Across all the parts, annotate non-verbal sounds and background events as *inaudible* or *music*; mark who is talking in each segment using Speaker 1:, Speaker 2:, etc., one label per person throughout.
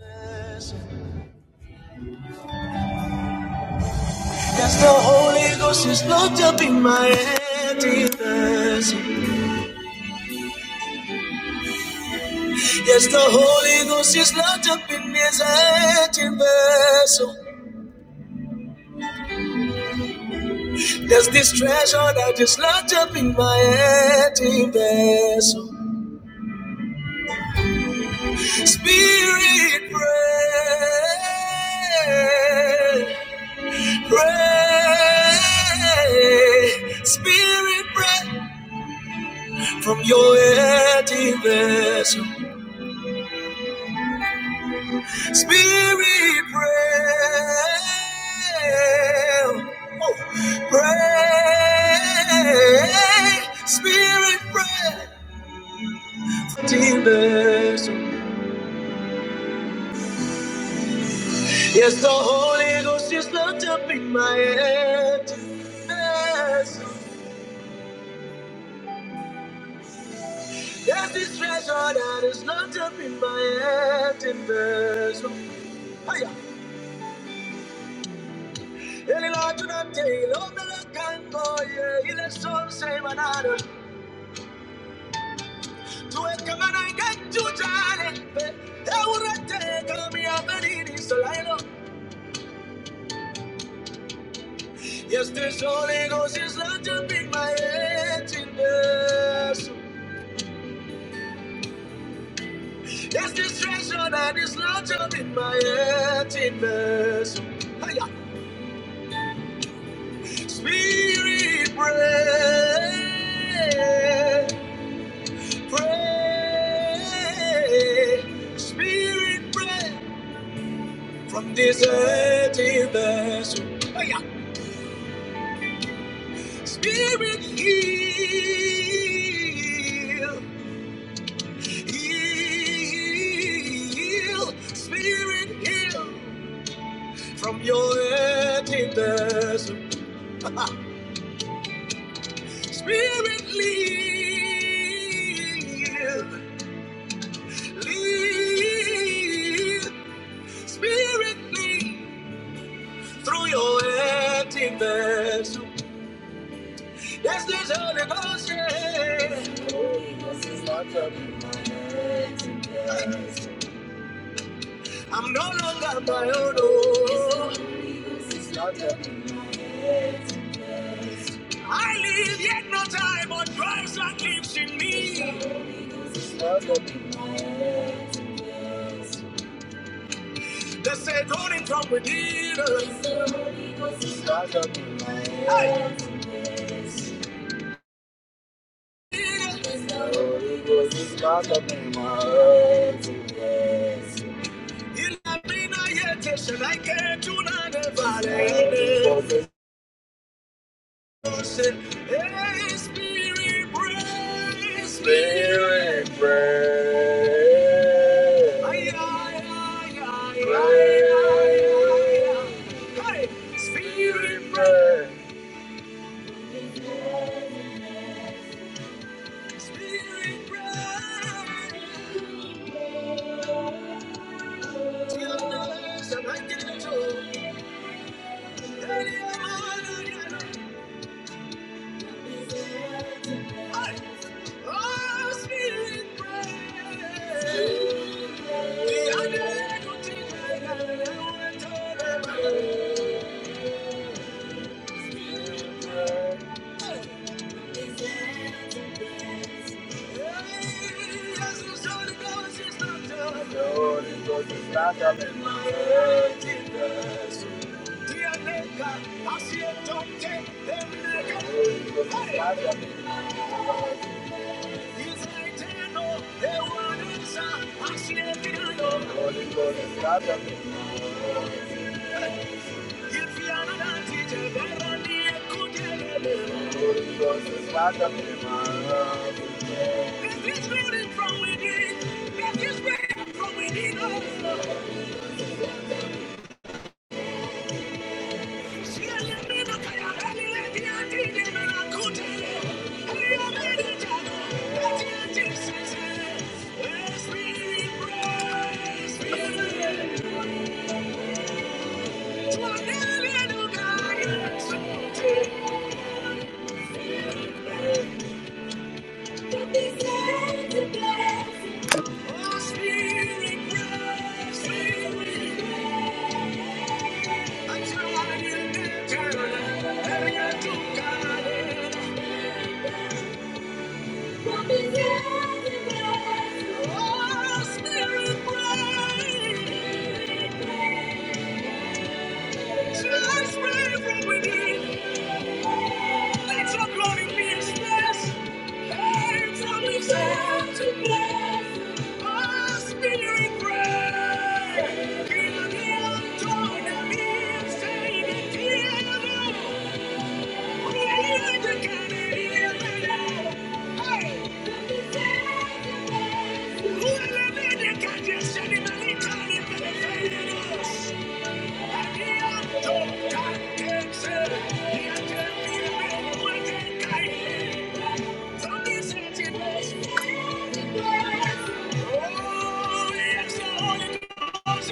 Speaker 1: Yes, the Holy Ghost is locked up in my emptiness. Yes, the Holy Ghost is locked up in this empty vessel. There's this treasure that is locked up in my empty vessel. Spirit, pray, pray. Spirit, pray from your empty vessel. Spirit, pray. Oh, pray. Spirit, pray. Demons. Yes, the Holy Ghost is locked up in my head. vessel. There's this treasure that is locked up in my head. vessel. Hiya. Eli Lord, do not take, Lord, that I can go, yeah. He let some say, Tuweka mana igeju jare, eurete kami abenini solaino. Yes, this Holy Ghost is not up in my head in this. Yes, this treasure that is not up in my head in this. Spirit, pray, pray. Spirit, pray from this empty vessel. Spirit, heal, heal, Spirit, heal from your emptiness. Spirit, lead, lead, Spirit, lead through your emptiness. Yes, this Holy Ghost, yeah. Holy Ghost is locked up in my emptiness. I'm no longer my own. oh. It's not happening. I live yet no I, but Christ that lives in me. The said running from within. us. It's not Hey! It's not happening. It's not happening. I can't do nothing about it. Said, hey, spirit, pray, spirit, pray. Ay, ay, ay, ay, ay, ay, ay, ay. Hey, spirit, pray, spirit, pray. Till the Sabbath day. Hey, ay, ay, ay, ay. Oh, spirit, pray. Thank you. It's building from within. That is building from within us. She has been a kind of lady and did it and I could tell it. we are Thank you. Oh, Spirit, bless, Spirit, until I get there, there you do, God. Oh, Spirit, let your glory be expressed. Hey, tell me, say, oh, Spirit, bless, Spirit, until I get there, Oh, yes, the Holy Ghost.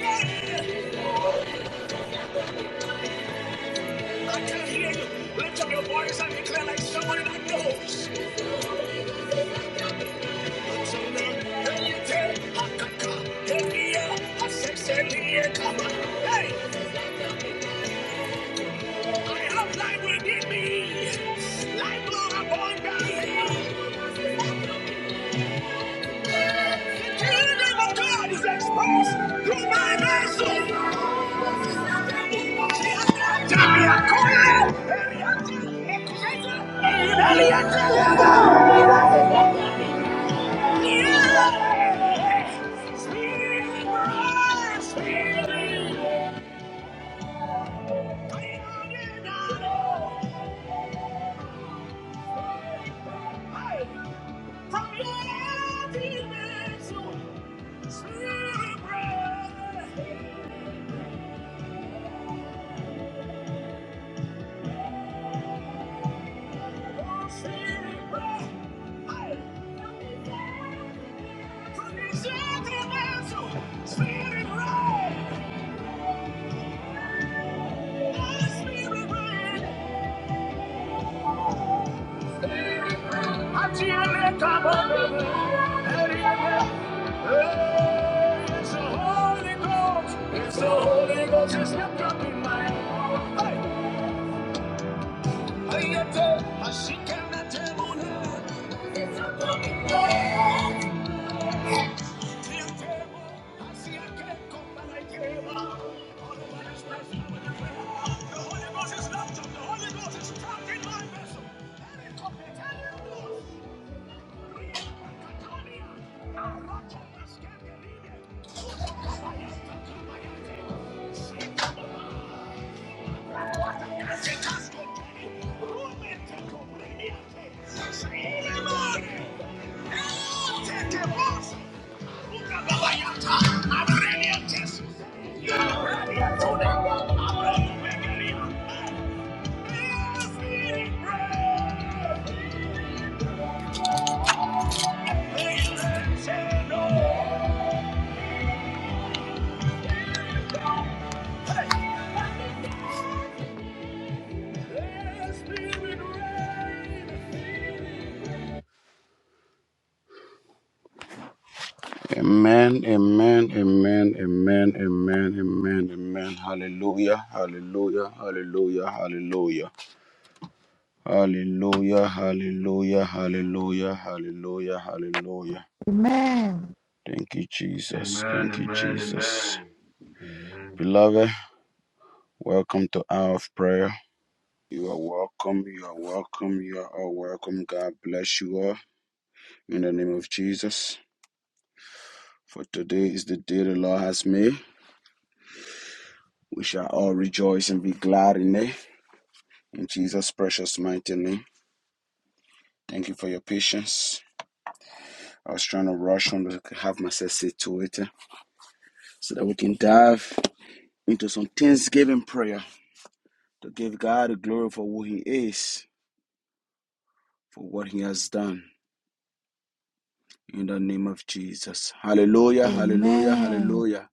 Speaker 1: I can hear you. Lift up your voice and declare like someone that knows. Yeah. Spirit, Spirit. Spirit rain, oh spirit rain, I feel it come over. Hey, It's the Holy Ghost. It's the Holy Ghost. It's left up in my heart. Hey. Ayate, ashikana temuna. It's not up in my heart. the Holy Ghost. is not up, the Holy Ghost is trapped in my vessel. And it comes to tell you, Yes, it is. Amen, amen, amen, amen, amen, amen, amen. Hallelujah, hallelujah, hallelujah, hallelujah, hallelujah, hallelujah, hallelujah, hallelujah, hallelujah.
Speaker 2: Amen.
Speaker 1: Thank you, Jesus.
Speaker 3: Amen,
Speaker 1: Thank you,
Speaker 3: amen,
Speaker 1: Jesus.
Speaker 3: amen. Amen.
Speaker 1: Beloved, welcome to Hour of Prayer. You are welcome, you are welcome, you are all welcome. God bless you all in the name of Jesus. For today is the day the Lord has made. We shall all rejoice and be glad in it. In Jesus' precious mighty name. Thank you for your patience. I was trying to rush on to have myself situated so that we can dive into some thanksgiving prayer to give God the glory for who He is, for what He has done. In the name of Jesus. Hallelujah, hallelujah,
Speaker 2: Amen.
Speaker 1: hallelujah,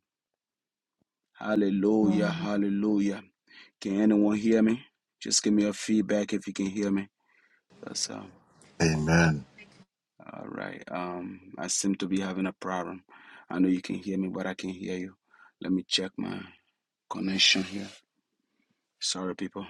Speaker 1: hallelujah,
Speaker 2: Amen.
Speaker 1: hallelujah. Can anyone hear me? Just give me a feedback if you can hear me. Because um.
Speaker 4: Amen.
Speaker 1: All right. Um, I seem to be having a problem. I know you can hear me, but I can hear you. Let me check my connection here. Sorry, people.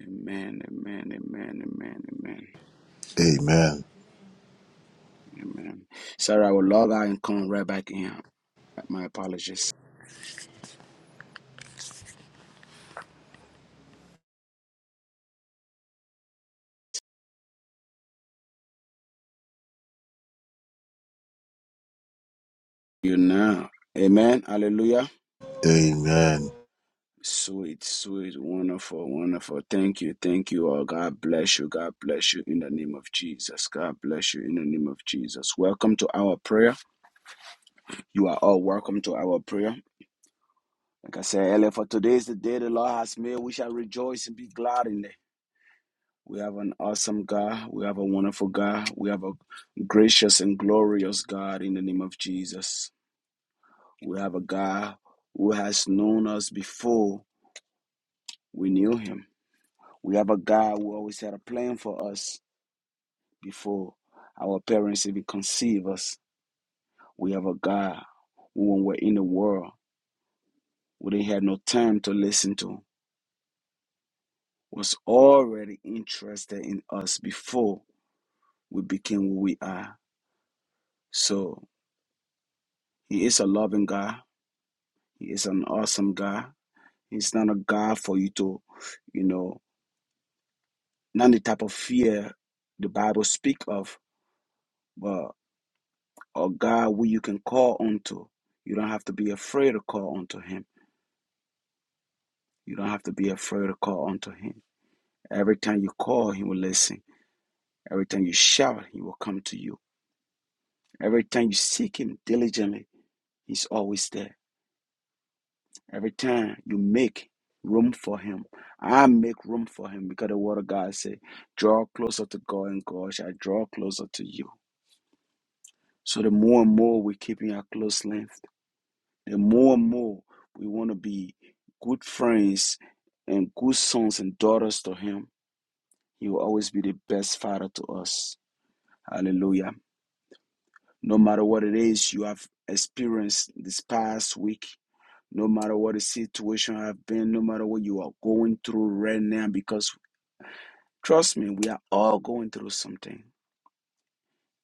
Speaker 1: Amen. Amen. Amen. Amen. Amen.
Speaker 4: Amen.
Speaker 1: Amen. Sorry, I will log out and come right back in. My apologies. You now. Amen. Hallelujah.
Speaker 4: Amen.
Speaker 1: Sweet, sweet, wonderful, wonderful. Thank you, thank you all. God bless you. God bless you in the name of Jesus. God bless you in the name of Jesus. Welcome to our prayer. You are all welcome to our prayer. Like I said earlier, for today is the day the Lord has made. We shall rejoice and be glad in it. We have an awesome God. We have a wonderful God. We have a gracious and glorious God in the name of Jesus. We have a God who has known us before we knew him. We have a God who always had a plan for us before our parents even conceived us. We have a God who, when we're in the world, we didn't have no time to listen to, was already interested in us before we became who we are. So he is a loving God. He is an awesome God. He's not a God for you to, you know, not the type of fear the Bible speak of, but a God who you can call unto. You don't have to be afraid to call unto him. You don't have to be afraid to call unto him. Every time you call, he will listen. Every time you shout, he will come to you. Every time you seek him diligently, he's always there. Every time you make room for him, I make room for him because the word of God say, draw closer to God and God shall draw closer to you. So the more and more we're keeping our close length, the more and more we want to be good friends and good sons and daughters to him, he will always be the best father to us. Hallelujah. No matter what it is you have experienced this past week, no matter what the situation have been, no matter what you are going through right now, because Trust me, we are all going through something,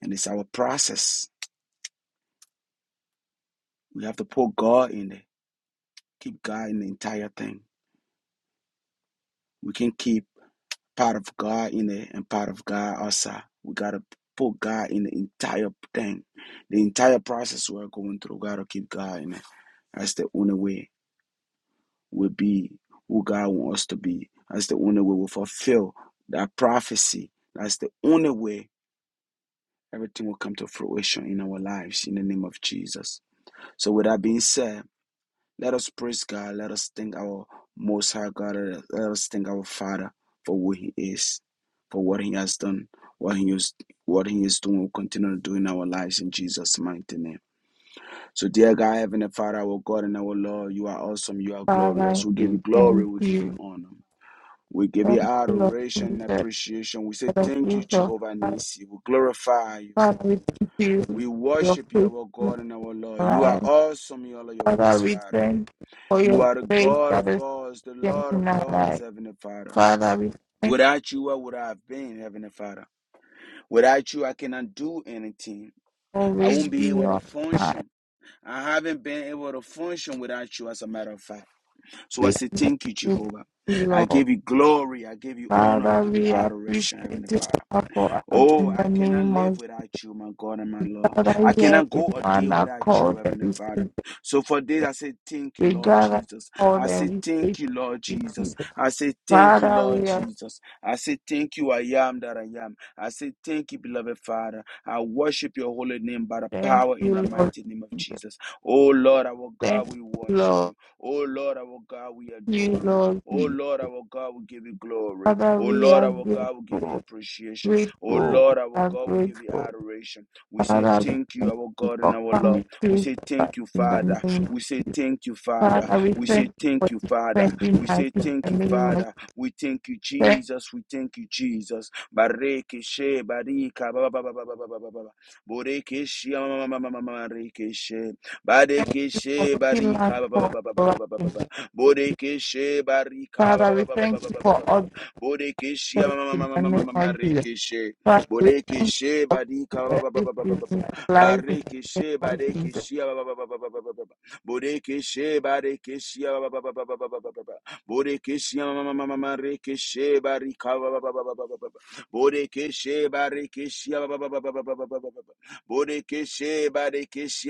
Speaker 1: and it's our process. We have to put God in it, keep God in the entire thing. We can keep part of God in it and part of God outside. We got to put God in the entire thing, the entire process we're going through. We got to keep God in it. That's the only way we'll be who God wants us to be. That's the only way we'll fulfill that prophecy. That's the only way everything will come to fruition in our lives in the name of Jesus. So, with that being said, Let us praise God. Let us thank our Most High God. Let us thank our Father for who He is, for what He has done, what He is, what He is doing, will continue to do in our lives in Jesus' mighty name. So, dear God, Heavenly Father, our God and our Lord, you are awesome. You are glorious.
Speaker 2: Father,
Speaker 1: We give you
Speaker 2: we
Speaker 1: glory.
Speaker 2: thank
Speaker 1: We give you
Speaker 2: you.
Speaker 1: honor. We give you
Speaker 2: Thank you, Lord
Speaker 1: adoration
Speaker 2: Jesus,
Speaker 1: and appreciation. We
Speaker 2: for
Speaker 1: say
Speaker 2: the
Speaker 1: thank you,
Speaker 2: gift of
Speaker 1: Jehovah
Speaker 2: life.
Speaker 1: Nisi. We glorify you.
Speaker 2: Father, we thank you
Speaker 1: We
Speaker 2: for your
Speaker 1: worship you, our
Speaker 2: faithfulness
Speaker 1: God
Speaker 2: in
Speaker 1: and our
Speaker 2: our
Speaker 1: Lord. You
Speaker 2: life.
Speaker 1: are awesome in all of your
Speaker 2: Father,
Speaker 1: ways,
Speaker 2: we
Speaker 1: Father.
Speaker 2: thank you for
Speaker 1: You
Speaker 2: your
Speaker 1: are the
Speaker 2: grace
Speaker 1: God
Speaker 2: that
Speaker 1: of
Speaker 2: is
Speaker 1: gods, the
Speaker 2: given
Speaker 1: Lord of
Speaker 2: in our
Speaker 1: lords,
Speaker 2: life.
Speaker 1: Heavenly Father.
Speaker 2: Father, we thank you
Speaker 1: Without you, what would I have been, Heavenly Father? Without you, I cannot do anything.
Speaker 2: for
Speaker 1: I
Speaker 2: always
Speaker 1: won't be able
Speaker 2: being
Speaker 1: to
Speaker 2: on time.
Speaker 1: function. I haven't been able to function without you, as a matter of fact. So I
Speaker 2: We are
Speaker 1: say,
Speaker 2: not
Speaker 1: Thank you, Jehovah.
Speaker 2: you,
Speaker 1: I
Speaker 2: Lord.
Speaker 1: give you glory. I give you honor. I
Speaker 2: Father,
Speaker 1: give you
Speaker 2: we
Speaker 1: adoration,
Speaker 2: appreciate
Speaker 1: Heavenly
Speaker 2: you
Speaker 1: Father.
Speaker 2: for us
Speaker 1: Oh,
Speaker 2: in
Speaker 1: I
Speaker 2: the
Speaker 1: cannot
Speaker 2: name of
Speaker 1: live
Speaker 2: Jesus.
Speaker 1: without you, my God and my Lord. I
Speaker 2: Father, here
Speaker 1: cannot
Speaker 2: in
Speaker 1: go a day
Speaker 2: one
Speaker 1: without you,
Speaker 2: accord that
Speaker 1: Heavenly
Speaker 2: we say
Speaker 1: Father. So for this, I say thank you,
Speaker 2: We
Speaker 1: Lord
Speaker 2: gather
Speaker 1: Jesus.
Speaker 2: all
Speaker 1: I say
Speaker 2: them
Speaker 1: thank
Speaker 2: faith
Speaker 1: you, Lord
Speaker 2: in
Speaker 1: Jesus.
Speaker 2: Jesus.
Speaker 1: I say thank you,
Speaker 2: Father,
Speaker 1: Lord
Speaker 2: we are
Speaker 1: Jesus. I say thank you, I am that I am. I say thank you, beloved Father. I worship your holy name by the
Speaker 2: thank
Speaker 1: power in
Speaker 2: you,
Speaker 1: the
Speaker 2: Lord
Speaker 1: mighty name of
Speaker 2: Jesus.
Speaker 1: Jesus. Oh Lord, our
Speaker 2: Thank
Speaker 1: God, we
Speaker 2: you,
Speaker 1: worship
Speaker 2: Lord.
Speaker 1: you. Oh Lord, our God, we
Speaker 2: You,
Speaker 1: adore you.
Speaker 2: Lord
Speaker 1: Oh
Speaker 2: Jesus.
Speaker 1: Lord, our God, we give you glory.
Speaker 2: Father,
Speaker 1: Oh
Speaker 2: we
Speaker 1: Lord,
Speaker 2: are
Speaker 1: our God, we give you
Speaker 2: grateful,
Speaker 1: appreciation. Oh
Speaker 2: grateful, we
Speaker 1: Lord, our
Speaker 2: are
Speaker 1: God, we give you
Speaker 2: grateful.
Speaker 1: adoration. We say
Speaker 2: Father, we
Speaker 1: thank you,
Speaker 2: thank
Speaker 1: our
Speaker 2: you
Speaker 1: God and
Speaker 2: for
Speaker 1: our Lord.
Speaker 2: coming
Speaker 1: We
Speaker 2: to
Speaker 1: say
Speaker 2: us
Speaker 1: thank you,
Speaker 2: in the
Speaker 1: Father.
Speaker 2: name.
Speaker 1: We say thank you, Father.
Speaker 2: Father, we
Speaker 1: We
Speaker 2: thank
Speaker 1: say
Speaker 2: you for
Speaker 1: thank you, Father.
Speaker 2: defending
Speaker 1: We
Speaker 2: us
Speaker 1: say
Speaker 2: in the
Speaker 1: thank you,
Speaker 2: name of
Speaker 1: Father. We thank you,
Speaker 2: Jesus.
Speaker 1: Jesus. We thank you, Jesus. Bareke she barika ba ba ba ba ba ba ba ba ba. ba. Boreke she ma ma ma ma ma ma ma reke she.
Speaker 2: Thank you
Speaker 1: Bareke
Speaker 2: for
Speaker 1: she
Speaker 2: making life
Speaker 1: barika ba ba
Speaker 2: for
Speaker 1: ba ba ba ba ba ba ba
Speaker 2: us.
Speaker 1: ba. ba. Boreke she barika ba
Speaker 2: Father,
Speaker 1: ba
Speaker 2: we
Speaker 1: ba ba ba
Speaker 2: thank
Speaker 1: ba
Speaker 2: you
Speaker 1: ba
Speaker 2: for
Speaker 1: ba ba.
Speaker 2: all
Speaker 1: ba.
Speaker 2: the
Speaker 1: Boreke she ma
Speaker 2: things
Speaker 1: ma ma ma
Speaker 2: in
Speaker 1: ma
Speaker 2: the
Speaker 1: ma ma
Speaker 2: name
Speaker 1: ma ma
Speaker 2: of Jesus.
Speaker 1: reke she.
Speaker 2: Father, we
Speaker 1: Bodeke
Speaker 2: thank you
Speaker 1: she
Speaker 2: for
Speaker 1: badika ba- ba- ba- ba- ba- ba- ba- ba- ba.
Speaker 2: everything life in the
Speaker 1: Bareke
Speaker 2: name
Speaker 1: she
Speaker 2: of
Speaker 1: badeke
Speaker 2: Jesus.
Speaker 1: she ba- ba- ba- ba- ba- ba- ba- ba- ba. she bareke she ba- she ma- she barika ba- she bareke she ba- she bareke she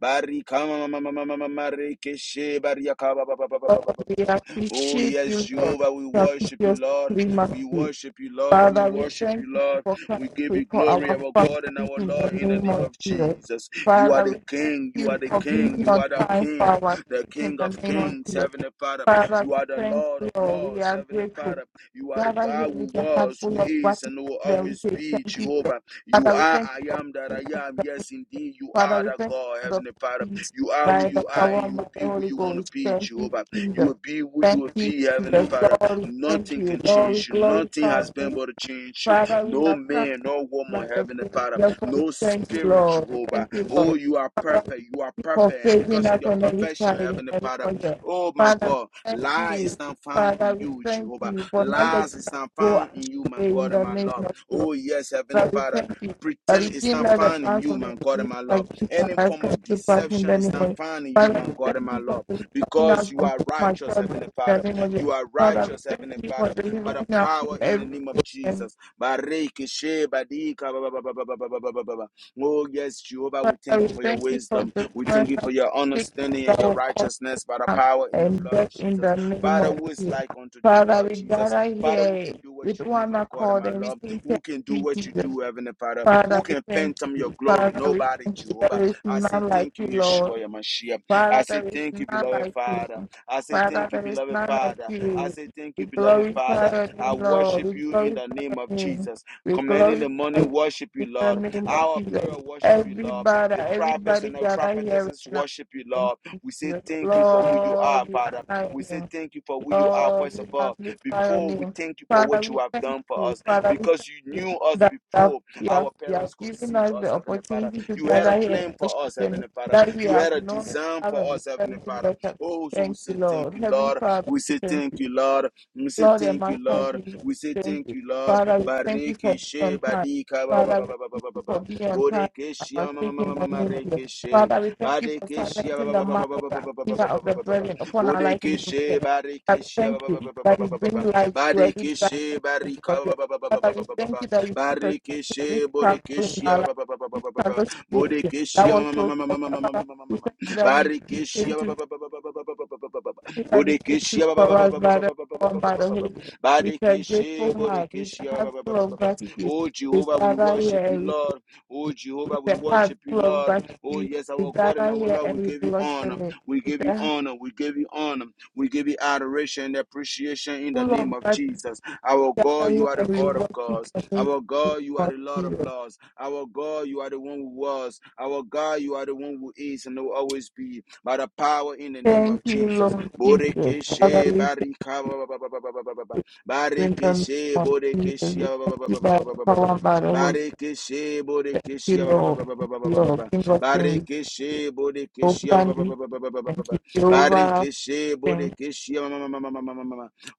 Speaker 1: Barika ma- she barika
Speaker 2: Father, we
Speaker 1: Oh
Speaker 2: appreciate
Speaker 1: yes,
Speaker 2: you for
Speaker 1: Jehovah, we worship you,
Speaker 2: propitious
Speaker 1: Lord. We
Speaker 2: primacy.
Speaker 1: worship you, Lord. We
Speaker 2: Father, we
Speaker 1: worship
Speaker 2: thank
Speaker 1: you,
Speaker 2: you
Speaker 1: Lord.
Speaker 2: for
Speaker 1: We give
Speaker 2: coming
Speaker 1: you
Speaker 2: for
Speaker 1: glory,
Speaker 2: our
Speaker 1: our God and
Speaker 2: families
Speaker 1: our
Speaker 2: in
Speaker 1: Lord,
Speaker 2: the
Speaker 1: in the
Speaker 2: name
Speaker 1: name
Speaker 2: of
Speaker 1: of
Speaker 2: Jesus.
Speaker 1: Jesus. You are
Speaker 2: Father,
Speaker 1: the
Speaker 2: we thank
Speaker 1: King. You are
Speaker 2: you
Speaker 1: the
Speaker 2: for
Speaker 1: King.
Speaker 2: being
Speaker 1: You
Speaker 2: on
Speaker 1: are the
Speaker 2: time for
Speaker 1: King,
Speaker 2: our
Speaker 1: the
Speaker 2: sake in
Speaker 1: King
Speaker 2: the
Speaker 1: of
Speaker 2: name of
Speaker 1: Kings,
Speaker 2: Jesus.
Speaker 1: Heavenly Father.
Speaker 2: Father,
Speaker 1: You
Speaker 2: we
Speaker 1: are the
Speaker 2: thank
Speaker 1: Lord
Speaker 2: you.
Speaker 1: of
Speaker 2: Lord. We
Speaker 1: Lords,
Speaker 2: are
Speaker 1: Heavenly
Speaker 2: grateful.
Speaker 1: Father. You are the
Speaker 2: Gather here
Speaker 1: God who
Speaker 2: with your heart
Speaker 1: was, who
Speaker 2: full of
Speaker 1: is,
Speaker 2: gratitude
Speaker 1: and who will
Speaker 2: and
Speaker 1: always
Speaker 2: we say
Speaker 1: be,
Speaker 2: thank you. Lord.
Speaker 1: Jehovah. You
Speaker 2: Father, we
Speaker 1: are
Speaker 2: thank
Speaker 1: I
Speaker 2: you for
Speaker 1: am that
Speaker 2: being
Speaker 1: I am.
Speaker 2: us.
Speaker 1: Yes, indeed, you
Speaker 2: Father,
Speaker 1: are
Speaker 2: we
Speaker 1: the
Speaker 2: thank
Speaker 1: God,
Speaker 2: you for the
Speaker 1: Heavenly Father.
Speaker 2: peace
Speaker 1: You are who
Speaker 2: by the
Speaker 1: you are,
Speaker 2: power
Speaker 1: and
Speaker 2: and
Speaker 1: you
Speaker 2: by
Speaker 1: will be
Speaker 2: the
Speaker 1: who
Speaker 2: Holy
Speaker 1: you want to
Speaker 2: Ghost.
Speaker 1: be,
Speaker 2: Thank you,
Speaker 1: Jehovah. You
Speaker 2: Jesus.
Speaker 1: will be who you will
Speaker 2: Thank you,
Speaker 1: be, Heavenly
Speaker 2: Jesus.
Speaker 1: Father.
Speaker 2: Glory, thank
Speaker 1: Nothing
Speaker 2: you.
Speaker 1: can
Speaker 2: Glory,
Speaker 1: change you. Nothing
Speaker 2: glorify
Speaker 1: has been
Speaker 2: you.
Speaker 1: able to change you.
Speaker 2: Father, we
Speaker 1: No
Speaker 2: have come to
Speaker 1: man,
Speaker 2: you
Speaker 1: no woman,
Speaker 2: by the
Speaker 1: Heavenly
Speaker 2: grace.
Speaker 1: Father.
Speaker 2: Therefore, we
Speaker 1: No
Speaker 2: thank you,
Speaker 1: spirit,
Speaker 2: Lord.
Speaker 1: Jehovah.
Speaker 2: Thank you,
Speaker 1: Oh,
Speaker 2: Lord.
Speaker 1: you are
Speaker 2: Father, we
Speaker 1: perfect. You are
Speaker 2: thank you for
Speaker 1: perfect. And
Speaker 2: saving
Speaker 1: because of
Speaker 2: us
Speaker 1: your
Speaker 2: on every
Speaker 1: perfection,
Speaker 2: side in
Speaker 1: Heavenly
Speaker 2: every
Speaker 1: Father,
Speaker 2: corner.
Speaker 1: oh my
Speaker 2: Father,
Speaker 1: God,
Speaker 2: we thank
Speaker 1: lie is
Speaker 2: you.
Speaker 1: not found
Speaker 2: Father,
Speaker 1: in
Speaker 2: we
Speaker 1: you,
Speaker 2: thank
Speaker 1: Jehovah.
Speaker 2: you for not letting
Speaker 1: Lies is
Speaker 2: us
Speaker 1: not
Speaker 2: go
Speaker 1: found in you, my
Speaker 2: astray in
Speaker 1: God and
Speaker 2: the
Speaker 1: my
Speaker 2: name
Speaker 1: love.
Speaker 2: of you.
Speaker 1: Oh, yes, Heavenly
Speaker 2: Lord, we
Speaker 1: Father.
Speaker 2: thank you. That we
Speaker 1: Pretend is
Speaker 2: feel
Speaker 1: not
Speaker 2: like the
Speaker 1: found in
Speaker 2: plans
Speaker 1: you,
Speaker 2: of the
Speaker 1: my God and
Speaker 2: disease
Speaker 1: my love.
Speaker 2: against our
Speaker 1: Any
Speaker 2: life
Speaker 1: form
Speaker 2: come
Speaker 1: of
Speaker 2: to pass in
Speaker 1: deception
Speaker 2: the
Speaker 1: is
Speaker 2: name
Speaker 1: not
Speaker 2: of
Speaker 1: found in you,
Speaker 2: Father,
Speaker 1: my
Speaker 2: we
Speaker 1: God and
Speaker 2: thank
Speaker 1: my
Speaker 2: you
Speaker 1: love
Speaker 2: for delivering us
Speaker 1: because you
Speaker 2: from
Speaker 1: are
Speaker 2: so much
Speaker 1: righteous, Heavenly
Speaker 2: in the
Speaker 1: Father.
Speaker 2: name of
Speaker 1: You
Speaker 2: Jesus.
Speaker 1: are
Speaker 2: Father, we
Speaker 1: righteous,
Speaker 2: thank
Speaker 1: Heavenly
Speaker 2: you for
Speaker 1: Father, by the
Speaker 2: delivering us
Speaker 1: power
Speaker 2: from
Speaker 1: in the
Speaker 2: every
Speaker 1: name of
Speaker 2: sickness.
Speaker 1: Jesus. Bareke sheba dika ba- ba- Oh, yes, Jehovah, we
Speaker 2: Father,
Speaker 1: thank
Speaker 2: we
Speaker 1: you for your
Speaker 2: thank you for
Speaker 1: wisdom. We
Speaker 2: delivering
Speaker 1: thank
Speaker 2: us
Speaker 1: you for
Speaker 2: from
Speaker 1: your
Speaker 2: sickness
Speaker 1: understanding and
Speaker 2: that
Speaker 1: your
Speaker 2: will cause
Speaker 1: righteousness by the
Speaker 2: harm
Speaker 1: power in the
Speaker 2: and
Speaker 1: blood of
Speaker 2: death in
Speaker 1: Jesus.
Speaker 2: the name
Speaker 1: Father,
Speaker 2: of
Speaker 1: who is
Speaker 2: Jesus.
Speaker 1: like unto thee,
Speaker 2: Father,
Speaker 1: Lord
Speaker 2: we
Speaker 1: Jesus?
Speaker 2: gather
Speaker 1: Father, who
Speaker 2: here
Speaker 1: can do what
Speaker 2: with
Speaker 1: you do,
Speaker 2: one
Speaker 1: my God and
Speaker 2: accord
Speaker 1: my
Speaker 2: and we
Speaker 1: Lord?
Speaker 2: say
Speaker 1: Who
Speaker 2: thank
Speaker 1: can do
Speaker 2: you,
Speaker 1: what you
Speaker 2: Jesus.
Speaker 1: do, Heavenly Father? Who
Speaker 2: Father, we
Speaker 1: can
Speaker 2: thank
Speaker 1: phantom your
Speaker 2: you.
Speaker 1: glory?
Speaker 2: Father, we
Speaker 1: Nobody,
Speaker 2: thank you.
Speaker 1: Jehovah.
Speaker 2: There is
Speaker 1: I say
Speaker 2: none like
Speaker 1: thank
Speaker 2: you,
Speaker 1: you,
Speaker 2: Lord.
Speaker 1: Yeshua, your Mashiach. I
Speaker 2: Father,
Speaker 1: say
Speaker 2: there is
Speaker 1: thank you,
Speaker 2: none
Speaker 1: beloved
Speaker 2: like you.
Speaker 1: Father. I say
Speaker 2: Father,
Speaker 1: thank you,
Speaker 2: there is
Speaker 1: beloved
Speaker 2: none like
Speaker 1: Father. I
Speaker 2: you.
Speaker 1: say thank
Speaker 2: We
Speaker 1: you, beloved
Speaker 2: glorify
Speaker 1: Father.
Speaker 2: your
Speaker 1: I
Speaker 2: name, Lord.
Speaker 1: worship
Speaker 2: We
Speaker 1: you in the
Speaker 2: glorify
Speaker 1: name
Speaker 2: your
Speaker 1: of
Speaker 2: name.
Speaker 1: Jesus.
Speaker 2: We
Speaker 1: Commanding the
Speaker 2: glorify
Speaker 1: morning,
Speaker 2: your
Speaker 1: worship
Speaker 2: name
Speaker 1: you,
Speaker 2: in
Speaker 1: Lord.
Speaker 2: the name of
Speaker 1: Our
Speaker 2: Jesus.
Speaker 1: prayer, worship you, Lord.
Speaker 2: Everybody,
Speaker 1: The prophets
Speaker 2: everybody
Speaker 1: and the
Speaker 2: gather here
Speaker 1: prophetesses
Speaker 2: right now.
Speaker 1: worship you,
Speaker 2: Thank
Speaker 1: Lord.
Speaker 2: you,
Speaker 1: We say
Speaker 2: Jesus.
Speaker 1: thank you for who you are,
Speaker 2: Lord, we
Speaker 1: Father.
Speaker 2: honor
Speaker 1: We
Speaker 2: you.
Speaker 1: say thank you for who you are,
Speaker 2: Lord,
Speaker 1: first of
Speaker 2: we
Speaker 1: all.
Speaker 2: magnify your
Speaker 1: Before we
Speaker 2: name.
Speaker 1: thank you for
Speaker 2: Father,
Speaker 1: what you
Speaker 2: we
Speaker 1: have
Speaker 2: thank
Speaker 1: done for
Speaker 2: you.
Speaker 1: us,
Speaker 2: Father, we
Speaker 1: because
Speaker 2: thank
Speaker 1: you knew
Speaker 2: you
Speaker 1: us
Speaker 2: that you have,
Speaker 1: before
Speaker 2: you
Speaker 1: our
Speaker 2: have, you have
Speaker 1: parents
Speaker 2: given
Speaker 1: conceived
Speaker 2: us
Speaker 1: us,
Speaker 2: the
Speaker 1: Heavenly Father.
Speaker 2: opportunity to
Speaker 1: You had a
Speaker 2: gather here
Speaker 1: plan
Speaker 2: and worship
Speaker 1: for us,
Speaker 2: your name,
Speaker 1: Heavenly Father.
Speaker 2: that we
Speaker 1: You had
Speaker 2: have
Speaker 1: a
Speaker 2: known,
Speaker 1: design for
Speaker 2: haven't.
Speaker 1: us, Heavenly
Speaker 2: Thank you,
Speaker 1: Father.
Speaker 2: Lord.
Speaker 1: Oh, so we
Speaker 2: Thank you,
Speaker 1: say thank
Speaker 2: Lord.
Speaker 1: you,
Speaker 2: Heavenly
Speaker 1: Lord.
Speaker 2: Father,
Speaker 1: We
Speaker 2: we
Speaker 1: say
Speaker 2: thank you.
Speaker 1: thank you, Lord. We say
Speaker 2: Lord and
Speaker 1: thank you,
Speaker 2: Master
Speaker 1: Lord.
Speaker 2: Jesus,
Speaker 1: We say
Speaker 2: thank
Speaker 1: thank
Speaker 2: you.
Speaker 1: you, Lord.
Speaker 2: Father, we thank you for
Speaker 1: Bareke
Speaker 2: being
Speaker 1: she
Speaker 2: on time.
Speaker 1: badika ba ba ba
Speaker 2: Father, we
Speaker 1: ba ba
Speaker 2: thank
Speaker 1: ba ba
Speaker 2: you
Speaker 1: ba
Speaker 2: for
Speaker 1: ba.
Speaker 2: being on time.
Speaker 1: Bodeke she
Speaker 2: Our
Speaker 1: ma ma
Speaker 2: faith
Speaker 1: ma
Speaker 2: in
Speaker 1: ma ma
Speaker 2: the
Speaker 1: ma
Speaker 2: name of Jesus.
Speaker 1: reke she.
Speaker 2: Father, we thank you for
Speaker 1: Badeke she ba
Speaker 2: silencing
Speaker 1: ba
Speaker 2: the
Speaker 1: ba ba
Speaker 2: mouth
Speaker 1: ba
Speaker 2: of the
Speaker 1: ba ba ba
Speaker 2: accuser
Speaker 1: ba
Speaker 2: of
Speaker 1: ba ba ba
Speaker 2: the
Speaker 1: ba ba ba ba.
Speaker 2: brethren upon our life in
Speaker 1: Bodeke
Speaker 2: this
Speaker 1: she
Speaker 2: day. Father,
Speaker 1: bareke
Speaker 2: we
Speaker 1: she ba
Speaker 2: thank
Speaker 1: ba ba
Speaker 2: you
Speaker 1: ba ba ba
Speaker 2: that
Speaker 1: ba
Speaker 2: you
Speaker 1: ba ba ba.
Speaker 2: bring light to every
Speaker 1: Badeke she
Speaker 2: darkness in this
Speaker 1: barika ba ba ba ba ba ba
Speaker 2: Father,
Speaker 1: ba
Speaker 2: we
Speaker 1: ba ba
Speaker 2: thank
Speaker 1: ba.
Speaker 2: you that you put us to
Speaker 1: Bareke
Speaker 2: every
Speaker 1: she bodeke
Speaker 2: struggle in
Speaker 1: she
Speaker 2: our
Speaker 1: ba
Speaker 2: life,
Speaker 1: ba ba ba ba
Speaker 2: every
Speaker 1: ba ba ba.
Speaker 2: struggle situation that
Speaker 1: Bodekeshia
Speaker 2: was
Speaker 1: ma-
Speaker 2: so tough. Father, we thank you that you came to these are the
Speaker 1: Bodekeshia ba-
Speaker 2: for us by the power and by the Holy Ghost. With a
Speaker 1: Badekeshe,
Speaker 2: grateful heart, with
Speaker 1: Bodekeshia
Speaker 2: a heart full of gratitude,
Speaker 1: Oh
Speaker 2: we
Speaker 1: Jehovah, we
Speaker 2: gather here
Speaker 1: worship you,
Speaker 2: and we
Speaker 1: Lord. Oh
Speaker 2: with
Speaker 1: Jehovah, we
Speaker 2: a heart
Speaker 1: worship you,
Speaker 2: full of
Speaker 1: Lord. Oh
Speaker 2: gratitude,
Speaker 1: yes,
Speaker 2: we
Speaker 1: our God and
Speaker 2: gather
Speaker 1: our
Speaker 2: here
Speaker 1: Lord,
Speaker 2: and
Speaker 1: we
Speaker 2: we
Speaker 1: give you
Speaker 2: bless your
Speaker 1: honor.
Speaker 2: name.
Speaker 1: We
Speaker 2: With
Speaker 1: give you
Speaker 2: a heart
Speaker 1: honor. We give you honor. We give you adoration and appreciation in the
Speaker 2: full
Speaker 1: name
Speaker 2: of
Speaker 1: of
Speaker 2: gratitude,
Speaker 1: Jesus. Our
Speaker 2: we gather
Speaker 1: God, you
Speaker 2: here
Speaker 1: are the
Speaker 2: and we
Speaker 1: God of
Speaker 2: worship
Speaker 1: gods.
Speaker 2: your name.
Speaker 1: Our God, you are the Lord of
Speaker 2: you.
Speaker 1: Lords. Our God, you are the one who was. Our God, you are the one who is and will always be. By the power in the name
Speaker 2: Thank
Speaker 1: of
Speaker 2: you,
Speaker 1: Jesus.
Speaker 2: Lord Jesus. Father,
Speaker 1: Borekeshe
Speaker 2: we thank
Speaker 1: barika ba- ba- ba- ba- ba- ba- ba- ba- ba.
Speaker 2: you in terms
Speaker 1: Barekeshe
Speaker 2: of Jesus.
Speaker 1: borekeshe
Speaker 2: We thank you by the power and by the Holy Spirit.
Speaker 1: Barekeshe
Speaker 2: Thank you,
Speaker 1: borekeshe
Speaker 2: Lord. Thank you, Lord. King of kings,
Speaker 1: Barekeshe borekeshe
Speaker 2: Open Nissi. Thank you, Jehovah our
Speaker 1: Barekeshe
Speaker 2: strength,
Speaker 1: borekeshe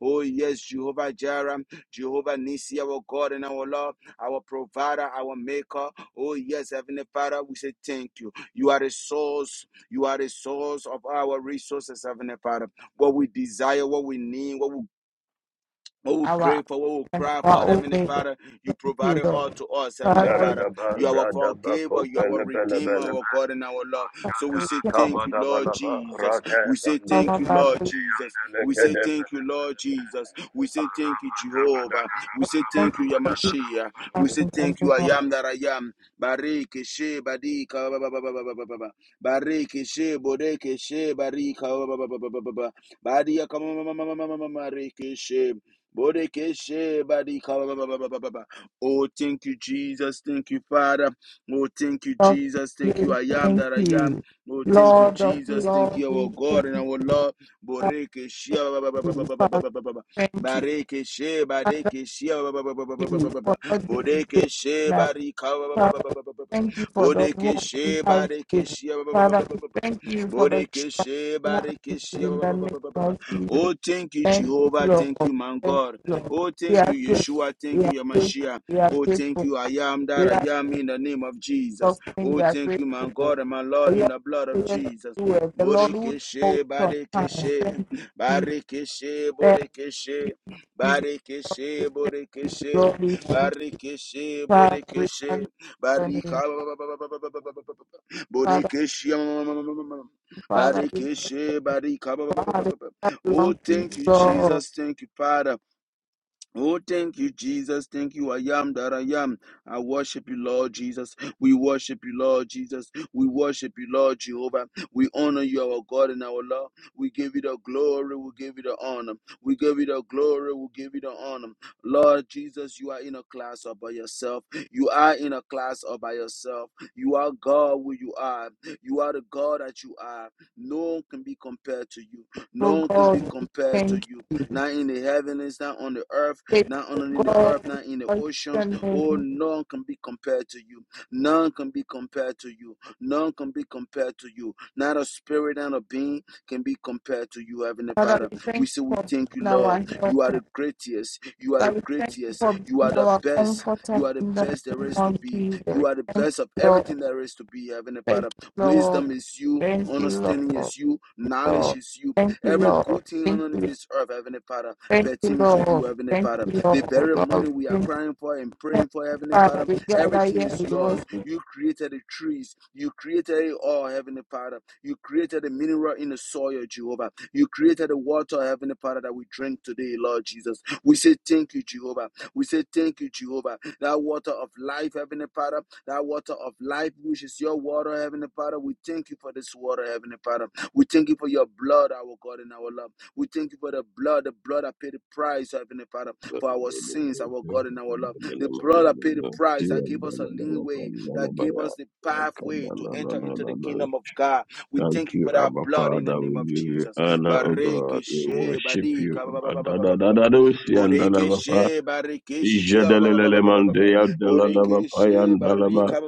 Speaker 1: Oh yes, Jehovah Jireh. Jehovah Nisi, our God and our Lord, our provider, our maker. Oh, yes, Heavenly Father, we say thank you. You are a source. You are a source of our resources, Heavenly Father. What we desire, what we need, what we what we crave
Speaker 2: our
Speaker 1: for, what we
Speaker 2: and
Speaker 1: cry
Speaker 2: our
Speaker 1: for, Heavenly
Speaker 2: Omega.
Speaker 1: Father, you
Speaker 2: Thank
Speaker 1: provide
Speaker 2: you,
Speaker 1: it
Speaker 2: Lord.
Speaker 1: all to us, Heavenly
Speaker 2: Father, we
Speaker 1: Father.
Speaker 3: Daradaba,
Speaker 1: You are our
Speaker 3: Radaba,
Speaker 1: forgiver, you are our
Speaker 3: Kopele, Bele,
Speaker 1: redeemer,
Speaker 3: Bele,
Speaker 1: our God and our love. So we
Speaker 2: shall
Speaker 1: say thank you, Lord
Speaker 3: Kabadabalaba,
Speaker 1: Jesus.
Speaker 3: Rate,
Speaker 1: We say
Speaker 3: Bando,
Speaker 1: thank you, Lord Jesus. We say
Speaker 3: Elekedebe,
Speaker 1: thank you, Lord Jesus. We say thank you, Jehovah. We say
Speaker 2: Thank
Speaker 1: thank you,
Speaker 2: you for this
Speaker 1: Yamashia.
Speaker 2: time
Speaker 1: We say
Speaker 2: in the
Speaker 1: thank you,
Speaker 2: name
Speaker 1: I
Speaker 2: of
Speaker 1: am that I am. Bareke she badika ba- ba- ba- ba- ba- ba- ba- ba- ba. Bareke she bodeke she barika ba- ba- ba- ba- ba- ba- ba- ba. Badia kama mama mama mama mama Bodekeshe badika ba- ba- ba- ba- ba- ba- ba. Oh, thank you, Jesus. Thank you, Father. Oh, thank you,
Speaker 2: God.
Speaker 1: Jesus. Thank you, I am
Speaker 2: Thank
Speaker 1: that I am.
Speaker 2: you.
Speaker 1: Oh, thank you,
Speaker 2: Lord of
Speaker 1: Jesus. Thank
Speaker 2: Lord,
Speaker 1: you, our
Speaker 2: we
Speaker 1: God
Speaker 2: thank
Speaker 1: and our Lord. Bodekeshe ba- ba- ba- ba- ba-
Speaker 2: you.
Speaker 1: ba- ba- ba-
Speaker 2: Father,
Speaker 1: ba- ba- ba- ba.
Speaker 2: thank you. Father,
Speaker 1: badekeshe ba- ba- ba- ba- ba- ba- ba- ba- ba- ba.
Speaker 2: for not being
Speaker 1: Bodekeshe
Speaker 2: good.
Speaker 1: barika ba- ba- ba-
Speaker 2: Father,
Speaker 1: ba-
Speaker 2: we
Speaker 1: ba- ba- ba- ba.
Speaker 2: thank you for the hope we
Speaker 1: Bodekeshe
Speaker 2: have given.
Speaker 1: badekeshe ba- ba- ba- ba- ba-
Speaker 2: Father,
Speaker 1: ba-
Speaker 2: we
Speaker 1: ba- ba-
Speaker 2: thank you for the trust
Speaker 1: Bodekeshe badekeshe
Speaker 2: we
Speaker 1: ba.
Speaker 2: have received in the name
Speaker 1: Bodekeshe barekeshe
Speaker 2: of Jesus.
Speaker 1: Oh, thank you,
Speaker 2: Thank you,
Speaker 1: Jehovah.
Speaker 2: Lord.
Speaker 1: Thank you, my
Speaker 2: Thank
Speaker 1: God.
Speaker 2: you, Lord.
Speaker 1: Oh,
Speaker 2: We
Speaker 1: thank
Speaker 2: are
Speaker 1: you,
Speaker 2: grateful.
Speaker 1: Yeshua.
Speaker 2: We
Speaker 1: Thank
Speaker 2: are
Speaker 1: you,
Speaker 2: grateful.
Speaker 1: Yamashia.
Speaker 2: We are
Speaker 1: Oh, thank
Speaker 2: grateful.
Speaker 1: you, I am that
Speaker 2: We are
Speaker 1: I am in the name of Jesus.
Speaker 2: suffering.
Speaker 1: Oh,
Speaker 2: We are
Speaker 1: thank you, my
Speaker 2: grateful.
Speaker 1: God and my
Speaker 2: For
Speaker 1: Lord, in
Speaker 2: your
Speaker 1: the blood of
Speaker 2: presence
Speaker 1: Jesus.
Speaker 2: The Lord who
Speaker 1: Bodekeshe,
Speaker 2: holds your time.
Speaker 1: Badekeshe,
Speaker 2: Thank you, Jesus.
Speaker 1: Barekeshe,
Speaker 2: Thank you,
Speaker 1: Bodekeshe,
Speaker 2: Jesus.
Speaker 1: Barekeshe, Bodekeshe,
Speaker 2: Lord, we thank you.
Speaker 1: Barekeshe,
Speaker 2: Lord, Father, we thank
Speaker 1: Bodekeshe,
Speaker 2: you for your
Speaker 1: Barika,
Speaker 2: Father,
Speaker 1: Bodekeshe,
Speaker 2: Father, we thank
Speaker 1: Barekeshe,
Speaker 2: you. God,
Speaker 1: Barika,
Speaker 2: I
Speaker 1: Oh,
Speaker 2: love you
Speaker 1: thank you,
Speaker 2: so.
Speaker 1: Jesus. Thank you, Father. Oh, thank you, Jesus. Thank you. I am that I am. I worship you, Lord Jesus. We worship you, Lord Jesus. We worship you, Lord Jehovah. We honor you, our God and our Lord. We give you the glory. We give you the honor. We give you the glory. We give you the honor. Lord Jesus, you are in a class all by yourself. You are in a class all by yourself. You are God who you are. You are the God that you are. No one can be compared to you.
Speaker 2: Oh
Speaker 1: No one can be
Speaker 2: God, we
Speaker 1: compared to
Speaker 2: thank
Speaker 1: you.
Speaker 2: you.
Speaker 1: Not in the heavens, not on the earth
Speaker 2: Thank
Speaker 1: not only in the
Speaker 2: God,
Speaker 1: earth,
Speaker 2: we
Speaker 1: not in the
Speaker 2: bless
Speaker 1: ocean.
Speaker 2: your
Speaker 1: Oh,
Speaker 2: name.
Speaker 1: none can be compared to you. None can be compared to you. None can be compared to you. Not a spirit and a being can be compared to you, Heavenly
Speaker 2: Father,
Speaker 1: Father.
Speaker 2: we
Speaker 1: We
Speaker 2: thank
Speaker 1: say
Speaker 2: you
Speaker 1: we
Speaker 2: for
Speaker 1: thank
Speaker 2: being
Speaker 1: you,
Speaker 2: our
Speaker 1: Lord. You are
Speaker 2: helper.
Speaker 1: the greatest. You are the
Speaker 2: Father, we thank you
Speaker 1: greatest.
Speaker 2: for
Speaker 1: You are
Speaker 2: being
Speaker 1: the
Speaker 2: our
Speaker 1: best. You
Speaker 2: comforter
Speaker 1: are the
Speaker 2: in the
Speaker 1: best there
Speaker 2: name
Speaker 1: is to
Speaker 2: of
Speaker 1: be. You
Speaker 2: Jesus.
Speaker 1: are the
Speaker 2: Thank
Speaker 1: best of
Speaker 2: you, Lord.
Speaker 1: everything there is to be, Heavenly
Speaker 2: Thank
Speaker 1: Father.
Speaker 2: you, Lord.
Speaker 1: Wisdom is you.
Speaker 2: Thank you,
Speaker 1: Understanding
Speaker 2: Lord.
Speaker 1: is you. Knowledge
Speaker 2: Lord.
Speaker 1: is you.
Speaker 2: Thank you,
Speaker 1: Every
Speaker 2: Lord.
Speaker 1: good thing on
Speaker 2: Thank you.
Speaker 1: this earth, Heavenly Father
Speaker 2: Thank you,
Speaker 1: pertain to you,
Speaker 2: Lord.
Speaker 1: Heavenly
Speaker 2: Thank
Speaker 1: Father.
Speaker 2: you,
Speaker 1: The
Speaker 2: Lord.
Speaker 1: very money
Speaker 2: Lord.
Speaker 1: we are
Speaker 2: Thank
Speaker 1: crying for and
Speaker 2: you.
Speaker 1: praying for, Heavenly Father,
Speaker 2: Father, we gather
Speaker 1: everything
Speaker 2: here.
Speaker 1: is
Speaker 2: We
Speaker 1: yours.
Speaker 2: worship. you.
Speaker 1: You created the trees, you created it all, Heavenly Father. You created the mineral in the soil, Jehovah. You created the water, Heavenly Father, that we drink today, Lord Jesus. We say thank you, Jehovah. We say thank you, Jehovah. That water of life, Heavenly Father, that water of life, which is your water, Heavenly Father. We thank you for this water, Heavenly Father. We thank you for your blood, our God and our love. We thank you for the blood, the blood that paid the price, Heavenly Father,
Speaker 5: Thank
Speaker 1: for our sins, our God and our love. The blood that paid the price that gave us a lean way, that gave us the pathway to enter into the kingdom of God. We thank you
Speaker 5: you,
Speaker 1: for that
Speaker 5: Abba
Speaker 1: blood in the
Speaker 5: Father.
Speaker 1: name
Speaker 5: We
Speaker 1: of
Speaker 5: give you
Speaker 1: Jesus.
Speaker 5: honor, O God. We
Speaker 1: Barikishe,
Speaker 5: worship you.
Speaker 1: barika, ba- ba- ba- ba-
Speaker 5: Adadadadadosi andalabapa. Ijedelelelemandea dalalabapa yandalaba.
Speaker 1: barika,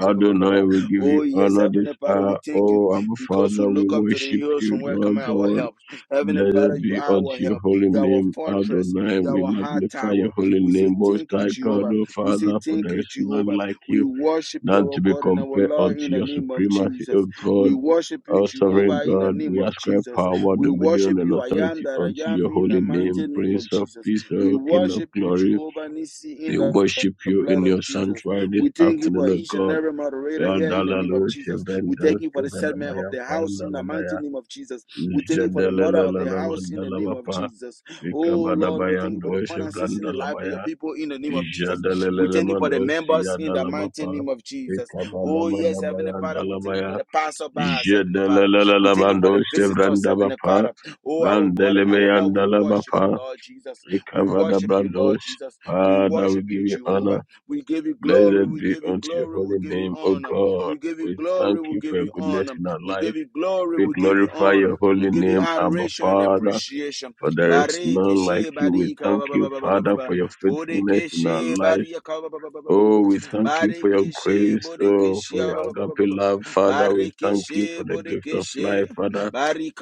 Speaker 5: Adonai, we give
Speaker 1: Oh,
Speaker 5: you
Speaker 1: yes,
Speaker 5: honor this
Speaker 1: Heavenly Father, we
Speaker 5: hour.
Speaker 1: thank you
Speaker 5: Oh, Abba
Speaker 1: because we
Speaker 5: Father, we
Speaker 1: look up to the
Speaker 5: worship
Speaker 1: hills
Speaker 5: you,
Speaker 1: from where
Speaker 5: Lord
Speaker 1: coming our
Speaker 5: God.
Speaker 1: help. Heavenly Father,
Speaker 5: Blessed
Speaker 1: you
Speaker 5: be
Speaker 1: are
Speaker 5: unto
Speaker 1: our
Speaker 5: your
Speaker 1: help.
Speaker 5: holy
Speaker 1: You are our
Speaker 5: name,
Speaker 1: fortress.
Speaker 5: Adonai.
Speaker 1: You are
Speaker 5: We
Speaker 1: our high
Speaker 5: magnify your
Speaker 1: tower.
Speaker 5: holy
Speaker 1: We say
Speaker 5: name, Most
Speaker 1: thank you,
Speaker 5: High God,
Speaker 1: Jehovah.
Speaker 5: O
Speaker 1: We say
Speaker 5: Father, for
Speaker 1: thank
Speaker 5: there
Speaker 1: you,
Speaker 5: is none
Speaker 1: Jehovah.
Speaker 5: like
Speaker 1: We
Speaker 5: you,
Speaker 1: worship you,
Speaker 5: none
Speaker 1: our
Speaker 5: to be
Speaker 1: God and our
Speaker 5: compared
Speaker 1: Lord,
Speaker 5: unto
Speaker 1: in the
Speaker 5: your
Speaker 1: name of
Speaker 5: supremacy, O
Speaker 1: Jesus. We
Speaker 5: God.
Speaker 1: worship you,
Speaker 5: O sovereign
Speaker 1: Jehovah, in the
Speaker 5: God,
Speaker 1: name
Speaker 5: we
Speaker 1: of
Speaker 5: ascribe
Speaker 1: Jesus.
Speaker 5: power,
Speaker 1: We worship
Speaker 5: dominion, and
Speaker 1: you, I am
Speaker 5: authority
Speaker 1: that
Speaker 5: unto
Speaker 1: I am,
Speaker 5: your
Speaker 1: in the
Speaker 5: holy
Speaker 1: mighty
Speaker 5: name,
Speaker 1: name of
Speaker 5: Prince of
Speaker 1: Jesus.
Speaker 5: Peace,
Speaker 1: We
Speaker 5: O King of
Speaker 1: worship you,
Speaker 5: Glory.
Speaker 1: Jehovah Nisi, in
Speaker 5: We
Speaker 1: the
Speaker 5: worship
Speaker 1: the
Speaker 5: you
Speaker 1: blood
Speaker 5: in
Speaker 1: of
Speaker 5: your
Speaker 1: Jesus.
Speaker 5: sanctuary this
Speaker 1: We thank you for
Speaker 5: afternoon, O
Speaker 1: each and
Speaker 5: God.
Speaker 1: every moderator here in the name of
Speaker 5: Yandalalo,
Speaker 1: Jesus. We thank
Speaker 5: Shevendus,
Speaker 1: you for the segment of
Speaker 5: Kovanamaya,
Speaker 1: the house in the mighty
Speaker 5: Pandalabaya,
Speaker 1: name of Jesus. We thank you for the mother of the house in the name of
Speaker 5: Jadalalalalamandalabapa.
Speaker 1: Jesus. Oh Lord, we thank you for the
Speaker 5: Ikabadabayando
Speaker 1: finances in the life of your
Speaker 5: Shevlandalabaya
Speaker 1: people in the name of Jesus. We thank you for the
Speaker 5: Jadalelelemando
Speaker 1: members in the mighty
Speaker 5: Siadalabapa
Speaker 1: name of Jesus. Oh yes, Heavenly Father, we thank you
Speaker 5: Ikabadabayandalabaya
Speaker 1: for the passerbys, Heavenly Father. We thank you
Speaker 5: Jadalelelemando
Speaker 1: for the visitors, Heavenly
Speaker 5: Shevrandabapa
Speaker 1: Father. Oh, our God and our Lord, we worship
Speaker 5: Brandelemeyandalabapa
Speaker 1: you, Lord Jesus. We worship you, Lord
Speaker 5: Ikavadabrandos
Speaker 1: Jesus. We
Speaker 5: Father, we
Speaker 1: worship you,
Speaker 5: give you
Speaker 1: Jehovah.
Speaker 5: honor.
Speaker 1: We give you glory.
Speaker 5: Blessed
Speaker 1: We
Speaker 5: be
Speaker 1: give you
Speaker 5: unto your
Speaker 1: glory. We
Speaker 5: holy
Speaker 1: give you
Speaker 5: name, O
Speaker 1: honor.
Speaker 5: God.
Speaker 1: We give you
Speaker 5: We thank
Speaker 1: glory. We
Speaker 5: you for
Speaker 1: give
Speaker 5: your
Speaker 1: you
Speaker 5: goodness
Speaker 1: honor.
Speaker 5: in our
Speaker 1: We give
Speaker 5: lives.
Speaker 1: you glory.
Speaker 5: We
Speaker 1: We give you
Speaker 5: glorify
Speaker 1: honor.
Speaker 5: your
Speaker 1: We
Speaker 5: holy
Speaker 1: give you
Speaker 5: name, Abba
Speaker 1: adoration and
Speaker 5: Father
Speaker 1: appreciation.
Speaker 5: for there is
Speaker 1: Bareke
Speaker 5: none like
Speaker 1: she
Speaker 5: you. We
Speaker 1: barika
Speaker 5: thank
Speaker 1: ba ba
Speaker 5: you,
Speaker 1: ba ba ba ba ba
Speaker 5: Father,
Speaker 1: ba.
Speaker 5: for your faithfulness
Speaker 1: Bodeke
Speaker 5: in our
Speaker 1: she
Speaker 5: lives.
Speaker 1: barika ba ba ba ba ba ba
Speaker 5: Oh, we
Speaker 1: ba.
Speaker 5: thank you for your
Speaker 1: Bareke she
Speaker 5: grace, oh, for
Speaker 1: ba
Speaker 5: your
Speaker 1: ba ba ba ba
Speaker 5: agape
Speaker 1: ba ba.
Speaker 5: love, Father. We
Speaker 1: Bareke
Speaker 5: thank you for the gift of life, Father.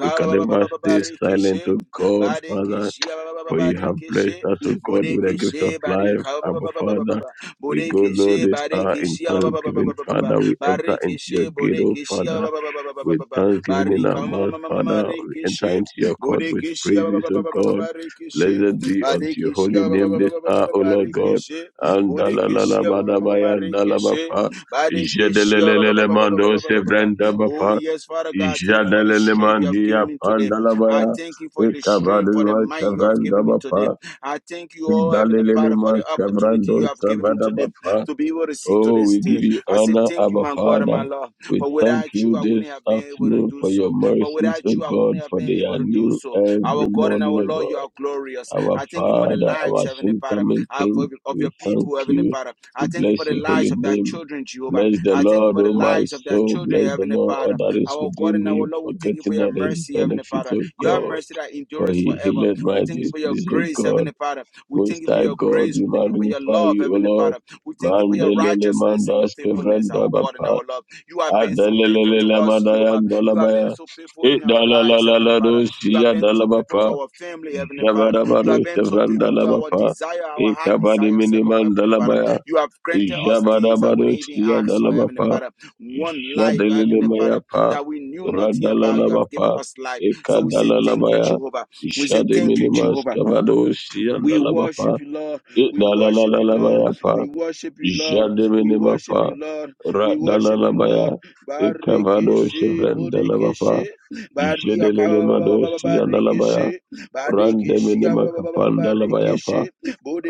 Speaker 5: We can
Speaker 1: ba ba ba ba
Speaker 5: never
Speaker 1: ba ba.
Speaker 5: stay
Speaker 1: Bareke
Speaker 5: silent,
Speaker 1: she
Speaker 5: oh God, Father,
Speaker 1: ba ba ba ba
Speaker 5: for
Speaker 1: ba.
Speaker 5: you have
Speaker 1: Bareke
Speaker 5: blessed us, oh God, with the
Speaker 1: Bodeke
Speaker 5: gift of
Speaker 1: she
Speaker 5: life,
Speaker 1: barika ba- ba-
Speaker 5: Abba,
Speaker 1: ba- ba- ba- ba- ba-
Speaker 5: Father.
Speaker 1: ba.
Speaker 5: We go,
Speaker 1: Bodeke
Speaker 5: Lord,
Speaker 1: she
Speaker 5: this hour
Speaker 1: bareke
Speaker 5: in
Speaker 1: she ba- ba- ba- ba- ba-
Speaker 5: thanksgiving,
Speaker 1: ba- ba- ba- ba.
Speaker 5: Father. We enter
Speaker 1: Bareke
Speaker 5: into your
Speaker 1: she
Speaker 5: gate, oh
Speaker 1: bodeke she
Speaker 5: Father
Speaker 1: ba- ba- ba- ba- ba- ba- ba-
Speaker 5: with
Speaker 1: ba- ba.
Speaker 5: thanksgiving in our
Speaker 1: Barika ma- ma-
Speaker 5: mouth,
Speaker 1: ma- ma- ma- ma-
Speaker 5: Father. We
Speaker 1: reke
Speaker 5: enter
Speaker 1: she.
Speaker 5: into your court with
Speaker 1: Bodeke she ba- ba-
Speaker 5: praises,
Speaker 1: ba-
Speaker 5: O
Speaker 1: ba- ba- ba- ba-
Speaker 5: God.
Speaker 1: ba- reke she.
Speaker 5: Blessed be unto your
Speaker 1: Bareke she
Speaker 5: holy
Speaker 1: ba- ba- ba-
Speaker 5: name
Speaker 1: ba-
Speaker 5: this
Speaker 1: ba- ba- ba-
Speaker 5: hour,
Speaker 1: ba-
Speaker 5: O
Speaker 1: ba-
Speaker 5: Lord
Speaker 1: reke
Speaker 5: God.
Speaker 1: she.
Speaker 5: And
Speaker 1: Bodeke she ma- ma- ma- ma- ma- reke she.
Speaker 5: dalalalalabadabayandalabapa.
Speaker 1: Bareke she ba- ba- ba-
Speaker 5: Jedelelelele
Speaker 1: ba- ba- ba- ba-
Speaker 5: mando
Speaker 1: ba- ba- ba- ba-
Speaker 5: sevrenda
Speaker 1: Oh,
Speaker 5: bapa.
Speaker 1: yes, Father God, thank you for the
Speaker 5: Jadelele
Speaker 1: strength you have
Speaker 5: mandia
Speaker 1: given me today. I
Speaker 5: pandalabaya.
Speaker 1: thank you for the strength, for the
Speaker 5: Ikabadu
Speaker 1: might you have
Speaker 5: sevrenda
Speaker 1: given me today.
Speaker 5: bapa.
Speaker 1: I thank you, oh Heavenly
Speaker 5: Idalelele
Speaker 1: Father, for
Speaker 5: man
Speaker 1: the opportunity you
Speaker 5: sevrando
Speaker 1: have given me today to be able to see to
Speaker 5: Oh,
Speaker 1: this
Speaker 5: we
Speaker 1: day.
Speaker 5: give you
Speaker 1: I say
Speaker 5: honor,
Speaker 1: thank you,
Speaker 5: Abba
Speaker 1: my God and my
Speaker 5: Father.
Speaker 1: Lord,
Speaker 5: We
Speaker 1: for
Speaker 5: thank
Speaker 1: without you,
Speaker 5: you
Speaker 1: I
Speaker 5: this
Speaker 1: wouldn't have been able to
Speaker 5: afternoon
Speaker 1: do
Speaker 5: for
Speaker 1: so.
Speaker 5: your
Speaker 1: For
Speaker 5: mercies,
Speaker 1: without
Speaker 5: O
Speaker 1: you, I
Speaker 5: God,
Speaker 1: wouldn't have
Speaker 5: for
Speaker 1: been
Speaker 5: they
Speaker 1: able
Speaker 5: are
Speaker 1: to do
Speaker 5: new
Speaker 1: so. Our
Speaker 5: every
Speaker 1: God and our
Speaker 5: morning, O
Speaker 1: Lord, you are glorious.
Speaker 5: God. Our
Speaker 1: I thank you for the
Speaker 5: Father,
Speaker 1: lives,
Speaker 5: our
Speaker 1: Heavenly
Speaker 5: soon
Speaker 1: Father,
Speaker 5: coming
Speaker 1: of, of
Speaker 5: King,
Speaker 1: of your
Speaker 5: we thank
Speaker 1: people, Heavenly
Speaker 5: you.
Speaker 1: Father. I
Speaker 5: We
Speaker 1: thank you for
Speaker 5: bless
Speaker 1: the
Speaker 5: your
Speaker 1: lives
Speaker 5: holy
Speaker 1: of their
Speaker 5: name.
Speaker 1: children, Jehovah.
Speaker 5: Bless the
Speaker 1: I thank you
Speaker 5: Lord,
Speaker 1: for the
Speaker 5: O my
Speaker 1: lives of their
Speaker 5: soul.
Speaker 1: children,
Speaker 5: Bless the
Speaker 1: Heavenly
Speaker 5: Lord, all
Speaker 1: Father.
Speaker 5: that is
Speaker 1: Our God
Speaker 5: within
Speaker 1: and our
Speaker 5: me,
Speaker 1: Lord, we thank you for
Speaker 5: forgetting
Speaker 1: your
Speaker 5: all his
Speaker 1: mercy, Heavenly
Speaker 5: benefits,
Speaker 1: Father.
Speaker 5: O
Speaker 1: Your
Speaker 5: God.
Speaker 1: mercy that
Speaker 5: For
Speaker 1: endures
Speaker 5: he
Speaker 1: forever.
Speaker 5: healed
Speaker 1: We
Speaker 5: my
Speaker 1: thank you for your
Speaker 5: disease, O
Speaker 1: grace,
Speaker 5: God.
Speaker 1: Heavenly Father. We thank
Speaker 5: Most
Speaker 1: you for
Speaker 5: High
Speaker 1: your
Speaker 5: God,
Speaker 1: grace.
Speaker 5: we
Speaker 1: We thank you for your
Speaker 5: magnify
Speaker 1: love,
Speaker 5: you, O
Speaker 1: Heavenly
Speaker 5: Lord.
Speaker 1: Father. We thank you for your
Speaker 5: Mandelele
Speaker 1: righteousness and your
Speaker 5: mandas
Speaker 1: faithfulness,
Speaker 5: kevrenda
Speaker 1: our God and
Speaker 5: bapa.
Speaker 1: our Lord. You have been so faithful to
Speaker 5: Adelelele
Speaker 1: us, Jehovah.
Speaker 5: mandayanda
Speaker 1: You have been
Speaker 5: labaya.
Speaker 1: so faithful in our lives, Heavenly
Speaker 5: Idalalalala
Speaker 1: Father. You have
Speaker 5: dosia
Speaker 1: been so faithful to
Speaker 5: dalabapa.
Speaker 1: our family, Heavenly Father. You have
Speaker 5: Jabadabado
Speaker 1: been so
Speaker 5: sevranda
Speaker 1: faithful to our
Speaker 5: labapa.
Speaker 1: desire, our heart
Speaker 5: Ikabadi
Speaker 1: desires alone,
Speaker 5: minimanda
Speaker 1: Heavenly Father.
Speaker 5: labaya.
Speaker 1: You have granted us things I
Speaker 5: Jabadabado
Speaker 1: wouldn't even
Speaker 5: sia
Speaker 1: ask for, Heavenly
Speaker 5: dalabapa.
Speaker 1: Father. One life,
Speaker 5: Jadelele
Speaker 1: Heavenly Father,
Speaker 5: mayapa.
Speaker 1: that we knew nothing about. You have given
Speaker 5: Radalalabapa.
Speaker 1: us life. So we say thank you,
Speaker 5: Ikadalalabaya.
Speaker 1: Jehovah. We say,
Speaker 5: Jade
Speaker 1: Thank you,
Speaker 5: minimas
Speaker 1: Jehovah.
Speaker 5: kabado sia
Speaker 1: We
Speaker 5: dalabapa.
Speaker 1: worship you, Lord. We worship you, Lord.
Speaker 5: Idalalalabayapa,
Speaker 1: We worship you, Lord. We worship you,
Speaker 5: Jademinimapa,
Speaker 1: Lord. We worship you, Lord.
Speaker 5: Radalalalabaya, Ikavado
Speaker 1: Barikese,
Speaker 5: Shivrendalavapa,
Speaker 1: bodekese, baria
Speaker 5: Jedelelemado
Speaker 1: kababababababab,
Speaker 5: Siadalabaya,
Speaker 1: barikese, bodekese, ababababababab,
Speaker 5: Randeminimakapandalavayapa.
Speaker 1: barikese,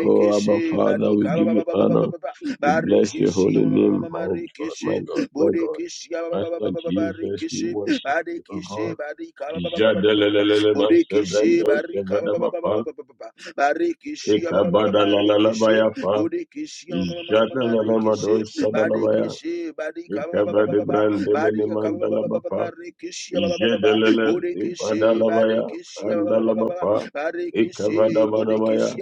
Speaker 5: Oh, Abba Father, we give you honor.
Speaker 1: abababababababab, barikese,
Speaker 5: We bless your
Speaker 1: bodekese,
Speaker 5: holy name,
Speaker 1: abababababababab,
Speaker 5: my God,
Speaker 1: barikese,
Speaker 5: my God, my God.
Speaker 1: bodekese,
Speaker 5: Master
Speaker 1: abababababababab,
Speaker 5: Jesus, we worship you, O God.
Speaker 1: barikese,
Speaker 5: Jadelelelema
Speaker 1: bodekese,
Speaker 5: Sevrendo Sevadabapa,
Speaker 1: abababababababab Barikishi Barikishi
Speaker 5: Ikabadalalabayapa,
Speaker 1: Bodikishi Marikishi
Speaker 5: Jadalalamados Sadalavaya,
Speaker 1: Badikishi Badika
Speaker 5: Ikava de Brand de
Speaker 1: Badia
Speaker 5: Minimandalabafa,
Speaker 1: Barikishi
Speaker 5: Jedelele,
Speaker 1: Bodikishi
Speaker 5: Ipadalavaya,
Speaker 1: Barikishi
Speaker 5: Andalabafa,
Speaker 1: Barikishi
Speaker 5: Ikavadamanamaya,
Speaker 1: Bodikishi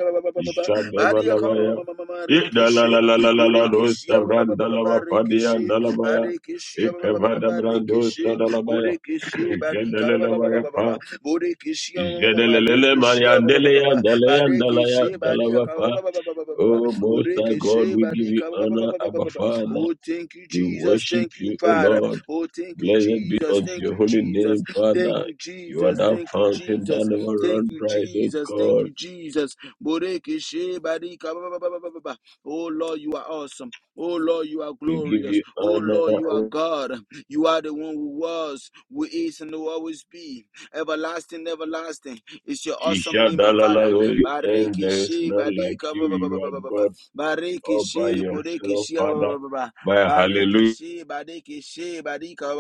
Speaker 1: Badia
Speaker 5: Jadevalavaya,
Speaker 1: Marikishi Bodikishi
Speaker 5: Idalalalalalados Sabrandalavapadia and
Speaker 1: Barikishi
Speaker 5: Dalavaya,
Speaker 1: Badikishi
Speaker 5: Ikavada Brando Sadalavaya,
Speaker 1: Barikishi Bodikishi
Speaker 5: Jedelelevaya,
Speaker 1: Badika
Speaker 5: *coughs*
Speaker 1: Bodekeshia
Speaker 5: Jedelele Maria
Speaker 1: Marekeshia Baba
Speaker 5: Delea, Dalea,
Speaker 1: Badekeshi Badia
Speaker 5: Dalaya,
Speaker 1: Baba
Speaker 5: Oh, Most High God,
Speaker 1: Bodekeshi
Speaker 5: we give you
Speaker 1: Badika
Speaker 5: honor, Abba
Speaker 1: Baba
Speaker 5: Father.
Speaker 1: Oh thank you
Speaker 5: We
Speaker 1: Jesus
Speaker 5: worship
Speaker 1: thank you
Speaker 5: you, O
Speaker 1: Father
Speaker 5: Lord.
Speaker 1: Oh thank you
Speaker 5: Blessed be
Speaker 1: Jesus
Speaker 5: unto
Speaker 1: thank
Speaker 5: your
Speaker 1: you
Speaker 5: holy
Speaker 1: Jesus
Speaker 5: name,
Speaker 1: thank
Speaker 5: Father.
Speaker 1: you
Speaker 5: You are
Speaker 1: Jesus
Speaker 5: that
Speaker 1: thank you
Speaker 5: fountain that
Speaker 1: Jesus
Speaker 5: never
Speaker 1: thank
Speaker 5: runs
Speaker 1: you
Speaker 5: dry, O
Speaker 1: Jesus thank
Speaker 5: God.
Speaker 1: you Jesus Bodekeshi Badika Baba Oh Lord you are awesome Oh Lord, you are
Speaker 5: We give
Speaker 1: glorious.
Speaker 5: you
Speaker 1: Oh
Speaker 5: honor,
Speaker 1: Lord, you are
Speaker 5: O
Speaker 1: God. You are the one who was, who is, and will always be everlasting, everlasting. It's your awesome name, my Father.
Speaker 5: Ishadalalalo, and
Speaker 1: Bariki
Speaker 5: there is
Speaker 1: she,
Speaker 5: none like
Speaker 1: barika,
Speaker 5: you.
Speaker 1: ba- ba- ba-
Speaker 5: You
Speaker 1: ba-
Speaker 5: are God all by yourself, Father. My hallelujah
Speaker 1: barika,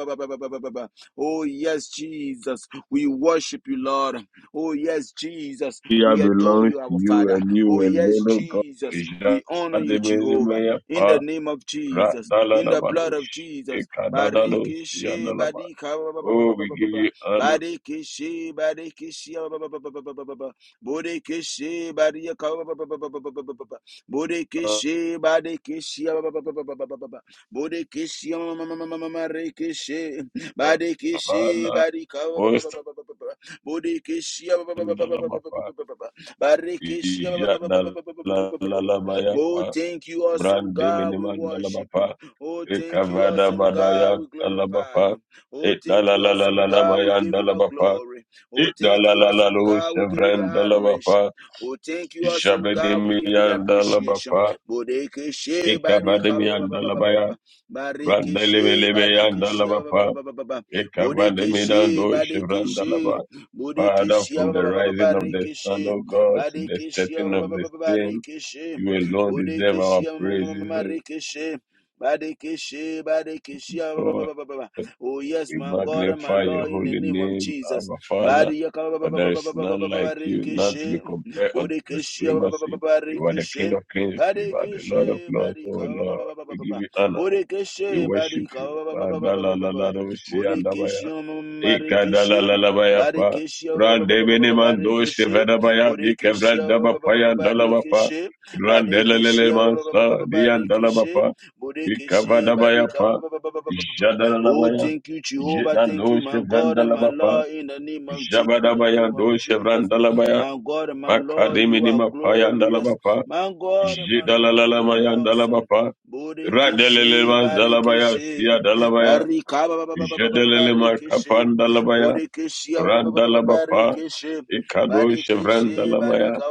Speaker 1: Oh yes, Jesus, we worship you, Lord. Oh yes, Jesus, we adore
Speaker 5: belongs
Speaker 1: you,
Speaker 5: to
Speaker 1: our
Speaker 5: you
Speaker 1: Father.
Speaker 5: and
Speaker 1: Oh
Speaker 5: you
Speaker 1: yes,
Speaker 5: alone, O God.
Speaker 1: Jesus, we honor you, Jehovah. In
Speaker 5: Ishadalalalo,
Speaker 1: the name of Jesus, in the blood
Speaker 5: Radalalabadosh.
Speaker 1: of Jesus,
Speaker 5: Ikadadados.
Speaker 1: bariki she,
Speaker 5: Yandalabad.
Speaker 1: barika,
Speaker 5: Oh, we give you honor,
Speaker 1: Barikishi, Barikishi, ah, ba- ba- ba- ba- ba- ba- ba- ba- ba. Borikishi, Barika, ah, ba- ba- ba- ba- ba- ba- ba- ba- ba- ba. Borikishi, Barikishi, ah, ba- ba- ba- ba- ba- ba- ba- ba- ba. Borikishi, ah, ma- ma- ma- ma- ma- ma- rikishi. Barikishi,
Speaker 5: Father.
Speaker 1: Barika, ah, ba- ba- ba-
Speaker 5: Most
Speaker 1: ba- ba- ba- ba- ba. Borikishi, ah, ba- ba- ba- ba- ba- ba- ba- ba- ba-
Speaker 5: Dalamapa.
Speaker 1: ba- ba- ba- ba. Barikishi, ah, ba- ba- ba- ba- ba- ba- ba- ba- ba- ba- ba- ba- ba. Oh,
Speaker 5: Yadalalalabayapa.
Speaker 1: thank you, awesome
Speaker 5: Brande
Speaker 1: God. We
Speaker 5: miniman
Speaker 1: worship you.
Speaker 5: dalabapa.
Speaker 1: Oh, thank you,
Speaker 5: Ikavada
Speaker 1: awesome God.
Speaker 5: badaya
Speaker 1: We glorify you.
Speaker 5: dalabapa.
Speaker 1: Oh, thank you, awesome God. We
Speaker 5: Idalalalalabayan
Speaker 1: give you the
Speaker 5: dalabapa.
Speaker 1: glory. Oh, thank you, awesome
Speaker 5: Idalalalalo
Speaker 1: God. We give you the
Speaker 5: shevren
Speaker 1: adoration.
Speaker 5: dalabapa.
Speaker 1: Oh, thank you, awesome God. We give you the
Speaker 5: Jabedimiyan
Speaker 1: appreciation.
Speaker 5: dalabapa.
Speaker 1: Bodekeshe barika ba ba ba
Speaker 5: Ekavadimian
Speaker 1: ba ba ba ba
Speaker 5: Dalabaya.
Speaker 1: ba. Barikeshe badekeshe ba ba ba
Speaker 5: Randalebelebeyandalabapa,
Speaker 1: ba ba ba ba. Bodekeshe
Speaker 5: Ekavandemidando
Speaker 1: badekeshe.
Speaker 5: Shivrandalaba. Father,
Speaker 1: Bodekeshe
Speaker 5: from
Speaker 1: ba ba
Speaker 5: the
Speaker 1: ba ba ba ba.
Speaker 5: rising of the sun,
Speaker 1: barikeshe.
Speaker 5: O God, to the
Speaker 1: Badekeshe
Speaker 5: setting
Speaker 1: ba
Speaker 5: of
Speaker 1: ba ba ba
Speaker 5: the
Speaker 1: ba ba.
Speaker 5: same,
Speaker 1: barikeshe.
Speaker 5: you alone deserve our
Speaker 1: Bodekeshe ma ma ma ma ma
Speaker 5: praises,
Speaker 1: ma-
Speaker 5: O
Speaker 1: rikeshe. Badekeshe badekeshe ba ba ba
Speaker 5: God.
Speaker 1: ba ba ba ba. Oh, yes,
Speaker 5: We
Speaker 1: my God and my
Speaker 5: magnify your
Speaker 1: Lord, in the
Speaker 5: holy
Speaker 1: name of
Speaker 5: name,
Speaker 1: Jesus.
Speaker 5: our Father,
Speaker 1: Bariyaka ba- ba-
Speaker 5: for
Speaker 1: ba-
Speaker 5: there
Speaker 1: ba- ba-
Speaker 5: is
Speaker 1: ba- ba- ba-
Speaker 5: none
Speaker 1: ba- ba-
Speaker 5: like you, none to be
Speaker 1: barikishe.
Speaker 5: compared unto your
Speaker 1: Bodikishe ba- ba- ba- ba- ba-
Speaker 5: supremacy. You are the King
Speaker 1: barikishe.
Speaker 5: of kings, you are the Lord of
Speaker 1: Barikishe,
Speaker 5: lords,
Speaker 1: barika
Speaker 5: O
Speaker 1: ba- ba-
Speaker 5: Lord.
Speaker 1: ba- ba- ba- ba-
Speaker 5: We
Speaker 1: ba-
Speaker 5: give
Speaker 1: ba.
Speaker 5: you honor, we
Speaker 1: Bodikishe,
Speaker 5: worship
Speaker 1: barika
Speaker 5: you.
Speaker 1: ba- ba- ba- ba- ba- ba- ba- ba- ba- ba.
Speaker 5: Madalalalarosi andabaya.
Speaker 1: Bodikishe, ma- ma- ma- marikishe.
Speaker 5: Ikadalalabayapa.
Speaker 1: Barikishe, ba- ba- ba- ba- ba- ba-
Speaker 5: Brandemini
Speaker 1: ba-
Speaker 5: mando
Speaker 1: barikishe.
Speaker 5: shivadabaya.
Speaker 1: Bodikishe, ba- ba- ba- ba- ba-
Speaker 5: Dikevrandabapaya dalabapa. Randelelele mansa diandalabapa. Ikavadabayapa.
Speaker 1: Oh,
Speaker 5: Jadalalabaya.
Speaker 1: thank you, Jehovah. Thank you,
Speaker 5: Jidando
Speaker 1: my God and my
Speaker 5: shivrandalabapa.
Speaker 1: Lord, in the name of Jesus. In the
Speaker 5: Jabadabaya
Speaker 1: name of
Speaker 5: do
Speaker 1: Jesus,
Speaker 5: shivrandalabaya.
Speaker 1: my God and my Lord, you
Speaker 5: Makadimini
Speaker 1: are
Speaker 5: mapaya
Speaker 1: glorious.
Speaker 5: dalabapa.
Speaker 1: My God and my Lord, you are
Speaker 5: Jidalalalabaya
Speaker 1: awesome.
Speaker 5: dalabapa. Radelele
Speaker 1: Bodekeshe,
Speaker 5: manzalabaya
Speaker 1: Barikeshe,
Speaker 5: siya dalabaya.
Speaker 1: Barika, ba- ba- ba-
Speaker 5: Jedelele makapan
Speaker 1: Bodekeshe,
Speaker 5: Randalabapa, Ikado
Speaker 1: Barika,
Speaker 5: Shevrandalamaya.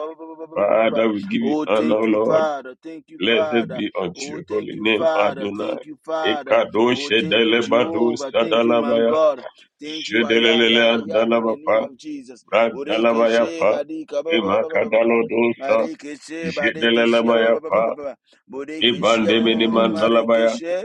Speaker 5: Father, we give you
Speaker 1: Oh, thank
Speaker 5: honor,
Speaker 1: you,
Speaker 5: Lord.
Speaker 1: Father. Thank you,
Speaker 5: Blessed
Speaker 1: Father.
Speaker 5: be unto
Speaker 1: Oh,
Speaker 5: your
Speaker 1: thank
Speaker 5: holy
Speaker 1: you,
Speaker 5: name,
Speaker 1: Father.
Speaker 5: Adonai.
Speaker 1: Thank you, Father.
Speaker 5: Ikado
Speaker 1: Oh, thank you,
Speaker 5: Shedelebado
Speaker 1: Jehovah. Thank you, my
Speaker 5: Sadalabaya,
Speaker 1: God. Thank you, I am that I
Speaker 5: Shedelele
Speaker 1: am in the name
Speaker 5: Andalabapa,
Speaker 1: of Jesus. Boreke she
Speaker 5: Randalabayapa,
Speaker 1: badika ba ba ba ba ba ba ba ba.
Speaker 5: Imakadalodosa,
Speaker 1: Mareke she badeke she ba ba ba ba ba ba
Speaker 5: Jedelemayapa,
Speaker 1: ba ba. Boreke she ma ma
Speaker 5: Ibandemini
Speaker 1: ma ma ma-
Speaker 2: Thank you.
Speaker 1: mareke
Speaker 5: Mandalabaya,
Speaker 1: she.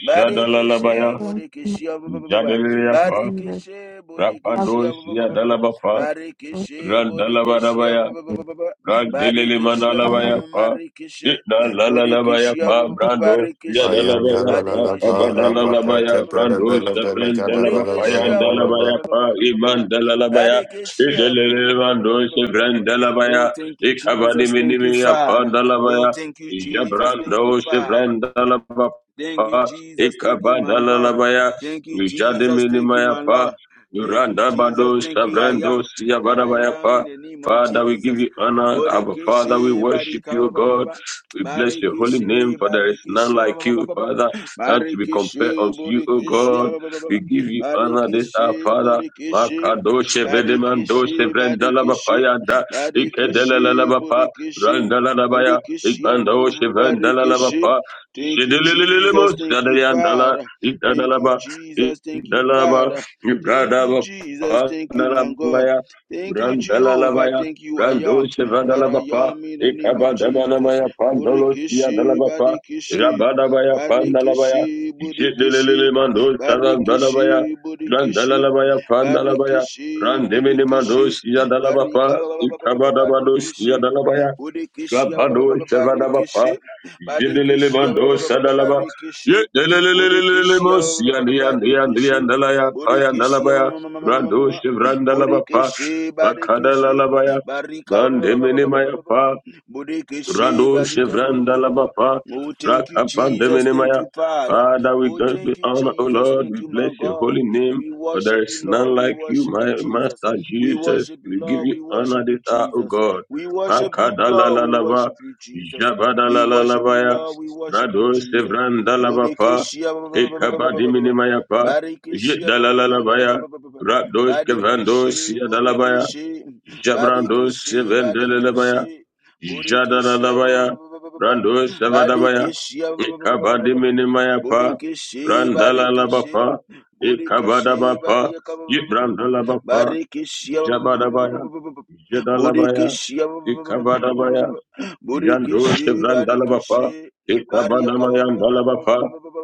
Speaker 1: Bareke she
Speaker 5: Jadalalabaya,
Speaker 2: Thank
Speaker 1: boreke
Speaker 2: you,
Speaker 1: she ba ba ba ba ba.
Speaker 2: Lord
Speaker 5: Jadeleapa,
Speaker 1: Bareke
Speaker 2: Jesus.
Speaker 1: she boreke
Speaker 2: I
Speaker 1: she ba
Speaker 5: Rapados
Speaker 1: ba ba ba ba ba.
Speaker 5: Yadalabapa,
Speaker 1: Bareke she boreke she ba
Speaker 5: Randalabadabaya,
Speaker 1: ba ba ba ba ba.
Speaker 5: Brandelele
Speaker 1: Bareke she ma ma
Speaker 2: Father,
Speaker 5: manalabaya
Speaker 2: we
Speaker 1: ma
Speaker 5: pa.
Speaker 1: mareke she.
Speaker 5: Itna
Speaker 1: Boreke
Speaker 5: lalalabaya
Speaker 1: she
Speaker 2: thank
Speaker 5: pa.
Speaker 1: ba ba
Speaker 2: you
Speaker 1: ba
Speaker 5: Brando,
Speaker 1: ba. Bareke
Speaker 5: ya Brandos
Speaker 1: she.
Speaker 3: Ayanda
Speaker 5: yadalabaya
Speaker 3: la la
Speaker 5: pa.
Speaker 3: la
Speaker 1: Badeke she
Speaker 5: Kabana
Speaker 3: para
Speaker 5: la la
Speaker 1: barika.
Speaker 3: baka
Speaker 5: baya.
Speaker 3: tepele
Speaker 5: Brando, Kabanalalabaya. Brandos
Speaker 3: bele bele kada bala
Speaker 1: Bodeke
Speaker 5: shevrendelabapaya
Speaker 3: bala
Speaker 1: shia.
Speaker 3: bala
Speaker 5: ndalabaya pa. Iman dalalabaya.
Speaker 1: Badeke shia.
Speaker 5: Idelele mandos shevrendelabaya.
Speaker 1: Oh, thank you,
Speaker 5: Ikabani
Speaker 1: Jesus. Thank you,
Speaker 5: minimiya pa
Speaker 1: Father. Oh,
Speaker 5: dalabaya.
Speaker 1: thank you, Jesus.
Speaker 5: Jabrando
Speaker 1: Thank you, Father. Thank you,
Speaker 5: shevrendalabapa.
Speaker 1: Jesus. Thank you, my God.
Speaker 5: Ikabanalalabaya.
Speaker 1: Thank you,
Speaker 5: Vijade
Speaker 1: Jesus. Thank you,
Speaker 5: minimaya
Speaker 1: my
Speaker 5: pa.
Speaker 1: Lord. Thank you,
Speaker 5: Duranda bado
Speaker 1: Jesus. Thank you, I
Speaker 5: sabrando
Speaker 1: am
Speaker 5: siya
Speaker 1: that I am
Speaker 5: pa.
Speaker 1: in the name of
Speaker 5: Father, we give
Speaker 1: Jesus.
Speaker 5: you honor. Our Father, we
Speaker 1: Bodekeshe
Speaker 5: worship
Speaker 1: barika
Speaker 5: you,
Speaker 1: ba- ba- ba- ba-
Speaker 5: God.
Speaker 1: ba.
Speaker 5: We bless your holy name,
Speaker 1: Barikeshe
Speaker 5: for there is none
Speaker 1: barikeshe ba- ba-
Speaker 5: like
Speaker 1: ba- ba-
Speaker 5: you,
Speaker 1: ba-
Speaker 5: Father, none to be compared
Speaker 1: Barikeshe
Speaker 5: unto you, O
Speaker 1: bodekeshe
Speaker 5: God.
Speaker 1: ba- ba- ba- ba-
Speaker 5: We give you
Speaker 1: ba.
Speaker 5: honor this our
Speaker 1: Barikeshe
Speaker 5: Father.
Speaker 1: bodekeshe
Speaker 5: Makadoshe vedemandoshe
Speaker 1: Barikeshe barikeshe
Speaker 5: vrendalabapaya da
Speaker 1: Barikeshe
Speaker 5: ikedelalabapa
Speaker 1: bodekeshe
Speaker 5: randalalabaya
Speaker 1: Bodekeshe ba- ba- ba- ba-
Speaker 5: ikbandoshe
Speaker 1: ba- barikeshe
Speaker 5: vendalalabapa
Speaker 1: Thank you, Jesus.
Speaker 5: jedelelemon
Speaker 1: Thank you,
Speaker 5: sadayandala
Speaker 1: Father. Thank you,
Speaker 5: ikdalaba
Speaker 1: Jesus. Thank you,
Speaker 5: ikdalaba
Speaker 1: Father. Thank you,
Speaker 5: ibradaba
Speaker 1: Jesus. Thank you, my God.
Speaker 5: pandalabaya
Speaker 1: Thank you, Jehovah.
Speaker 5: Brandalabaya,
Speaker 1: Thank you, I
Speaker 5: Brando
Speaker 1: am. That I
Speaker 5: Shevadalabapa,
Speaker 1: am in the name of Jesus.
Speaker 5: Ekabandabanamaya, Pandolosia
Speaker 1: Burikishi,
Speaker 5: Dalabapa,
Speaker 1: Barikishi.
Speaker 5: Rabadabaya, Pandalabaya,
Speaker 1: Barikishi, Burikishi.
Speaker 5: Jedele Mando Salandalabaya,
Speaker 1: Barikishi, Burikishi.
Speaker 5: Brandalabaya, Pandalabaya,
Speaker 1: Barikishi,
Speaker 5: Randemini Mando
Speaker 1: Burikishi.
Speaker 5: Sia Dalabapa,
Speaker 1: Barika,
Speaker 5: Ekabadabados
Speaker 1: Barikishi.
Speaker 5: Sia
Speaker 1: Bodekeshia
Speaker 5: Rabado Shavadabapa,
Speaker 1: Barikeshe, Badekeshia
Speaker 5: Jidelelebando Sadalaba,
Speaker 1: Barikeshe, Bodekeshia
Speaker 5: Yedelelelelelemo, Siandian, Dian, Dian,
Speaker 1: Barikeshe,
Speaker 5: Rando
Speaker 1: Bodekeshia
Speaker 5: Shivrandalabapa,
Speaker 1: Bodekeshe Badekeshe,
Speaker 5: Bakadalalabaya,
Speaker 1: Barika
Speaker 5: Mandemene
Speaker 1: Bodekeshe
Speaker 5: Rado
Speaker 1: Barika.
Speaker 5: Shevranda Labapa,
Speaker 1: Oh, thank you, Jesus. Thank
Speaker 5: Rakapandemenemaya.
Speaker 1: you, Father.
Speaker 5: Father, we
Speaker 1: Oh,
Speaker 5: give you
Speaker 1: thank you,
Speaker 5: honor, O
Speaker 1: Jesus.
Speaker 5: Lord.
Speaker 1: Thank
Speaker 5: We
Speaker 1: you, my
Speaker 5: bless your
Speaker 1: God.
Speaker 5: holy name.
Speaker 1: We
Speaker 5: For there
Speaker 1: worship
Speaker 5: is
Speaker 1: you, Lord.
Speaker 5: none
Speaker 1: We
Speaker 5: like you,
Speaker 1: worship you,
Speaker 5: my
Speaker 1: Jesus.
Speaker 5: Master
Speaker 1: We
Speaker 5: Jesus.
Speaker 1: worship you,
Speaker 5: We give
Speaker 1: Lord.
Speaker 5: you
Speaker 1: We
Speaker 5: honor
Speaker 1: worship
Speaker 5: this
Speaker 1: you,
Speaker 5: hour, O
Speaker 1: Jesus.
Speaker 5: God.
Speaker 1: We worship you, Lord. We
Speaker 5: Makadalalalava,
Speaker 1: worship you, Jesus. We worship you,
Speaker 5: Jabadalalalavaya,
Speaker 1: Lord. We worship you,
Speaker 5: Rado
Speaker 1: Jesus.
Speaker 5: Shevranda Labapa,
Speaker 1: Bodekeshia
Speaker 5: Ekabadiminemayapa, Jedalalalavaya,
Speaker 1: Barikeshia
Speaker 5: Rado Shevrando
Speaker 1: Badikeshi
Speaker 5: Siadalabaya,
Speaker 1: Bodekeshi
Speaker 5: Jabrando
Speaker 1: Badikeshi
Speaker 5: Shevendelelabaya,
Speaker 1: Badikeshi Bodekeshia
Speaker 5: Jadadadabaya, Rando Savadabaya,
Speaker 1: Badikeshia
Speaker 5: Ikabadi Minimayapa,
Speaker 1: Bodekeshi Badikeshi
Speaker 5: Randalabapa,
Speaker 1: Bodekeshi
Speaker 5: Ikabadabapa,
Speaker 1: Barika
Speaker 5: Ibrandalabapa, Jabadabaya,
Speaker 1: Barikeshia
Speaker 5: Jadalabaya,
Speaker 1: Burikishi,
Speaker 5: Ikabadabaya, Jandosh
Speaker 1: Burikishi,
Speaker 5: Vrandalabapa,
Speaker 1: Barikishi, Bariyaka,
Speaker 5: Ekabanamayan Dalabapa,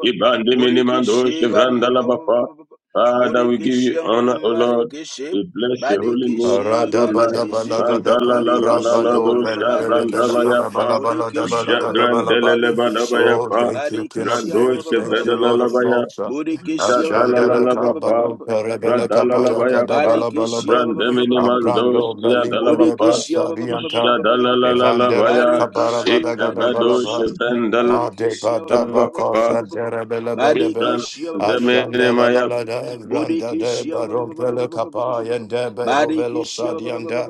Speaker 5: Ibandi Minimandosh
Speaker 1: Burikishi, Bariyaka,
Speaker 5: Vrandalabapa. Father, we give
Speaker 1: Burikishi,
Speaker 5: you honor, O Lord.
Speaker 1: Marikishi,
Speaker 5: We bless your holy name,
Speaker 1: Badikishi,
Speaker 5: Adonai.
Speaker 1: Badikishi,
Speaker 5: Mandala la la la
Speaker 1: Burikishi,
Speaker 5: la dosha
Speaker 1: Barikishi,
Speaker 5: Vrandabayapa,
Speaker 1: Burikishi,
Speaker 3: Oh,
Speaker 5: Jadrandelebadabayapa,
Speaker 3: thank you, King of
Speaker 1: Barikishi, Badikishi,
Speaker 5: Randosh
Speaker 3: Kings. Thank you, Lord of
Speaker 5: Vedalalavaya,
Speaker 3: Lords. Ashandele
Speaker 5: Jadalalavapa,
Speaker 1: Burikishi,
Speaker 3: kabalo perebele kabaya
Speaker 5: Radalalabaya,
Speaker 3: kadabala
Speaker 1: Barikishia
Speaker 3: balaba.
Speaker 5: Randeminimandos,
Speaker 3: Ambrando belibele
Speaker 5: Yadalabapa,
Speaker 1: Bodikishia
Speaker 3: besarianta. Evandele
Speaker 5: Jadalalalabaya,
Speaker 3: kabara
Speaker 1: Barikishi
Speaker 3: gada gada
Speaker 5: Ikabados,
Speaker 3: balaba.
Speaker 1: Barikishi Barikishia
Speaker 3: Madeka daba
Speaker 5: Vendalabapa,
Speaker 3: kosa terebele bedebe.
Speaker 1: Barikishia
Speaker 3: Ashanda la
Speaker 5: Randeminimaya,
Speaker 3: la la da randa de
Speaker 1: Bodikishia
Speaker 3: barompele kapaya de berovelo
Speaker 1: Barikishia
Speaker 3: sadianda.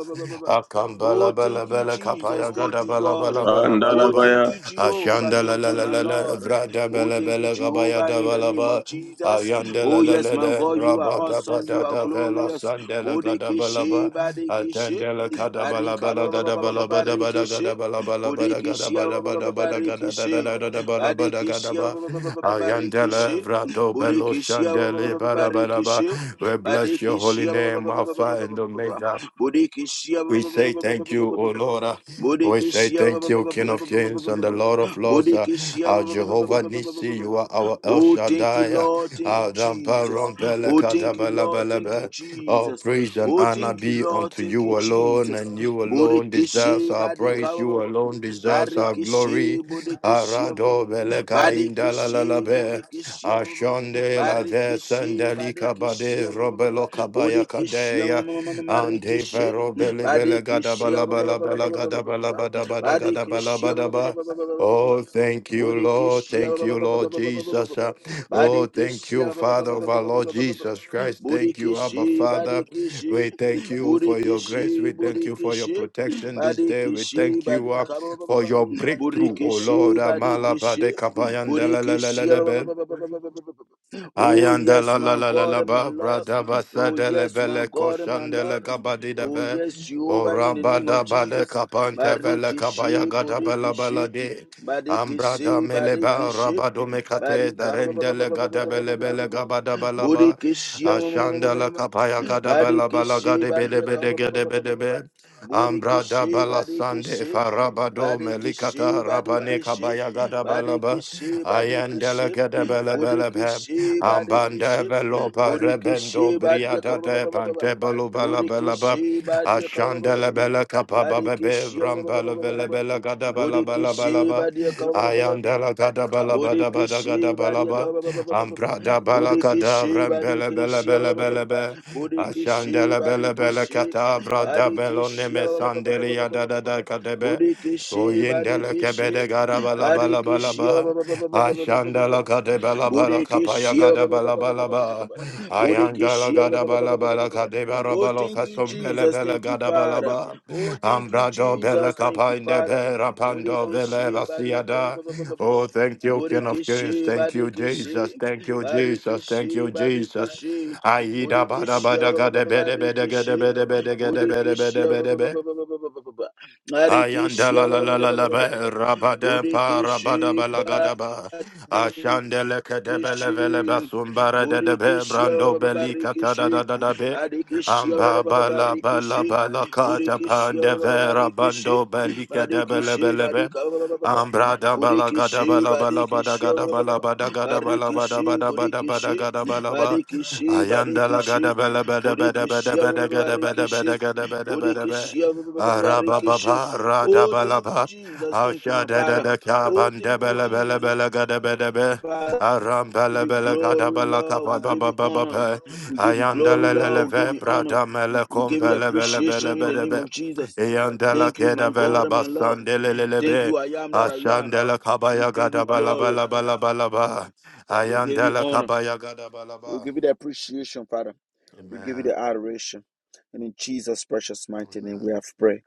Speaker 1: Oh
Speaker 3: Akambala bela
Speaker 1: thank you
Speaker 3: bela
Speaker 1: Jesus
Speaker 3: ya
Speaker 1: thank
Speaker 3: gada
Speaker 1: you
Speaker 3: bala
Speaker 1: God
Speaker 3: bala bala bala
Speaker 1: Oh
Speaker 3: ba.
Speaker 1: thank
Speaker 5: Pandalabaya,
Speaker 1: you Jehovah
Speaker 3: Ashanda la
Speaker 1: thank
Speaker 3: la
Speaker 1: you
Speaker 3: la
Speaker 1: my
Speaker 3: la la
Speaker 1: Lord
Speaker 3: vrada
Speaker 1: Oh
Speaker 3: bela
Speaker 1: thank you
Speaker 3: bela kabaya
Speaker 1: Jehovah
Speaker 3: da
Speaker 1: in the
Speaker 3: bala
Speaker 1: name of
Speaker 3: ba.
Speaker 1: Jesus
Speaker 3: Ayandele
Speaker 1: Oh, yes, my
Speaker 3: lele
Speaker 1: God, you are
Speaker 3: rabada
Speaker 1: awesome.
Speaker 3: bada
Speaker 1: You are
Speaker 3: da vela
Speaker 1: glorious.
Speaker 3: sandele
Speaker 1: Bodekeshe,
Speaker 3: gadabalaba
Speaker 1: badekeshe,
Speaker 3: atendele kadabalaba
Speaker 1: barika
Speaker 3: la
Speaker 1: ba- ba- ba- ba- ba- ba-
Speaker 3: gadabalaba da bada
Speaker 1: barikishe
Speaker 3: gadabalaba la bada
Speaker 1: bodekeshia
Speaker 3: gadabada
Speaker 1: ba- ba- ba-
Speaker 3: bada
Speaker 1: ba-
Speaker 3: bada
Speaker 1: barikishe
Speaker 3: gadadadadada bada bada
Speaker 1: badekeshia ba-
Speaker 3: gadaba
Speaker 1: ba- ba- ba- ba- ba-
Speaker 3: ayandele
Speaker 1: barikishe
Speaker 3: vrado belo
Speaker 1: bodekeshia ba-
Speaker 3: shandele bara bara ba.
Speaker 1: barikishe
Speaker 3: We bless your holy
Speaker 1: badekeshia
Speaker 3: name, Alpha and Omega.
Speaker 1: bodekeshia
Speaker 3: We say thank you, O Lord. uh, We say
Speaker 1: bodekeshia
Speaker 3: thank you, King of Kings and the Lord of Lords. uh,
Speaker 1: bodekeshia
Speaker 3: Our Jehovah Nissi, you are our El
Speaker 1: Oh, thank you,
Speaker 3: Shaddai. uh,
Speaker 1: Lord. Thank you,
Speaker 3: Our Rampa
Speaker 1: Jesus.
Speaker 3: Rompele
Speaker 1: Oh, thank you, Lord. Thank you,
Speaker 3: Kadabalabalabe. All
Speaker 1: Jesus.
Speaker 3: praise and
Speaker 1: Oh,
Speaker 3: honor
Speaker 1: thank you,
Speaker 3: be
Speaker 1: Lord.
Speaker 3: unto
Speaker 1: Thank
Speaker 3: you
Speaker 1: you,
Speaker 3: alone,
Speaker 1: Jesus.
Speaker 3: and you alone deserves
Speaker 1: Borikishe,
Speaker 3: our
Speaker 1: Badika,
Speaker 3: praise. You alone deserves our
Speaker 1: Barikishe,
Speaker 3: glory.
Speaker 1: Borikishe,
Speaker 3: Arado Beleka
Speaker 1: Badikishe,
Speaker 3: Indalalabe.
Speaker 1: Borikishe,
Speaker 3: Ashonde la
Speaker 1: Barikishe,
Speaker 3: Vesandeli
Speaker 1: Badikishe,
Speaker 3: Kabade Robelo Kabaya
Speaker 1: Borikishe,
Speaker 3: Kadeya. Ante
Speaker 1: Marikishe,
Speaker 3: fero bele bele gada
Speaker 1: Badikishe,
Speaker 3: bala bala bala gada bala bada bada gada bala bada ba.
Speaker 1: Badikishe,
Speaker 3: Oh, thank you, Lord.
Speaker 1: Bodekeshia
Speaker 3: Thank you, Lord Jesus. Uh, Oh, thank
Speaker 1: Badekeshia
Speaker 3: you, Father of our Lord Jesus Christ. Thank you, Abba
Speaker 1: Bodekeshi
Speaker 3: Father.
Speaker 1: Badekeshi
Speaker 3: We thank you for your grace.
Speaker 1: Bodekeshi
Speaker 3: We thank you for your
Speaker 1: Bodekeshi
Speaker 3: protection this day. We
Speaker 1: Badekeshi
Speaker 3: thank you uh,
Speaker 1: Badika
Speaker 3: for your breakthrough, oh Lord.
Speaker 1: Bodekeshi
Speaker 3: Amala bade
Speaker 1: Badekeshi
Speaker 3: kapayan
Speaker 1: Bodekeshia Oh
Speaker 3: Ayanda
Speaker 1: yes
Speaker 3: la la
Speaker 1: my
Speaker 3: la la
Speaker 1: God
Speaker 3: la
Speaker 1: and my
Speaker 3: ba
Speaker 1: Lord
Speaker 3: brada ba
Speaker 1: Oh
Speaker 3: sadele
Speaker 1: yes my
Speaker 3: bele
Speaker 1: God and my
Speaker 3: koshandele
Speaker 1: Lord
Speaker 3: gabadi de
Speaker 1: Oh
Speaker 3: be
Speaker 1: yes Jehovah
Speaker 3: ora
Speaker 1: in the name
Speaker 3: bada
Speaker 1: of
Speaker 3: bale
Speaker 1: Jesus
Speaker 3: kapante vele kabaya
Speaker 1: Badekeshi
Speaker 3: gada bela bela
Speaker 1: Bodekeshi
Speaker 3: de
Speaker 1: Barikishi,
Speaker 3: ambrada mele ba
Speaker 1: Barikishi,
Speaker 3: rabado mekate
Speaker 1: Barika
Speaker 3: darendele gada bele bele gabada bela ba
Speaker 1: Bodekeshia
Speaker 3: ashandele kapaya gada bela bela
Speaker 1: Badekeshe
Speaker 3: gade bede
Speaker 1: Badiaka
Speaker 3: bede gede bede be ambrada
Speaker 1: Bodekeshe
Speaker 3: bala sande
Speaker 1: Badekeshe
Speaker 3: farabado
Speaker 1: Badekeshe
Speaker 3: melikata rabane
Speaker 1: Badekeshe
Speaker 3: kabaya gada bela ba
Speaker 1: Badekeshe
Speaker 3: ayandele
Speaker 1: Badekeshe
Speaker 3: gada bela bela be
Speaker 1: Bodekeshe
Speaker 3: Ambande
Speaker 1: Badekeshe
Speaker 3: velopa rebendo
Speaker 1: Bodekeshe Badiaka
Speaker 3: briata de pante balubala belaba.
Speaker 1: Bodekeshe
Speaker 3: Ashandele
Speaker 1: Badiaka
Speaker 3: bele kapaba bebe
Speaker 1: Badekeshia
Speaker 3: vrambele vele bele gada bala bala bala
Speaker 1: Bodekeshe
Speaker 3: ba.
Speaker 1: Badiaka
Speaker 3: Ayandela gada bala bada bada gada
Speaker 1: Bodekishi
Speaker 3: bala
Speaker 1: Badiaka
Speaker 3: ba. Amprada bala gada
Speaker 1: Bodekishi
Speaker 3: vrambele bele
Speaker 1: Badekishi
Speaker 3: bele bele be.
Speaker 1: Bodekishi
Speaker 3: Ashandele bele bele
Speaker 1: Badekishi
Speaker 3: kata vrada belo
Speaker 1: Badekishi
Speaker 3: neme sandeli ya da belone mesandeli yada da da kadebe.
Speaker 1: Bodekishi
Speaker 3: Oyindele
Speaker 1: Badekishi
Speaker 3: kebede gara bala bala bala ba.
Speaker 1: Badekishi
Speaker 3: Ashandala gada bala bala kapaya
Speaker 1: Bodekeshia
Speaker 3: gada
Speaker 1: ba-
Speaker 3: bala bala ba. Ayangala gada bala bala kade bara
Speaker 1: Oh,
Speaker 3: bala
Speaker 1: thank you,
Speaker 3: kasum bele
Speaker 1: Jesus.
Speaker 3: bele
Speaker 1: Thank you,
Speaker 3: gada bala
Speaker 1: Father.
Speaker 3: ba.
Speaker 1: Oh, thank you,
Speaker 3: Ambrado bele
Speaker 1: Jesus. Thank you,
Speaker 3: kapinde
Speaker 1: Father.
Speaker 3: bera pando vele
Speaker 1: Bodekeshe bariaka ba- ba-
Speaker 3: basiada.
Speaker 1: ba- ba- ba- ba- ba-
Speaker 3: Oh,
Speaker 1: ba.
Speaker 3: thank you, King of Kings.
Speaker 1: Bodekeshe
Speaker 3: Thank you,
Speaker 1: badekeshe
Speaker 3: Jesus. Thank you, Jesus. Thank you, Jesus. Aida bada bada gada bede bede gada bede bede gada bede bede bede Ayandala la la la la la ba rabada pa rabada balagada ba ashandele kedebele vele
Speaker 1: Barikishi,
Speaker 3: basumbara de de be
Speaker 1: Burikishia,
Speaker 3: brando beli kata da da
Speaker 1: Barikishi,
Speaker 3: da da be amba
Speaker 1: Badikishia,
Speaker 3: bala bala
Speaker 1: Barikishi,
Speaker 3: bala kata
Speaker 1: Burikishia,
Speaker 3: pande vera
Speaker 1: Barikishi,
Speaker 3: bando beli kedebele
Speaker 1: Badikishi,
Speaker 3: bele be
Speaker 1: Badika,
Speaker 3: ambra da bala gada
Speaker 1: Burikishi,
Speaker 3: bala bala bada
Speaker 1: Badikishia,
Speaker 3: gada bala bada gada bala bada
Speaker 1: Barikishi,
Speaker 3: bada bada bada
Speaker 1: Burikishi,
Speaker 3: gada bala ba
Speaker 1: Badikishi,
Speaker 3: ayandala
Speaker 1: Badikishi,
Speaker 3: gada bele bede bede bede
Speaker 1: Burikishia,
Speaker 3: bede gada bede bede
Speaker 1: Barikishi,
Speaker 3: gada bede bede be
Speaker 1: Burikishia,
Speaker 3: Arababa
Speaker 1: Barikishi. Oh, thank you,
Speaker 3: Radabalaba
Speaker 1: Jesus. Thank you, my Father.
Speaker 3: Ashadadadaka
Speaker 1: Oh, thank you,
Speaker 3: Bandebele Bele
Speaker 1: Jesus.
Speaker 3: Bele Gadabedebe
Speaker 1: Father
Speaker 3: Aram
Speaker 1: give
Speaker 3: Bele
Speaker 1: you
Speaker 3: Bele
Speaker 1: glory,
Speaker 3: Gadabala
Speaker 1: Lord.
Speaker 3: Kapa
Speaker 1: We give
Speaker 3: Baba
Speaker 1: you
Speaker 3: Baba
Speaker 1: honor.
Speaker 3: Be
Speaker 1: We give you glory,
Speaker 3: Ayandelele
Speaker 1: Lord. We give you honor.
Speaker 3: Bradamele
Speaker 1: We give you the
Speaker 3: Compele Bele Bele
Speaker 1: appreciation in the name
Speaker 3: Bedebe
Speaker 1: of Jesus.
Speaker 3: Ayandela
Speaker 1: Thank you, my
Speaker 3: Keda Vela
Speaker 1: God and my Lord. Thank
Speaker 3: Basandelelebe
Speaker 1: you, I am that I am.
Speaker 3: Ashandela
Speaker 1: We
Speaker 3: Kabaya
Speaker 1: give
Speaker 3: gada
Speaker 1: you
Speaker 3: Bala
Speaker 1: glory.
Speaker 3: Bala Bala bala Ba
Speaker 1: We give you
Speaker 3: Ayandela
Speaker 1: honor.
Speaker 3: Kabaya gada bala
Speaker 1: We
Speaker 3: Ba
Speaker 1: give you the appreciation, Father. We give you
Speaker 3: Amen
Speaker 1: the adoration. And in Jesus' precious mighty name, we have prayed.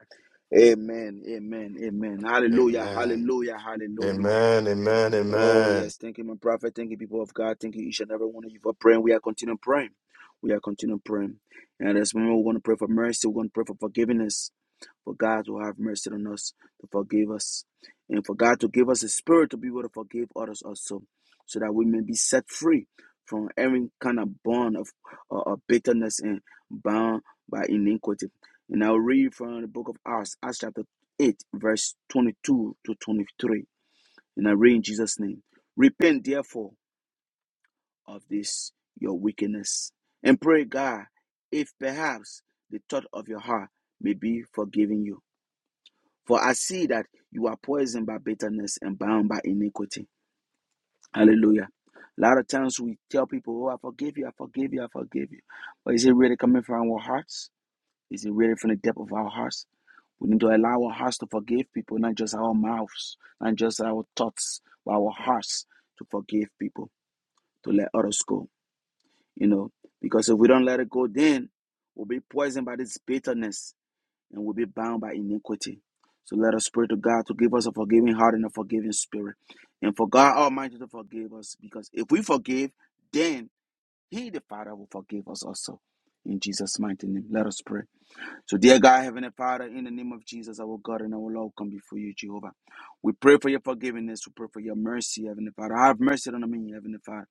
Speaker 1: Amen. Amen. Amen.
Speaker 3: Amen
Speaker 1: Hallelujah.
Speaker 3: Amen
Speaker 1: Hallelujah. Hallelujah.
Speaker 3: Amen Amen
Speaker 1: Oh,
Speaker 3: Amen
Speaker 1: yes. Thank you, my prophet. Thank you, people of God. Thank you, each and every one of you, for praying. We are continuing praying. We are continuing praying. And at this moment, we want to pray for mercy. We want to pray for forgiveness. For God to have mercy on us, to forgive us. And for God to give us a spirit to be able to forgive others also, so that we may be set free from every kind of bond of, uh, of bitterness and bound by iniquity. And I'll read from the book of Acts, Acts chapter 8, verse 22 to 23. And I pray in Jesus' name. Repent, therefore, of this your wickedness. And pray, God, if perhaps the thought of your heart may be forgiven you. For I see that you are poisoned by bitterness and bound by iniquity. Hallelujah. A lot of times we tell people, Oh, I forgive you, I forgive you, I forgive you. But is it really coming from our hearts? Is it really from the depth of our hearts? We need to allow our hearts to forgive people, not just our mouths, not just our thoughts, but our hearts to forgive people. to let others go, you know, because if we don't let it go, then we'll be poisoned by this bitterness and we'll be bound by iniquity. So let us pray to God to give us a forgiving heart and a forgiving spirit, and for God Almighty to forgive us, because if we forgive, then He, the Father, will forgive us also. In Jesus' mighty name, let us pray. So, dear God, Heavenly Father, in the name of Jesus, our God and our Lord, come before you, Jehovah. We pray for your forgiveness. We pray for your mercy, Heavenly Father. Have mercy on me, Heavenly Father.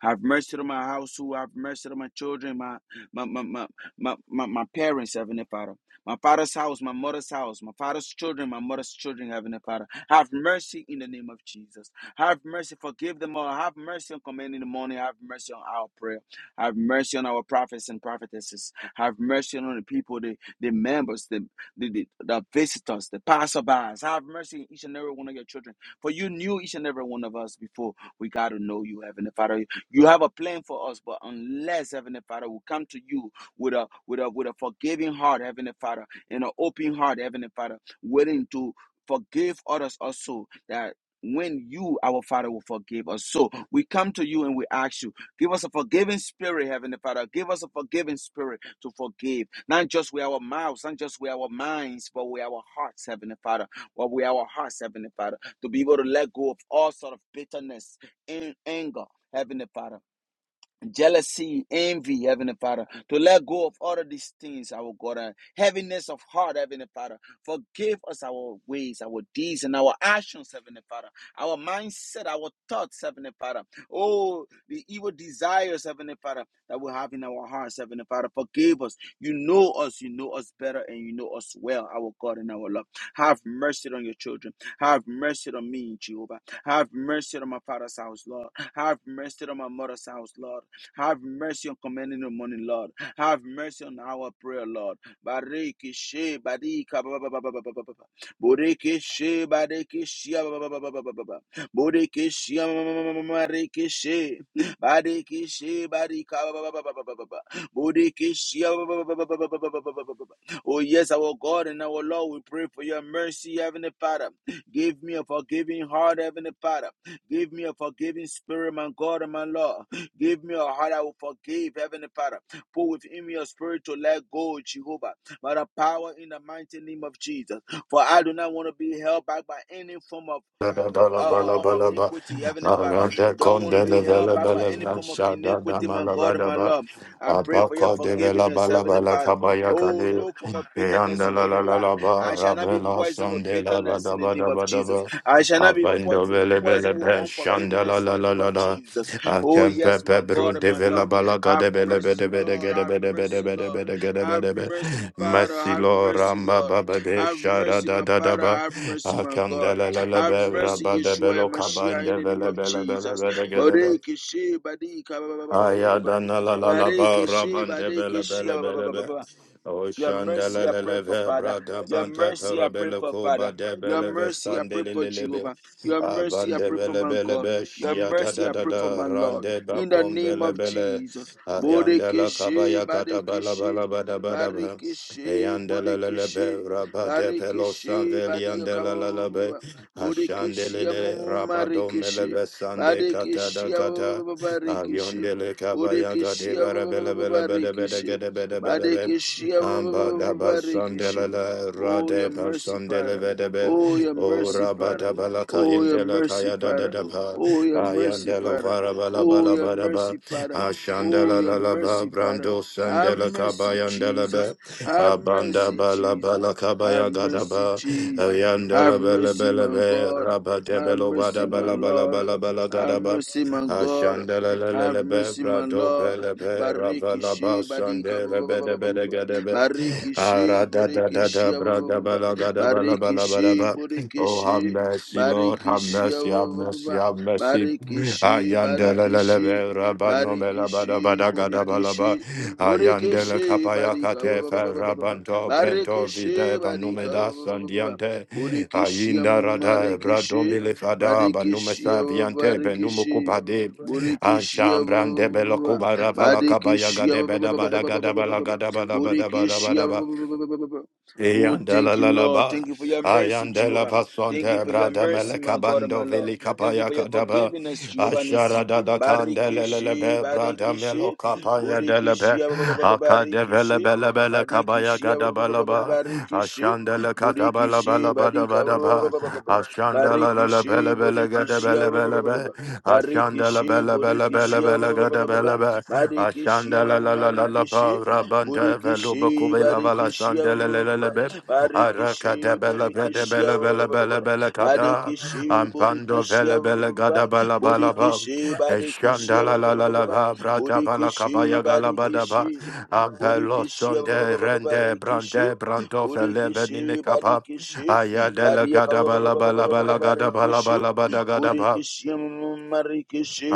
Speaker 1: Have mercy on my household. Have mercy on my children, my my my my my, my, my parents, Heavenly Father. My father's house, my mother's house, my father's children, my mother's children, Heavenly Father. Have mercy in the name of Jesus. Have mercy, forgive them all. Have mercy on command in the morning. Have mercy on our prayer. Have mercy on our prophets and prophetesses. Have mercy on the people, the the members, the, the, the, the visitors, the passerbys. Have mercy on each and every one of your children. For you knew each and every one of us before we got to know you, Heavenly Father. You have a plan for us, but unless, Heavenly Father, we come to you with a with a with a forgiving heart, Heavenly Father, and an open heart, Heavenly Father, willing to forgive others also that when you, our Father, will forgive us. So we come to you and we ask you, give us a forgiving spirit, Heavenly Father. Give us a forgiving spirit to forgive, not just with our mouths, not just with our minds, but with our hearts, Heavenly Father, but with our hearts, Heavenly Father, to be able to let go of all sort of bitterness and anger. Heavenly Father, jealousy, envy, Heavenly Father, to let go of all of these things, our God, and heaviness of heart, Heavenly Father. Forgive us our ways, our deeds, and our actions, Heavenly Father, our mindset, our thoughts, Heavenly Father. Oh, the evil desires, Heavenly Father, that we have in our hearts, Heavenly Father. Forgive us. You know us, you know us better, and you know us well, our God and our love. Have mercy on your children. Have mercy on me, Jehovah. Have mercy on my father's house, Lord. Have mercy on my mother's house, Lord. Have mercy on commanding the morning, Lord. Have mercy on our prayer, Lord. Bareke she barika ba ba ba ba ba ba ba ba she bareke she ba she ma she. Bareke she barika ba she Oh yes, our God and our Lord, we pray for your mercy, Heavenly Father. Give me a forgiving heart, Heavenly Father. Give me a forgiving spirit, my God and my Lord. Give me a heart I will forgive, Heavenly Father. Put within me a spirit to let go, Jehovah, by the power in the mighty name of Jesus. For I do not want to be held back by any form of uh, uh, uh, iniquity, Heavenly Father. Don't want to be held back by any form of iniquity, my God and my Lord. I pray for your
Speaker 3: Abaka de vela
Speaker 1: forgiveness,
Speaker 3: bala
Speaker 1: Heavenly
Speaker 3: bala
Speaker 1: Father.
Speaker 3: kabaya
Speaker 1: Oh,
Speaker 3: kade
Speaker 1: no form of bitterness
Speaker 3: yanda
Speaker 1: will
Speaker 3: la
Speaker 1: hold me
Speaker 3: la la
Speaker 1: back.
Speaker 3: la ba
Speaker 1: I shall not be
Speaker 3: rabela
Speaker 1: poisoned with
Speaker 3: sonde la ba
Speaker 1: bitterness
Speaker 3: da
Speaker 1: in the
Speaker 3: ba
Speaker 1: name
Speaker 3: da
Speaker 1: of
Speaker 3: ba da
Speaker 1: Jesus.
Speaker 3: ba
Speaker 1: I shall not be po-
Speaker 3: apendo vele
Speaker 1: poisoned
Speaker 3: vele
Speaker 1: with
Speaker 3: be shanda la
Speaker 1: unforgiveness in
Speaker 3: la
Speaker 1: the
Speaker 3: la
Speaker 1: name
Speaker 3: la
Speaker 1: of
Speaker 3: la
Speaker 1: Jesus. Oh,
Speaker 3: atempe
Speaker 1: yes,
Speaker 3: pe
Speaker 1: my
Speaker 3: bru
Speaker 1: God and
Speaker 3: de
Speaker 1: my
Speaker 3: vela
Speaker 1: Lord.
Speaker 3: bala
Speaker 1: Have
Speaker 3: kade vele bede
Speaker 1: mercy,
Speaker 3: bede
Speaker 1: Lord.
Speaker 3: gede
Speaker 1: Have
Speaker 3: bede bede
Speaker 1: mercy,
Speaker 3: bede
Speaker 1: Lord.
Speaker 3: bede gede
Speaker 1: Have
Speaker 3: bede be
Speaker 1: mercy, Father. Have
Speaker 3: masilo
Speaker 1: mercy,
Speaker 3: ramba
Speaker 1: Lord.
Speaker 3: ba ba be
Speaker 1: Have
Speaker 3: shara
Speaker 1: mercy,
Speaker 3: da
Speaker 1: my
Speaker 3: da da
Speaker 1: Father.
Speaker 3: ba
Speaker 1: Have mercy, my God.
Speaker 3: Akandele bele
Speaker 1: Have
Speaker 3: be
Speaker 1: mercy,
Speaker 3: rabade
Speaker 1: Yeshua
Speaker 3: belo
Speaker 1: Mashiach, in
Speaker 3: kabande
Speaker 1: the name
Speaker 3: bele
Speaker 1: of
Speaker 3: bele bele
Speaker 1: Jesus.
Speaker 3: bele
Speaker 1: Bareke she badika ba ba ba ba ba ba ba ba.
Speaker 3: Ayadana la la la ba
Speaker 1: Bareke she
Speaker 3: rabande vele
Speaker 1: badeke she
Speaker 3: bele
Speaker 1: ba ba ba
Speaker 3: bele
Speaker 1: ba ba
Speaker 3: be.
Speaker 1: ba. Your
Speaker 3: Oshanda la
Speaker 1: mercy, I
Speaker 3: la
Speaker 1: pray
Speaker 3: la
Speaker 1: for
Speaker 3: ve
Speaker 1: Father.
Speaker 3: brada
Speaker 1: Your
Speaker 3: bante
Speaker 1: mercy, I pray
Speaker 3: parabele
Speaker 1: for
Speaker 3: kuba
Speaker 1: Father.
Speaker 3: de
Speaker 1: Your
Speaker 3: bele ve
Speaker 1: mercy, I pray
Speaker 3: sande le
Speaker 1: for
Speaker 3: le le be.
Speaker 1: Jehovah. Your mercy, I
Speaker 3: Abande
Speaker 1: pray for
Speaker 3: bele
Speaker 1: my
Speaker 3: bele
Speaker 1: God.
Speaker 3: be
Speaker 1: Your
Speaker 3: shia da
Speaker 1: mercy,
Speaker 3: da
Speaker 1: I
Speaker 3: da
Speaker 1: pray for
Speaker 3: da
Speaker 1: my Lord.
Speaker 3: rande ba
Speaker 1: In the
Speaker 3: kom
Speaker 1: name
Speaker 3: vele
Speaker 1: of
Speaker 3: bele.
Speaker 1: Jesus.
Speaker 3: Ayanda la
Speaker 1: Bodekeshe,
Speaker 3: kabaya kata bala
Speaker 1: Badekeshe,
Speaker 3: bala bada bada ba.
Speaker 1: Barikeshe,
Speaker 3: Ayanda la la la be
Speaker 1: Bodekeshe,
Speaker 3: rabade pelo san
Speaker 1: Barikeshe,
Speaker 3: veli ande la la la be.
Speaker 1: Badiakaba,
Speaker 3: Ashande
Speaker 1: Bodekeshe,
Speaker 3: le le rabado mele
Speaker 1: Marikeshe,
Speaker 3: ve sande kata
Speaker 1: Badekeshe,
Speaker 3: da kata.
Speaker 1: Barikeshe,
Speaker 3: Ayondele kabaya gade
Speaker 1: Bodekeshe,
Speaker 3: bara bele bele bede bede
Speaker 1: Barikeshe.
Speaker 3: gede bede bede be.
Speaker 1: Barikishi,
Speaker 3: Amba da basandele
Speaker 1: Barikishi.
Speaker 3: le
Speaker 1: Oh, your
Speaker 3: rade
Speaker 1: mercy,
Speaker 3: basandele
Speaker 1: Father.
Speaker 3: vede be.
Speaker 1: Oh, your
Speaker 3: O
Speaker 1: mercy,
Speaker 3: rabada
Speaker 1: Father.
Speaker 3: bala
Speaker 1: Oh, your
Speaker 3: kayindele
Speaker 1: mercy,
Speaker 3: kaya da da
Speaker 1: Father.
Speaker 3: da ba.
Speaker 1: Oh, your mercy,
Speaker 3: Ayandele
Speaker 1: Father.
Speaker 3: vara bala
Speaker 1: Oh,
Speaker 3: bala
Speaker 1: your
Speaker 3: bala
Speaker 1: mercy,
Speaker 3: ba.
Speaker 1: Father. Oh,
Speaker 3: Ashandele
Speaker 1: your
Speaker 3: la la ba
Speaker 1: mercy, Father.
Speaker 3: brando
Speaker 1: Have
Speaker 3: sandele
Speaker 1: mercy,
Speaker 3: kabayandele be.
Speaker 1: Jesus. Have
Speaker 3: Abanda
Speaker 1: mercy,
Speaker 3: bala
Speaker 1: Jesus.
Speaker 3: bala
Speaker 1: Have
Speaker 3: kabaya gada
Speaker 1: mercy,
Speaker 3: ba.
Speaker 1: Jesus. Have
Speaker 3: Ayandele bele
Speaker 1: mercy,
Speaker 3: bele
Speaker 1: my
Speaker 3: be.
Speaker 1: God.
Speaker 3: Rabade
Speaker 1: Have
Speaker 3: belo
Speaker 1: mercy,
Speaker 3: vada
Speaker 1: my
Speaker 3: bala bala
Speaker 1: Lord.
Speaker 3: bala bala
Speaker 1: Have
Speaker 3: gada ba.
Speaker 1: mercy, my God.
Speaker 3: Ashandala la la
Speaker 1: Have
Speaker 3: la be
Speaker 1: mercy, my
Speaker 3: brado
Speaker 1: Lord.
Speaker 3: pele pe
Speaker 1: Bariki
Speaker 3: ravala
Speaker 1: she badika ba-
Speaker 3: basande
Speaker 1: ba- ba-
Speaker 3: rebe
Speaker 1: ba-
Speaker 3: de
Speaker 1: ba- ba-
Speaker 3: be
Speaker 1: ba-
Speaker 3: de
Speaker 1: ba.
Speaker 3: gede be.
Speaker 1: Bariki she
Speaker 3: Ara da da
Speaker 1: boriki
Speaker 3: da
Speaker 1: she
Speaker 3: da
Speaker 1: ba- ba-
Speaker 3: brada
Speaker 1: ba- ba-
Speaker 3: bala
Speaker 1: ba.
Speaker 3: gada bala
Speaker 1: Bariki
Speaker 3: bala
Speaker 1: she
Speaker 3: bala ba.
Speaker 1: boriki
Speaker 3: Oh,
Speaker 1: she
Speaker 3: have mercy, Lord.
Speaker 1: bariki
Speaker 3: Have
Speaker 1: she
Speaker 3: mercy, have mercy, have mercy.
Speaker 1: Bariki she
Speaker 3: Ayandele
Speaker 1: bariki she
Speaker 3: lelebe rabano
Speaker 1: bariki she
Speaker 3: melabada badagada
Speaker 1: boriki she
Speaker 3: balaba.
Speaker 1: boriki
Speaker 3: Ayandele
Speaker 1: she
Speaker 3: kapaya
Speaker 1: badika ba- ba- ba- ba-
Speaker 3: katefe rabanto brento vide panumeda sandiante. Ayinda rada bradomile fada banume saviante benumukubade. Anshambrande belokubara falakabaya
Speaker 1: Badikishia ba-
Speaker 3: gadebeda badagada balagada badabada
Speaker 1: Bodikishia
Speaker 3: badabada.
Speaker 1: Oh,
Speaker 3: Yandela
Speaker 1: thank you,
Speaker 3: la la
Speaker 1: Lord.
Speaker 3: ba,
Speaker 1: Thank you for your mercy,
Speaker 3: ayandela
Speaker 1: Jehovah. Thank you
Speaker 3: pasonte
Speaker 1: for your
Speaker 3: brada
Speaker 1: mercy,
Speaker 3: meleka
Speaker 1: my God and
Speaker 3: bando
Speaker 1: my Lord.
Speaker 3: vili
Speaker 1: Thank you
Speaker 3: kapaya
Speaker 1: for your
Speaker 3: kadaba,
Speaker 1: forgiveness, Jehovah Nisi.
Speaker 3: ashara da da kandele le le
Speaker 1: Barikishi,
Speaker 3: be brada melo
Speaker 1: Barikishi,
Speaker 3: kapaya dele be,
Speaker 1: Bodikishia, ba- ba- ba- ba- ba-
Speaker 3: akade vele
Speaker 1: Barikishi,
Speaker 3: bele bele kabaya
Speaker 1: Badikishia, ba- ba-
Speaker 3: gadaba
Speaker 1: ba-
Speaker 3: la
Speaker 1: ba- ba-
Speaker 3: ba,
Speaker 1: ba- Barikishi,
Speaker 3: ashandele kataba la ba
Speaker 1: Bodikishi,
Speaker 3: la ba da
Speaker 1: Badika,
Speaker 3: ba
Speaker 1: ba-
Speaker 3: da
Speaker 1: ba- ba- ba-
Speaker 3: ba,
Speaker 1: ba- ba- ba- ba.
Speaker 3: ashandela la la
Speaker 1: Barikishi,
Speaker 3: bele bele gada
Speaker 1: Bodikishia,
Speaker 3: bele
Speaker 1: ba- ba- ba- ba-
Speaker 3: bele
Speaker 1: ba-
Speaker 3: be,
Speaker 1: ba- ba.
Speaker 3: ashandela
Speaker 1: Barikishi,
Speaker 3: bele bele bele bele gada
Speaker 1: Bodikishia,
Speaker 3: bele be,
Speaker 1: Barikishi,
Speaker 3: ashandela la la la la
Speaker 1: Marikishi,
Speaker 3: Rapa Rabanda Veluba
Speaker 1: Burikishi,
Speaker 3: Kubela Vala
Speaker 1: Barikishi,
Speaker 3: Sandelelebe Araka
Speaker 1: Barikishi,
Speaker 3: Debela
Speaker 1: Burikishi,
Speaker 3: Bedebela Bela Bela Bela Kada
Speaker 1: Barikishi,
Speaker 3: Ampando
Speaker 1: Burikishi,
Speaker 3: Vela Bela Gada Bala Bala Ba
Speaker 1: Burikishi, Barikishi,
Speaker 3: Eshandala La La La Ba Brata Bala
Speaker 1: Burikishi,
Speaker 3: Kabaya Gala Bada Ba
Speaker 1: Barikishi,
Speaker 3: Ampelo
Speaker 1: Burikishi,
Speaker 3: Sonde Rende
Speaker 1: Barikishi,
Speaker 3: Brande Branto Fele
Speaker 1: Burikishi,
Speaker 3: Benine Kapa
Speaker 1: Barikishi,
Speaker 3: Ayadela
Speaker 1: Maria
Speaker 3: Gada Bala Bala Bala Gada Bala
Speaker 1: Barikishi,
Speaker 3: Bala Bada Gada Ba
Speaker 1: Burikishi, Marikishi,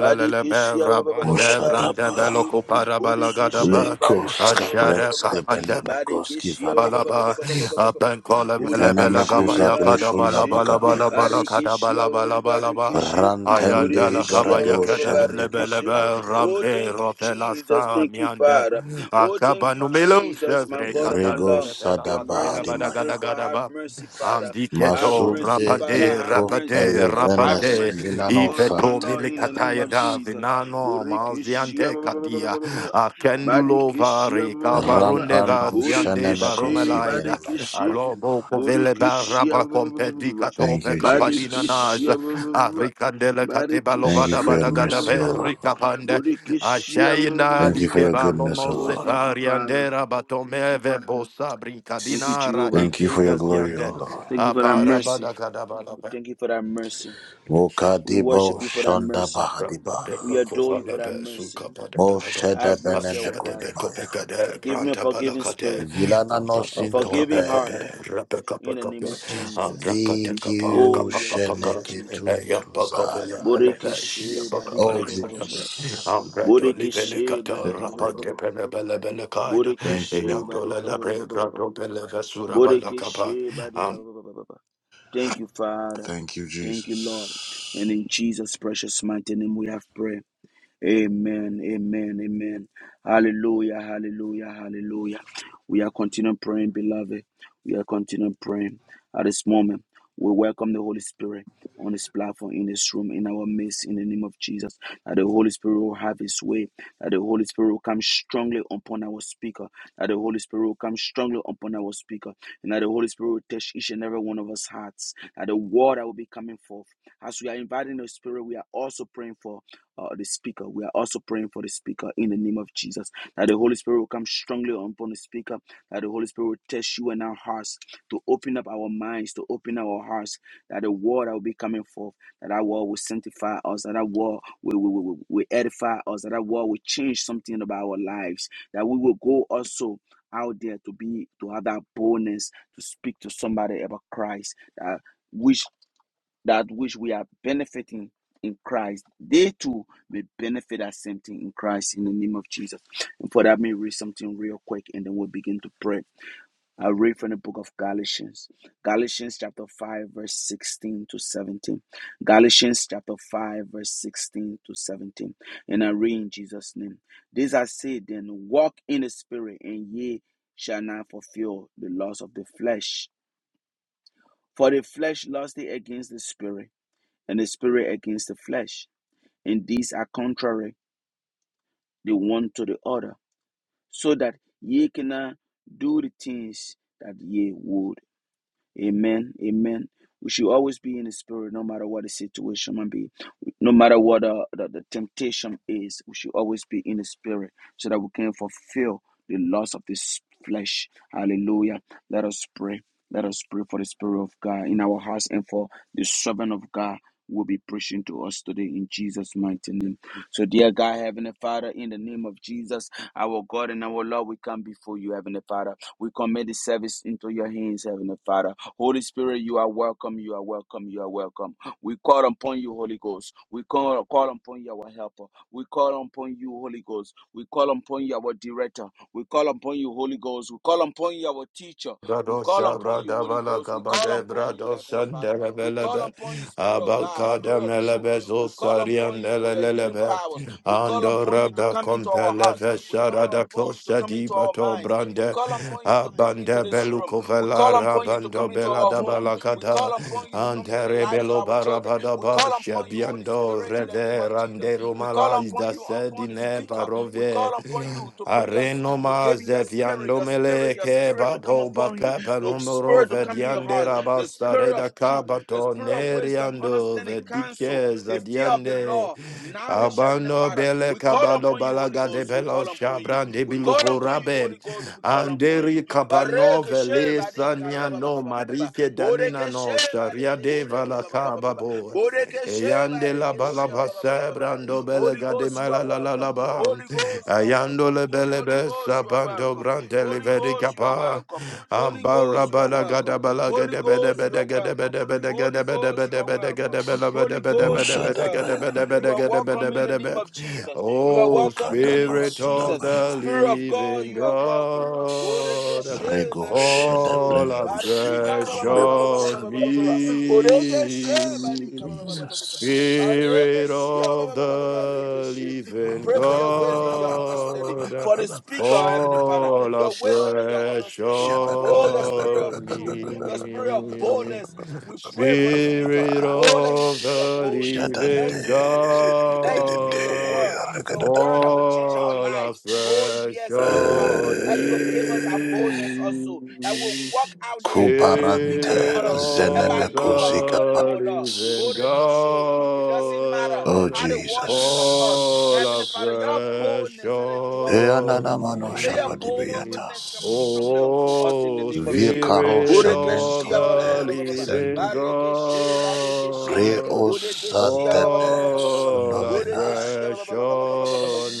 Speaker 1: Barikishi,
Speaker 3: rabande brande
Speaker 4: Ushadaba.
Speaker 3: beloko
Speaker 1: Barikishi, Burikishi,
Speaker 3: parabalagadaba
Speaker 1: Barika,
Speaker 4: Lekos
Speaker 3: ashere
Speaker 4: kabrenske
Speaker 3: kapate
Speaker 4: benemekoski
Speaker 1: Barikishi,
Speaker 3: balaba
Speaker 4: vanamanias.
Speaker 3: abenkola bele bele
Speaker 1: Burikishi,
Speaker 4: Ivlenemekosa
Speaker 3: gabaya kada
Speaker 4: breshonda
Speaker 3: bala
Speaker 1: Barikishi,
Speaker 3: bala bala
Speaker 4: bakapayas.
Speaker 3: bala kada
Speaker 1: Barikishi,
Speaker 3: bala bala bala ba
Speaker 1: Barikishi,
Speaker 3: ayandala
Speaker 4: Rantende
Speaker 1: Burikishi,
Speaker 3: kabaya kada
Speaker 4: baradoshende
Speaker 3: bele bele
Speaker 1: Barikishi.
Speaker 3: be
Speaker 4: bakapandea.
Speaker 1: Oh,
Speaker 3: rambe
Speaker 1: thank you,
Speaker 3: rofela
Speaker 1: Jesus.
Speaker 3: sa
Speaker 1: Thank you,
Speaker 3: miande
Speaker 1: Father. Oh, thank
Speaker 3: akaba
Speaker 1: you,
Speaker 3: numelo
Speaker 1: Jesus, my
Speaker 3: sevre
Speaker 1: God and my
Speaker 3: katande
Speaker 4: Rego
Speaker 1: Lord.
Speaker 3: bela
Speaker 1: Your
Speaker 3: badu
Speaker 4: sadaba
Speaker 3: bela
Speaker 1: mercy, we
Speaker 3: bada
Speaker 4: adimaya.
Speaker 1: pray
Speaker 3: gada
Speaker 1: for.
Speaker 3: gada
Speaker 1: Have
Speaker 3: ba
Speaker 1: mercy, Father. Have
Speaker 3: Andiketo
Speaker 4: Masude
Speaker 1: mercy, Father.
Speaker 3: rapande
Speaker 1: Have
Speaker 4: ikof
Speaker 1: mercy.
Speaker 3: rapade
Speaker 1: Have
Speaker 4: elevenes
Speaker 3: rapante
Speaker 1: mercy, my
Speaker 4: minano
Speaker 1: God and my
Speaker 3: iveto
Speaker 4: santem
Speaker 1: Lord, in the name
Speaker 3: milikataya
Speaker 1: of
Speaker 4: peladis.
Speaker 3: da
Speaker 1: Jesus.
Speaker 3: vinano
Speaker 1: Burikishia,
Speaker 3: maziante kadia akendulo
Speaker 1: Barikishia,
Speaker 3: vare
Speaker 1: Burikishi,
Speaker 3: kabarunde
Speaker 4: Rampano
Speaker 3: vasiande
Speaker 1: Barikishi, Barikishi,
Speaker 4: shenemekoski
Speaker 3: baromelaida
Speaker 1: Barikishi.
Speaker 4: vanameskofina.
Speaker 3: alobo kovele
Speaker 1: Bodikishia
Speaker 3: baraba kompedikato
Speaker 4: Thank
Speaker 3: pe
Speaker 4: you,
Speaker 3: kapalina naz
Speaker 4: Jesus.
Speaker 1: Badikishia
Speaker 3: arikandele
Speaker 4: Thank you
Speaker 3: katebalovada
Speaker 4: for
Speaker 1: Badikishia
Speaker 4: your
Speaker 3: badagada
Speaker 4: mercy, O Lord.
Speaker 3: berikapande ashayina
Speaker 4: Thank you for
Speaker 1: Bodikishia
Speaker 4: your goodness,
Speaker 3: likebalomo
Speaker 4: O
Speaker 1: Oh,
Speaker 4: Lord.
Speaker 1: thank you, Father.
Speaker 3: sevariandera batomeve bosa
Speaker 1: Thank you,
Speaker 3: brinkadinara
Speaker 1: Jehovah.
Speaker 4: Thank you for your glory, O
Speaker 3: ekigaziande
Speaker 4: Lord.
Speaker 1: Thank you for that mercy. We
Speaker 3: Aparabadakadabadaba.
Speaker 1: thank you for that mercy. We worship
Speaker 4: Mokadibo
Speaker 1: you
Speaker 3: Eshudadadaba.
Speaker 1: for that
Speaker 4: Shanda
Speaker 1: mercy.
Speaker 4: Bahadiba.
Speaker 1: We adore you for that
Speaker 3: Abrapapelokovalebe
Speaker 1: mercy.
Speaker 4: Mo
Speaker 3: sukapadadadaba.
Speaker 4: Sheda
Speaker 1: Have mercy, our Father.
Speaker 4: Benemekunimaya.
Speaker 3: Ashadebekopekade
Speaker 1: Give me a forgiving
Speaker 3: brantabalakade.
Speaker 1: spirit,
Speaker 4: Vilana no
Speaker 1: a
Speaker 3: Abrapapekape,
Speaker 1: forgiving heart
Speaker 4: Sintompe.
Speaker 1: in the name
Speaker 3: rapekape,
Speaker 1: of Jesus.
Speaker 3: abrakateka,
Speaker 1: Oh,
Speaker 4: BQ
Speaker 1: yes,
Speaker 3: kapakapakara.
Speaker 1: Lord Jesus.
Speaker 4: Sheneketunduzaya.
Speaker 3: Eyapakovela elebe,
Speaker 1: Borekeshe
Speaker 4: Oh,
Speaker 1: badika.
Speaker 3: shiyabakapayakadabe.
Speaker 4: Jesus.
Speaker 1: Borekeshe
Speaker 3: Ambradolevelekata,
Speaker 1: Badika
Speaker 4: Thank
Speaker 1: ba-
Speaker 4: you,
Speaker 1: ba- ba- ba-
Speaker 4: Lord.
Speaker 1: ba- ba.
Speaker 3: rapandepelebelebelekaida.
Speaker 4: Thank you,
Speaker 1: Borekeshe
Speaker 4: Lord.
Speaker 1: Badika ba- ba- ba-
Speaker 3: Eyantolelebre,
Speaker 1: ba- ba- ba- ba.
Speaker 3: bradopelevesurabadakapa.
Speaker 1: Borekeshe Badika Thank you, Father.
Speaker 4: Thank you,
Speaker 1: Thank you, Lord. And
Speaker 4: Jesus.
Speaker 1: in Jesus' precious mighty name we have prayed. Amen, amen, amen. Hallelujah, hallelujah, hallelujah. We are continuing praying, beloved. We are continuing praying at this moment. We welcome the Holy Spirit on this platform, in this room, in our midst, in the name of Jesus. That the Holy Spirit will have His way. That the Holy Spirit will come strongly upon our speaker. That the Holy Spirit will come strongly upon our speaker. And that the Holy Spirit will touch each and every one of us hearts. That the word that will be coming forth. As we are inviting the Spirit, we are also praying for uh, the speaker. We are also praying for the speaker in the name of Jesus. That the Holy Spirit will come strongly upon the speaker. That the Holy Spirit will test you and our hearts to open up our minds, to open our hearts. That the word that will be coming forth, that our word will sanctify us, that our word will, will, will, will edify us, that our word will change something about our lives. That we will go also out there to be to have that boldness to speak to somebody about Christ. That which that which we are benefiting in Christ, they too may benefit that same thing in Christ in the name of Jesus. And for that, may read something real quick and then we'll begin to pray. I read from the book of Galatians, Galatians chapter 5, verse 16 to 17. Galatians chapter 5, verse 16 to 17. And I read in Jesus' name. This I say then, walk in the spirit, and ye shall not fulfill the lust of the flesh. For the flesh lusteth against the spirit and the spirit against the flesh, and these are contrary the one to the other, so that ye cannot do the things that ye would. Amen. Amen. We should always be in the spirit, no matter what the situation might be, no matter what uh, the, the temptation is. We should always be in the spirit so that we can fulfill the loss of this flesh. Hallelujah. Let us pray. Let us pray for the spirit of God in our hearts and for the servant of God who will be preaching to us today in Jesus' mighty name. So, dear God, Heavenly Father, in the name of Jesus, our God and our Lord, we come before you, Heavenly Father. We commit the service into your hands, Heavenly Father. Holy Spirit, you are welcome. You are welcome. You are welcome. We call upon you, Holy Ghost. We call, call upon you, our helper. We call upon you, Holy Ghost. We call upon you, our director. We call upon you, Holy Ghost. We call upon you, our teacher. We
Speaker 3: Brado
Speaker 1: call upon
Speaker 3: Shabra
Speaker 1: you, Holy
Speaker 3: Dabala
Speaker 1: Ghost. We call
Speaker 3: Kabade
Speaker 1: upon
Speaker 3: Brado
Speaker 1: you, Heavenly Father. We call
Speaker 3: Sandarabella
Speaker 1: upon you, Spirit of God,
Speaker 3: Abakada
Speaker 1: Spirit of truth.
Speaker 3: melebezo
Speaker 1: We call upon
Speaker 3: sarian
Speaker 1: you with your healing
Speaker 3: lelelebe.
Speaker 1: powers. We call upon you to
Speaker 3: Andoraba
Speaker 1: come into our hearts.
Speaker 3: kompeleve
Speaker 1: We call
Speaker 3: sharada
Speaker 1: upon you to
Speaker 3: kosta
Speaker 1: come into our
Speaker 3: dibato
Speaker 1: minds. We
Speaker 3: brande.
Speaker 1: call upon you to come into
Speaker 3: Abande
Speaker 1: this room.
Speaker 3: beluko
Speaker 1: We call
Speaker 3: velara
Speaker 1: upon you to
Speaker 3: bando
Speaker 1: come into our
Speaker 3: belada
Speaker 1: homes. We call
Speaker 3: balakada.
Speaker 1: upon you to come to the
Speaker 3: Antere
Speaker 1: lives of
Speaker 3: belo
Speaker 1: our children. We
Speaker 3: barabadaba
Speaker 1: call upon you, Holy
Speaker 3: shabiando
Speaker 1: Spirit, in the name of Jesus.
Speaker 3: reverande
Speaker 1: We call
Speaker 3: romala
Speaker 1: upon
Speaker 3: ida
Speaker 1: you, upon the
Speaker 3: sedine
Speaker 1: speaker. We
Speaker 3: barove.
Speaker 1: call upon you to bring us,
Speaker 3: Areno
Speaker 1: to give you your
Speaker 3: maze
Speaker 1: spirit,
Speaker 3: viando
Speaker 1: your spirit, your
Speaker 3: meleke
Speaker 1: spirit to come
Speaker 3: babo
Speaker 1: upon him,
Speaker 3: bakapa
Speaker 1: your
Speaker 3: numero
Speaker 1: spirit to come in your
Speaker 3: vediande
Speaker 1: heart, your
Speaker 3: rabasa
Speaker 1: spirit of
Speaker 3: reda
Speaker 1: truth, your
Speaker 3: kabato
Speaker 1: spirit of wisdom,
Speaker 3: neriando
Speaker 1: understanding, counsel,
Speaker 3: vedike
Speaker 1: the fear of the
Speaker 3: zadiande
Speaker 1: law, knowledge, Heavenly
Speaker 3: abano
Speaker 1: Father.
Speaker 3: bele
Speaker 1: We call
Speaker 3: kabado
Speaker 1: upon you, Holy
Speaker 3: balaga de
Speaker 1: Ghost. We call
Speaker 3: belo
Speaker 1: upon you.
Speaker 3: shabran de
Speaker 1: We call upon you,
Speaker 3: biluforabe
Speaker 1: Holy Ghost. We call upon you.
Speaker 3: anderi kapano
Speaker 1: Bareke
Speaker 3: vele
Speaker 1: sheba dika
Speaker 3: sanya
Speaker 1: ba ba ba ba
Speaker 3: no
Speaker 1: ba ba ba ba.
Speaker 3: marike danina
Speaker 1: Boreke
Speaker 3: no
Speaker 1: sheba
Speaker 3: sharia
Speaker 1: deke
Speaker 3: de
Speaker 1: shia ba ba ba ba ba ba ba ba.
Speaker 3: valakababo
Speaker 1: Boreke sheba
Speaker 3: eyande la
Speaker 1: deke shia ba ba ba
Speaker 3: balabasa
Speaker 1: ba ba ba ba.
Speaker 3: brando bele
Speaker 1: Holy
Speaker 3: gade
Speaker 1: Ghost, you are
Speaker 3: malalalalaba
Speaker 1: welcome. Holy Ghost, you are
Speaker 3: ayando
Speaker 1: welcome.
Speaker 3: le bele
Speaker 1: Holy Ghost,
Speaker 3: besa
Speaker 1: you are
Speaker 3: bando
Speaker 1: welcome.
Speaker 3: brande le
Speaker 1: Holy
Speaker 3: vedi
Speaker 1: Ghost, you are
Speaker 3: kapa
Speaker 1: welcome. Holy
Speaker 3: ambara
Speaker 1: Ghost, you are
Speaker 3: balaga da
Speaker 1: welcome.
Speaker 3: balaga
Speaker 1: Holy
Speaker 3: de
Speaker 1: Ghost, you are welcome.
Speaker 3: bede
Speaker 1: Holy Ghost, you are welcome. Holy
Speaker 4: Mo
Speaker 1: Ghost, you are welcome.
Speaker 4: Moshadabaya.
Speaker 1: You are welcome in the name of Jesus. You are
Speaker 3: Oh,
Speaker 1: welcome in the name of
Speaker 3: Spirit of
Speaker 1: Jesus.
Speaker 4: Mokadabasudabaya.
Speaker 3: the
Speaker 1: Spirit of God,
Speaker 3: Living
Speaker 1: you are welcome.
Speaker 3: God,
Speaker 1: Borekeshe,
Speaker 4: Rego shada
Speaker 1: Badekeshe,
Speaker 3: fall
Speaker 4: brando
Speaker 1: Barika,
Speaker 3: afresh
Speaker 1: ba- ba- ba- ba- ba- ba-
Speaker 4: simakambebo
Speaker 1: ba- ba- ba-
Speaker 3: on
Speaker 1: ba-
Speaker 3: me.
Speaker 4: shada
Speaker 1: ba- ba-
Speaker 4: bre.
Speaker 1: ba- Borekeshe, Badika, ba- ba- ba- ba- ba- ba-
Speaker 4: Jesus.
Speaker 3: Spirit
Speaker 1: Barekeshe, ba-
Speaker 3: of
Speaker 1: ba- ba- ba- ba- ba-
Speaker 3: the
Speaker 1: Barekeshe. We
Speaker 3: Living
Speaker 1: pray for your
Speaker 4: Kaba ba
Speaker 1: wisdom,
Speaker 4: ba
Speaker 1: your
Speaker 4: ba ba ba ba
Speaker 1: understanding,
Speaker 4: ba ba
Speaker 3: God,
Speaker 1: for
Speaker 4: ba
Speaker 1: the
Speaker 4: ba ba
Speaker 1: speaker, our
Speaker 4: shada
Speaker 1: Heavenly
Speaker 4: ba
Speaker 1: Father,
Speaker 3: fall
Speaker 1: your wisdom and your
Speaker 3: afresh
Speaker 1: understanding.
Speaker 4: Ja ba. Shaba ba
Speaker 1: Oh,
Speaker 4: ba
Speaker 1: your
Speaker 4: ba ba
Speaker 1: spirit
Speaker 4: ba
Speaker 1: of
Speaker 4: ba
Speaker 3: on
Speaker 4: ba ba
Speaker 1: truth,
Speaker 4: ba
Speaker 1: your
Speaker 4: ba ba ba
Speaker 1: spirit of
Speaker 4: ba ba
Speaker 3: me.
Speaker 1: boldness.
Speaker 4: ba ba ba ba
Speaker 1: We pray
Speaker 4: ba
Speaker 1: for
Speaker 4: ba
Speaker 1: the
Speaker 4: ba. ba
Speaker 1: speaker.
Speaker 3: Spirit
Speaker 4: ba.
Speaker 1: Oh, let him
Speaker 3: of
Speaker 1: speak your
Speaker 3: the
Speaker 1: boldness. Let him
Speaker 4: Jadande.
Speaker 3: living
Speaker 1: speak your truth. Let him speak
Speaker 4: Dededende.
Speaker 1: your
Speaker 3: God,
Speaker 1: word, your word
Speaker 4: Regadadand.
Speaker 1: that will change our
Speaker 3: fall
Speaker 1: lives. Oh,
Speaker 3: afresh
Speaker 1: yes, Heavenly Father
Speaker 3: on
Speaker 1: that you will give us our
Speaker 4: Eh.
Speaker 1: boldness also, that we'll
Speaker 3: me.
Speaker 1: walk out there and speak to
Speaker 4: Kubarante
Speaker 3: Spirit
Speaker 1: others
Speaker 4: zeneme
Speaker 1: about
Speaker 3: of
Speaker 1: you, our
Speaker 4: koziga.
Speaker 1: God and
Speaker 3: the
Speaker 1: our Lord.
Speaker 3: living
Speaker 1: Borekeshe. It doesn't matter
Speaker 4: Oh
Speaker 3: God,
Speaker 1: how the world think of us.
Speaker 3: fall
Speaker 1: Heavenly
Speaker 4: Jesus.
Speaker 1: Father, your
Speaker 3: afresh
Speaker 1: boldness, let it dwell within your
Speaker 3: on
Speaker 1: people.
Speaker 4: Eananamano
Speaker 1: Let your
Speaker 3: me.
Speaker 1: boldness come
Speaker 4: shapadibiatas.
Speaker 1: strongly upon us in the
Speaker 3: O
Speaker 1: name of Jesus.
Speaker 4: Vicaro
Speaker 3: Spirit of
Speaker 1: Borekeshe.
Speaker 4: cementum
Speaker 1: ba- ba- ba-
Speaker 3: the
Speaker 1: ba- ba- ba- ba-
Speaker 3: living
Speaker 4: pericesende.
Speaker 3: God,
Speaker 4: Reos adebe
Speaker 3: fall
Speaker 4: sunomenai.
Speaker 3: afresh on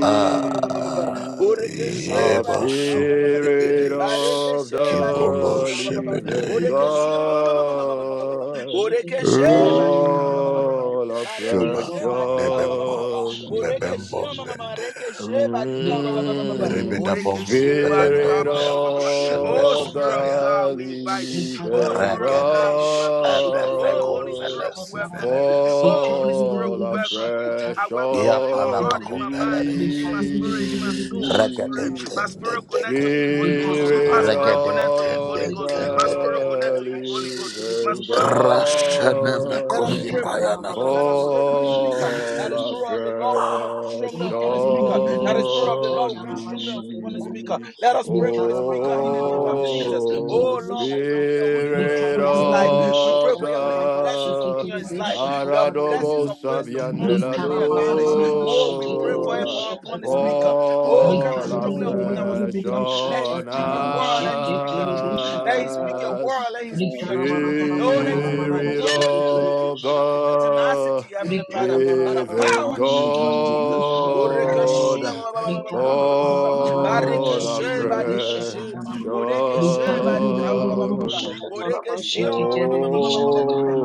Speaker 4: Ah,
Speaker 1: Borekeshe
Speaker 3: Our
Speaker 4: yeba
Speaker 1: Badika ba- ba- ba- ba- ba-
Speaker 3: Spirit
Speaker 4: sumbedeis.
Speaker 3: of
Speaker 1: Badekeshe
Speaker 4: Kibrono
Speaker 3: the
Speaker 1: Badekeshe ba- ba- ba- ba- ba-
Speaker 3: living
Speaker 4: sebedeis.
Speaker 1: Borekeshe ma- ma- ma- ma- ma- ma- ma- ma- ma- ma- ma-
Speaker 3: God,
Speaker 1: Borekeshe Badika ba- ba- ba- ba- ba-
Speaker 3: fall
Speaker 4: Shuban
Speaker 3: afresh
Speaker 1: Barekeshe Badika ba- ba- ba- ba-
Speaker 4: debembo.
Speaker 1: ba-
Speaker 3: on me.
Speaker 4: Bebembo
Speaker 1: Borekeshe ma- ma- ma-
Speaker 4: bende.
Speaker 1: Rekeshe Badika ba- ba- ba- ba- ba-
Speaker 3: Mm,
Speaker 4: Rebedabom
Speaker 1: Badika
Speaker 3: Spirit
Speaker 4: bebendom berus
Speaker 1: Oh
Speaker 3: of
Speaker 1: Spirit of
Speaker 4: and
Speaker 1: God,
Speaker 3: the
Speaker 1: we invite you. Oh
Speaker 3: living
Speaker 1: Spirit of God, we
Speaker 4: Ragadesh
Speaker 1: welcome you. Oh
Speaker 4: Adavecum
Speaker 1: Holy
Speaker 3: God,
Speaker 1: Spirit, we
Speaker 4: Veles
Speaker 1: welcome you. Oh Holy Spirit, we
Speaker 3: fall
Speaker 1: welcome you. I
Speaker 3: afresh
Speaker 1: welcome
Speaker 4: Gia
Speaker 1: you in my
Speaker 4: Panama
Speaker 1: heart,
Speaker 3: on
Speaker 1: in my mind in
Speaker 4: Compelades.
Speaker 1: my spirit, in my soul, Holy Spirit.
Speaker 3: me.
Speaker 1: My spirit connect to
Speaker 4: Regadentendente.
Speaker 1: you, Holy Ghost.
Speaker 6: Likara bara
Speaker 1: My
Speaker 3: Spirit
Speaker 6: bara
Speaker 1: spirit
Speaker 6: bara,
Speaker 1: connect to you, Holy
Speaker 3: of
Speaker 1: Ghost.
Speaker 6: likara
Speaker 1: My
Speaker 6: bara
Speaker 1: spirit
Speaker 6: bara
Speaker 1: connect
Speaker 4: Regadentendentendente.
Speaker 6: bara,
Speaker 3: the
Speaker 1: to you, Holy Ghost. My
Speaker 3: living
Speaker 1: spirit connect to you, Holy
Speaker 6: bara,
Speaker 1: Ghost. Let
Speaker 6: Likarabarabara, bara
Speaker 1: us
Speaker 3: God.
Speaker 4: Rashanamakosi
Speaker 1: pray
Speaker 6: likara
Speaker 1: for
Speaker 6: bara
Speaker 1: the
Speaker 6: bara
Speaker 1: speaker. Let us
Speaker 4: Payanamatus.
Speaker 1: pray for
Speaker 6: likarabarabarabara,
Speaker 1: the speaker.
Speaker 6: shidikiri,
Speaker 3: Fall
Speaker 1: That the spirit
Speaker 6: bishatakaraba.
Speaker 1: of the Lord will come up strongly
Speaker 3: afresh
Speaker 1: upon the
Speaker 6: Likadi
Speaker 1: speaker.
Speaker 6: bidi bidi
Speaker 1: That the spirit of the
Speaker 6: bishata
Speaker 1: Lord
Speaker 3: on
Speaker 1: will come
Speaker 6: taraba
Speaker 1: strongly
Speaker 6: shete
Speaker 1: upon the
Speaker 6: teribi.
Speaker 1: speaker.
Speaker 3: me,
Speaker 1: Let us pray for the
Speaker 6: Likara bara
Speaker 1: speaker in
Speaker 6: bara
Speaker 1: the
Speaker 6: bara
Speaker 1: name of Jesus.
Speaker 6: bashete
Speaker 3: O
Speaker 1: Oh
Speaker 6: teribi
Speaker 1: Lord, we pray
Speaker 6: shata.
Speaker 1: for your Holy Ghost
Speaker 3: Spirit
Speaker 6: Likadi
Speaker 1: upon his
Speaker 6: bidi
Speaker 1: life.
Speaker 6: bidi
Speaker 1: We pray
Speaker 6: bishata
Speaker 3: of
Speaker 1: for your many
Speaker 6: taraba
Speaker 1: blessings
Speaker 6: shete
Speaker 1: upon
Speaker 3: the
Speaker 1: his
Speaker 6: teribi
Speaker 1: life.
Speaker 6: shata
Speaker 1: Your
Speaker 6: taraba.
Speaker 1: blessings
Speaker 3: Aradobo
Speaker 1: of wisdom, understanding,
Speaker 6: Likara
Speaker 1: and
Speaker 6: bara
Speaker 1: knowledge.
Speaker 6: bara
Speaker 1: Oh, we
Speaker 6: bashete
Speaker 1: pray for
Speaker 6: teribi
Speaker 1: help
Speaker 3: Saviandelado.
Speaker 6: shata
Speaker 1: upon the
Speaker 6: taraba.
Speaker 1: speaker. Oh, come
Speaker 3: Fall
Speaker 6: Likadi
Speaker 1: strongly
Speaker 6: bidi
Speaker 1: upon
Speaker 6: bidi
Speaker 1: our
Speaker 6: bidi
Speaker 3: afresh
Speaker 6: bidi
Speaker 1: speaker. Let him
Speaker 6: bishata
Speaker 3: on
Speaker 1: speak your
Speaker 6: taraba
Speaker 1: word. Let him
Speaker 6: shete
Speaker 1: speak your
Speaker 6: teribi
Speaker 1: truth. Let
Speaker 6: shata
Speaker 1: him speak
Speaker 6: taraba.
Speaker 1: your
Speaker 3: us.
Speaker 1: word. Let him speak your
Speaker 6: Likara
Speaker 1: truth.
Speaker 6: bara bara
Speaker 1: Oh,
Speaker 6: bara
Speaker 1: let him
Speaker 6: bara
Speaker 1: speak
Speaker 6: bara
Speaker 1: with
Speaker 3: Spirit
Speaker 6: bashete
Speaker 1: boldness, Heavenly
Speaker 6: teribi
Speaker 3: of
Speaker 1: Father,
Speaker 6: shata
Speaker 1: and
Speaker 6: taraba.
Speaker 3: the
Speaker 1: tenacity, Heavenly
Speaker 6: Rikara
Speaker 1: Father, by the
Speaker 3: living
Speaker 1: power in the name of Jesus. Borekeshe,
Speaker 3: God,
Speaker 1: ba- ba- ba- ba- ba- ba-
Speaker 3: fall
Speaker 1: Barekeshe, barekeshe.
Speaker 3: afresh
Speaker 1: Borekeshe, barika,
Speaker 3: on me.
Speaker 1: Borekeshe,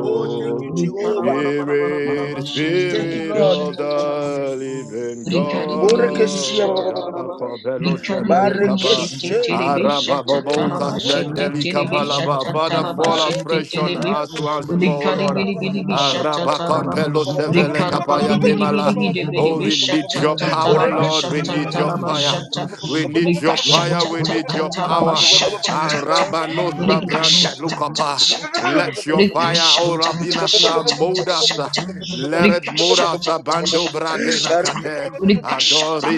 Speaker 1: Oh, thank you, Jehovah.
Speaker 3: Spirit,
Speaker 1: Thank you,
Speaker 3: Spirit
Speaker 1: Lord.
Speaker 3: of
Speaker 1: Thank you,
Speaker 3: the living
Speaker 1: Jesus.
Speaker 6: Rikari biri biri
Speaker 1: Borekeshia ba
Speaker 6: bishata
Speaker 3: God.
Speaker 1: ba ba ba ba ba
Speaker 6: taraba.
Speaker 3: Abako belo
Speaker 6: Rikashata,
Speaker 3: shebele kapa.
Speaker 1: Barikeshe.
Speaker 3: Araba bobo
Speaker 1: Bodeke She,
Speaker 3: kasendeli
Speaker 1: badika ba- ba- ba- ba-
Speaker 3: kapalaba.
Speaker 1: ba- ba.
Speaker 3: Father, fall afresh on
Speaker 1: Barekeshe
Speaker 3: us once more, O
Speaker 1: bodekeshe
Speaker 3: Lord. Araba kampelo shevele kapaya demala. Oh, we need your power, Lord. We need your fire. We need your fire. We need your power. Arabano sabrante lukapa. Let your fire, O Rabina, sa mold us. ah. Let it mold us. Abando
Speaker 1: Borekeshe
Speaker 3: brade
Speaker 1: Oh,
Speaker 3: nakate.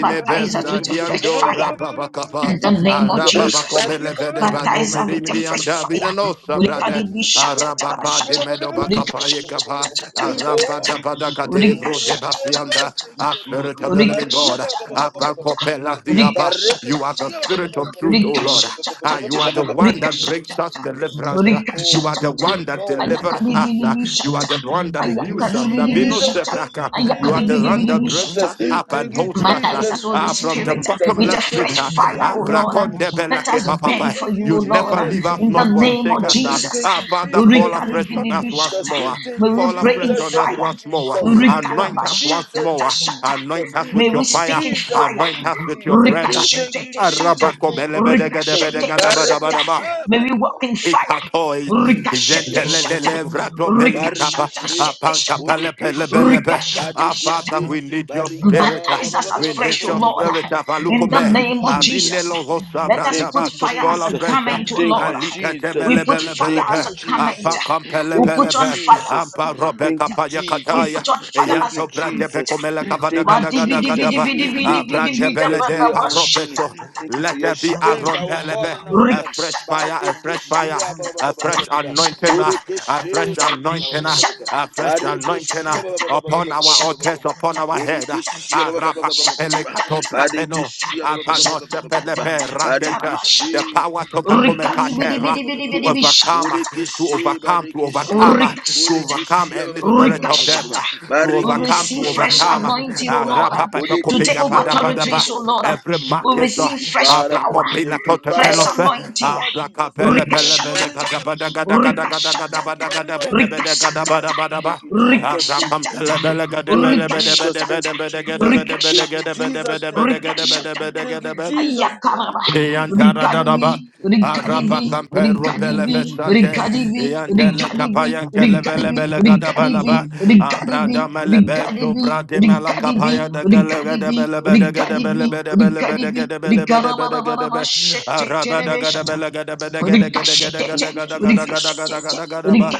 Speaker 6: by
Speaker 3: besa diando
Speaker 6: fire
Speaker 3: rababakapa.
Speaker 6: in the name
Speaker 3: Arababakombelevede
Speaker 6: Batafa,
Speaker 3: badomedimidianda binanosa brade.
Speaker 6: Rikadibi
Speaker 3: Ah,
Speaker 6: Shata, Tara
Speaker 3: Arabapa de
Speaker 6: Shata,
Speaker 3: Medobacapa
Speaker 6: Shata,
Speaker 3: Yekapa, Arapa da
Speaker 1: thank you,
Speaker 3: Padaca
Speaker 1: Holy
Speaker 3: de
Speaker 1: Ghost.
Speaker 3: Vro de
Speaker 1: Thank you, Holy
Speaker 3: Basianda,
Speaker 1: Ghost. Thank you,
Speaker 3: Ah,
Speaker 1: Holy Ghost.
Speaker 3: Spirit of the
Speaker 6: Rika
Speaker 3: Living God,
Speaker 6: Shata,
Speaker 3: Apacopela Diaba, you are the Spirit of truth, O Lord. Ah, you are the one that brings us deliverance. Ah,
Speaker 1: Oh,
Speaker 3: You are the
Speaker 1: thank you,
Speaker 3: one that
Speaker 1: Lord. Thank you,
Speaker 3: delivers us. Ah, You are
Speaker 1: Jesus.
Speaker 3: the one that
Speaker 1: Thank you,
Speaker 3: heals us. Ah, Bino
Speaker 1: Jesus. Thank you,
Speaker 3: Sebraka, You are
Speaker 1: Jesus.
Speaker 3: the one
Speaker 1: Thank you,
Speaker 3: that brings
Speaker 1: Jesus.
Speaker 3: us out
Speaker 1: Thank
Speaker 3: up and
Speaker 1: you,
Speaker 3: host us
Speaker 6: Mata
Speaker 3: uh,
Speaker 6: is us
Speaker 1: Jesus.
Speaker 6: Holy
Speaker 1: Thank
Speaker 3: uh,
Speaker 1: you,
Speaker 3: from the
Speaker 6: Spirit
Speaker 1: Jesus.
Speaker 6: with a
Speaker 3: bottomless
Speaker 1: Thank
Speaker 3: pit.
Speaker 1: you,
Speaker 3: Uh,
Speaker 6: fresh fire,
Speaker 3: uh,
Speaker 6: O
Speaker 1: Jesus.
Speaker 6: Lord.
Speaker 1: Thank you,
Speaker 3: brakonde
Speaker 6: Let
Speaker 3: belake
Speaker 6: us
Speaker 1: Jesus.
Speaker 6: bend
Speaker 3: papapa.
Speaker 6: for
Speaker 1: Thank
Speaker 6: you,
Speaker 1: you,
Speaker 6: O
Speaker 3: you
Speaker 6: Lord,
Speaker 3: never
Speaker 1: Jesus.
Speaker 3: leave us
Speaker 1: Thank
Speaker 6: in
Speaker 3: nor
Speaker 1: you,
Speaker 6: the name
Speaker 3: forsake
Speaker 6: of
Speaker 1: Jesus.
Speaker 3: us. Uh,
Speaker 6: Jesus.
Speaker 1: Thank
Speaker 3: uh,
Speaker 1: you,
Speaker 3: Father,
Speaker 6: We
Speaker 3: fall
Speaker 1: Jesus. Thank
Speaker 3: afresh
Speaker 1: you,
Speaker 3: on
Speaker 6: recalibrate
Speaker 3: us once
Speaker 1: Jesus.
Speaker 3: more. uh,
Speaker 1: Thank
Speaker 6: May
Speaker 1: you,
Speaker 6: we
Speaker 3: Fall
Speaker 6: pray in
Speaker 3: afresh
Speaker 1: Jesus.
Speaker 3: on us
Speaker 1: Thank you,
Speaker 6: fire.
Speaker 3: once
Speaker 1: Jesus.
Speaker 3: more. uh,
Speaker 1: Thank you, Jesus. Thank
Speaker 3: Anoint
Speaker 1: you,
Speaker 3: us once
Speaker 6: Rikalabashata,
Speaker 1: Jesus.
Speaker 3: more. uh,
Speaker 1: Thank you,
Speaker 6: tashata.
Speaker 1: Jesus.
Speaker 3: Anoint us
Speaker 6: May
Speaker 3: with
Speaker 6: we
Speaker 3: your
Speaker 1: Thank you,
Speaker 3: fire.
Speaker 6: speak in
Speaker 1: Jesus.
Speaker 3: Anoint
Speaker 1: Thank
Speaker 6: fire.
Speaker 3: us
Speaker 1: you,
Speaker 3: with your breath. uh,
Speaker 6: Ricochetete shatter.
Speaker 1: Jesus.
Speaker 3: Arabako
Speaker 1: Thank you, Jesus.
Speaker 6: Ricochetete shatter.
Speaker 3: belebedegedebedegedabadabadaba.
Speaker 1: Barekeshe
Speaker 6: May we
Speaker 1: badika.
Speaker 6: walk in fire.
Speaker 3: Ikatoi,
Speaker 6: Ricochetete shatter.
Speaker 3: Jentelele,
Speaker 1: Bodekeshia.
Speaker 3: Vrato Melikapa,
Speaker 6: Ricochetete
Speaker 1: Barikishi,
Speaker 6: shatter.
Speaker 3: apanka
Speaker 6: shatter.
Speaker 3: Pele,
Speaker 1: Budikishi,
Speaker 3: Pele, Pe.
Speaker 6: Ricochetete
Speaker 3: Ah,
Speaker 6: shatter.
Speaker 3: Father,
Speaker 1: Badikishi,
Speaker 3: we need your
Speaker 1: Barika.
Speaker 3: spirit.
Speaker 1: ba-
Speaker 3: ah.
Speaker 1: ba-
Speaker 6: Baptize
Speaker 1: ba- ba-
Speaker 6: us
Speaker 3: We
Speaker 1: ba- ba- ba- ba-
Speaker 3: need
Speaker 6: afresh,
Speaker 1: ba- ba-
Speaker 6: O
Speaker 1: ba- ba-
Speaker 3: your
Speaker 1: ba-
Speaker 6: Lord,
Speaker 3: spirit.
Speaker 6: in the
Speaker 1: Thank
Speaker 3: Avalukume,
Speaker 1: you,
Speaker 6: name of Jesus.
Speaker 3: Arinelo
Speaker 1: Jesus.
Speaker 6: Let us
Speaker 1: Thank
Speaker 6: put
Speaker 3: Hosabradaba
Speaker 1: you,
Speaker 3: to
Speaker 6: fire
Speaker 3: fall
Speaker 6: as a
Speaker 1: Jesus.
Speaker 3: afresh. ah.
Speaker 6: garment, O
Speaker 1: Thank
Speaker 6: Lord.
Speaker 1: you,
Speaker 3: Alikate
Speaker 1: Jesus.
Speaker 3: Mele,
Speaker 6: We put
Speaker 1: Thank
Speaker 6: fire as
Speaker 1: you,
Speaker 6: a garment.
Speaker 3: Ampa
Speaker 1: Jesus.
Speaker 3: Compele,
Speaker 6: We
Speaker 1: Thank you,
Speaker 6: put on fire as
Speaker 1: Jesus.
Speaker 6: a
Speaker 3: Ampa Robe
Speaker 6: garment.
Speaker 1: Thank you,
Speaker 3: Kapaya
Speaker 6: We
Speaker 1: Jesus.
Speaker 3: Kataya,
Speaker 6: put on fire
Speaker 1: Thank
Speaker 6: as
Speaker 1: you,
Speaker 6: a
Speaker 3: Eyanto Brade
Speaker 6: garment.
Speaker 1: Jesus.
Speaker 3: Bekomele
Speaker 6: Madibidibidibidibidibidibidabadabashatatatatatatata.
Speaker 3: Kavada
Speaker 1: Thank you,
Speaker 3: Gada Gada
Speaker 1: Jesus.
Speaker 3: Gadaba,
Speaker 1: Thank you,
Speaker 3: Abrante bele
Speaker 1: Jesus, for
Speaker 3: de
Speaker 1: your understanding.
Speaker 3: baropesho.
Speaker 1: Thank you for
Speaker 3: Let
Speaker 1: your
Speaker 3: there be a
Speaker 1: strength, our God
Speaker 3: rompelebe,
Speaker 1: and our
Speaker 3: a
Speaker 1: love.
Speaker 3: fresh fire, a fresh fire,
Speaker 1: Badikishi,
Speaker 3: a
Speaker 6: Rikashatatatatatatata.
Speaker 3: fresh
Speaker 6: Shatatatatata.
Speaker 3: anointing, uh, a
Speaker 1: Borekeshe
Speaker 3: fresh
Speaker 6: Shatatatatata.
Speaker 1: barika ba-
Speaker 3: anointing,
Speaker 1: ba-
Speaker 3: uh,
Speaker 1: ba- ba- ba-
Speaker 3: a fresh anointing
Speaker 1: Barekeshe
Speaker 3: uh,
Speaker 1: ba- ba- ba-
Speaker 6: Shatatatatata.
Speaker 1: ba- ba- ba-
Speaker 3: upon
Speaker 1: ba- ba-
Speaker 3: our
Speaker 1: ba- ba- ba- ba-
Speaker 3: altars,
Speaker 1: ba- ba.
Speaker 3: upon our head.
Speaker 1: Borekeshe ba- ba- ba-
Speaker 3: Arapa
Speaker 1: ba- ba- ba- ba- ba- ba-
Speaker 3: compele
Speaker 1: ba.
Speaker 3: kato brabeno,
Speaker 1: Barekeshe ba- ba- ba- ba- ba-
Speaker 3: apano
Speaker 1: ba- ba- ba- ba- ba-
Speaker 6: Shatatatatata.
Speaker 1: ba.
Speaker 3: sepelepe
Speaker 6: Shatatatatata.
Speaker 3: rakenta. The
Speaker 6: Bashata.
Speaker 1: Barekeshe.
Speaker 3: power to become a
Speaker 1: Borekeshe ba- ba- ba-
Speaker 3: katera,
Speaker 1: ba- ba- ba-
Speaker 3: to
Speaker 1: ba- ba.
Speaker 6: Rikadibidibidibidibidi.
Speaker 3: overcome, uh, to
Speaker 6: Shatatatatata.
Speaker 1: Borekeshe
Speaker 3: overcome, to overcome
Speaker 1: barekeshe.
Speaker 3: overcome, uh, to
Speaker 6: Rikashata.
Speaker 3: overcome
Speaker 1: Borekeshe ba-
Speaker 3: any
Speaker 1: ba- ba- ba- ba-
Speaker 3: spirit
Speaker 1: ba- ba-
Speaker 3: of
Speaker 1: ba- ba-
Speaker 3: death,
Speaker 1: ba- ba.
Speaker 3: uh,
Speaker 6: Rikashata.
Speaker 3: to
Speaker 6: We
Speaker 3: overcome,
Speaker 1: Barekeshe
Speaker 6: receive
Speaker 3: to
Speaker 1: ba- ba- ba-
Speaker 6: fresh
Speaker 1: ba- ba-
Speaker 3: overcome. uh,
Speaker 1: ba- ba- ba- ba-
Speaker 6: anointing,
Speaker 1: ba-
Speaker 6: O
Speaker 3: uh,
Speaker 1: ba.
Speaker 6: Lord, to take
Speaker 1: Borekeshe
Speaker 6: over
Speaker 1: ba- ba- ba- ba- ba- ba-
Speaker 3: rapapapakopegapadabadaba,
Speaker 6: territories, O
Speaker 1: ba- ba-
Speaker 6: Lord.
Speaker 1: ba- ba.
Speaker 3: Every
Speaker 6: We
Speaker 1: Oh,
Speaker 3: market,
Speaker 6: receive
Speaker 1: thank you,
Speaker 6: fresh
Speaker 1: Father.
Speaker 3: Abra
Speaker 6: power,
Speaker 3: Compila
Speaker 1: Thank you,
Speaker 6: fresh
Speaker 1: Father.
Speaker 3: Cotapelos,
Speaker 1: Thank you,
Speaker 6: anointing.
Speaker 1: Lord
Speaker 3: Abra
Speaker 1: Jesus.
Speaker 3: Capella
Speaker 1: Thank you,
Speaker 3: Pelebele
Speaker 1: Holy
Speaker 6: Rikashatata,
Speaker 1: Ghost.
Speaker 3: Gadabada
Speaker 1: Thank you, Holy
Speaker 3: Gadagada
Speaker 1: Ghost. Thank you,
Speaker 6: rikashatata,
Speaker 3: Gadagada
Speaker 1: Holy Ghost. Thank
Speaker 3: Gadabede
Speaker 1: you,
Speaker 3: Gadabada
Speaker 6: rikashatata,
Speaker 1: Jesus.
Speaker 3: Badaba,
Speaker 1: Thank you, Jesus.
Speaker 3: Abra
Speaker 1: Thank you,
Speaker 3: Compella
Speaker 6: rikashatata,
Speaker 1: Jesus.
Speaker 3: Bele
Speaker 1: Thank you,
Speaker 3: Gadabede Bede
Speaker 1: Jesus.
Speaker 3: Bede
Speaker 1: Thank
Speaker 6: rikashatata,
Speaker 3: Bede
Speaker 1: you,
Speaker 3: Bede Bede
Speaker 1: Jesus.
Speaker 3: Bede Bede Bede
Speaker 1: Thank you,
Speaker 3: Bede Bede
Speaker 6: rikashatata,
Speaker 1: Jesus. Thank you, Jesus.
Speaker 3: Bede Bede
Speaker 6: rikashatata.
Speaker 3: Bede
Speaker 1: Thank you,
Speaker 3: Bede
Speaker 1: Jesus. Thank you,
Speaker 6: Ayakababa,
Speaker 1: Jesus.
Speaker 6: Rigadibi,
Speaker 3: Eyantaradadaba.
Speaker 1: Thank you,
Speaker 3: Araba
Speaker 6: Rigadibi,
Speaker 1: Jesus.
Speaker 3: kampero
Speaker 1: Thank you,
Speaker 6: Rigadibi,
Speaker 3: beleve sande.
Speaker 6: Rigadibi,
Speaker 1: Jesus.
Speaker 6: Rigadibi,
Speaker 3: Eyantele
Speaker 6: Rigadibi,
Speaker 3: kapayan kelevele
Speaker 6: Rigadibi,
Speaker 3: bele
Speaker 1: Thank you,
Speaker 6: Rigadibi,
Speaker 3: gadabalaba.
Speaker 1: Jesus.
Speaker 3: Ambrada
Speaker 6: Rigadibi,
Speaker 3: melebe sobra de mela kapaya de gele gede
Speaker 6: Rigadibi,
Speaker 3: bele
Speaker 6: Rigadibi,
Speaker 3: bede gede bele
Speaker 6: Rigadibi,
Speaker 1: Thank
Speaker 3: bede bele bede
Speaker 6: Rigadibi,
Speaker 3: gede bede bede bede gede
Speaker 6: Rigarabarabarabar,
Speaker 3: be.
Speaker 6: shit, shit,
Speaker 3: Araba da
Speaker 6: shit,
Speaker 3: gede
Speaker 6: shit.
Speaker 3: bele gede bede
Speaker 6: May
Speaker 3: gede
Speaker 6: we pray
Speaker 3: gede gede gede gede
Speaker 1: you, Jesus. Thank you,
Speaker 3: gede gede
Speaker 1: Jesus.
Speaker 3: gede gede gede ba.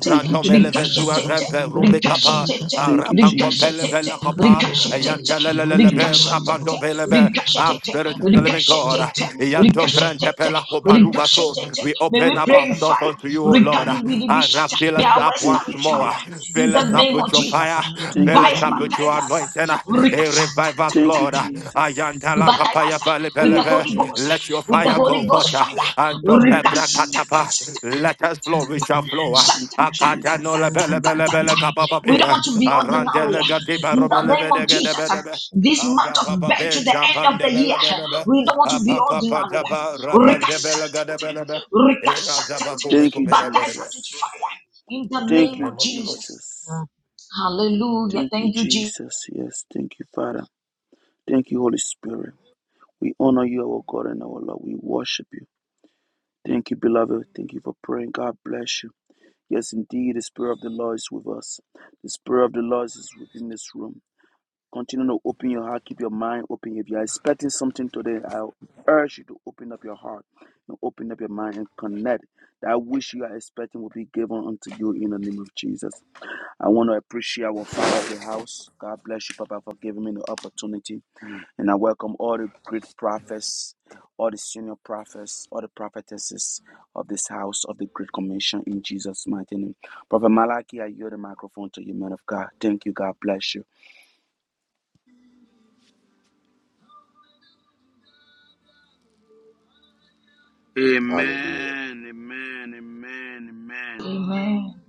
Speaker 1: Thank you,
Speaker 3: meleve
Speaker 1: Jesus.
Speaker 3: suarempe rumbe
Speaker 1: Thank you,
Speaker 3: kapa. Rapankopele
Speaker 1: Jesus.
Speaker 3: Velakopa,
Speaker 1: Thank
Speaker 3: Yantelelebe,
Speaker 1: you,
Speaker 3: Rapando
Speaker 1: Jesus.
Speaker 3: Belebe, our spirit of the living God, Yanto Brente Pelakopa Luvaso. We open up
Speaker 6: in
Speaker 3: ourselves
Speaker 6: fire.
Speaker 3: unto you, O Lord.
Speaker 6: Regarding we be
Speaker 3: And
Speaker 6: shut.
Speaker 3: fill
Speaker 6: May
Speaker 3: us
Speaker 6: our
Speaker 3: up
Speaker 6: words
Speaker 1: Thank
Speaker 3: once
Speaker 1: you,
Speaker 6: carry fire.
Speaker 3: more.
Speaker 6: In
Speaker 3: Fill us
Speaker 6: the
Speaker 1: Jesus.
Speaker 3: up
Speaker 6: name
Speaker 3: with
Speaker 6: of
Speaker 3: your
Speaker 6: Jesus.
Speaker 3: fire.
Speaker 1: Thank
Speaker 3: Fill
Speaker 1: you,
Speaker 3: us
Speaker 6: By
Speaker 3: up with
Speaker 6: baptize
Speaker 3: your anointing.
Speaker 1: Jesus.
Speaker 3: Eh,
Speaker 6: us
Speaker 3: Revive us,
Speaker 1: Thank you,
Speaker 3: Lord.
Speaker 1: Jesus.
Speaker 6: baptize us
Speaker 3: Ayantalakapaya
Speaker 6: with the
Speaker 1: Thank you,
Speaker 6: Holy
Speaker 3: Palebelebe.
Speaker 6: Ghost,
Speaker 3: Let your
Speaker 1: Jesus.
Speaker 6: with the
Speaker 3: fire go
Speaker 6: Holy
Speaker 3: forth.
Speaker 6: Ghost fire.
Speaker 3: And to
Speaker 1: Thank
Speaker 6: Rita,
Speaker 1: you,
Speaker 3: Pebrakatapa.
Speaker 1: Jesus.
Speaker 3: Let us flow. We shall flow.
Speaker 1: Thank you,
Speaker 3: Akata no
Speaker 1: Jesus.
Speaker 3: lebele bele bele bele kapa
Speaker 6: We don't
Speaker 3: papi.
Speaker 6: want to be
Speaker 1: Thank you,
Speaker 6: ordinary.
Speaker 3: Arandele gadi
Speaker 1: Jesus.
Speaker 6: In the
Speaker 3: baromele
Speaker 6: name
Speaker 3: vede
Speaker 6: of
Speaker 3: gede
Speaker 6: Jesus, this month
Speaker 3: Abra
Speaker 6: of
Speaker 3: papa
Speaker 6: back to
Speaker 3: be
Speaker 6: the end of the
Speaker 3: shapande
Speaker 6: year,
Speaker 3: bele
Speaker 6: we don't want to be
Speaker 3: Apaka
Speaker 6: ordinary.
Speaker 3: pada
Speaker 6: Rita,
Speaker 3: rabande bele gede bele be.
Speaker 6: Rita,
Speaker 3: Era da
Speaker 1: Thank you,
Speaker 6: Baptize us
Speaker 1: Jesus.
Speaker 6: with fire in the
Speaker 3: In the
Speaker 1: Thank
Speaker 6: name
Speaker 1: you,
Speaker 6: of
Speaker 3: name of the Lord
Speaker 6: Jesus.
Speaker 1: Jesus.
Speaker 6: Hallelujah.
Speaker 1: Thank you,
Speaker 6: Thank you, Jesus.
Speaker 1: Jesus. Yes, thank you, Father. Thank you, Holy Spirit. We honor you, our God and our Lord. We worship you. Thank you, beloved. Thank you for praying. God bless you. Yes, indeed, the Spirit of the Lord is with us. The Spirit of the Lord is within this room. Continue to open your heart, keep your mind open. If you are expecting something today, I urge you to open up your heart and open up your mind and connect. That wish you are expecting will be given unto you in the name of Jesus. I want to appreciate our Father of the house. God bless you, Papa, for giving me the opportunity. And I welcome all the great prophets, all the senior prophets, all the prophetesses of this house of the Great Commission in Jesus' mighty name. Prophet Malachi, I yield the microphone to you, man of God. Thank you. God bless you.
Speaker 4: Hallelujah.
Speaker 1: Amen, amen, amen, amen.
Speaker 6: Amen.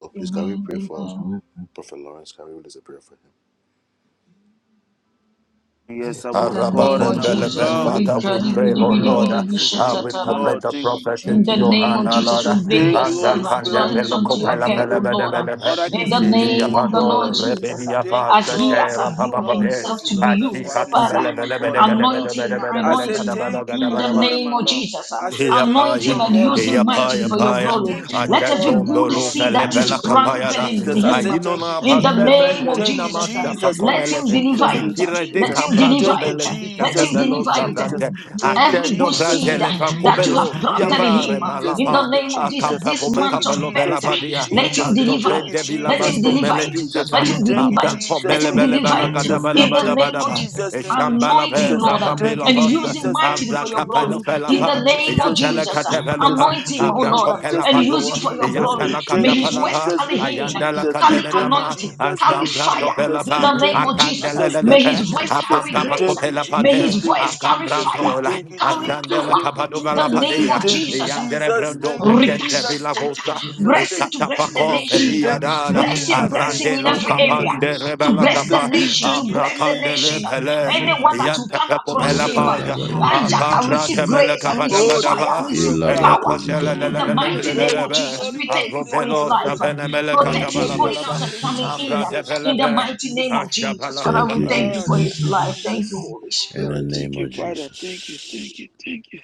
Speaker 4: Oh, please, can we
Speaker 6: Amen.
Speaker 4: pray for
Speaker 6: Amen.
Speaker 4: Prophet Lawrence? Can we release a prayer for him?
Speaker 1: Yes,
Speaker 6: In
Speaker 1: our
Speaker 6: the
Speaker 1: God
Speaker 6: name of
Speaker 1: and our
Speaker 6: Jesus.
Speaker 3: Arabakompelebe.
Speaker 1: Lord, we
Speaker 3: Father,
Speaker 1: say
Speaker 3: we
Speaker 1: thank
Speaker 3: pray,
Speaker 1: you,
Speaker 3: oh Lord,
Speaker 1: Lord.
Speaker 3: uh,
Speaker 1: We say
Speaker 3: uh,
Speaker 1: thank
Speaker 3: we
Speaker 1: you,
Speaker 6: Rijadibidibidibidibishataraba.
Speaker 3: commit
Speaker 1: Lord.
Speaker 3: the
Speaker 1: Thank you,
Speaker 3: prophet
Speaker 6: In
Speaker 3: into
Speaker 6: the
Speaker 3: your
Speaker 1: Jesus.
Speaker 6: name
Speaker 3: hand,
Speaker 6: of
Speaker 3: oh Lord.
Speaker 6: Jesus, we make
Speaker 1: Thank
Speaker 6: your
Speaker 1: you, Holy
Speaker 6: servant,
Speaker 1: Spirit.
Speaker 6: Lord, is
Speaker 1: Thank
Speaker 6: unto
Speaker 1: you, Holy
Speaker 6: your care, O
Speaker 1: Spirit.
Speaker 6: Lord.
Speaker 1: All I can
Speaker 6: In the
Speaker 1: say is
Speaker 6: name
Speaker 1: thank
Speaker 6: of
Speaker 1: you,
Speaker 6: the
Speaker 1: Lord.
Speaker 6: Lord Jesus,
Speaker 1: Thank you,
Speaker 6: as he
Speaker 1: Lord.
Speaker 6: has
Speaker 1: Thank you,
Speaker 6: availed
Speaker 1: Lord. Thank
Speaker 6: himself
Speaker 1: you,
Speaker 6: to
Speaker 1: Lord.
Speaker 6: be
Speaker 1: That's what
Speaker 6: used,
Speaker 1: I can
Speaker 6: Father,
Speaker 1: say, my God and my Lord.
Speaker 6: Anoint him,
Speaker 1: I
Speaker 6: anoint
Speaker 1: say,
Speaker 6: him
Speaker 1: Thank you,
Speaker 6: in
Speaker 1: my
Speaker 6: the
Speaker 3: Ashika
Speaker 1: God and my
Speaker 6: name of
Speaker 1: Lord.
Speaker 6: Jesus.
Speaker 1: I say, Thank you,
Speaker 6: Anoint
Speaker 3: Yapaya,
Speaker 6: him
Speaker 1: my
Speaker 6: and
Speaker 1: God and
Speaker 6: use
Speaker 1: my
Speaker 6: him
Speaker 1: Lord.
Speaker 6: mightily
Speaker 3: yapaya,
Speaker 6: for
Speaker 1: I
Speaker 6: your
Speaker 1: say,
Speaker 3: paya.
Speaker 6: glory.
Speaker 1: Thank you, my
Speaker 6: Let
Speaker 1: God
Speaker 6: every
Speaker 1: and my
Speaker 3: Atetondo
Speaker 6: good
Speaker 3: lo
Speaker 1: Lord.
Speaker 6: seed
Speaker 1: I
Speaker 6: that
Speaker 3: felepe
Speaker 1: say,
Speaker 3: la
Speaker 6: is
Speaker 1: Thank you,
Speaker 3: kapaya
Speaker 6: planted
Speaker 3: da.
Speaker 6: in
Speaker 1: Jesus. I
Speaker 6: him,
Speaker 1: say,
Speaker 3: Ayino
Speaker 1: Thank you,
Speaker 3: na
Speaker 6: in the
Speaker 3: pase
Speaker 1: Jesus.
Speaker 6: name of
Speaker 1: Thank
Speaker 3: prendelina
Speaker 1: you,
Speaker 6: Jesus,
Speaker 3: masha pa
Speaker 1: Jesus. Thank
Speaker 6: let
Speaker 1: you,
Speaker 6: him
Speaker 3: komelefe.
Speaker 6: deliver
Speaker 1: Jesus. Thank
Speaker 6: it.
Speaker 1: you,
Speaker 3: Ikire de
Speaker 6: Let
Speaker 1: Jesus.
Speaker 6: him
Speaker 3: caprando
Speaker 6: deliver
Speaker 1: Thank you,
Speaker 6: it.
Speaker 3: belesi
Speaker 6: Let
Speaker 1: Jesus.
Speaker 6: him
Speaker 1: Thank
Speaker 3: katemelo
Speaker 1: you,
Speaker 6: deliver it.
Speaker 1: Jesus.
Speaker 3: sabrante.
Speaker 1: Thank you,
Speaker 6: Every
Speaker 3: Ascendo
Speaker 6: good
Speaker 1: Jesus.
Speaker 6: seed
Speaker 1: Thank
Speaker 3: brandele
Speaker 1: you,
Speaker 3: fa
Speaker 6: that you
Speaker 1: Jesus.
Speaker 6: have
Speaker 3: kobelo
Speaker 1: Thank
Speaker 6: planted
Speaker 1: you,
Speaker 6: in him,
Speaker 3: siavare
Speaker 1: Jesus.
Speaker 6: in the
Speaker 3: malapa.
Speaker 1: Thank you,
Speaker 6: name of Jesus,
Speaker 1: Jesus.
Speaker 3: Acampa
Speaker 6: this
Speaker 3: pope
Speaker 1: Thank you,
Speaker 6: month of
Speaker 3: capello bella
Speaker 1: Jesus.
Speaker 6: better,
Speaker 1: Thank you,
Speaker 3: badia.
Speaker 6: let
Speaker 1: Jesus.
Speaker 6: him
Speaker 3: Anto
Speaker 6: deliver
Speaker 1: Thank you,
Speaker 6: it.
Speaker 3: prende vila
Speaker 6: Let
Speaker 1: Jesus.
Speaker 6: him
Speaker 3: basso
Speaker 1: Thank
Speaker 6: deliver
Speaker 1: you,
Speaker 6: delivered.
Speaker 3: meledi
Speaker 1: Jesus.
Speaker 6: Let
Speaker 3: data
Speaker 6: him
Speaker 1: Thank you,
Speaker 6: deliver it.
Speaker 1: Jesus.
Speaker 6: Let
Speaker 3: bele
Speaker 6: him
Speaker 1: Thank
Speaker 3: bele
Speaker 1: you,
Speaker 6: deliver
Speaker 3: bala
Speaker 6: it
Speaker 3: gada
Speaker 1: Jesus.
Speaker 3: bala
Speaker 6: in the
Speaker 3: bada
Speaker 1: Thank you,
Speaker 6: name
Speaker 3: bada
Speaker 6: of
Speaker 3: ba.
Speaker 6: Jesus.
Speaker 1: Jesus. Thank you,
Speaker 3: Eshambala
Speaker 6: Anoint
Speaker 3: be
Speaker 6: him,
Speaker 1: Jesus.
Speaker 6: Lord,
Speaker 1: Thank
Speaker 3: rabambela
Speaker 1: you,
Speaker 6: and
Speaker 3: basa.
Speaker 6: use him
Speaker 1: Jesus. Thank
Speaker 6: mightily
Speaker 1: you,
Speaker 3: Abra
Speaker 6: for your
Speaker 1: Jesus.
Speaker 3: kapela
Speaker 6: glory.
Speaker 3: fela
Speaker 6: In
Speaker 1: Thank you,
Speaker 6: the
Speaker 3: pa.
Speaker 6: name of
Speaker 1: Jesus.
Speaker 3: Yantela
Speaker 1: Thank you,
Speaker 6: Jesus,
Speaker 3: katevelo
Speaker 1: Jesus.
Speaker 3: pa.
Speaker 6: anoint him,
Speaker 1: Thank
Speaker 6: O
Speaker 1: you,
Speaker 3: Abra
Speaker 6: Lord,
Speaker 1: Jesus.
Speaker 3: kopela
Speaker 6: and
Speaker 3: pa
Speaker 1: Thank
Speaker 3: do.
Speaker 1: you,
Speaker 6: use him for your
Speaker 1: Jesus.
Speaker 6: glory.
Speaker 3: Yantela
Speaker 6: May
Speaker 1: Thank you,
Speaker 6: his
Speaker 3: katapala
Speaker 6: words
Speaker 3: pa.
Speaker 1: Jesus.
Speaker 6: carry
Speaker 1: Thank you,
Speaker 6: healing,
Speaker 3: Ayandela
Speaker 1: Jesus.
Speaker 6: carry
Speaker 3: katena
Speaker 1: Thank you,
Speaker 3: ma.
Speaker 6: anointing,
Speaker 1: Jesus.
Speaker 6: carry
Speaker 1: Thank you,
Speaker 3: Ashambra
Speaker 6: fire.
Speaker 3: topela
Speaker 1: Jesus.
Speaker 6: In
Speaker 3: pa.
Speaker 6: the
Speaker 1: Thank
Speaker 6: name
Speaker 1: you,
Speaker 6: of Jesus,
Speaker 3: Akandela
Speaker 1: Jesus.
Speaker 3: lele
Speaker 6: may
Speaker 1: Thank
Speaker 3: pe.
Speaker 1: you,
Speaker 6: his voice
Speaker 1: Jesus.
Speaker 6: carry
Speaker 3: Apampa pa
Speaker 6: grace.
Speaker 1: Thank you,
Speaker 3: kopela pa
Speaker 6: May
Speaker 3: de.
Speaker 1: Jesus.
Speaker 6: his
Speaker 1: Thank you,
Speaker 6: voice carry
Speaker 1: Jesus.
Speaker 6: fire,
Speaker 3: Akambrantola.
Speaker 1: Thank you,
Speaker 6: carry
Speaker 1: Jesus.
Speaker 3: Ashandela
Speaker 6: power.
Speaker 1: Thank you,
Speaker 6: In
Speaker 3: kapadova la
Speaker 6: the
Speaker 3: pa
Speaker 1: Jesus.
Speaker 6: name of
Speaker 1: Thank you,
Speaker 6: Jesus.
Speaker 3: de.
Speaker 1: Jesus.
Speaker 3: Derebrando
Speaker 1: Thank you,
Speaker 3: Pekente
Speaker 1: Jesus.
Speaker 3: Villa
Speaker 1: Thank you,
Speaker 3: Vosa,
Speaker 1: Jesus.
Speaker 6: Bless him
Speaker 1: Thank
Speaker 6: to
Speaker 1: you,
Speaker 6: bless the
Speaker 3: Ekatapaco
Speaker 1: Jesus.
Speaker 6: nation.
Speaker 1: Thank you,
Speaker 3: Peliadada,
Speaker 6: blessing, blessing
Speaker 1: Jesus. Thank
Speaker 3: Arande
Speaker 1: you,
Speaker 6: in every area.
Speaker 1: Jesus.
Speaker 3: Locapan de
Speaker 1: Thank you,
Speaker 6: To
Speaker 3: Rebella
Speaker 6: bless the
Speaker 1: Jesus.
Speaker 3: Capa,
Speaker 6: nation, to
Speaker 1: Thank you,
Speaker 6: bless the
Speaker 3: Ambracande
Speaker 6: nation.
Speaker 1: Jesus.
Speaker 3: Lepele,
Speaker 6: Anyone that will come
Speaker 1: Thank you,
Speaker 3: Yantapeco
Speaker 6: across
Speaker 3: Bella
Speaker 1: Jesus.
Speaker 6: him,
Speaker 3: Paya,
Speaker 1: Oh,
Speaker 4: Moshadabaya.
Speaker 1: thank
Speaker 6: Isaac,
Speaker 1: you,
Speaker 6: I
Speaker 3: Acambra
Speaker 6: receive
Speaker 3: de
Speaker 1: Jesus.
Speaker 6: grace, I receive
Speaker 1: Oh, thank
Speaker 6: fire,
Speaker 1: you,
Speaker 6: I
Speaker 3: Melecapadagada,
Speaker 1: Spirit
Speaker 6: receive
Speaker 1: of
Speaker 4: Ila
Speaker 1: God.
Speaker 6: power.
Speaker 1: Oh,
Speaker 6: In the
Speaker 1: thank
Speaker 4: Brakozigaba.
Speaker 1: you, Holy
Speaker 6: mighty name
Speaker 1: Ghost.
Speaker 6: of
Speaker 1: Thank you,
Speaker 3: Eyacondelelelelelelelebe,
Speaker 6: Jesus,
Speaker 1: Holy
Speaker 6: we thank
Speaker 1: Ghost.
Speaker 6: you
Speaker 1: Thank
Speaker 6: for
Speaker 1: you,
Speaker 6: his
Speaker 3: Arrobelo
Speaker 1: Holy
Speaker 6: life.
Speaker 1: Ghost.
Speaker 3: Savene
Speaker 1: *gasps* Thank
Speaker 6: Protect
Speaker 4: Thank
Speaker 1: you,
Speaker 4: you,
Speaker 6: his
Speaker 1: Holy
Speaker 6: going
Speaker 1: Ghost.
Speaker 6: out
Speaker 3: Melecatabalaba,
Speaker 6: and
Speaker 1: Thank you,
Speaker 6: coming in.
Speaker 3: Ambra
Speaker 4: Jesus.
Speaker 3: de
Speaker 1: Jesus.
Speaker 6: In
Speaker 1: Thank
Speaker 6: the
Speaker 1: you,
Speaker 3: Velepe,
Speaker 6: mighty name
Speaker 1: Jesus.
Speaker 6: of Jesus,
Speaker 3: Ashabala
Speaker 6: Father,
Speaker 4: Thank
Speaker 6: we
Speaker 4: you,
Speaker 6: thank you
Speaker 1: Ah,
Speaker 6: for his
Speaker 1: thank you,
Speaker 6: life.
Speaker 4: Jesus.
Speaker 6: Thank you,
Speaker 1: Jesus.
Speaker 6: Holy
Speaker 4: In the
Speaker 6: Spirit.
Speaker 1: Thank
Speaker 4: name
Speaker 1: you,
Speaker 4: of
Speaker 1: Father. Thank you, thank
Speaker 4: Jesus.
Speaker 1: you, thank you.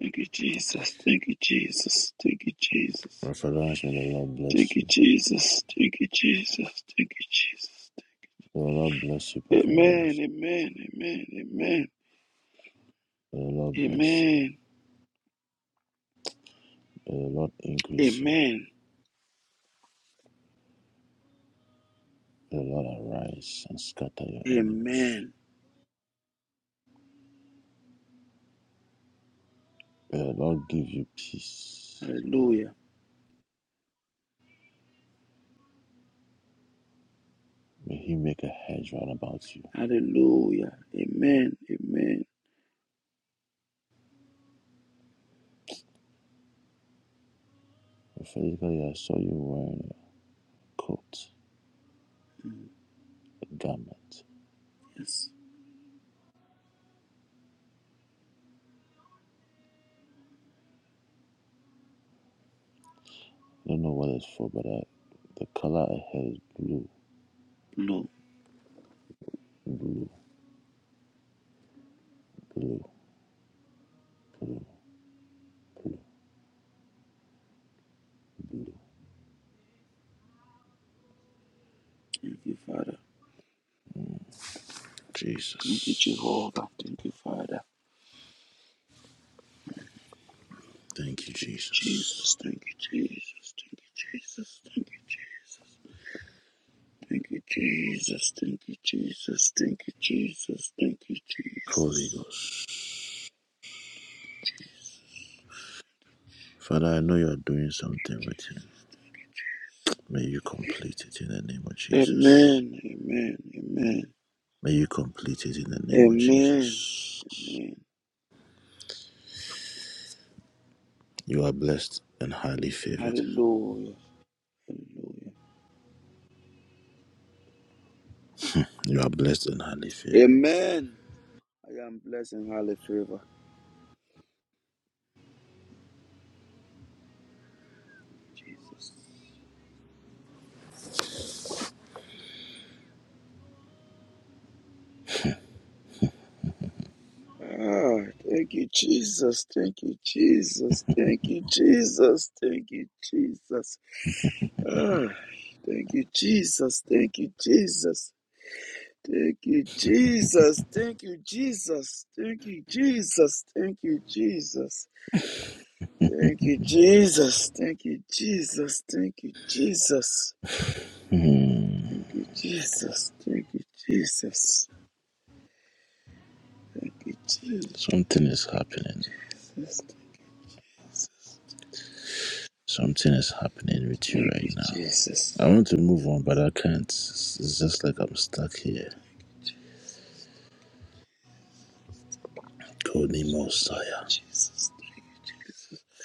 Speaker 1: Thank you, Jesus. Thank you, Jesus. Thank you, Jesus.
Speaker 4: Prophet Lawrence, may the Lord
Speaker 1: Thank
Speaker 4: bless
Speaker 1: you,
Speaker 4: you.
Speaker 1: Jesus. Thank you, Jesus. Thank you, Jesus.
Speaker 4: May the Lord bless you, Prophet
Speaker 1: Amen,
Speaker 4: Lawrence.
Speaker 1: amen, amen, amen,
Speaker 4: May the Lord bless you.
Speaker 1: amen,
Speaker 4: May the Lord increase you.
Speaker 1: amen,
Speaker 4: May the Lord arise and scatter your enemies.
Speaker 1: amen.
Speaker 4: May the Lord give you peace.
Speaker 1: Hallelujah,
Speaker 4: May He make a hedge round about you.
Speaker 1: hallelujah, amen, amen.
Speaker 4: Prophetically, I saw you wearing a coat,
Speaker 1: Mm,
Speaker 4: a garment.
Speaker 1: Yes.
Speaker 4: I don't know what it's for, but I, the color I heard is blue,
Speaker 1: Lord,
Speaker 4: blue.
Speaker 1: thank you, Father. Thank you,
Speaker 4: Jesus.
Speaker 1: Jehovah. Thank you, Father.
Speaker 4: Thank you,
Speaker 1: Thank you, Jesus.
Speaker 4: Jesus.
Speaker 1: Thank you, Jesus. Thank you, Jesus. Thank you, Jesus. Thank you, Jesus. Thank you, Jesus. Thank you, Jesus. Thank you,
Speaker 4: Holy
Speaker 1: Jesus.
Speaker 4: Ghost. Father, I know you are doing something with him. May you complete it in the name of Jesus.
Speaker 1: Amen. Amen. Amen.
Speaker 4: May you complete it in the name of
Speaker 1: Amen.
Speaker 4: Jesus.
Speaker 1: Amen.
Speaker 4: You are blessed and highly favored.
Speaker 1: Hallelujah. Hallelujah.
Speaker 4: You are blessed and highly favored.
Speaker 1: Amen. I am blessed and highly favored. Jesus. Ah, thank you, Jesus. Thank you, Jesus. Thank you, Jesus. Thank you, Jesus. Ah, thank you, Jesus. Thank you, Jesus. Thank you, Jesus. Thank you, Jesus. Thank you, Jesus. Thank you, Jesus. Thank you, Jesus. Thank you, Jesus. Thank you, Jesus.
Speaker 4: Hmm.
Speaker 1: Thank you, Jesus. Thank you, Jesus. Thank you, Jesus.
Speaker 4: Something is happening. Something is happening with you
Speaker 1: Thank you,
Speaker 4: right now. I
Speaker 1: Jesus.
Speaker 4: want to move on, but I can't. It's just like I'm stuck here. Konimo Saya.
Speaker 1: Jesus.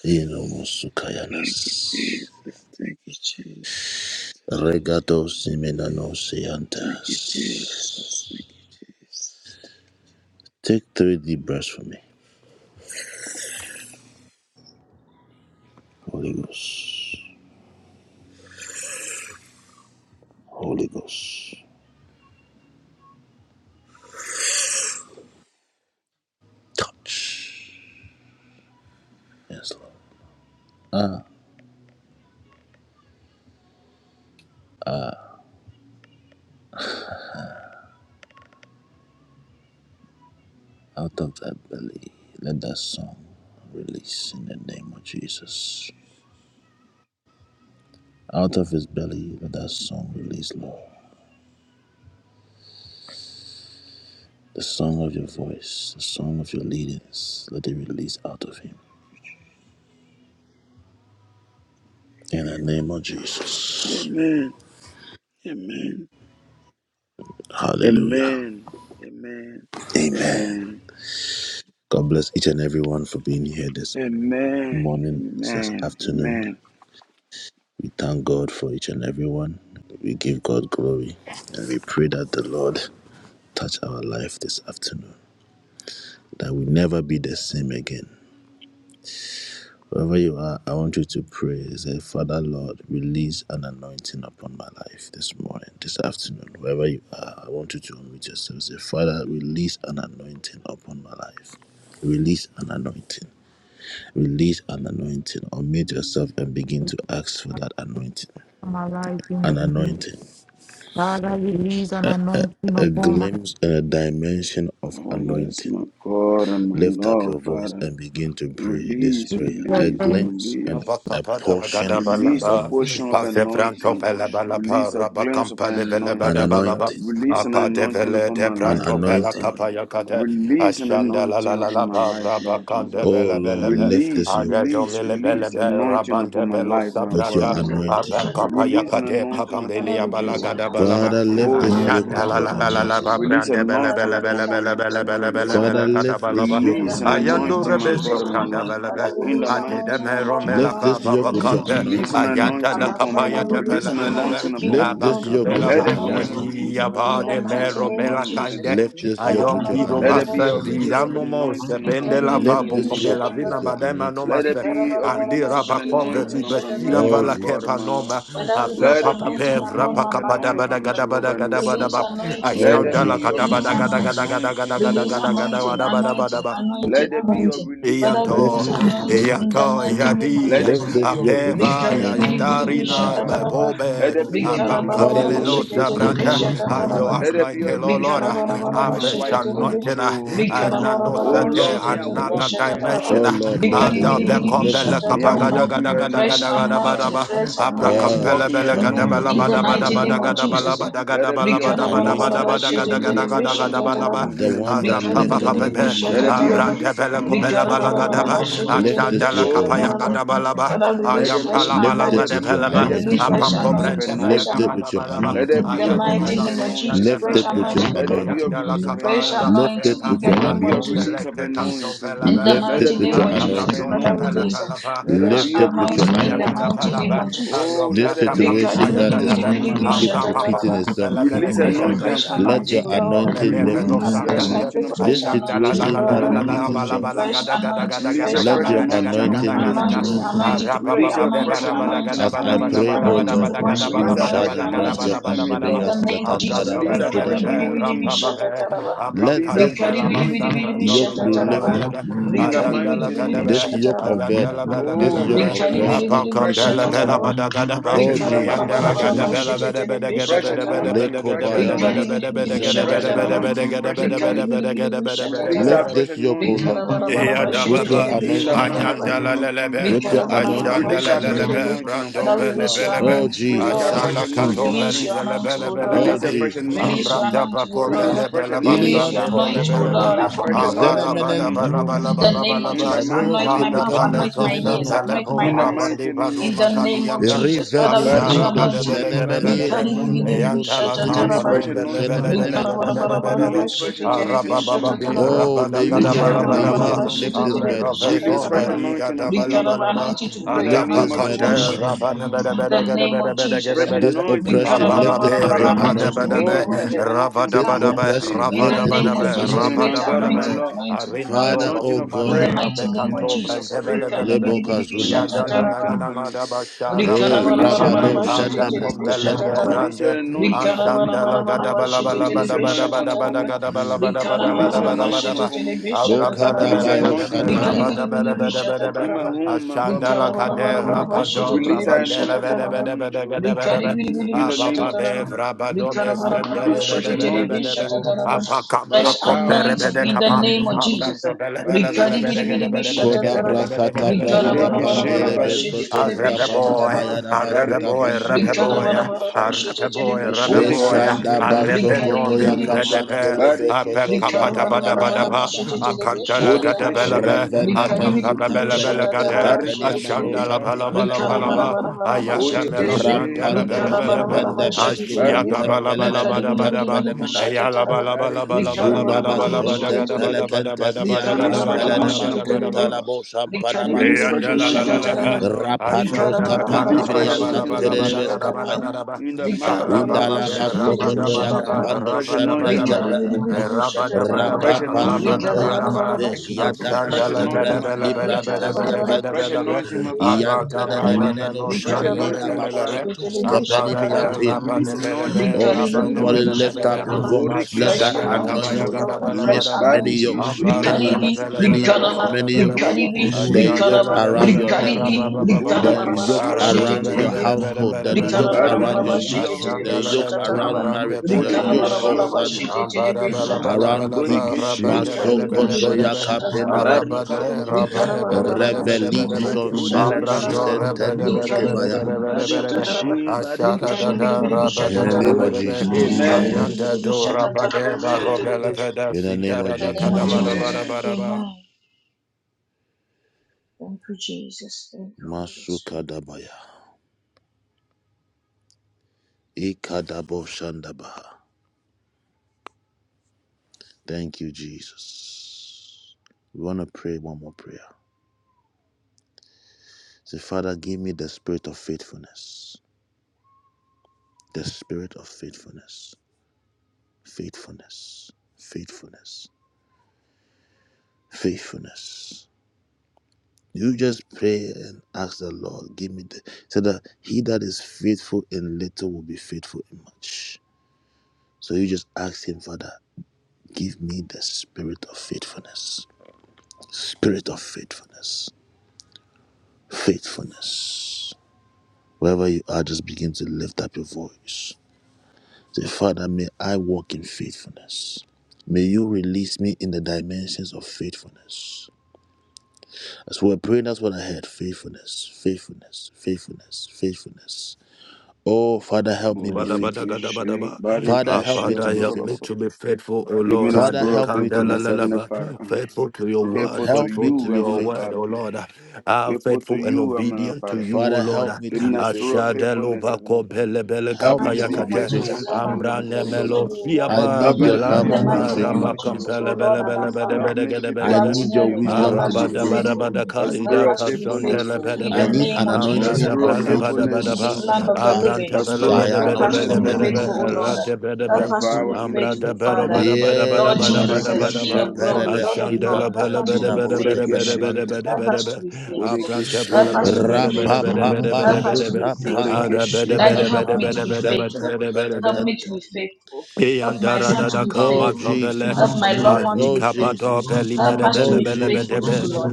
Speaker 4: Inomo Sukayanas. Regato Simenano Seantas. Take three deep breaths for me. Holy Ghost. Holy Ghost. Touch. Yes, Lord. Out of that belly, let that song release in the name of Jesus. Out of his belly, let that song release, Lord. The song of your voice, the song of your leadings, let it release out of him. In the name of Jesus.
Speaker 1: Amen. Amen.
Speaker 4: Hallelujah.
Speaker 1: Amen. Amen.
Speaker 4: Amen.
Speaker 1: Amen.
Speaker 4: God bless each and everyone for being here this
Speaker 1: Amen.
Speaker 4: morning, this
Speaker 1: Amen.
Speaker 4: afternoon.
Speaker 1: Amen.
Speaker 4: We thank God for each and every one. We give God glory and we pray that the Lord touch our life this afternoon, that we never be the same again. Wherever you are, I want you to pray. Say, Father Lord, release an anointing upon my life this morning, this afternoon. Wherever you are, I want you to unmute yourself. Say, Father, release an anointing upon my life. Release an anointing. Release an anointing. Unmute yourself and begin to ask for that anointing.
Speaker 2: for my life in
Speaker 4: An
Speaker 2: the name.
Speaker 4: anointing
Speaker 2: Father, release an anointing
Speaker 4: a
Speaker 2: upon my
Speaker 4: glimpse and a dimension of
Speaker 1: Oh, yes,
Speaker 4: anointing.
Speaker 1: my God and my
Speaker 4: Lift up your
Speaker 1: Lord,
Speaker 4: voice
Speaker 1: Father.
Speaker 4: and begin to pray this
Speaker 1: Release,
Speaker 4: prayer.
Speaker 2: head.
Speaker 4: A
Speaker 1: release,
Speaker 4: glimpse and
Speaker 1: release.
Speaker 4: a
Speaker 3: Abakapada
Speaker 4: portion of an
Speaker 1: Release a
Speaker 3: bagadabalaba,
Speaker 4: anointing.
Speaker 1: portion of
Speaker 3: Pasebranto
Speaker 1: anointing.
Speaker 7: Thank
Speaker 3: pelabalaba,
Speaker 1: Release a glimpse of
Speaker 3: Rabakampa
Speaker 4: An
Speaker 1: anointing.
Speaker 3: levelebadabalaba,
Speaker 4: anointing.
Speaker 1: Release an anointing
Speaker 3: Apadevele
Speaker 1: upon my
Speaker 4: An
Speaker 1: life,
Speaker 3: debranto
Speaker 1: Heavenly
Speaker 4: anointing.
Speaker 1: Father.
Speaker 3: pelakapayakade,
Speaker 1: Release an anointing upon my
Speaker 3: Ashandalalalaba,
Speaker 1: life, Lord Jesus.
Speaker 4: Oh Lord,
Speaker 3: Rabakandevelebelebe,
Speaker 4: lift this
Speaker 1: Release,
Speaker 4: yoke
Speaker 1: release, release
Speaker 3: Adedomilebelebe,
Speaker 1: anointing upon my
Speaker 3: Rabandebelo
Speaker 1: life, my
Speaker 4: with
Speaker 1: God,
Speaker 4: your
Speaker 3: sabrada,
Speaker 1: my
Speaker 6: Every
Speaker 1: Lord.
Speaker 6: Father,
Speaker 4: anointing.
Speaker 1: Release an
Speaker 3: Apankapayakade,
Speaker 1: anointing upon
Speaker 3: Papambelia
Speaker 1: me,
Speaker 6: release your
Speaker 1: Jehovah.
Speaker 6: anointing upon
Speaker 3: balagadabalaba,
Speaker 4: Father, lift
Speaker 1: Oh,
Speaker 4: this
Speaker 6: our life in
Speaker 1: yes,
Speaker 4: yoke
Speaker 1: my
Speaker 4: with
Speaker 6: the
Speaker 4: your
Speaker 1: God
Speaker 6: name of
Speaker 1: my Lord.
Speaker 4: anointing.
Speaker 3: Ashandalalalaba,
Speaker 6: Jesus.
Speaker 1: Release
Speaker 6: Father,
Speaker 1: anointing
Speaker 6: release
Speaker 1: upon
Speaker 6: your
Speaker 1: me, my God
Speaker 6: anointing,
Speaker 1: my Lord.
Speaker 6: release your
Speaker 4: Father,
Speaker 6: anointing
Speaker 4: lift this
Speaker 3: Brandebelebelebelebelebelebelebelebelebelebelebe,
Speaker 4: yoke
Speaker 6: in the
Speaker 4: with
Speaker 1: Release an
Speaker 4: your
Speaker 6: mighty
Speaker 3: Ayando
Speaker 6: name of
Speaker 1: anointing,
Speaker 4: anointing.
Speaker 1: my
Speaker 3: rebeso
Speaker 6: Jesus.
Speaker 1: God and my Lord,
Speaker 6: Father,
Speaker 3: kadavelebe,
Speaker 1: in the
Speaker 6: release your
Speaker 3: Ate de
Speaker 1: mighty
Speaker 6: anointing
Speaker 1: name of
Speaker 3: mero
Speaker 6: upon my
Speaker 3: mela
Speaker 4: Lift
Speaker 6: life
Speaker 3: fa
Speaker 4: this
Speaker 6: in the
Speaker 1: Jesus.
Speaker 4: yoke
Speaker 3: baba
Speaker 4: with
Speaker 6: name
Speaker 4: your
Speaker 6: of
Speaker 3: kampe.
Speaker 6: Jesus.
Speaker 1: Release an
Speaker 4: anointing.
Speaker 3: Ayanta
Speaker 6: And
Speaker 3: la
Speaker 1: anointing
Speaker 6: my
Speaker 1: upon
Speaker 6: Father,
Speaker 3: kapaya
Speaker 1: me.
Speaker 3: de
Speaker 6: release
Speaker 1: Release
Speaker 3: bela
Speaker 1: an
Speaker 6: your
Speaker 3: bela be.
Speaker 6: anointing,
Speaker 1: anointing
Speaker 6: King
Speaker 1: upon
Speaker 4: Lift
Speaker 6: of
Speaker 1: me.
Speaker 4: this
Speaker 3: Abanka
Speaker 6: glory,
Speaker 4: yoke with
Speaker 3: bela
Speaker 6: release
Speaker 1: Let
Speaker 4: your
Speaker 3: fa
Speaker 6: your
Speaker 1: there be a
Speaker 6: anointing
Speaker 4: anointing.
Speaker 1: release
Speaker 3: ya
Speaker 1: of an
Speaker 6: in
Speaker 3: ba
Speaker 6: the
Speaker 3: de
Speaker 1: anointing
Speaker 6: mighty
Speaker 3: mero
Speaker 1: upon
Speaker 6: name
Speaker 1: me
Speaker 6: of
Speaker 3: bela
Speaker 1: in the
Speaker 6: Jesus.
Speaker 3: kande.
Speaker 1: name of
Speaker 4: Lift this
Speaker 1: Jesus.
Speaker 4: yoke
Speaker 3: Ayom
Speaker 4: with your
Speaker 3: biro
Speaker 1: Let there
Speaker 4: anointing.
Speaker 1: be a
Speaker 3: basem
Speaker 1: release
Speaker 3: vira
Speaker 1: of an
Speaker 3: no mo se
Speaker 1: anointing
Speaker 3: bende
Speaker 1: upon
Speaker 3: la
Speaker 1: me
Speaker 3: fa
Speaker 4: Lift
Speaker 1: in the
Speaker 4: this
Speaker 1: name
Speaker 3: bokombe
Speaker 1: of
Speaker 4: yoke
Speaker 3: la vina
Speaker 1: Jesus.
Speaker 4: with your
Speaker 3: badema no
Speaker 4: anointing.
Speaker 3: ma
Speaker 1: Let there be a release
Speaker 3: Andira
Speaker 1: of an
Speaker 3: bakove
Speaker 1: anointing
Speaker 6: Shut
Speaker 1: upon
Speaker 3: libesira
Speaker 1: me,
Speaker 4: Oh
Speaker 1: my
Speaker 3: vala
Speaker 1: God and
Speaker 3: kepa
Speaker 1: my Lord.
Speaker 3: noma.
Speaker 6: Father,
Speaker 3: Afra
Speaker 6: release
Speaker 1: Let there
Speaker 3: papa
Speaker 1: be a
Speaker 3: pe
Speaker 6: anointing
Speaker 4: Jesus.
Speaker 6: upon
Speaker 1: release
Speaker 3: vrapa
Speaker 6: my
Speaker 1: of
Speaker 6: life,
Speaker 3: kapada
Speaker 6: O
Speaker 3: bada
Speaker 1: anointing,
Speaker 6: Lord.
Speaker 3: gada
Speaker 1: Jehovah
Speaker 3: bada gada bada
Speaker 6: Release
Speaker 1: Nissi.
Speaker 3: ba.
Speaker 6: anointing, O
Speaker 1: Let
Speaker 4: Oh
Speaker 1: there
Speaker 3: Ashanda
Speaker 6: Lord.
Speaker 3: la
Speaker 1: be a
Speaker 3: gada
Speaker 4: Jesus.
Speaker 6: Release
Speaker 3: bada
Speaker 1: release
Speaker 3: gada
Speaker 1: of
Speaker 3: gada
Speaker 6: anointing.
Speaker 3: gada gada
Speaker 1: anointing in
Speaker 3: gada
Speaker 1: the
Speaker 6: Release
Speaker 3: gada
Speaker 1: name of
Speaker 3: gada
Speaker 6: anointing,
Speaker 3: gada
Speaker 1: Jesus.
Speaker 3: bada
Speaker 6: anointing,
Speaker 3: bada
Speaker 6: anointing,
Speaker 1: Let there be a
Speaker 6: anointing.
Speaker 1: release
Speaker 6: Father,
Speaker 1: of
Speaker 4: Lift
Speaker 3: Ianto,
Speaker 6: release
Speaker 4: this,
Speaker 1: anointing,
Speaker 4: lift
Speaker 6: anointing in the
Speaker 1: Jehovah.
Speaker 4: this,
Speaker 3: Ianto,
Speaker 6: mighty name of
Speaker 3: Yadi,
Speaker 1: Let there
Speaker 4: lift
Speaker 6: Jesus.
Speaker 1: be
Speaker 4: this
Speaker 1: a
Speaker 4: yoke with your
Speaker 1: release of
Speaker 3: Apeva,
Speaker 6: Victory,
Speaker 4: anointing.
Speaker 6: victory,
Speaker 1: anointing, my
Speaker 6: victory,
Speaker 3: Istarina,
Speaker 6: shata
Speaker 1: Father.
Speaker 6: taraba.
Speaker 1: Let
Speaker 3: Babobe,
Speaker 1: there be a
Speaker 6: Victory,
Speaker 3: Abanka
Speaker 1: release
Speaker 6: baraba,
Speaker 1: of
Speaker 4: Father,
Speaker 6: baraba,
Speaker 3: Vilelo
Speaker 4: lift
Speaker 6: shete,
Speaker 1: anointing
Speaker 4: this
Speaker 1: upon
Speaker 6: tete,
Speaker 1: your
Speaker 4: yoke
Speaker 6: tete,
Speaker 4: with
Speaker 3: Sabranta,
Speaker 4: your
Speaker 6: shata
Speaker 1: people.
Speaker 4: anointing.
Speaker 3: Ayo
Speaker 6: taraba.
Speaker 1: Let there be a
Speaker 3: anointed, O
Speaker 1: release
Speaker 6: Victory,
Speaker 3: Lord,
Speaker 1: of
Speaker 6: baraba,
Speaker 1: anointing
Speaker 3: a
Speaker 1: upon
Speaker 6: baraba,
Speaker 1: my
Speaker 3: fresh
Speaker 6: shete,
Speaker 1: wife,
Speaker 6: tete,
Speaker 1: upon my
Speaker 6: tete.
Speaker 3: anointing,
Speaker 6: Victory,
Speaker 1: children.
Speaker 6: baraba,
Speaker 3: Arnano
Speaker 1: Oh
Speaker 6: baraba,
Speaker 3: Sate,
Speaker 6: shete,
Speaker 1: Lord, may I
Speaker 6: tete, tete,
Speaker 3: another
Speaker 1: walk in
Speaker 6: shata
Speaker 1: your
Speaker 3: dimension,
Speaker 4: Oh
Speaker 6: taraba.
Speaker 1: anointing, my
Speaker 4: Lord,
Speaker 1: God
Speaker 4: lift
Speaker 1: and my
Speaker 4: this
Speaker 3: Alda
Speaker 4: yoke,
Speaker 1: Lord.
Speaker 4: lift
Speaker 3: Pecopella
Speaker 4: this
Speaker 1: May
Speaker 4: yoke.
Speaker 1: I
Speaker 3: Capagada
Speaker 1: walk in
Speaker 3: Gada
Speaker 1: your
Speaker 3: Gada
Speaker 6: Fresh
Speaker 3: Gada
Speaker 1: anointing, my
Speaker 3: Gada
Speaker 1: Father.
Speaker 6: anointing,
Speaker 3: Badaba,
Speaker 6: fresh
Speaker 1: May I
Speaker 6: anointing.
Speaker 4: Ah,
Speaker 1: walk
Speaker 3: Abracampella
Speaker 1: in your
Speaker 3: Bella Gada
Speaker 6: Mm,
Speaker 3: Bala
Speaker 1: anointing,
Speaker 6: In
Speaker 1: my
Speaker 6: the
Speaker 3: Bada
Speaker 1: God
Speaker 3: Bada
Speaker 1: and
Speaker 4: Shanamakosibaya.
Speaker 1: my
Speaker 6: mighty name
Speaker 3: Bada
Speaker 6: of
Speaker 1: Lord.
Speaker 3: Gada
Speaker 1: Uh-huh.
Speaker 3: Bala
Speaker 6: Jesus.
Speaker 3: Bada
Speaker 1: Let
Speaker 3: Gada
Speaker 1: it be
Speaker 3: Bala
Speaker 1: a
Speaker 3: Bada Bada
Speaker 1: release.
Speaker 3: Bada
Speaker 4: Anointing.
Speaker 1: Let it
Speaker 3: Bada
Speaker 1: be a
Speaker 3: Gada Gada
Speaker 1: release of
Speaker 3: Gada
Speaker 1: an
Speaker 3: Gada
Speaker 1: anointing
Speaker 4: The
Speaker 1: in the
Speaker 3: Bala
Speaker 1: name
Speaker 4: one
Speaker 1: of
Speaker 4: that
Speaker 3: rampa pa pa
Speaker 4: lifted
Speaker 1: Jesus.
Speaker 3: bebe,
Speaker 4: yokes.
Speaker 1: Let it be a
Speaker 3: abrante
Speaker 1: release of an
Speaker 3: bele kopela
Speaker 1: anointing, Jehovah.
Speaker 3: balagadaba,
Speaker 4: Lift this
Speaker 3: ashandela
Speaker 4: yoke, O
Speaker 1: Oh, my
Speaker 3: kapaya
Speaker 4: Lord.
Speaker 1: God and my
Speaker 3: gadabalaba,
Speaker 1: Lord.
Speaker 6: Father,
Speaker 1: Let
Speaker 6: release
Speaker 1: it
Speaker 6: fresh
Speaker 3: ayampala
Speaker 1: be,
Speaker 4: Lift
Speaker 1: let
Speaker 4: it
Speaker 3: balaga
Speaker 1: it
Speaker 3: de
Speaker 4: with your
Speaker 1: be,
Speaker 6: anointing.
Speaker 1: let
Speaker 3: beleba,
Speaker 1: it
Speaker 6: Release
Speaker 4: anointing.
Speaker 1: be a
Speaker 6: fresh
Speaker 3: apampo
Speaker 1: release of
Speaker 3: brente
Speaker 6: anointing, fresh
Speaker 3: bele
Speaker 4: Lift it
Speaker 1: anointing.
Speaker 4: with
Speaker 6: anointing.
Speaker 4: your
Speaker 3: gabadabalaba,
Speaker 1: Let
Speaker 4: anointing.
Speaker 1: it
Speaker 6: In
Speaker 1: be
Speaker 6: the
Speaker 1: a
Speaker 3: ayade
Speaker 1: release
Speaker 6: mighty
Speaker 1: of
Speaker 3: bela
Speaker 6: name of
Speaker 3: sosia
Speaker 6: Jesus,
Speaker 1: anointing.
Speaker 4: Lift
Speaker 6: fresh
Speaker 4: it
Speaker 3: jebrande,
Speaker 4: with your
Speaker 6: anointing,
Speaker 1: Let it
Speaker 6: Lord.
Speaker 1: be
Speaker 4: anointing.
Speaker 1: a
Speaker 3: yandela
Speaker 1: release of
Speaker 6: Fresh
Speaker 3: kapa
Speaker 1: anointing.
Speaker 4: Lift
Speaker 6: anointing
Speaker 4: it
Speaker 3: rabadeba,
Speaker 6: in
Speaker 4: with your
Speaker 1: Let
Speaker 6: the
Speaker 1: there
Speaker 6: name
Speaker 1: be
Speaker 6: of
Speaker 1: a
Speaker 3: anto
Speaker 4: anointing.
Speaker 1: release of
Speaker 3: meleke
Speaker 6: Jesus.
Speaker 3: kanto
Speaker 1: anointing.
Speaker 3: vela
Speaker 6: In the
Speaker 4: Lift
Speaker 1: Let
Speaker 3: belebe,
Speaker 4: it
Speaker 1: there
Speaker 6: mighty
Speaker 1: be
Speaker 4: with
Speaker 6: name
Speaker 1: a
Speaker 4: your
Speaker 6: of
Speaker 1: release of
Speaker 3: apapam
Speaker 6: Jesus,
Speaker 4: anointing.
Speaker 3: bronte
Speaker 6: Father,
Speaker 3: bele
Speaker 1: anointing.
Speaker 6: release a
Speaker 1: Let
Speaker 3: peleba,
Speaker 1: there
Speaker 6: fresh
Speaker 1: be
Speaker 4: Lift
Speaker 1: a
Speaker 4: it
Speaker 3: Anda
Speaker 4: with
Speaker 1: release
Speaker 4: your
Speaker 1: of
Speaker 6: anointing
Speaker 3: pakapaya
Speaker 6: in the
Speaker 4: anointing.
Speaker 3: gada
Speaker 6: mighty
Speaker 1: anointing.
Speaker 6: name
Speaker 3: palaba.
Speaker 6: of
Speaker 3: Alo
Speaker 6: Jesus.
Speaker 1: Oh, let
Speaker 4: This
Speaker 1: there
Speaker 3: brata
Speaker 1: be a
Speaker 6: Rika,
Speaker 1: release
Speaker 4: situation
Speaker 1: of
Speaker 3: pakapaya
Speaker 6: divi,
Speaker 4: that
Speaker 3: da
Speaker 6: divi,
Speaker 3: da
Speaker 4: is
Speaker 3: da.
Speaker 1: anointing
Speaker 6: divi,
Speaker 1: in my
Speaker 6: divi,
Speaker 4: it
Speaker 1: life,
Speaker 4: keeps
Speaker 3: Ambra
Speaker 6: shata,
Speaker 1: Jehovah.
Speaker 4: repeating
Speaker 6: tarara.
Speaker 3: papapiko vela
Speaker 4: itself.
Speaker 6: I
Speaker 3: bele
Speaker 1: Release
Speaker 6: pray for
Speaker 1: anointing
Speaker 3: kesende.
Speaker 6: fresh
Speaker 1: upon me.
Speaker 4: Let your
Speaker 6: anointing,
Speaker 3: Ayide
Speaker 6: Lord.
Speaker 3: kome
Speaker 4: anointing
Speaker 3: leve
Speaker 4: lift
Speaker 3: lo
Speaker 4: it.
Speaker 6: I
Speaker 1: Release your
Speaker 6: pray, I
Speaker 3: sabrante.
Speaker 6: pray
Speaker 1: anointing
Speaker 6: for
Speaker 1: upon
Speaker 6: fresh
Speaker 4: This
Speaker 1: me
Speaker 3: Ashanda la la
Speaker 6: anointing,
Speaker 3: la
Speaker 4: situation
Speaker 3: la
Speaker 6: Lord.
Speaker 4: that
Speaker 3: la
Speaker 1: in the
Speaker 3: la
Speaker 1: name
Speaker 4: repeats
Speaker 3: la
Speaker 1: of
Speaker 3: bala
Speaker 4: itself.
Speaker 3: bala
Speaker 6: Fresh
Speaker 1: Jesus.
Speaker 3: gada gada
Speaker 6: anointing,
Speaker 3: gada
Speaker 1: Release
Speaker 6: fresh
Speaker 3: gada
Speaker 1: your
Speaker 4: Let
Speaker 3: gada
Speaker 1: fresh
Speaker 4: your
Speaker 3: gada
Speaker 6: anointing.
Speaker 3: gada
Speaker 1: anointing
Speaker 3: gada
Speaker 1: upon
Speaker 4: anointing
Speaker 3: gada
Speaker 1: me,
Speaker 4: lift
Speaker 3: gada.
Speaker 6: Anointing,
Speaker 1: Jehovah.
Speaker 4: it.
Speaker 6: anointing to
Speaker 3: Araba
Speaker 6: pray,
Speaker 1: Release
Speaker 3: baba
Speaker 1: your
Speaker 3: beba
Speaker 1: fresh
Speaker 6: anointing,
Speaker 3: raba da
Speaker 1: anointing
Speaker 6: anointing,
Speaker 3: gada
Speaker 4: As
Speaker 1: upon
Speaker 3: bada
Speaker 4: I
Speaker 3: bada
Speaker 1: me,
Speaker 6: anointing,
Speaker 4: pray,
Speaker 3: bada
Speaker 4: O
Speaker 1: Lord.
Speaker 3: bada
Speaker 6: anointing to
Speaker 4: Lord.
Speaker 3: bada gada
Speaker 6: worship,
Speaker 1: Release
Speaker 3: bada
Speaker 1: that
Speaker 3: bada
Speaker 1: fresh
Speaker 6: anointing,
Speaker 4: Moshada
Speaker 3: bada gada
Speaker 1: anointing
Speaker 4: braska
Speaker 6: anointing.
Speaker 1: upon
Speaker 3: bada
Speaker 1: me,
Speaker 3: bada
Speaker 6: In
Speaker 3: bada.
Speaker 6: the
Speaker 4: pandebeyas
Speaker 1: Lord.
Speaker 6: name of Jesus,
Speaker 4: katandara
Speaker 3: Abrando
Speaker 1: Release
Speaker 3: bele
Speaker 1: that
Speaker 6: Rika,
Speaker 3: bele
Speaker 1: fresh
Speaker 6: divi,
Speaker 4: basudaba.
Speaker 3: be
Speaker 6: divi,
Speaker 7: you.
Speaker 6: divi,
Speaker 1: anointing,
Speaker 3: rampa
Speaker 1: Jehovah.
Speaker 6: shata,
Speaker 3: babe.
Speaker 6: tarara
Speaker 4: Let
Speaker 1: Release
Speaker 3: Abanka
Speaker 1: that
Speaker 3: di
Speaker 4: this
Speaker 1: fresh
Speaker 3: bela
Speaker 6: bidi
Speaker 3: basa
Speaker 1: anointing
Speaker 6: bidi
Speaker 1: upon
Speaker 6: bidi
Speaker 1: me,
Speaker 3: pranto
Speaker 4: yoke
Speaker 1: my
Speaker 3: bele
Speaker 4: be
Speaker 1: God and
Speaker 3: bele
Speaker 1: my
Speaker 6: shatataraba.
Speaker 3: bele
Speaker 1: Lord.
Speaker 4: lifted.
Speaker 3: be.
Speaker 1: In the
Speaker 6: Rikadi
Speaker 3: Ayanda
Speaker 6: bidi
Speaker 3: la
Speaker 1: mighty
Speaker 6: bidi
Speaker 1: name
Speaker 3: gada
Speaker 6: bidi
Speaker 1: of
Speaker 3: be.
Speaker 4: This yoke
Speaker 6: shatataraba.
Speaker 1: Jesus.
Speaker 4: of
Speaker 3: Ayanda la
Speaker 4: burden.
Speaker 3: bele
Speaker 4: This
Speaker 3: bele
Speaker 1: Oh,
Speaker 4: yoke
Speaker 1: fresh
Speaker 3: be.
Speaker 4: of
Speaker 6: Rikadi bidi
Speaker 4: pressure.
Speaker 1: anointing,
Speaker 6: bidi
Speaker 3: Abanka
Speaker 6: bidi
Speaker 1: fresh
Speaker 3: bele bele
Speaker 1: anointing,
Speaker 6: shatataraba.
Speaker 3: bada gada ba.
Speaker 1: fresh
Speaker 4: Oh
Speaker 6: Rikara bara
Speaker 1: anointing,
Speaker 3: Ayanda
Speaker 6: bara
Speaker 3: la
Speaker 1: fresh
Speaker 6: bara
Speaker 3: gada
Speaker 6: bara
Speaker 3: bele
Speaker 1: anointing,
Speaker 4: Jesus.
Speaker 6: shitete
Speaker 3: bele bele
Speaker 6: bidi
Speaker 3: gada
Speaker 1: fresh
Speaker 3: bele bele
Speaker 6: shatataraba.
Speaker 3: bele
Speaker 1: anointing, fresh
Speaker 3: gada bele bele
Speaker 4: Lekobayanos,
Speaker 1: anointing,
Speaker 3: bele bele
Speaker 1: fresh
Speaker 6: Bikariwiriwiriwishataraba.
Speaker 3: gada bele bele bele
Speaker 4: Zenemenemekos.
Speaker 1: anointing,
Speaker 3: gada
Speaker 1: fresh
Speaker 3: bele bele
Speaker 1: anointing.
Speaker 3: bele gada bele
Speaker 1: Release
Speaker 3: bele
Speaker 6: Bikariwiriwiriwishataraba.
Speaker 1: that
Speaker 3: bele
Speaker 4: Lift
Speaker 1: fresh
Speaker 4: this yoke, O
Speaker 1: anointing
Speaker 4: Lord,
Speaker 1: upon me,
Speaker 3: Eya
Speaker 6: Bikarabarabara
Speaker 3: da
Speaker 1: Jehovah.
Speaker 4: with your
Speaker 3: baba,
Speaker 1: In the
Speaker 4: anointing,
Speaker 6: shitetelebishatataraba.
Speaker 1: mighty
Speaker 3: ayanda Eyadababa,
Speaker 1: name of
Speaker 3: Ayandalalelebe,
Speaker 4: with
Speaker 1: Jesus.
Speaker 4: your anointing.
Speaker 1: Release that fresh
Speaker 3: Ashandalalelebe,
Speaker 1: anointing
Speaker 3: Brando
Speaker 1: upon me,
Speaker 6: release
Speaker 1: Lord.
Speaker 6: your
Speaker 3: Belebelebe,
Speaker 4: Oh
Speaker 6: anointing, O
Speaker 1: Release that
Speaker 6: Lord.
Speaker 1: fresh
Speaker 3: Ashala Kato
Speaker 1: anointing
Speaker 6: Release your
Speaker 1: upon me.
Speaker 6: anointing, O
Speaker 4: Jesus.
Speaker 6: Lord.
Speaker 4: Oh
Speaker 1: Release that
Speaker 3: Belebelebelebelebele,
Speaker 1: fresh
Speaker 6: Release
Speaker 1: anointing.
Speaker 6: your
Speaker 4: Jesus.
Speaker 3: Abrata
Speaker 6: anointing, O
Speaker 3: bako
Speaker 6: Lord.
Speaker 1: Release
Speaker 3: bele
Speaker 1: fresh
Speaker 3: bele
Speaker 6: Release
Speaker 1: anointing.
Speaker 6: your
Speaker 3: basande Paco
Speaker 4: Ilianto,
Speaker 6: anointing, O
Speaker 3: Belebelebasande
Speaker 6: Lord,
Speaker 3: be
Speaker 1: Release
Speaker 6: upon
Speaker 1: fresh
Speaker 6: me, O Lord.
Speaker 1: anointing
Speaker 3: Abala
Speaker 1: upon
Speaker 3: Bada
Speaker 1: me,
Speaker 4: Zenemenento,
Speaker 3: Bala
Speaker 1: Jehovah.
Speaker 3: Bala
Speaker 6: Then
Speaker 3: Bala Bala
Speaker 1: In the
Speaker 3: Ba,
Speaker 1: mighty
Speaker 4: Tenos
Speaker 1: name
Speaker 3: Nada
Speaker 1: of
Speaker 4: Kebegendo,
Speaker 3: bale Baleko
Speaker 1: Jesus.
Speaker 4: Senemenotai,
Speaker 3: Semfelebo,
Speaker 1: In the
Speaker 3: Rabandi
Speaker 1: mighty name
Speaker 3: Badu
Speaker 1: of Jesus.
Speaker 3: Makadianda,
Speaker 6: the release your
Speaker 3: Ashara
Speaker 1: Bariki
Speaker 4: Rivenusundo,
Speaker 3: bade
Speaker 6: anointing.
Speaker 3: bele
Speaker 1: she
Speaker 3: gade Bada
Speaker 1: badika
Speaker 4: Senemenie,
Speaker 3: be.
Speaker 1: ba- ba- ba- ba- ba.
Speaker 4: Sunosonto,
Speaker 3: Eyantala
Speaker 1: Release
Speaker 3: kapa
Speaker 6: Bikariwiriwiriwishataraba.
Speaker 1: fresh
Speaker 3: nombe
Speaker 4: Sinimicondo,
Speaker 3: lebe
Speaker 1: anointing
Speaker 3: lebe
Speaker 1: upon me.
Speaker 3: lebe lebe
Speaker 4: Zenemenemekosi.
Speaker 3: lebe lebe.
Speaker 1: Release fresh anointing
Speaker 3: Araba
Speaker 1: upon
Speaker 3: baba
Speaker 1: me.
Speaker 3: bi
Speaker 6: Bikarabaraba.
Speaker 4: Oh,
Speaker 3: raba
Speaker 4: may
Speaker 3: da
Speaker 4: you
Speaker 3: gada
Speaker 1: Release fresh
Speaker 4: lift,
Speaker 3: bala
Speaker 4: may
Speaker 3: bala
Speaker 4: you
Speaker 1: anointing
Speaker 3: ba.
Speaker 4: lift,
Speaker 1: upon me.
Speaker 4: lift this
Speaker 3: Ambero
Speaker 4: burden, lift
Speaker 1: Release
Speaker 4: this
Speaker 3: vesom
Speaker 1: fresh
Speaker 4: burden, Lord.
Speaker 3: beriga
Speaker 1: anointing
Speaker 3: da
Speaker 1: upon
Speaker 3: bala
Speaker 1: me.
Speaker 6: Rikaraba,
Speaker 3: bala
Speaker 6: and I
Speaker 3: ba.
Speaker 6: need you to
Speaker 1: In
Speaker 6: pray,
Speaker 1: the
Speaker 6: and I
Speaker 4: Lift
Speaker 3: Atapa
Speaker 6: need
Speaker 1: name
Speaker 4: this
Speaker 6: you
Speaker 1: of
Speaker 6: to
Speaker 3: kante
Speaker 4: burden, Lord.
Speaker 6: worship
Speaker 1: Jesus.
Speaker 3: raba lebe
Speaker 6: in
Speaker 3: lebe
Speaker 6: the
Speaker 3: lebe
Speaker 6: name of
Speaker 3: lebe lebe
Speaker 6: Jesus.
Speaker 1: Fresh
Speaker 3: lebe
Speaker 4: This
Speaker 3: lebe.
Speaker 1: anointing,
Speaker 6: Rikaraba,
Speaker 4: oppression
Speaker 6: and
Speaker 1: anointing
Speaker 6: I
Speaker 4: lift
Speaker 1: to
Speaker 4: it
Speaker 3: Abababe,
Speaker 4: with your
Speaker 1: pray.
Speaker 6: need you to
Speaker 4: anointing.
Speaker 6: read
Speaker 1: Oh,
Speaker 3: rabadabadabe,
Speaker 6: your word
Speaker 1: release
Speaker 6: and
Speaker 1: anointing
Speaker 4: This
Speaker 1: upon me
Speaker 6: understand.
Speaker 1: to
Speaker 3: rabadabadabe,
Speaker 4: oppression
Speaker 1: stay.
Speaker 6: In the
Speaker 4: lift it with
Speaker 6: name
Speaker 3: rabadabadabe,
Speaker 4: your
Speaker 6: of Jesus,
Speaker 1: Consistent, my
Speaker 6: great
Speaker 4: anointing.
Speaker 1: God and
Speaker 3: rabadabadabe.
Speaker 1: my
Speaker 6: anointing,
Speaker 1: Lord.
Speaker 6: anointing,
Speaker 1: The
Speaker 3: Arimadoba
Speaker 4: Father,
Speaker 6: anointing.
Speaker 1: anointing
Speaker 4: oh
Speaker 1: of
Speaker 6: In
Speaker 4: God,
Speaker 3: basumada,
Speaker 6: the
Speaker 1: prayer,
Speaker 6: mighty name of
Speaker 3: rabekanto,
Speaker 1: anointing of
Speaker 6: Jesus.
Speaker 1: prayer.
Speaker 3: brandebelebelebe.
Speaker 4: Lebo
Speaker 6: Rikaribiribiribi,
Speaker 1: Release
Speaker 4: Kazuna.
Speaker 3: Yada na
Speaker 1: anointing
Speaker 6: shatataraba.
Speaker 1: upon me.
Speaker 3: basha,
Speaker 4: Hey,
Speaker 3: ramele
Speaker 1: Release your
Speaker 3: kapa,
Speaker 4: Rabado
Speaker 6: Rikarabarabarabarabar,
Speaker 1: anointing
Speaker 3: anda
Speaker 4: Shanda
Speaker 1: upon me.
Speaker 6: shatataraba,
Speaker 3: komele
Speaker 4: Breskepenia
Speaker 3: de
Speaker 1: Release
Speaker 4: Baya.
Speaker 1: your
Speaker 3: rande,
Speaker 1: anointing upon me.
Speaker 3: anshandela
Speaker 6: shatar-
Speaker 3: gadabala bala
Speaker 1: Release
Speaker 3: bada
Speaker 1: your anointing upon me.
Speaker 3: gadabala bada
Speaker 4: Hmm.
Speaker 3: bada
Speaker 1: Release
Speaker 3: bada
Speaker 1: your
Speaker 6: Tarababa
Speaker 1: anointing upon me.
Speaker 6: Shetelebe
Speaker 4: Boka
Speaker 3: Arabala
Speaker 6: Shatataraba.
Speaker 1: Release your
Speaker 3: bala
Speaker 4: Dabayo
Speaker 3: gada
Speaker 1: anointing in my
Speaker 4: Shanda
Speaker 1: home.
Speaker 4: Baha.
Speaker 3: rabada bala
Speaker 6: Rikaribiribi
Speaker 3: bala bala
Speaker 1: In
Speaker 3: bala
Speaker 1: my
Speaker 6: Shatataraba.
Speaker 1: home, my God, my
Speaker 3: Ashandala
Speaker 1: Lord.
Speaker 3: Kader
Speaker 6: Rikarabarabaraba
Speaker 3: Rabado
Speaker 1: Release your
Speaker 6: Shetelebe
Speaker 3: Rabandela
Speaker 1: anointing
Speaker 3: Veda
Speaker 1: upon
Speaker 3: Veda
Speaker 1: me,
Speaker 3: Veda
Speaker 1: Jehovah.
Speaker 3: Veda Veda
Speaker 1: In the name of
Speaker 3: Abababev
Speaker 1: Jesus.
Speaker 3: Rabado Mesenda
Speaker 1: Release
Speaker 3: Veda
Speaker 1: fresh
Speaker 3: Veda
Speaker 1: anointing,
Speaker 3: Veda Veda
Speaker 1: Jehovah. By the
Speaker 3: Apakampa
Speaker 6: Fresh
Speaker 1: power
Speaker 3: Compere
Speaker 1: in the
Speaker 6: anointing
Speaker 3: Veda
Speaker 6: in
Speaker 1: blood
Speaker 6: the
Speaker 1: of
Speaker 3: Kappa
Speaker 6: name of
Speaker 1: Jesus.
Speaker 6: Jesus.
Speaker 3: Afranto Vela Vela Vela Veda
Speaker 1: Barikeshe
Speaker 3: Veda Veda Veda
Speaker 4: Koda
Speaker 3: Veda Veda Veda
Speaker 1: badika.
Speaker 4: Brasata
Speaker 3: Veda Veda
Speaker 1: Bodekeshe,
Speaker 3: Veda Veda Veda
Speaker 4: Praskapandele
Speaker 3: Veda
Speaker 4: Besoto
Speaker 1: Badekeshe,
Speaker 3: Arebe
Speaker 4: Skapampa
Speaker 3: Boy
Speaker 4: Bayada
Speaker 3: Arebe
Speaker 4: Basuta
Speaker 3: Boy
Speaker 4: Baya.
Speaker 3: Arebe
Speaker 1: Barekeshe,
Speaker 6: Bigara bara bara
Speaker 3: Boy a
Speaker 6: bara
Speaker 1: Badekeshe,
Speaker 6: shete
Speaker 3: rabba
Speaker 6: chere
Speaker 3: boy,
Speaker 6: besha
Speaker 3: rabba
Speaker 4: Le
Speaker 6: tatara
Speaker 3: boy,
Speaker 6: bara.
Speaker 1: Bodekeshe,
Speaker 4: Shanda
Speaker 3: a rabba
Speaker 6: Bigari
Speaker 3: no
Speaker 6: biri
Speaker 4: Basokotoya
Speaker 6: biri
Speaker 3: baby,
Speaker 6: besha
Speaker 3: babba.
Speaker 4: Kapandele
Speaker 6: tatara.
Speaker 3: A
Speaker 4: Besoto
Speaker 1: Badekeshe,
Speaker 3: pelka
Speaker 1: Badekeshe, Bodekeshe,
Speaker 3: pa
Speaker 6: Bigara bara Bikara
Speaker 3: da
Speaker 6: bara
Speaker 3: ba
Speaker 4: Sapanda
Speaker 3: da
Speaker 6: bara
Speaker 3: ba
Speaker 1: Badekeshe,
Speaker 3: da
Speaker 4: Paya
Speaker 6: bara
Speaker 3: ba.
Speaker 4: Babaha.
Speaker 6: shete
Speaker 3: A
Speaker 6: chere besha
Speaker 3: cantalga
Speaker 6: tatara
Speaker 3: da ba
Speaker 6: bara.
Speaker 3: la ba. A
Speaker 6: Bigari
Speaker 4: Reveneme
Speaker 3: tam
Speaker 1: Barekeshe,
Speaker 6: biri
Speaker 3: pa ba
Speaker 6: biri
Speaker 4: suta
Speaker 3: ba la ba
Speaker 6: besha
Speaker 3: la ga
Speaker 4: vreketes
Speaker 6: tatara
Speaker 3: da.
Speaker 6: bara
Speaker 3: A
Speaker 4: kepenia
Speaker 6: shete chere
Speaker 1: Badekeshe,
Speaker 4: mano
Speaker 6: be.
Speaker 3: shanda la ba
Speaker 4: shante
Speaker 3: la ba
Speaker 4: bele
Speaker 3: la ba
Speaker 6: Bigara
Speaker 3: la
Speaker 6: bara
Speaker 4: kapaya.
Speaker 3: ba.
Speaker 6: bara
Speaker 3: A
Speaker 6: bara bara
Speaker 3: ya da
Speaker 6: shete chere
Speaker 3: melos
Speaker 6: be.
Speaker 3: and
Speaker 1: Bodekeshe,
Speaker 3: la ba la
Speaker 6: Bigara
Speaker 4: Rampandos
Speaker 3: ba la
Speaker 1: Badekeshe,
Speaker 6: bara
Speaker 3: ba.
Speaker 6: bara
Speaker 4: kepende
Speaker 6: bara
Speaker 3: A
Speaker 6: shete
Speaker 4: breski
Speaker 6: chere be.
Speaker 3: shiata
Speaker 1: Bariaka,
Speaker 4: pantem
Speaker 3: ba la ba la ba
Speaker 6: Bigari
Speaker 3: da
Speaker 4: pelemen
Speaker 6: biri
Speaker 3: ba da
Speaker 6: biri
Speaker 3: ba.
Speaker 6: biri
Speaker 4: tempele
Speaker 3: A
Speaker 6: besha
Speaker 3: ya
Speaker 4: menanta.
Speaker 3: la
Speaker 6: tatara
Speaker 3: ba
Speaker 6: bara.
Speaker 3: la ba la ba la ba
Speaker 1: Barekeshe,
Speaker 6: Bigara
Speaker 3: la
Speaker 6: bara
Speaker 4: Zuna
Speaker 6: bara
Speaker 3: ba la
Speaker 6: bara
Speaker 3: ba
Speaker 4: bason
Speaker 3: da
Speaker 6: shete
Speaker 1: Bodekeshe.
Speaker 3: ga da ba
Speaker 4: tempele
Speaker 6: be.
Speaker 3: da ba da ba
Speaker 4: kentes
Speaker 3: da
Speaker 4: yan
Speaker 6: Bigara
Speaker 3: ga da
Speaker 1: Release
Speaker 6: bara
Speaker 3: ba
Speaker 1: fresh
Speaker 3: la
Speaker 6: bara
Speaker 4: tempele
Speaker 3: ba
Speaker 6: bara
Speaker 3: da
Speaker 1: anointing
Speaker 3: ba
Speaker 6: shete
Speaker 3: da
Speaker 1: upon
Speaker 3: ba
Speaker 4: nemanten
Speaker 6: chere
Speaker 1: me,
Speaker 3: da ba
Speaker 6: be.
Speaker 1: Lord.
Speaker 4: talabo
Speaker 6: Bigari
Speaker 3: la
Speaker 6: biri
Speaker 1: Release
Speaker 4: shampanamanta.
Speaker 6: biri
Speaker 1: fresh
Speaker 3: la la
Speaker 6: besha
Speaker 3: la
Speaker 1: anointing
Speaker 3: la,
Speaker 6: tatara
Speaker 1: upon me,
Speaker 3: ba,
Speaker 6: bara.
Speaker 1: Lord.
Speaker 6: Rikara
Speaker 4: Rapatos
Speaker 3: ashanda la
Speaker 4: kapandi
Speaker 3: kada
Speaker 1: Release
Speaker 3: ba
Speaker 1: fresh
Speaker 3: la
Speaker 4: bria
Speaker 3: ba la
Speaker 1: anointing
Speaker 3: ba la
Speaker 1: upon
Speaker 3: ba
Speaker 1: me,
Speaker 3: da
Speaker 4: santerebes
Speaker 3: ga
Speaker 1: Lord.
Speaker 3: da ba da
Speaker 4: kapaya.
Speaker 3: ba da ba,
Speaker 1: In the mighty
Speaker 3: araba
Speaker 1: name of
Speaker 3: ba be
Speaker 4: Indala
Speaker 1: Jesus.
Speaker 3: raba da
Speaker 4: basokoto
Speaker 3: ba
Speaker 4: ya
Speaker 3: la ba
Speaker 4: kapando
Speaker 1: Fresh
Speaker 3: raba da ba
Speaker 1: anointing,
Speaker 4: shempres
Speaker 3: da
Speaker 1: my
Speaker 3: ba
Speaker 1: Father.
Speaker 4: kepe.
Speaker 3: eh, raba da ba da ba,
Speaker 1: Fresh
Speaker 4: Rapapa
Speaker 3: raba
Speaker 1: anointing, my
Speaker 3: da ba
Speaker 4: sotoya
Speaker 3: da
Speaker 1: Father.
Speaker 3: ba
Speaker 4: kape yata
Speaker 3: ashanda
Speaker 1: Fresh
Speaker 3: la
Speaker 4: praskape
Speaker 1: anointing,
Speaker 3: kada
Speaker 1: my
Speaker 3: ba la ba
Speaker 1: Father.
Speaker 3: da ba da
Speaker 4: librantes
Speaker 3: ba da ga
Speaker 1: Fresh
Speaker 3: Eyandalalalaba, ashandalakadabalabalabalabadagadabadabadaba, ba rabadabalaba, rabadabadaba, eh, la la
Speaker 4: kapendia
Speaker 3: la
Speaker 1: anointing, my Father.
Speaker 4: yantanenemenenosha
Speaker 1: Fresh
Speaker 4: ila
Speaker 1: anointing, my
Speaker 3: abagabalabelosandalelelelebe,
Speaker 1: Father.
Speaker 4: basontos
Speaker 3: Ambara
Speaker 4: kapenimiatia.
Speaker 3: Rabba
Speaker 1: Release
Speaker 3: de
Speaker 1: anointing.
Speaker 4: Oh,
Speaker 1: Release
Speaker 3: rabba de
Speaker 4: somebody
Speaker 1: anointing.
Speaker 4: lift up your voice. Let
Speaker 6: Fresh
Speaker 1: Borekeshi,
Speaker 4: that
Speaker 6: anointing, O
Speaker 4: anointing
Speaker 6: Lord, a fresh
Speaker 4: lift many
Speaker 6: anointing.
Speaker 4: yokes,
Speaker 1: badekeshi,
Speaker 4: many
Speaker 6: Rikaribi,
Speaker 4: yokes, many
Speaker 1: badekeshi,
Speaker 4: yokes,
Speaker 6: rikaraba,
Speaker 4: many yokes.
Speaker 6: rikaribi,
Speaker 4: The
Speaker 1: bodekeshi,
Speaker 4: yokes
Speaker 6: rikaraba,
Speaker 4: around
Speaker 1: badekeshi,
Speaker 4: your
Speaker 6: rikaribi,
Speaker 4: neck,
Speaker 6: rikaraba,
Speaker 4: the yokes
Speaker 1: bodekeshi,
Speaker 4: around your
Speaker 6: shititiribi,
Speaker 4: household, the yokes around
Speaker 6: rikaraba,
Speaker 4: your business,
Speaker 6: shititiribi,
Speaker 4: the yoke
Speaker 6: shatataraba,
Speaker 4: around marriage, the
Speaker 1: bodekeshi,
Speaker 4: yoke, oh,
Speaker 6: rikaraba,
Speaker 4: Sanda
Speaker 6: shititiribi, shatataraba,
Speaker 4: around peace. Masokoto
Speaker 6: rikaribi,
Speaker 4: yakapena
Speaker 6: shatataraba,
Speaker 4: manose.
Speaker 3: bere bere
Speaker 6: rikaraba,
Speaker 3: bere
Speaker 4: Reveli
Speaker 3: bere
Speaker 6: shititiribi,
Speaker 4: son felani
Speaker 6: shatataraba,
Speaker 3: Ambrando rabada
Speaker 4: sentendos
Speaker 3: bada bada bada
Speaker 4: kevaya.
Speaker 6: rikaribi,
Speaker 3: bada bada bada.
Speaker 6: shatataraba,
Speaker 1: badekeshi,
Speaker 3: Ashada
Speaker 6: Richard
Speaker 3: da
Speaker 1: badekeshi,
Speaker 6: really
Speaker 3: da
Speaker 6: really be, Rijali bili bili
Speaker 4: In
Speaker 3: rabada
Speaker 6: bishata
Speaker 4: the
Speaker 3: bada
Speaker 4: name
Speaker 6: taraba.
Speaker 4: of
Speaker 3: bada
Speaker 1: bodekeshi.
Speaker 3: bada.
Speaker 1: Amen.
Speaker 6: Rijali bili
Speaker 3: Ayanda
Speaker 6: bili
Speaker 4: Jesus.
Speaker 3: do
Speaker 6: bishata
Speaker 3: rabada ba
Speaker 1: Amen.
Speaker 6: taraba.
Speaker 3: robela
Speaker 6: In
Speaker 3: feda
Speaker 4: In the name of
Speaker 3: sindara da
Speaker 6: the name
Speaker 3: kada
Speaker 6: of
Speaker 1: Amen.
Speaker 3: bada
Speaker 6: Jesus.
Speaker 3: bada bada
Speaker 4: Jesus.
Speaker 3: ba.
Speaker 6: Thank you, Jesus. Thank you, Holy Spirit.
Speaker 4: Masukadabaya. Ikadabo shandaba. Thank you, Jesus. We want to pray one more prayer. Say, Father, give me the spirit of faithfulness. The spirit of faithfulness. Faithfulness. Faithfulness faithfulness. You just pray and ask the Lord, give me the so that he that is faithful in little will be faithful in much. So you just ask him, Father, give me the spirit of faithfulness. Spirit of faithfulness. Faithfulness. Wherever you are, just begin to lift up your voice. Say, Father, may I walk in faithfulness. May you release me in the dimensions of faithfulness. As we were praying, that's what I heard. Faithfulness, faithfulness, faithfulness, faithfulness. Oh, Father, help me be faithful.
Speaker 1: Borekeshe,
Speaker 3: Badabadagadabadaba.
Speaker 4: Father,
Speaker 3: Ah,
Speaker 4: help me
Speaker 1: Barekeshe.
Speaker 4: to
Speaker 3: Father,
Speaker 4: be
Speaker 3: help me
Speaker 4: faithful.
Speaker 3: to be faithful, O
Speaker 1: Give me
Speaker 3: Lord.
Speaker 1: the
Speaker 3: Ah,
Speaker 4: Father,
Speaker 1: spirit of
Speaker 4: help me to be
Speaker 1: faithfulness, Heavenly
Speaker 4: faithful.
Speaker 3: dekandalalalaba.
Speaker 1: Father.
Speaker 3: Faithful to your word,
Speaker 1: Faithful to
Speaker 4: Help
Speaker 3: faithful
Speaker 4: me to
Speaker 1: you,
Speaker 3: to
Speaker 4: be
Speaker 3: your
Speaker 1: Heavenly
Speaker 4: faithful.
Speaker 3: word,
Speaker 1: Father.
Speaker 3: O Lord. Ah,
Speaker 1: Faithful to
Speaker 3: faithful and
Speaker 1: you, Heavenly
Speaker 3: obedient to
Speaker 1: Father.
Speaker 3: you, O
Speaker 4: Father,
Speaker 3: Lord.
Speaker 4: help
Speaker 3: Ah,
Speaker 4: me
Speaker 1: Give
Speaker 4: to
Speaker 1: me
Speaker 4: be
Speaker 1: that spirit
Speaker 4: faithful.
Speaker 1: of faithfulness,
Speaker 3: shadaluba
Speaker 1: Heavenly Father.
Speaker 3: kobelebele
Speaker 1: Help
Speaker 4: Help
Speaker 1: me to
Speaker 4: me
Speaker 1: be
Speaker 4: to be
Speaker 6: of
Speaker 3: kapayakate.
Speaker 1: faithful
Speaker 6: Jesus,
Speaker 4: faithful.
Speaker 1: unto
Speaker 6: ever
Speaker 1: you,
Speaker 6: to
Speaker 1: my
Speaker 6: be
Speaker 1: God, my
Speaker 6: faithful to
Speaker 3: Ambrannemelo
Speaker 1: Lord.
Speaker 6: you,
Speaker 4: I
Speaker 6: Lord.
Speaker 3: siaba
Speaker 1: Help
Speaker 4: need
Speaker 1: me
Speaker 4: your
Speaker 1: to be
Speaker 6: In
Speaker 4: help
Speaker 6: the
Speaker 4: to
Speaker 1: faithful
Speaker 4: be
Speaker 3: balanima
Speaker 6: mighty
Speaker 1: unto
Speaker 6: name
Speaker 4: faithful.
Speaker 6: of
Speaker 1: you,
Speaker 6: Jesus,
Speaker 1: Jehovah.
Speaker 6: O Lord and our Father,
Speaker 1: Help me to be
Speaker 6: who
Speaker 4: I
Speaker 6: art
Speaker 3: rabakampelebelebelebedebedegedebedebe.
Speaker 1: faithful
Speaker 6: in
Speaker 4: need
Speaker 1: unto
Speaker 4: your
Speaker 1: you,
Speaker 6: heaven,
Speaker 1: my
Speaker 3: Ah,
Speaker 6: help
Speaker 4: wisdom
Speaker 1: God
Speaker 6: us
Speaker 1: and
Speaker 4: to
Speaker 6: to
Speaker 1: my
Speaker 4: be
Speaker 6: be
Speaker 1: Lord.
Speaker 4: faithful.
Speaker 6: faithful.
Speaker 3: ka
Speaker 1: The
Speaker 6: Help
Speaker 3: ida
Speaker 1: spirit of
Speaker 6: us to be
Speaker 1: faithfulness,
Speaker 6: faithful
Speaker 1: Heavenly
Speaker 6: in
Speaker 3: pasondelebedebe.
Speaker 4: I
Speaker 6: the
Speaker 1: Father.
Speaker 4: need
Speaker 6: name
Speaker 4: an
Speaker 6: of
Speaker 3: ba.
Speaker 1: The
Speaker 6: Jesus.
Speaker 3: da
Speaker 4: anointing
Speaker 1: spirit
Speaker 4: of
Speaker 1: of
Speaker 3: ba
Speaker 1: faithfulness,
Speaker 6: In
Speaker 3: da ba.
Speaker 6: this
Speaker 4: faithfulness.
Speaker 6: land
Speaker 1: Jehovah.
Speaker 6: of the
Speaker 4: Kai,
Speaker 6: living,
Speaker 1: The
Speaker 3: Abranta bela
Speaker 1: spirit of
Speaker 3: bela
Speaker 6: help
Speaker 3: bela
Speaker 4: Sayano
Speaker 6: us to
Speaker 1: faithfulness,
Speaker 3: bela
Speaker 6: be
Speaker 1: my
Speaker 3: bela
Speaker 1: God and
Speaker 6: faithful,
Speaker 1: my
Speaker 6: O
Speaker 3: bela
Speaker 1: Lord.
Speaker 6: Lord.
Speaker 4: Sepenemehadis.
Speaker 3: rata bela
Speaker 1: By
Speaker 6: Help
Speaker 1: the
Speaker 3: bela
Speaker 6: us to be
Speaker 1: power in the name
Speaker 3: ambrata
Speaker 6: faithful,
Speaker 1: of
Speaker 3: bela
Speaker 6: Father.
Speaker 3: bela
Speaker 1: Jesus.
Speaker 3: bela bela
Speaker 6: Lord
Speaker 4: Yes,
Speaker 3: bela bela
Speaker 6: Jesus,
Speaker 3: bela
Speaker 6: King
Speaker 4: Shatanta
Speaker 1: Barikeshe,
Speaker 3: bela
Speaker 6: of glory, Lord
Speaker 1: barikeshe,
Speaker 6: of
Speaker 4: Paradeski
Speaker 6: Lord,
Speaker 3: ashandela
Speaker 6: help
Speaker 3: bela
Speaker 6: us to
Speaker 3: bela
Speaker 6: be
Speaker 4: Plantandia
Speaker 3: bela
Speaker 4: Hoske
Speaker 3: bela bela
Speaker 6: faithful.
Speaker 3: bela
Speaker 1: borikeshe,
Speaker 4: Penamante.
Speaker 3: bela
Speaker 6: Help
Speaker 3: bela
Speaker 6: us to
Speaker 3: bela
Speaker 6: be faithful.
Speaker 3: abranta
Speaker 6: Help
Speaker 3: bela
Speaker 1: borikeshe,
Speaker 6: us
Speaker 3: bela
Speaker 6: to be
Speaker 3: bela
Speaker 1: barikeshe,
Speaker 3: bela
Speaker 4: Rapa
Speaker 6: faithful.
Speaker 3: bela bela
Speaker 4: Papa
Speaker 3: bela
Speaker 6: Help us
Speaker 3: bela
Speaker 6: to
Speaker 3: bela
Speaker 6: be faithful.
Speaker 4: Sutapa
Speaker 3: ara
Speaker 1: borikeshe.
Speaker 3: bela
Speaker 6: Daddy,
Speaker 3: bela
Speaker 6: help
Speaker 3: bela
Speaker 4: Sikapa
Speaker 3: bela
Speaker 6: me to
Speaker 3: bela
Speaker 6: be faithful.
Speaker 4: Santa
Speaker 3: bela bela bela bela
Speaker 6: Help me to
Speaker 4: Belacanta.
Speaker 6: be faithful. Help my
Speaker 3: Eyandara
Speaker 6: son
Speaker 3: da
Speaker 6: to
Speaker 3: da
Speaker 6: be
Speaker 4: Oh
Speaker 3: kaba
Speaker 6: faithful.
Speaker 3: trovele,
Speaker 6: Help my
Speaker 4: Jesus.
Speaker 6: loved one to
Speaker 4: Oh
Speaker 6: be
Speaker 3: azika pato
Speaker 6: faithful.
Speaker 3: peli
Speaker 4: Jesus.
Speaker 6: Help
Speaker 3: mere
Speaker 6: us to
Speaker 4: Oh
Speaker 3: bele
Speaker 6: be
Speaker 3: bele bele
Speaker 6: faithful to the
Speaker 3: be,
Speaker 4: Jesus.
Speaker 6: Lord.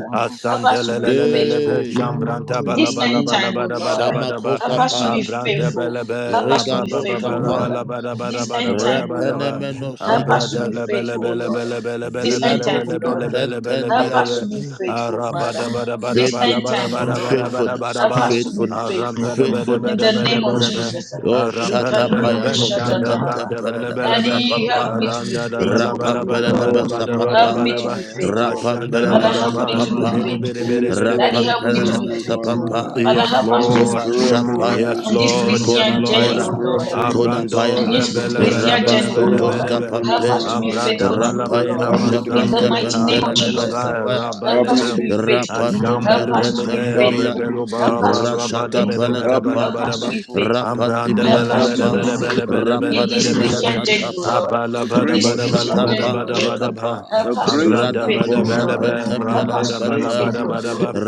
Speaker 6: Help
Speaker 3: asante
Speaker 6: us to
Speaker 3: le
Speaker 6: be
Speaker 3: le le le le be,
Speaker 6: faithful.
Speaker 4: Hey.
Speaker 3: shambranta bala
Speaker 6: This
Speaker 3: bala
Speaker 6: end
Speaker 4: Mm.
Speaker 3: bala
Speaker 6: time, O
Speaker 3: bala
Speaker 6: Lord.
Speaker 3: bala bala ba,
Speaker 6: Help
Speaker 4: Shamakosa
Speaker 6: us to
Speaker 4: paya,
Speaker 6: be
Speaker 3: abranta
Speaker 6: faithful.
Speaker 3: bele be,
Speaker 6: Help us to
Speaker 3: raba
Speaker 6: be
Speaker 3: ba
Speaker 4: Rigados
Speaker 3: ba ba
Speaker 6: faithful,
Speaker 3: raba
Speaker 6: Lord.
Speaker 4: kapaya,
Speaker 3: la bala bala
Speaker 6: This
Speaker 3: bala
Speaker 6: end
Speaker 3: bala
Speaker 6: time, O
Speaker 3: bala
Speaker 6: Lord.
Speaker 3: ba,
Speaker 4: Repenemenoski
Speaker 6: Help us to
Speaker 3: ambranta
Speaker 6: be
Speaker 4: kataya,
Speaker 3: le bele
Speaker 6: faithful, O
Speaker 3: bele
Speaker 6: Lord.
Speaker 3: bele bele bele
Speaker 6: This end
Speaker 3: bele
Speaker 6: time,
Speaker 4: Vilanos
Speaker 6: O
Speaker 3: bele bele
Speaker 6: Lord.
Speaker 3: bele bele
Speaker 6: Help us
Speaker 3: bele
Speaker 6: to
Speaker 4: kaprentendiatos,
Speaker 6: be
Speaker 3: be,
Speaker 6: faithful,
Speaker 3: araba da
Speaker 6: Father.
Speaker 3: ba da ba da
Speaker 6: This
Speaker 3: ba da
Speaker 6: end
Speaker 3: ba
Speaker 4: Faithfulness,
Speaker 3: da
Speaker 6: time,
Speaker 3: ba
Speaker 6: O
Speaker 3: da
Speaker 6: Lord.
Speaker 3: ba da
Speaker 4: faithfulness,
Speaker 3: ba da
Speaker 6: Help
Speaker 3: ba,
Speaker 6: us to
Speaker 4: faithfulness,
Speaker 3: arampa da ba da ba
Speaker 6: in
Speaker 3: da
Speaker 6: the
Speaker 4: faithfulness.
Speaker 3: ba da
Speaker 6: name
Speaker 3: ba
Speaker 6: of
Speaker 3: da ba.
Speaker 6: Jesus.
Speaker 4: Oh,
Speaker 3: Arambele
Speaker 4: shata
Speaker 3: bele be
Speaker 4: payatos
Speaker 3: şanda
Speaker 6: Rikaribirishataraba.
Speaker 3: branda bele
Speaker 6: That
Speaker 4: kapantempelelebe
Speaker 3: bele be
Speaker 6: you help
Speaker 4: sapapa,
Speaker 6: me to be
Speaker 3: aranda da
Speaker 6: faithful
Speaker 3: bala
Speaker 6: to
Speaker 3: bala
Speaker 6: you,
Speaker 3: bala
Speaker 6: Lord.
Speaker 1: Oh,
Speaker 3: bala
Speaker 4: rapampelelebe
Speaker 1: my
Speaker 3: bala
Speaker 1: God and
Speaker 3: bala bala ba da
Speaker 6: Help
Speaker 1: my
Speaker 3: ba
Speaker 4: sapapa,
Speaker 6: me,
Speaker 3: da ba
Speaker 1: Lord. The spirit of
Speaker 3: Ashanda ra
Speaker 6: Father,
Speaker 1: faithfulness,
Speaker 4: Papa,
Speaker 3: bala
Speaker 6: help me
Speaker 3: ba
Speaker 1: Jehovah.
Speaker 6: to be
Speaker 4: sapapa,
Speaker 3: ribede bede
Speaker 1: Give
Speaker 6: faithful.
Speaker 1: me the
Speaker 3: bede bede
Speaker 6: Help
Speaker 1: spirit of
Speaker 3: bede
Speaker 6: me to
Speaker 1: faithfulness,
Speaker 6: be
Speaker 4: rapampelelebe
Speaker 1: my God and my
Speaker 6: faithful.
Speaker 1: Lord.
Speaker 4: sapapa,
Speaker 6: Father,
Speaker 3: Yes,
Speaker 6: help us to
Speaker 1: The
Speaker 3: Lord.
Speaker 4: koba
Speaker 6: be
Speaker 1: spirit of
Speaker 6: faithful
Speaker 1: faithfulness,
Speaker 3: Yes,
Speaker 4: shapaya,
Speaker 6: in this
Speaker 1: Jehovah.
Speaker 3: Lord. Yes,
Speaker 6: Christian
Speaker 1: The
Speaker 6: journey,
Speaker 3: Lord.
Speaker 6: O
Speaker 4: kodapaya,
Speaker 1: spirit of
Speaker 6: Lord.
Speaker 1: faithfulness,
Speaker 3: Abrando
Speaker 6: In
Speaker 4: kodapaya,
Speaker 1: Jehovah.
Speaker 6: this
Speaker 3: rebele bele
Speaker 6: Christian
Speaker 1: The
Speaker 3: bele
Speaker 6: journey, O
Speaker 3: bele
Speaker 1: spirit
Speaker 6: Lord,
Speaker 4: rabasotos
Speaker 1: of
Speaker 3: bele bele.
Speaker 6: help
Speaker 1: faithfulness,
Speaker 6: us
Speaker 1: my
Speaker 4: kapampe,
Speaker 6: to be
Speaker 1: God and my
Speaker 3: Abranda
Speaker 6: faithful
Speaker 1: Lord.
Speaker 6: to you,
Speaker 3: malabayana
Speaker 6: Lord.
Speaker 4: rapando
Speaker 1: Help me to be
Speaker 6: In the
Speaker 4: shabreska
Speaker 3: masandele
Speaker 1: faithful,
Speaker 6: mighty
Speaker 1: my
Speaker 6: name
Speaker 3: kada
Speaker 6: of
Speaker 1: God and my Lord.
Speaker 6: Jesus,
Speaker 3: melova
Speaker 4: pempelelebe
Speaker 1: Help
Speaker 3: rabale
Speaker 1: me to
Speaker 3: bele.
Speaker 1: be faithful,
Speaker 4: Rapandoska
Speaker 1: Jehovah.
Speaker 6: help
Speaker 3: Ashambelu
Speaker 6: us to be
Speaker 3: menebe
Speaker 1: Help me
Speaker 4: Prentampelia,
Speaker 6: faithful.
Speaker 1: to be
Speaker 3: rebelo
Speaker 6: Help,
Speaker 1: faithful,
Speaker 3: baraba
Speaker 1: Jehovah.
Speaker 4: Rashata
Speaker 3: rabade bele
Speaker 6: us,
Speaker 3: gada
Speaker 1: Help me to
Speaker 3: bele
Speaker 4: Palakapa,
Speaker 1: be
Speaker 3: bele
Speaker 1: faithful,
Speaker 3: bele.
Speaker 1: Jehovah.
Speaker 3: Abranda
Speaker 6: help
Speaker 3: bele
Speaker 1: Help
Speaker 6: us
Speaker 1: me
Speaker 3: bele
Speaker 6: to
Speaker 1: to
Speaker 6: be
Speaker 1: be
Speaker 4: Rapandibriaskapa,
Speaker 3: bele
Speaker 6: faithful
Speaker 1: faithful.
Speaker 3: bele bele
Speaker 1: Give me the
Speaker 3: bele bele
Speaker 1: grace of
Speaker 3: bele bele.
Speaker 1: faithfulness.
Speaker 4: Rapandibriasatapa,
Speaker 3: Abala
Speaker 1: The
Speaker 6: in
Speaker 3: bada
Speaker 1: grace to
Speaker 6: this
Speaker 3: bada
Speaker 1: be
Speaker 3: bada
Speaker 6: Christian
Speaker 1: faithful,
Speaker 6: journey,
Speaker 3: bada
Speaker 1: my
Speaker 4: Moshatapa
Speaker 1: God
Speaker 3: bada
Speaker 1: and my
Speaker 3: bada
Speaker 1: Lord.
Speaker 3: ba.
Speaker 4: Lekapa,
Speaker 1: The grace to
Speaker 3: Abranda
Speaker 1: be
Speaker 4: Radapo
Speaker 3: bada
Speaker 1: faithful,
Speaker 3: bele
Speaker 6: Lord.
Speaker 1: Father.
Speaker 3: bele
Speaker 6: Help
Speaker 4: Shapentempele
Speaker 1: The
Speaker 6: us
Speaker 3: rabada
Speaker 6: to be
Speaker 3: bala
Speaker 1: grace to
Speaker 4: Lepeta,
Speaker 3: bada
Speaker 1: be
Speaker 6: faithful,
Speaker 3: bada ba.
Speaker 6: Lord.
Speaker 1: faithful.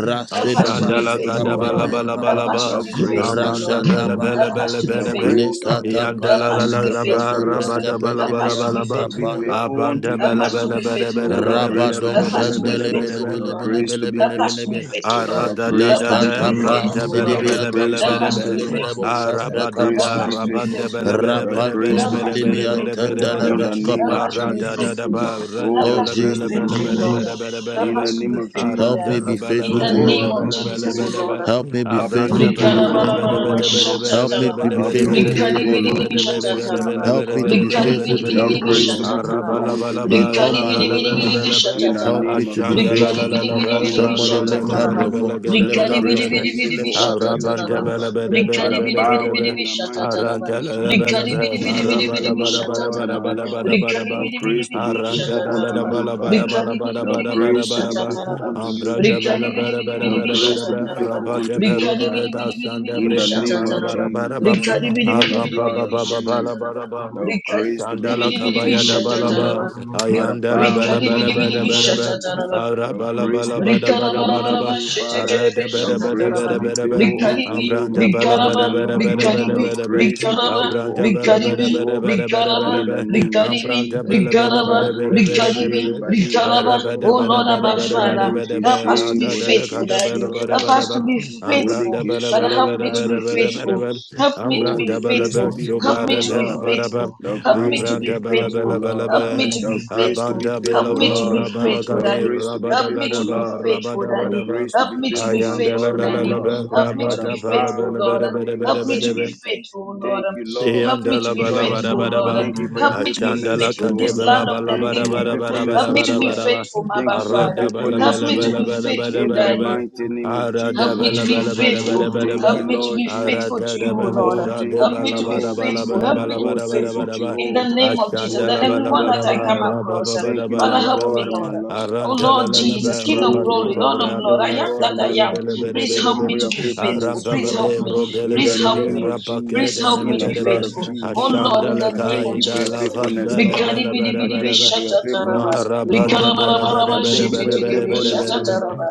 Speaker 1: The
Speaker 6: To be
Speaker 1: grace
Speaker 3: Ashandala
Speaker 1: to be
Speaker 6: faithful,
Speaker 3: kadabala
Speaker 6: Lord.
Speaker 1: faithful.
Speaker 4: Sukapandea
Speaker 3: bala
Speaker 6: Help
Speaker 3: bala
Speaker 6: us
Speaker 4: Baba,
Speaker 6: to
Speaker 1: The
Speaker 3: ba
Speaker 6: be
Speaker 1: grace to
Speaker 6: faithful,
Speaker 1: be
Speaker 3: abanda
Speaker 6: Lord.
Speaker 3: bala
Speaker 1: faithful.
Speaker 3: bala
Speaker 4: Rashandaba,
Speaker 6: Help us,
Speaker 3: bala
Speaker 6: to,
Speaker 1: The
Speaker 3: bala ba
Speaker 1: grace to be
Speaker 4: Lekata
Speaker 1: faithful.
Speaker 3: yandala la la
Speaker 4: Payanuska
Speaker 3: la
Speaker 1: Thou
Speaker 3: ba
Speaker 1: grace to be
Speaker 4: Pentembreska
Speaker 3: rabada bala
Speaker 1: faithful,
Speaker 3: bala bala ba
Speaker 1: to be
Speaker 4: Pendibriasatapa,
Speaker 1: faithful unto
Speaker 3: abanda
Speaker 1: you,
Speaker 6: help
Speaker 3: bala
Speaker 6: us to
Speaker 3: bala
Speaker 6: be
Speaker 1: Jehovah.
Speaker 3: bala
Speaker 6: faithful,
Speaker 3: bala
Speaker 1: Thou
Speaker 6: Lord.
Speaker 3: bala bala
Speaker 1: grace
Speaker 3: bala
Speaker 1: to
Speaker 4: Rabado
Speaker 1: be
Speaker 6: Help us
Speaker 3: bala
Speaker 6: to be
Speaker 1: faithful,
Speaker 3: bala bala
Speaker 6: faithful,
Speaker 3: ba
Speaker 1: thou
Speaker 6: Lord.
Speaker 1: grace to be
Speaker 6: Help us to be
Speaker 1: faithful,
Speaker 4: Shandelebelebelebelebelebelebe.
Speaker 6: faithful, Lord.
Speaker 1: thou
Speaker 3: arada da
Speaker 1: grace
Speaker 6: Help
Speaker 3: da
Speaker 1: to
Speaker 6: us
Speaker 1: be
Speaker 6: to
Speaker 3: da
Speaker 6: be
Speaker 1: faithful,
Speaker 4: Lekatapa
Speaker 3: vranta
Speaker 6: faithful,
Speaker 3: bala
Speaker 6: Lord.
Speaker 1: thou
Speaker 3: bala bala
Speaker 1: grace to
Speaker 6: Help
Speaker 1: be
Speaker 3: bala
Speaker 4: sidibiatapa
Speaker 6: us to
Speaker 3: ba
Speaker 6: be
Speaker 1: faithful,
Speaker 4: lebedebo
Speaker 6: faithful, Lord.
Speaker 1: thou
Speaker 3: arabada
Speaker 1: grace
Speaker 6: Help
Speaker 1: to
Speaker 3: ba
Speaker 4: samprekapa
Speaker 1: be
Speaker 6: us to be
Speaker 1: faithful,
Speaker 3: rabanda bala
Speaker 6: faithful,
Speaker 3: bala
Speaker 6: Lord.
Speaker 1: thou
Speaker 3: bala
Speaker 4: rapanto
Speaker 3: bala
Speaker 1: grace to
Speaker 6: Help
Speaker 1: be
Speaker 6: us to be
Speaker 3: bala bala
Speaker 1: faithful.
Speaker 3: bala
Speaker 6: faithful,
Speaker 3: bala
Speaker 6: Lord.
Speaker 3: bala
Speaker 1: In
Speaker 3: ba
Speaker 1: the
Speaker 4: sidimiantandalabasko
Speaker 1: name
Speaker 6: Help
Speaker 1: of
Speaker 6: us to be
Speaker 4: pampelie.
Speaker 3: arada da
Speaker 1: Jesus,
Speaker 3: da
Speaker 6: faithful,
Speaker 3: ba
Speaker 6: Lord.
Speaker 1: oh,
Speaker 6: Help
Speaker 3: vranta
Speaker 4: Oh
Speaker 1: thou
Speaker 3: la
Speaker 6: us to be
Speaker 1: grace to
Speaker 3: bala
Speaker 1: be
Speaker 6: faithful,
Speaker 3: bala bala
Speaker 1: faithful,
Speaker 6: Lord.
Speaker 3: bala bala bala
Speaker 4: Jesus,
Speaker 6: Help
Speaker 1: in the
Speaker 3: ba
Speaker 6: us to
Speaker 1: name
Speaker 6: be
Speaker 1: of
Speaker 6: faithful,
Speaker 4: help me
Speaker 3: aranda la
Speaker 1: Jesus.
Speaker 4: be
Speaker 6: Daddy.
Speaker 3: bala
Speaker 6: In
Speaker 4: faithful to
Speaker 3: bala
Speaker 6: the
Speaker 1: Oh,
Speaker 4: you,
Speaker 3: bala
Speaker 6: name
Speaker 1: help
Speaker 6: of
Speaker 4: Lord.
Speaker 1: me
Speaker 3: bala
Speaker 1: to be
Speaker 3: bala
Speaker 6: Jesus, oh
Speaker 3: bala ba
Speaker 1: faithful.
Speaker 6: Lord.
Speaker 4: Help me be
Speaker 1: Help me to
Speaker 3: Abranta
Speaker 4: faithful
Speaker 1: be
Speaker 4: to
Speaker 3: bele
Speaker 4: you,
Speaker 1: faithful
Speaker 3: bele
Speaker 1: to
Speaker 4: Lord.
Speaker 3: bele
Speaker 1: you,
Speaker 3: bele bele
Speaker 1: Jehovah.
Speaker 4: Help me
Speaker 3: bele
Speaker 4: to
Speaker 6: Urikarabarabarabarabashatatara.
Speaker 4: be
Speaker 1: Help me
Speaker 4: faithful
Speaker 1: to
Speaker 3: bele bele
Speaker 4: to
Speaker 1: be
Speaker 4: you, O
Speaker 3: bele
Speaker 1: faithful,
Speaker 4: Lord.
Speaker 1: to
Speaker 3: bele bele bele bele
Speaker 1: be
Speaker 3: bele
Speaker 1: faithful to
Speaker 3: gede
Speaker 6: Urikaribiriribishatatara.
Speaker 1: you,
Speaker 3: bele
Speaker 1: my
Speaker 4: Help
Speaker 3: bele
Speaker 4: me
Speaker 1: God
Speaker 4: to
Speaker 1: and
Speaker 3: bele bele
Speaker 4: be
Speaker 1: my Lord.
Speaker 3: bele
Speaker 4: faithful to
Speaker 3: bele
Speaker 1: Thou
Speaker 4: you,
Speaker 3: bele.
Speaker 4: O
Speaker 1: grace to
Speaker 4: Lord,
Speaker 1: be
Speaker 6: Urikaribiriribiribishatatara.
Speaker 3: Araba
Speaker 1: faithful
Speaker 3: la ba
Speaker 1: unto
Speaker 3: la
Speaker 1: you,
Speaker 4: in
Speaker 3: ba,
Speaker 1: my
Speaker 4: all
Speaker 1: God
Speaker 4: my
Speaker 3: raba
Speaker 1: and my
Speaker 3: la bele
Speaker 1: Lord.
Speaker 3: bele
Speaker 4: ways.
Speaker 3: be.
Speaker 1: In the
Speaker 6: Urikaribiriribiribishatatara.
Speaker 4: Help
Speaker 1: name
Speaker 4: me to
Speaker 1: of
Speaker 4: be
Speaker 3: Ashanda la la
Speaker 4: faithful.
Speaker 1: Jesus.
Speaker 3: la la be,
Speaker 1: In the
Speaker 4: Somebody
Speaker 3: brando
Speaker 1: blood of
Speaker 4: lift
Speaker 3: bele
Speaker 4: up
Speaker 3: bele
Speaker 4: your
Speaker 1: Jesus.
Speaker 6: Urikaribiriribiribishatatara.
Speaker 3: bele
Speaker 4: voice.
Speaker 3: gede
Speaker 1: Thou
Speaker 4: Lift
Speaker 3: bele
Speaker 4: up
Speaker 1: grace
Speaker 3: bele
Speaker 4: your
Speaker 1: to
Speaker 3: be.
Speaker 1: be
Speaker 4: voice. Lift
Speaker 1: faithful
Speaker 4: up
Speaker 1: unto
Speaker 4: your
Speaker 1: you,
Speaker 4: voice.
Speaker 6: Urikaribiriribiribishatatara.
Speaker 3: Arabante bele
Speaker 1: Jehovah.
Speaker 3: bele
Speaker 1: By
Speaker 3: bele
Speaker 1: the
Speaker 3: bele bele
Speaker 1: power
Speaker 3: be.
Speaker 1: in the mighty
Speaker 6: Urikaribiriribiribishatatara.
Speaker 1: name of
Speaker 3: Arantala bala
Speaker 1: Jesus.
Speaker 3: bala
Speaker 1: Thank you,
Speaker 3: bala
Speaker 6: Urikaribiriribiribishatatara.
Speaker 1: my
Speaker 3: bala bala
Speaker 1: God and
Speaker 3: bala bala
Speaker 1: my
Speaker 6: Shatataraba,
Speaker 3: bala
Speaker 1: Lord.
Speaker 3: bala bala
Speaker 6: Rikari
Speaker 1: Thou
Speaker 3: bala.
Speaker 6: Vidi Vidi
Speaker 1: grace to
Speaker 6: Vidi
Speaker 1: be
Speaker 6: Vidi
Speaker 1: faithful
Speaker 3: Arantala
Speaker 1: unto
Speaker 6: Shatataraba,
Speaker 1: you,
Speaker 3: bala bala
Speaker 1: Father.
Speaker 6: Rikari
Speaker 3: bala bala
Speaker 6: Vidi Vidi
Speaker 3: bala
Speaker 1: The
Speaker 6: Vidi
Speaker 3: bala
Speaker 6: Vidi
Speaker 3: bala
Speaker 1: grace to
Speaker 3: bala
Speaker 1: be
Speaker 3: bala.
Speaker 1: faithful
Speaker 6: Shatataraba,
Speaker 1: unto you,
Speaker 3: Andra da bala
Speaker 1: Jehovah.
Speaker 3: bala bala
Speaker 1: The
Speaker 3: bala
Speaker 1: grace
Speaker 3: bala
Speaker 1: to be
Speaker 3: bala.
Speaker 1: faithful
Speaker 3: Rabba de
Speaker 1: unto you,
Speaker 3: bero
Speaker 6: Rikari
Speaker 3: de
Speaker 1: Father
Speaker 6: Vidi
Speaker 3: veda
Speaker 6: Vidi
Speaker 1: God.
Speaker 6: Vidi
Speaker 3: sanda
Speaker 1: In
Speaker 6: Vidi
Speaker 1: the
Speaker 3: brinka
Speaker 1: name
Speaker 3: bala
Speaker 1: of
Speaker 6: Shatataraba,
Speaker 3: bala bala bala.
Speaker 1: Jesus.
Speaker 6: Rikari Vidi
Speaker 1: In
Speaker 6: Vidi
Speaker 1: the
Speaker 3: Ava
Speaker 6: Vidi
Speaker 3: ba
Speaker 1: blood
Speaker 6: Vidi
Speaker 3: ba
Speaker 1: of
Speaker 3: ba
Speaker 6: Vidi
Speaker 3: ba bala
Speaker 1: Jesus.
Speaker 6: Shatataraba,
Speaker 3: bala bala.
Speaker 1: The
Speaker 6: Rikari
Speaker 1: grace to be
Speaker 6: Vidi Vidi
Speaker 3: Asandala
Speaker 6: Vidi
Speaker 1: faithful
Speaker 6: Vidi
Speaker 1: to
Speaker 6: Vidi
Speaker 3: kabaya da
Speaker 1: you,
Speaker 6: Shatataraba,
Speaker 3: balaba,
Speaker 1: Jehovah. Out of
Speaker 3: ayandala
Speaker 1: power
Speaker 3: bala
Speaker 6: Rikari
Speaker 1: in
Speaker 6: Vidi
Speaker 1: the
Speaker 3: bala
Speaker 6: Vidi
Speaker 1: name
Speaker 3: bala
Speaker 6: Vidi Shatataraba, Rikari Vidi Vidi Vidi
Speaker 1: of
Speaker 3: bala bala,
Speaker 1: Jesus.
Speaker 6: Shatataraba,
Speaker 1: The
Speaker 3: arabala
Speaker 1: grace
Speaker 3: bala
Speaker 1: to be
Speaker 3: bala bala
Speaker 1: faithful unto
Speaker 3: bala
Speaker 6: Rigarabarabara,
Speaker 3: bala,
Speaker 1: you, Father.
Speaker 6: shetekerebe,
Speaker 3: arada bala
Speaker 1: The
Speaker 3: bala
Speaker 1: grace
Speaker 6: shatataraba.
Speaker 1: to
Speaker 3: bala
Speaker 1: be
Speaker 3: bala bala
Speaker 1: faithful unto
Speaker 6: Rigaribi,
Speaker 1: you,
Speaker 3: Ambranda
Speaker 1: my
Speaker 3: bala
Speaker 1: God and
Speaker 6: rigaraba,
Speaker 1: my
Speaker 3: bada bada
Speaker 1: Lord.
Speaker 3: bada bada
Speaker 6: rigaribi,
Speaker 1: The
Speaker 3: bada ba.
Speaker 1: grace to be
Speaker 6: rigaraba,
Speaker 1: faithful
Speaker 3: Ambranda
Speaker 1: unto
Speaker 3: bala
Speaker 1: you,
Speaker 3: bada
Speaker 6: rigaribi,
Speaker 3: bada
Speaker 1: Jehovah.
Speaker 3: bada bada
Speaker 6: rigaraba,
Speaker 3: bada
Speaker 1: In
Speaker 3: ba.
Speaker 1: the name of
Speaker 6: rigaribi,
Speaker 3: Ambranda
Speaker 1: Jesus.
Speaker 3: bala bala
Speaker 6: rigaraba,
Speaker 3: bada bada bada
Speaker 1: Barikishe
Speaker 3: bada
Speaker 6: rigaribi,
Speaker 3: ba.
Speaker 1: Badika
Speaker 6: rigaraba.
Speaker 3: Arabada
Speaker 6: Oh
Speaker 3: bada
Speaker 6: Lord,
Speaker 3: bada
Speaker 6: our
Speaker 3: bada
Speaker 6: Father,
Speaker 3: bada bada ba.
Speaker 6: help
Speaker 1: Barikishe
Speaker 6: us to be
Speaker 3: Rada da da kada
Speaker 6: faithful,
Speaker 3: da
Speaker 1: Bodekishe
Speaker 3: bala
Speaker 6: Daddy.
Speaker 3: bada
Speaker 6: Help
Speaker 3: bada
Speaker 6: us
Speaker 3: ba.
Speaker 6: to be faithful.
Speaker 3: Ambranda bala
Speaker 6: Father,
Speaker 3: bada
Speaker 6: help
Speaker 1: Bodekishe
Speaker 3: bada
Speaker 6: me to be
Speaker 3: bada bada
Speaker 1: Badekishe
Speaker 3: bada
Speaker 6: faithful.
Speaker 3: ba.
Speaker 6: Help me to
Speaker 1: Oh,
Speaker 6: be
Speaker 1: the
Speaker 3: Ambranda bala
Speaker 1: grace
Speaker 3: ba
Speaker 1: to
Speaker 6: faithful.
Speaker 1: be
Speaker 6: Help me
Speaker 1: faithful,
Speaker 3: shobada
Speaker 6: to be
Speaker 3: bala
Speaker 1: Lord.
Speaker 3: bada ba.
Speaker 6: faithful.
Speaker 1: The
Speaker 6: Help me
Speaker 1: grace
Speaker 6: to
Speaker 1: to
Speaker 6: be
Speaker 1: be
Speaker 3: Ambranda bala
Speaker 1: faithful,
Speaker 3: bala
Speaker 6: faithful.
Speaker 3: bala
Speaker 1: Lord.
Speaker 3: ba.
Speaker 6: Help me to
Speaker 1: The
Speaker 6: be
Speaker 1: grace to
Speaker 6: faithful.
Speaker 1: be
Speaker 3: Abanda
Speaker 6: Help
Speaker 3: bala
Speaker 1: faithful,
Speaker 6: me to be
Speaker 3: bala
Speaker 1: Lord.
Speaker 3: bala
Speaker 6: faithful,
Speaker 3: kade
Speaker 1: The
Speaker 6: Daddy.
Speaker 1: grace to be
Speaker 6: Help
Speaker 3: rabada
Speaker 6: me
Speaker 1: faithful,
Speaker 6: to
Speaker 3: gada
Speaker 6: be
Speaker 3: ba
Speaker 1: Lord.
Speaker 6: faithful,
Speaker 3: rabada
Speaker 1: The
Speaker 3: bada
Speaker 6: Daddy.
Speaker 3: ba.
Speaker 1: grace to
Speaker 6: Help
Speaker 1: be
Speaker 6: me to
Speaker 1: faithful,
Speaker 6: be
Speaker 1: my
Speaker 3: Ayanda la
Speaker 1: God
Speaker 6: faithful,
Speaker 1: and
Speaker 3: la
Speaker 1: my
Speaker 3: la
Speaker 6: Daddy.
Speaker 3: la
Speaker 1: Lord.
Speaker 3: ba,
Speaker 6: Help me
Speaker 1: By
Speaker 6: to
Speaker 1: the
Speaker 3: rabada
Speaker 6: be
Speaker 3: ba la ba
Speaker 6: faithful,
Speaker 1: power
Speaker 3: la ba
Speaker 1: in
Speaker 6: Lord.
Speaker 3: da
Speaker 1: the
Speaker 3: ba da
Speaker 1: name
Speaker 3: ba da
Speaker 6: Help
Speaker 1: of
Speaker 3: ba
Speaker 6: me
Speaker 3: da
Speaker 6: to
Speaker 3: ba.
Speaker 6: be
Speaker 1: Jesus.
Speaker 6: faithful, Lord.
Speaker 1: Thank you, Lord.
Speaker 6: Help me
Speaker 1: Thank
Speaker 6: to
Speaker 3: Yandala
Speaker 1: you,
Speaker 6: be
Speaker 3: bala
Speaker 1: Lord.
Speaker 3: bada
Speaker 6: faithful,
Speaker 3: bada
Speaker 6: Lord.
Speaker 3: ba,
Speaker 1: Thank you for your
Speaker 6: Help me to be
Speaker 1: faithfulness,
Speaker 3: Ashandala
Speaker 6: faithful in
Speaker 1: Jehovah.
Speaker 6: this land
Speaker 3: kadebra
Speaker 6: of the
Speaker 3: bala
Speaker 1: Thank you,
Speaker 3: bada
Speaker 1: for your
Speaker 3: bada
Speaker 6: living.
Speaker 3: bada
Speaker 1: faithfulness,
Speaker 6: Help
Speaker 3: bada
Speaker 6: me
Speaker 1: Heavenly
Speaker 6: to
Speaker 3: bada
Speaker 6: be
Speaker 3: bada
Speaker 1: Father.
Speaker 3: ba,
Speaker 6: faithful, my
Speaker 1: Thank you for your
Speaker 3: Arada
Speaker 6: Father.
Speaker 3: bala
Speaker 1: faithfulness,
Speaker 6: Help
Speaker 3: bala
Speaker 6: me to be
Speaker 1: Jehovah.
Speaker 3: bala bala bada
Speaker 6: faithful,
Speaker 1: In the
Speaker 3: bada
Speaker 6: Daddy.
Speaker 3: ba,
Speaker 1: mighty name of
Speaker 3: Arada
Speaker 6: Help me
Speaker 3: bala
Speaker 6: to
Speaker 1: Jesus.
Speaker 6: be
Speaker 3: bala bala
Speaker 6: faithful.
Speaker 1: Oh,
Speaker 3: bada bada
Speaker 1: thank
Speaker 6: Help
Speaker 3: ba,
Speaker 1: you,
Speaker 6: me to
Speaker 1: Lord
Speaker 6: be faithful
Speaker 1: Jesus.
Speaker 6: to
Speaker 3: Arada
Speaker 6: you,
Speaker 3: da
Speaker 6: O Lord.
Speaker 1: Oh,
Speaker 3: belosa
Speaker 1: thank
Speaker 3: de
Speaker 1: you,
Speaker 6: Help me
Speaker 3: bala
Speaker 6: to be
Speaker 3: bada
Speaker 1: Jehovah.
Speaker 3: bala
Speaker 6: faithful.
Speaker 3: bada
Speaker 6: Help me
Speaker 3: bala
Speaker 6: to be
Speaker 1: Oh,
Speaker 3: bada bada
Speaker 1: thank you,
Speaker 6: faithful.
Speaker 3: bada ba,
Speaker 6: In the
Speaker 1: Jehovah.
Speaker 6: name of Jesus,
Speaker 1: Oh,
Speaker 6: that
Speaker 3: Ashandala
Speaker 1: thank you,
Speaker 3: bala
Speaker 6: everyone
Speaker 1: my
Speaker 6: that
Speaker 3: bada
Speaker 6: I
Speaker 3: ba,
Speaker 6: come
Speaker 1: Father.
Speaker 6: across,
Speaker 3: Rababa
Speaker 6: uh,
Speaker 1: Thank
Speaker 3: bada
Speaker 1: you,
Speaker 6: Father,
Speaker 3: bada
Speaker 1: my
Speaker 6: help
Speaker 3: bada
Speaker 1: God
Speaker 6: me,
Speaker 3: ba,
Speaker 1: and
Speaker 6: Lord.
Speaker 1: my Lord.
Speaker 6: Oh
Speaker 3: Arantala
Speaker 6: Lord
Speaker 3: la la
Speaker 1: Thank you,
Speaker 6: Jesus,
Speaker 3: ba,
Speaker 6: King of
Speaker 3: Rabba de
Speaker 6: glory,
Speaker 1: Jehovah.
Speaker 6: Lord of
Speaker 1: Thank
Speaker 3: cobra
Speaker 1: you,
Speaker 6: Lord, I
Speaker 1: my
Speaker 3: dona
Speaker 6: am
Speaker 1: God
Speaker 6: that
Speaker 1: and
Speaker 6: I
Speaker 1: my
Speaker 3: shambele
Speaker 6: am.
Speaker 1: Lord.
Speaker 3: bele bele
Speaker 6: Please
Speaker 1: Thank
Speaker 3: bele
Speaker 6: help
Speaker 1: you for
Speaker 6: me to
Speaker 1: your
Speaker 6: be
Speaker 1: faithfulness,
Speaker 6: faithful.
Speaker 3: Aramba
Speaker 6: Please
Speaker 3: ba ba ba
Speaker 1: Jehovah.
Speaker 6: help me.
Speaker 1: In the
Speaker 6: Please help
Speaker 1: name
Speaker 6: me.
Speaker 1: of
Speaker 6: Please
Speaker 3: de
Speaker 1: Jesus,
Speaker 6: help
Speaker 3: mele
Speaker 6: me
Speaker 1: in
Speaker 6: to
Speaker 1: the
Speaker 6: be
Speaker 3: bede
Speaker 1: blood
Speaker 3: be
Speaker 1: of
Speaker 6: faithful. Oh
Speaker 1: Jesus,
Speaker 6: Lord, in
Speaker 3: ashandale
Speaker 1: I
Speaker 6: the name
Speaker 1: thank
Speaker 6: of
Speaker 3: kai
Speaker 1: you for
Speaker 3: da
Speaker 1: your
Speaker 6: Jesus.
Speaker 3: la
Speaker 1: faithfulness,
Speaker 3: vasa de
Speaker 1: Lord.
Speaker 6: Rigadi
Speaker 3: bele
Speaker 6: bidi
Speaker 1: I
Speaker 3: bede
Speaker 6: bidi bi
Speaker 3: bede
Speaker 1: thank you
Speaker 3: be
Speaker 1: for your
Speaker 6: shatataraba.
Speaker 1: faithfulness, Jehovah.
Speaker 3: marabate bede bede
Speaker 1: I
Speaker 6: Rigarabaraba
Speaker 3: bede
Speaker 1: thank you for
Speaker 3: bede
Speaker 1: your
Speaker 6: shititidi
Speaker 3: bede
Speaker 6: bi
Speaker 1: faithfulness,
Speaker 3: bede bede
Speaker 1: my
Speaker 3: be
Speaker 1: God.
Speaker 6: shatataraba.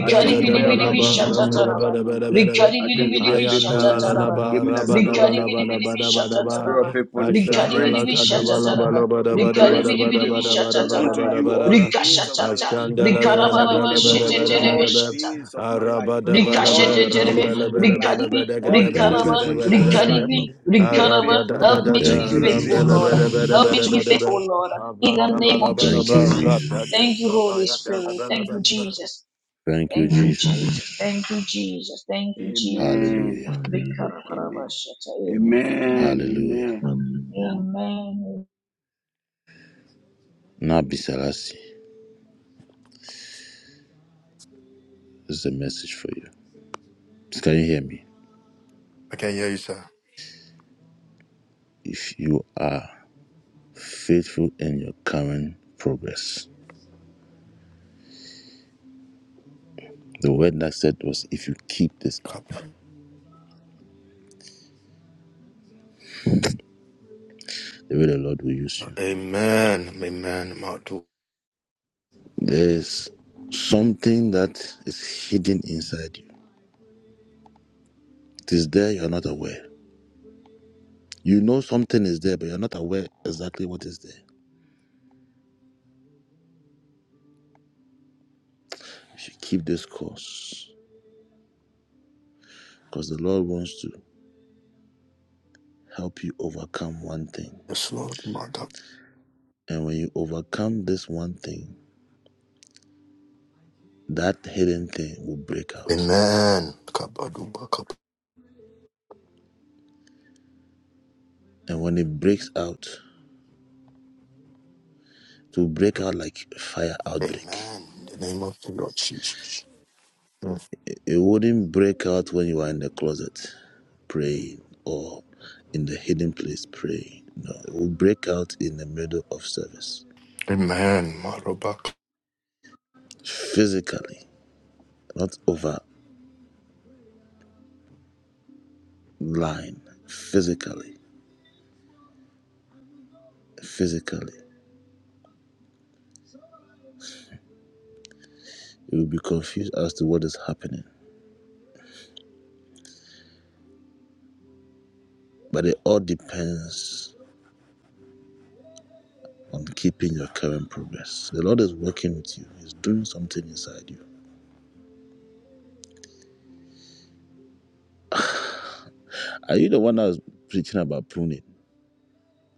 Speaker 1: I thank
Speaker 3: de
Speaker 1: you
Speaker 3: de
Speaker 1: for
Speaker 6: bili
Speaker 1: your
Speaker 3: da la
Speaker 6: bili bir
Speaker 3: la
Speaker 1: righteousness, my
Speaker 3: la
Speaker 6: şatataraba.
Speaker 1: God, my
Speaker 3: la
Speaker 1: Lord.
Speaker 6: Rigari
Speaker 1: I
Speaker 6: bili
Speaker 1: thank you for
Speaker 6: bili
Speaker 1: your
Speaker 6: bir
Speaker 3: Ayanda rabada Arambabebe,
Speaker 1: faithfulness.
Speaker 6: şatataraba.
Speaker 1: Give me that
Speaker 3: rombelebedebe,
Speaker 1: spirit of
Speaker 6: Rigari bili bili
Speaker 1: faithfulness,
Speaker 6: bir
Speaker 3: rapakede
Speaker 1: the spirit of
Speaker 6: şatataraba.
Speaker 3: melebedebe,
Speaker 1: faithfulness, the
Speaker 6: Rigari
Speaker 3: ashandalekaida
Speaker 1: grace
Speaker 6: bili
Speaker 1: to
Speaker 6: bir
Speaker 1: be
Speaker 3: lavasedebelebedebedebe, ba
Speaker 1: faithful,
Speaker 6: şatataraba.
Speaker 3: aradadadabalaba, ramelebedebedebedebe,
Speaker 1: the
Speaker 6: Rigari
Speaker 1: grace to
Speaker 6: bili
Speaker 1: be
Speaker 6: bili bir
Speaker 3: ayandalalalaba,
Speaker 1: faithful unto
Speaker 6: şatataraba.
Speaker 1: you all
Speaker 3: rabadabalabadabadabadaba, ashandalakadabalabalabalabadabadabadabadabadabadabadaba,
Speaker 1: the
Speaker 6: Riga
Speaker 1: days of my
Speaker 6: şatata.
Speaker 1: life. I shall be
Speaker 6: Rigarabaraba
Speaker 1: faithful to you
Speaker 6: şetetere
Speaker 1: all
Speaker 6: ve
Speaker 1: the
Speaker 3: ashandalagarabelebedebedebedebe,
Speaker 6: şata.
Speaker 1: days of my life,
Speaker 3: Arabada
Speaker 6: Riga
Speaker 1: all the
Speaker 3: balaba
Speaker 6: şetetere ve
Speaker 1: days
Speaker 3: rambala
Speaker 1: of my
Speaker 3: bala
Speaker 1: life,
Speaker 3: bala
Speaker 6: rigari bi
Speaker 3: bada
Speaker 1: all
Speaker 3: gada
Speaker 1: the
Speaker 3: bada
Speaker 4: Thank
Speaker 1: days
Speaker 4: you,
Speaker 6: rigaraba
Speaker 1: of
Speaker 3: bada
Speaker 1: my
Speaker 3: bada
Speaker 4: Jesus.
Speaker 1: children's
Speaker 3: bada
Speaker 6: rigari
Speaker 1: life,
Speaker 3: bada
Speaker 6: bi
Speaker 1: to be
Speaker 6: rigaraba.
Speaker 3: arada da
Speaker 1: faithful,
Speaker 3: da
Speaker 6: Help
Speaker 3: da
Speaker 6: me
Speaker 3: da
Speaker 6: to be
Speaker 1: to
Speaker 4: Thank
Speaker 3: Arabadabalaba,
Speaker 1: be
Speaker 4: you,
Speaker 6: faithful
Speaker 1: faithful.
Speaker 6: Lord.
Speaker 3: rambelebelebelebedegedebedebedebedebe. Aradadadadada,
Speaker 6: Help me to
Speaker 4: Jesus.
Speaker 6: be faithful
Speaker 3: rambelebelebelebedebe.
Speaker 6: Lord. In the name of
Speaker 4: Thank you,
Speaker 6: Jesus.
Speaker 3: Abrandabalabalaba,
Speaker 4: Jesus.
Speaker 3: ratade,
Speaker 6: Thank you Holy Spirit. Thank you
Speaker 3: kapayadalabalabalaba.
Speaker 6: Jesus.
Speaker 4: Thank you,
Speaker 6: Thank you, Jesus.
Speaker 4: Jesus.
Speaker 6: Thank you, thank you, Jesus.
Speaker 1: Amen.
Speaker 4: Hallelujah.
Speaker 1: Amen.
Speaker 6: Vikarabashata. Amen.
Speaker 1: Amen.
Speaker 4: Hallelujah.
Speaker 1: Amen.
Speaker 6: Amen.
Speaker 4: Nabi Salasi this is a message for you. Can you hear me?
Speaker 3: I can hear you, sir.
Speaker 4: If you are faithful in your current progress, the word that said was if you keep this up,
Speaker 3: Kappa.
Speaker 4: the way the Lord will use you.
Speaker 3: Amen. Amen. Madu.
Speaker 4: There's something that is hidden inside you. It is there, you're not aware. You know something is there, but you're not aware exactly what is there. You should keep this course because the Lord wants to help you overcome one thing.
Speaker 3: Yes, Lord. Madu.
Speaker 4: And when you overcome this one thing, that hidden thing will break out.
Speaker 3: Amen. Kappa, duba, kappa.
Speaker 4: And when it breaks out, it will break out like a fire outbreak.
Speaker 3: Amen. In the name of the Lord Jesus. Mm.
Speaker 4: It wouldn't break out when you are in the closet praying or in the hidden place praying. No, it will break out in the middle of service.
Speaker 3: Amen. Marubak.
Speaker 4: Physically, not over line. Physically, physically. You will be confused as to what is happening But it all depends on keeping your current progress. The Lord is working with you, He's doing something inside you. Are you the one that was preaching about pruning?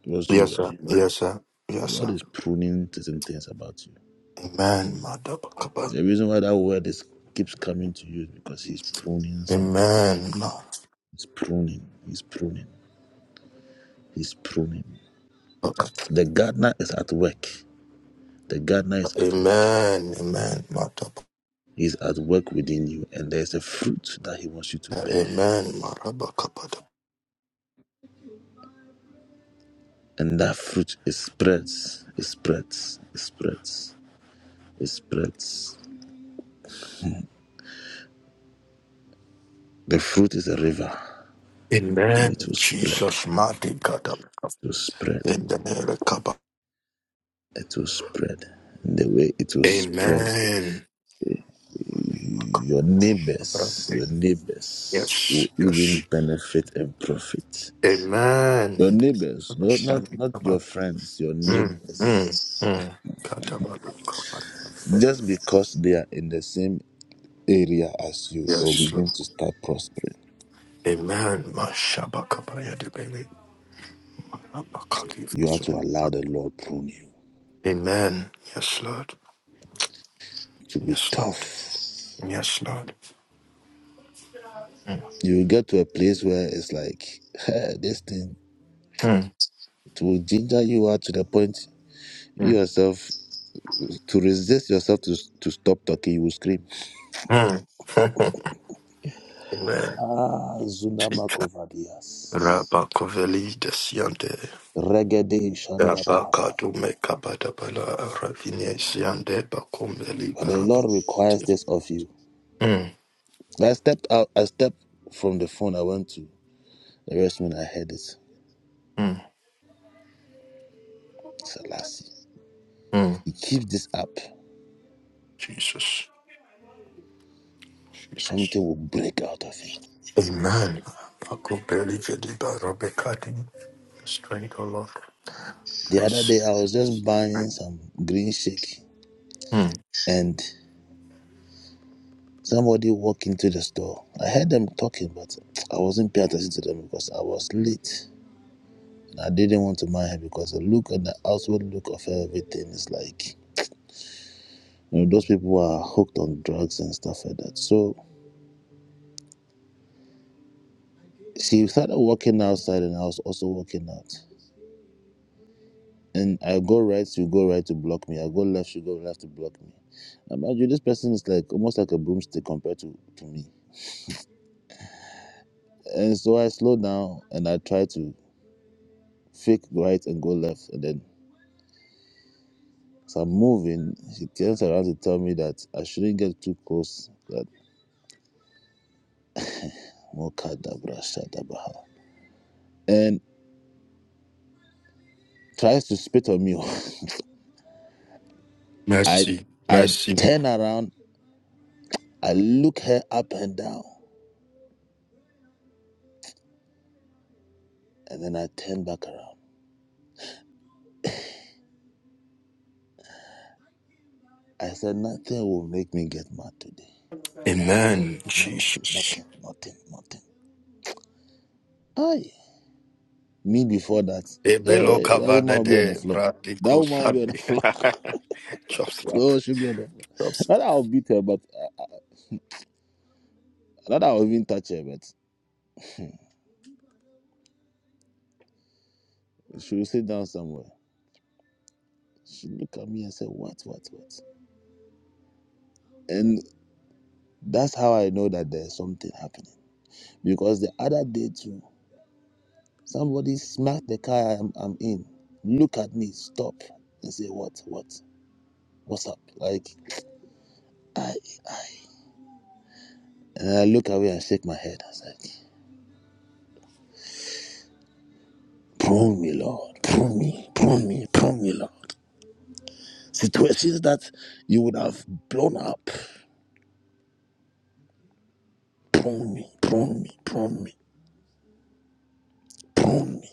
Speaker 4: It was
Speaker 3: Yes,
Speaker 4: you,
Speaker 3: sir.
Speaker 4: right?
Speaker 3: Yes, sir.
Speaker 4: The
Speaker 3: Yes,
Speaker 4: Lord
Speaker 3: sir.
Speaker 4: is pruning certain things about you.
Speaker 3: Amen. Madabakaba.
Speaker 4: The reason why that word is, keeps coming to you is because He's pruning something.
Speaker 3: Amen.
Speaker 4: He's pruning, He's pruning, He's pruning.
Speaker 3: Madabakaba.
Speaker 4: The gardener is at work. The gardener is at work.
Speaker 3: Amen. Amen. Madabakaba.
Speaker 4: He's at work within you, and there's a fruit that He wants you to bear.
Speaker 3: Amen. Marabakaba.
Speaker 4: and that fruit it spreads, it spreads, it spreads, it spreads. The fruit is a river, and
Speaker 3: Amen.
Speaker 4: it will spread,
Speaker 3: Jesus.
Speaker 4: it
Speaker 3: Madikada.
Speaker 4: will spread,
Speaker 3: In the Nerekaba.
Speaker 4: it will spread. And the way it will spread,
Speaker 3: Amen.
Speaker 4: your neighbors, your neighbors will
Speaker 3: Yes.
Speaker 4: even
Speaker 3: Yes.
Speaker 4: benefit and profit.
Speaker 3: Amen.
Speaker 4: Your
Speaker 3: In the
Speaker 4: neighbors, not not not your
Speaker 3: Nerekaba.
Speaker 4: friends, your
Speaker 3: Mm. Mm.
Speaker 4: neighbors.
Speaker 3: Mm. Kadabalukaba.
Speaker 4: Just because they are in the same area as you, they will
Speaker 3: Yes,
Speaker 4: begin
Speaker 3: Lord.
Speaker 4: to start prospering.
Speaker 3: Amen. Mashabakaba. Yadibeli.
Speaker 4: You have to allow the Lord prune you
Speaker 3: Amen. Yes, Lord.
Speaker 4: It will be
Speaker 3: Yes, Lord.
Speaker 4: tough.
Speaker 3: Yes, Lord.
Speaker 4: You will get to a place where it's like *laughs* this thing.
Speaker 3: Mm.
Speaker 4: It will ginger you out to the point you
Speaker 3: Mm.
Speaker 4: yourself to resist yourself to to stop talking. You will scream.
Speaker 3: Mm. *laughs* Amen.
Speaker 4: Ah, Zundama
Speaker 3: Chika
Speaker 4: Kovadias.
Speaker 3: Rabakoveli desiante.
Speaker 4: Regede Shandabaha.
Speaker 3: Rabakadu mekabadabala aravine siande bakomeli
Speaker 4: But the
Speaker 3: baraba.
Speaker 4: Lord requires this of you.
Speaker 3: Mm.
Speaker 4: I stepped out, I stepped from the phone, I went to the restroom, and I heard it.
Speaker 3: Mm.
Speaker 4: Selassie.
Speaker 3: Mm.
Speaker 4: He keeps this up, something will break out of him. The other day, I was just buying some green shake,
Speaker 3: Mm.
Speaker 4: and Somebody walked into the store. I heard them talking, but I wasn't paying attention to them because I was late. And I didn't want to mind her because the look and the outward look of everything is like, you know, those people are hooked on drugs and stuff like that. So she started walking outside and I was also walking out. And I go right, she go right to block me. I go left, she go left to block me. And mind you, this person is like almost like a broomstick compared to, to me. And so I slow down and I try to fake right and go left. And then As I'm moving, she turns around to tell me that I shouldn't get too close. That Mokadabra Shadabaha. And tries to spit on me. *laughs* I
Speaker 3: Mercy,
Speaker 4: I
Speaker 3: mercy.
Speaker 4: turn around, I look her up and down, and then I turn back around. I said, Nothing will make me get mad today.
Speaker 3: Amen,
Speaker 4: Nothing,
Speaker 3: Jesus.
Speaker 4: nothing, nothing, nothing. Aye. Me before that,
Speaker 3: Ebelo
Speaker 4: eh, that woman
Speaker 3: kavada
Speaker 4: will be on the
Speaker 3: de
Speaker 4: floor. That
Speaker 3: bradiko
Speaker 4: woman will be on the
Speaker 3: sabi.
Speaker 4: floor.
Speaker 3: *laughs* Just
Speaker 4: *laughs*
Speaker 3: like
Speaker 4: oh, she'll be on the floor. Not
Speaker 3: just.
Speaker 4: that I'll beat her, but uh, not that I'll even touch her, but she will sit down somewhere. She looked at me and said, What, what, what? And that's how I know that there's something happening. Because the other day, too, somebody smacked the car I'm, I'm in, look at me, stop, and say, What, what, what's up? Like, I, I. And I look away and shake my head. I was like, Prune me, Lord. Prune me, prune me, prune me, Lord. Situations that you would have blown up. Prune me, prune me, prune me, prune me.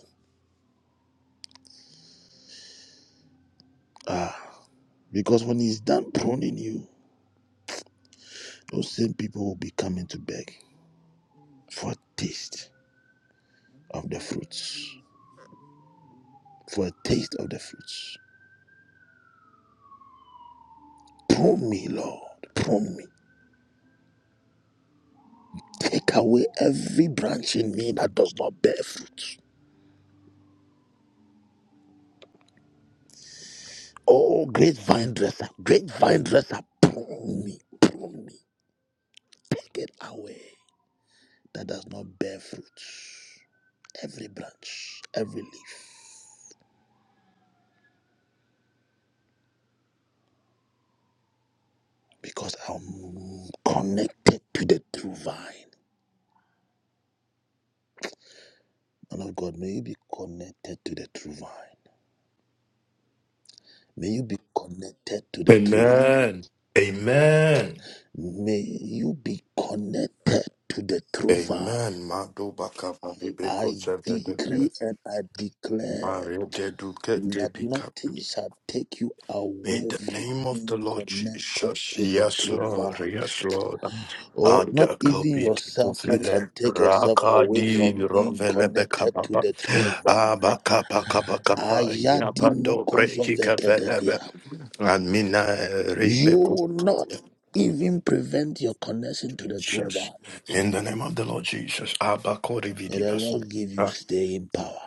Speaker 4: Ah, because when He's done pruning you, Those same people will be coming to beg for a taste of the fruits. For a taste of the fruits. Prune me, Lord. Prune me. Take away every branch in me that does not bear fruit. Oh, great vine dresser, great vine dresser, prune me, prune me. Take it away that does not bear fruits. every branch, every leaf, because I'm connected to the true vine. Man of God, may you be connected to the true vine. May you be connected to the true vine.
Speaker 3: Amen. Amen.
Speaker 4: May you be connected to the true vine.
Speaker 3: Amen. Madu bakavadi
Speaker 4: I
Speaker 3: beko
Speaker 4: decree and I declare
Speaker 3: Mario Dedukete
Speaker 4: that
Speaker 3: Pika.
Speaker 4: nothing shall take you
Speaker 3: In
Speaker 4: away
Speaker 3: the
Speaker 4: from
Speaker 3: name of
Speaker 4: being
Speaker 3: the Lord
Speaker 4: connected
Speaker 3: Jesus,
Speaker 4: to the
Speaker 3: yes,
Speaker 4: true
Speaker 3: Lord,
Speaker 4: vine.
Speaker 3: yes, Lord.
Speaker 4: Oh, not
Speaker 3: Ada
Speaker 4: even
Speaker 3: kopi di
Speaker 4: yourself, you
Speaker 3: kofele,
Speaker 4: can take yourself away
Speaker 3: rakadi
Speaker 4: from being
Speaker 3: rovele beka
Speaker 4: connected to
Speaker 3: papa,
Speaker 4: the true vine.
Speaker 3: aba kapa kapa kapa,
Speaker 4: Ayadi
Speaker 3: yapa dobre
Speaker 4: mokozo
Speaker 3: kika
Speaker 4: vekedevia.
Speaker 3: and mina
Speaker 4: You
Speaker 3: rebe
Speaker 4: will not even prevent your connection to the true
Speaker 3: Jesus.
Speaker 4: vine.
Speaker 3: In the name of the Lord Jesus, Abba kori
Speaker 4: May the
Speaker 3: vidibas.
Speaker 4: Lord give you staying power.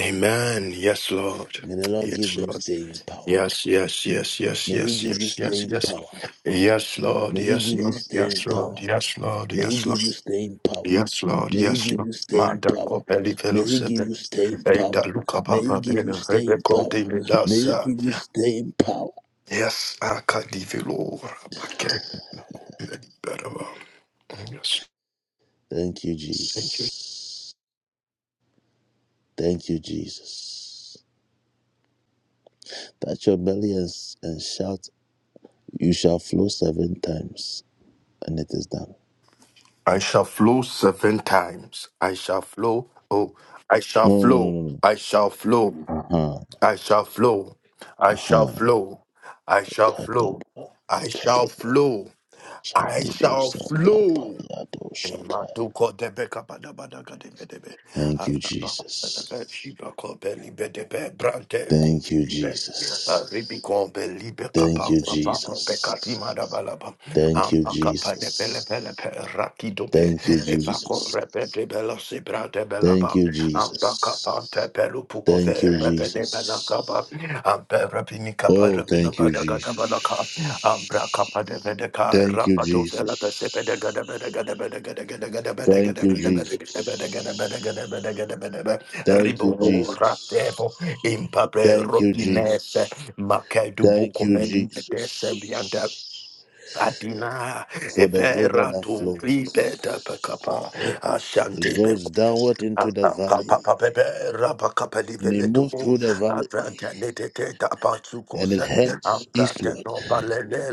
Speaker 3: Amen. Yes, Lord.
Speaker 4: May the Lord give
Speaker 3: Yes,
Speaker 4: you
Speaker 3: Lord.
Speaker 4: staying power.
Speaker 3: Yes, yes, yes, yes,
Speaker 4: May He
Speaker 3: yes,
Speaker 4: give you
Speaker 3: yes, yes, yes,
Speaker 4: staying
Speaker 3: yes,
Speaker 4: power.
Speaker 3: Yes, Lord.
Speaker 4: May He
Speaker 3: Yes,
Speaker 4: give you
Speaker 3: Lord.
Speaker 4: staying
Speaker 3: Yes,
Speaker 4: power.
Speaker 3: Lord. Yes, Lord.
Speaker 4: May He
Speaker 3: Yes,
Speaker 4: give
Speaker 3: Lord.
Speaker 4: you staying power.
Speaker 3: Yes, Lord.
Speaker 4: May He
Speaker 3: Yes,
Speaker 4: give
Speaker 3: Lord.
Speaker 4: you staying
Speaker 3: Manda
Speaker 4: power.
Speaker 3: copelli
Speaker 4: May He give
Speaker 3: velocete.
Speaker 4: you staying
Speaker 3: Enda
Speaker 4: power.
Speaker 3: luca
Speaker 4: May He
Speaker 3: papa
Speaker 4: give you
Speaker 3: vena
Speaker 4: staying
Speaker 3: rebeco
Speaker 4: power.
Speaker 3: de
Speaker 4: May He
Speaker 3: medasa.
Speaker 4: give you staying power.
Speaker 3: Yes, acadivelo. Yes.
Speaker 4: Thank you, Jesus. Thank you, Jesus. Touch your belly and, and shout, You shall flow seven times, and it is done.
Speaker 3: I shall flow seven times. I shall flow. Oh, I shall
Speaker 4: No, no,
Speaker 3: flow.
Speaker 4: no,
Speaker 3: I shall flow.
Speaker 4: no, no. Uh huh.
Speaker 3: I shall flow. I shall
Speaker 4: Uh huh.
Speaker 3: flow. I shall flow.
Speaker 4: Kadabra,
Speaker 3: I shall
Speaker 4: kadabra,
Speaker 3: flow. I
Speaker 4: shantibro
Speaker 3: shall
Speaker 4: santa
Speaker 3: flow.
Speaker 4: shakaya.
Speaker 3: Imaduko debeka badabada, badabadaga debe.
Speaker 4: Thank you, Jesus.
Speaker 3: Shiba kobe libe debe brante kobe
Speaker 4: Thank you,
Speaker 3: libe.
Speaker 4: Jesus.
Speaker 3: Ribi kobe libe
Speaker 4: Thank
Speaker 3: kapa
Speaker 4: you,
Speaker 3: kapa kobe kati
Speaker 4: Jesus.
Speaker 3: madabalaba.
Speaker 4: Thank
Speaker 3: Am
Speaker 4: you,
Speaker 3: akapa de pele
Speaker 4: Jesus.
Speaker 3: pele pe raki dobe.
Speaker 4: Thank you,
Speaker 3: Eva ko
Speaker 4: Jesus.
Speaker 3: rebe de bela si brante bela
Speaker 4: Thank
Speaker 3: ba.
Speaker 4: you,
Speaker 3: Am baka
Speaker 4: Jesus.
Speaker 3: pante pelu puko ve
Speaker 4: Thank you,
Speaker 3: rebe de bela
Speaker 4: Jesus.
Speaker 3: kapa. Am pe rebi ni kapa
Speaker 4: Oh,
Speaker 3: rebi no
Speaker 4: thank you,
Speaker 3: bada gada bada ka.
Speaker 4: Jesus.
Speaker 3: Am bra kapa de vede ka
Speaker 4: Thank you,
Speaker 3: rapa to vela pe sepe de gada bada
Speaker 4: Jesus.
Speaker 3: gada bada gada gada gada bada
Speaker 4: Thank
Speaker 3: gada
Speaker 4: you,
Speaker 3: bada gada bada gada bada gada bada gada bada
Speaker 4: Jesus.
Speaker 3: gada bada
Speaker 4: Thank you,
Speaker 3: Ribo
Speaker 4: Jesus.
Speaker 3: Ratevo impabre
Speaker 4: Thank you,
Speaker 3: Robinese
Speaker 4: Jesus.
Speaker 3: Makedu
Speaker 4: Thank you,
Speaker 3: Bukomedi Edese Bianda
Speaker 4: Jesus,
Speaker 3: Adina
Speaker 4: for the river
Speaker 3: Evera
Speaker 4: that
Speaker 3: tu
Speaker 4: floweth.
Speaker 3: Ribeta Pacapa
Speaker 4: It
Speaker 3: Ashante
Speaker 4: goes downward into the valley,
Speaker 3: Apapapepe,
Speaker 4: and it moves
Speaker 3: rapakapeliveletubu,
Speaker 4: through the valley,
Speaker 3: apratenetete
Speaker 4: and it
Speaker 3: tapasukose,
Speaker 4: heads eastward.
Speaker 3: apratenobalele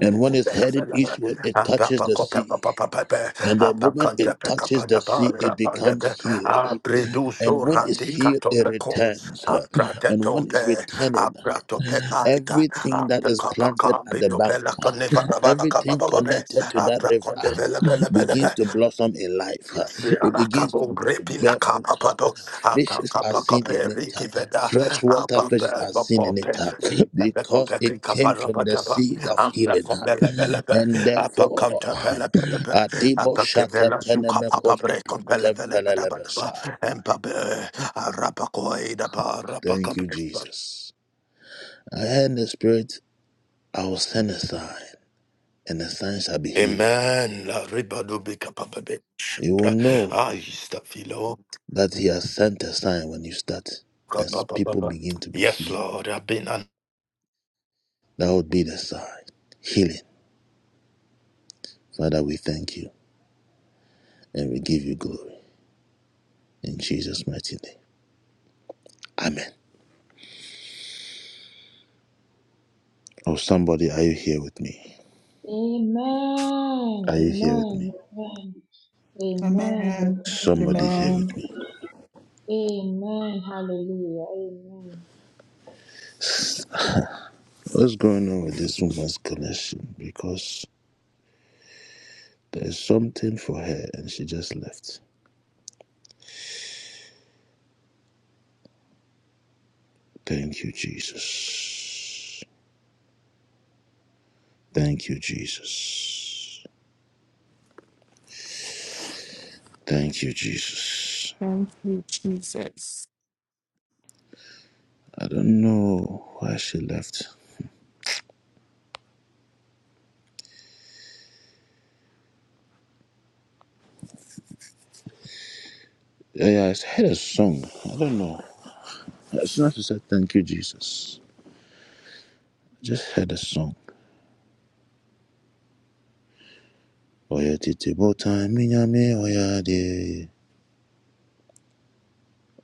Speaker 4: And when it's heading eastward, it touches the sea.
Speaker 3: apapakopepapapepe,
Speaker 4: And the moment it touches the
Speaker 3: apakantepekapatapa,
Speaker 4: sea, it becomes
Speaker 3: rapandepe,
Speaker 4: healed. And when it's healed, it
Speaker 3: apredusorandikatopeko,
Speaker 4: returns. And when it's
Speaker 3: apratetonte,
Speaker 4: returning,
Speaker 3: apratopekaita,
Speaker 4: Everything that is planted at the bank, *laughs* everything
Speaker 3: apekapakapitopelakanevarabalakabababe,
Speaker 4: connected to that river *laughs*
Speaker 3: aprakondevelebelebelebe,
Speaker 4: begins to blossom in life. *laughs* It begins to
Speaker 3: Sirakabo
Speaker 4: b-
Speaker 3: repina
Speaker 4: bear fruit.
Speaker 3: kapapado
Speaker 4: *laughs* Fishes are seen in
Speaker 3: atakapakope
Speaker 4: it. *laughs*
Speaker 3: rikiveda
Speaker 4: Freshwater
Speaker 3: apape
Speaker 4: fishes are seen in
Speaker 3: bokope
Speaker 4: it *laughs*
Speaker 3: itabe
Speaker 4: because
Speaker 3: kope
Speaker 4: it came from the
Speaker 3: kikaparabadaba
Speaker 4: seed of
Speaker 3: ambe
Speaker 4: healing. *laughs*
Speaker 3: komelebelebe
Speaker 4: And therefore, *laughs*
Speaker 3: apakantepelebelebe
Speaker 4: Adibo Shaka
Speaker 3: apakevela
Speaker 4: Penemekos
Speaker 3: sukapapabre
Speaker 4: Kepentem
Speaker 3: kompelebele nadabadaba
Speaker 4: Pelelebesai.
Speaker 3: empabe arapakoidaba
Speaker 4: Thank you,
Speaker 3: arapakampe
Speaker 4: Jesus. I heard in the spirit, I will send a sign. and the sign shall be
Speaker 3: embra
Speaker 4: healing. You will know
Speaker 3: ayo
Speaker 4: that He has sent a sign when you start, and people
Speaker 3: kapapapa
Speaker 4: begin to be healed.
Speaker 3: yenan
Speaker 4: That would be the sign healing. Father, we thank you and we give you glory in Jesus' mighty name. Amen. Oh, somebody, are you here with me?
Speaker 6: Amen.
Speaker 4: Are you here with me?
Speaker 6: Amen. Amen. Amen.
Speaker 8: Amen.
Speaker 4: Somebody here
Speaker 6: Amen.
Speaker 4: with
Speaker 8: Amen.
Speaker 4: me.
Speaker 6: Amen. Hallelujah. Amen.
Speaker 4: What's going on with this woman's connection? Because there's something for her and she just left. Thank you, Jesus. Thank you, Jesus. Thank you, Jesus.
Speaker 2: Thank you, Jesus.
Speaker 4: I don't know why she left. Yeah, yeah, I heard a song. I don't know. As soon as she said thank you, Jesus, I just heard a song. Oya titi bota minyame oya de.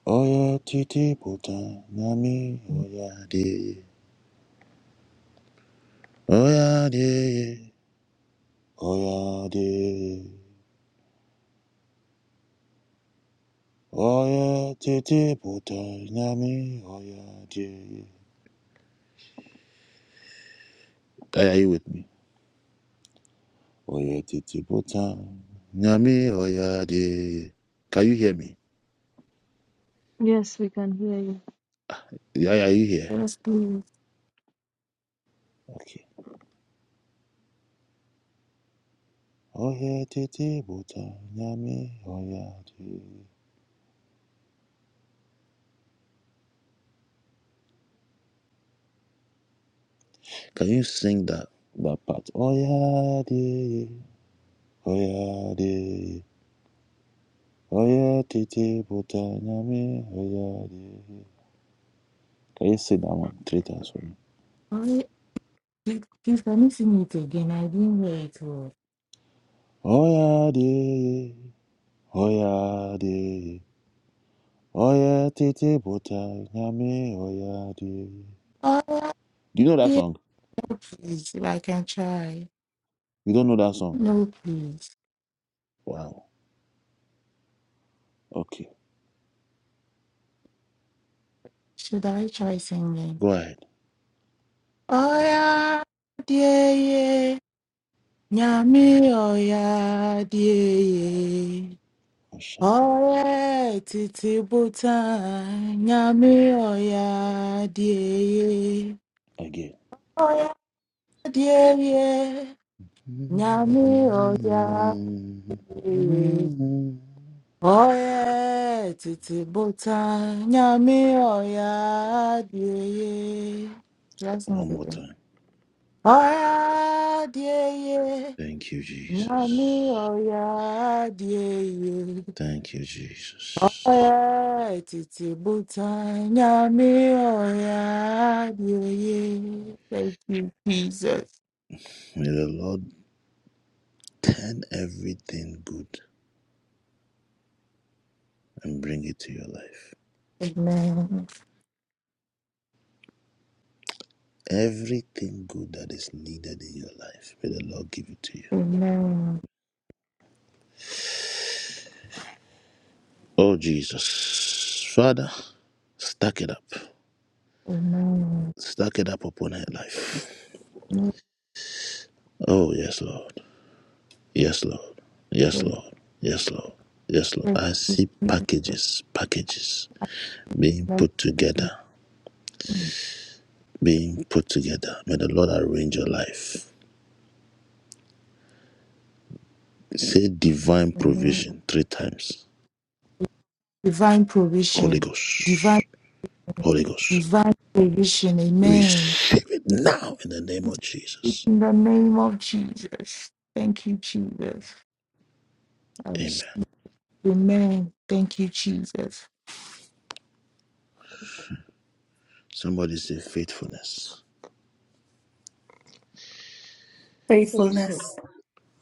Speaker 4: Oya titi bota nyame oya de. Oya de. Oya de. Oya titi bota nyame oya de. Are you with me? Oye titi Nyami oya de. Can you hear me?
Speaker 9: Yes, we can hear you.
Speaker 4: Yeah, yeah, you hear?
Speaker 2: Yes, please.
Speaker 4: Okay. Oye titi Nyami oya de. Can you sing that that part? Oya de. Oya de. Oye titi bota. Nyami oya de. Can you sing that one three times for me?
Speaker 2: I please, please, can you sing it again? I didn't hear it well.
Speaker 4: Oya de. Oya de. Oya titi Nyami oya de.
Speaker 2: Oh,
Speaker 4: Do you know that
Speaker 2: yeah,
Speaker 4: song?
Speaker 2: please. If I can try.
Speaker 4: You don't know that song?
Speaker 2: No, please.
Speaker 4: Wow. Okay.
Speaker 2: Should I try singing?
Speaker 4: Go ahead.
Speaker 2: Oh, yeah, yeah yeah. Nyami, oh, yeah, yeah yeah.
Speaker 4: Oh, shut up.
Speaker 2: Ore titi buta nyami oya dieye.
Speaker 4: Again.
Speaker 2: Oya dieye nyami oya dieye.
Speaker 4: One
Speaker 2: Oye titi buta nyami oya dieye. Yes, no
Speaker 4: more
Speaker 2: problem.
Speaker 4: time.
Speaker 2: Oya dieye
Speaker 4: Thank you,
Speaker 2: nyami
Speaker 4: Jesus.
Speaker 2: oya dieye.
Speaker 4: Thank you, Jesus.
Speaker 2: Alright, it's about time. Yummy, oh yeah, yeah, yeah. Thank you, Jesus.
Speaker 4: May the Lord turn everything good and bring it to your life.
Speaker 2: Amen.
Speaker 4: Everything good that is needed in your life, may the Lord give it to you.
Speaker 2: Amen.
Speaker 4: Oh, Jesus. Father, stack it up.
Speaker 2: Amen.
Speaker 4: Stack it up upon her life. Oh, yes, Lord. Yes, Lord. Yes, Lord. Yes, Lord. Yes, Lord. I see packages, packages being put together, being put together. May the Lord arrange your life. Say divine
Speaker 2: Amen.
Speaker 4: provision three times.
Speaker 2: Divine
Speaker 4: Holy
Speaker 2: provision. Divine,
Speaker 4: Ghost. Holy Ghost.
Speaker 2: divine provision. Amen.
Speaker 4: Receive it now in the name of Jesus.
Speaker 2: In the name of Jesus. Thank you, Jesus. I
Speaker 4: Amen.
Speaker 2: receive. Amen. Thank you, Jesus.
Speaker 4: Somebody say faithfulness.
Speaker 8: Faithfulness.
Speaker 6: Faithful.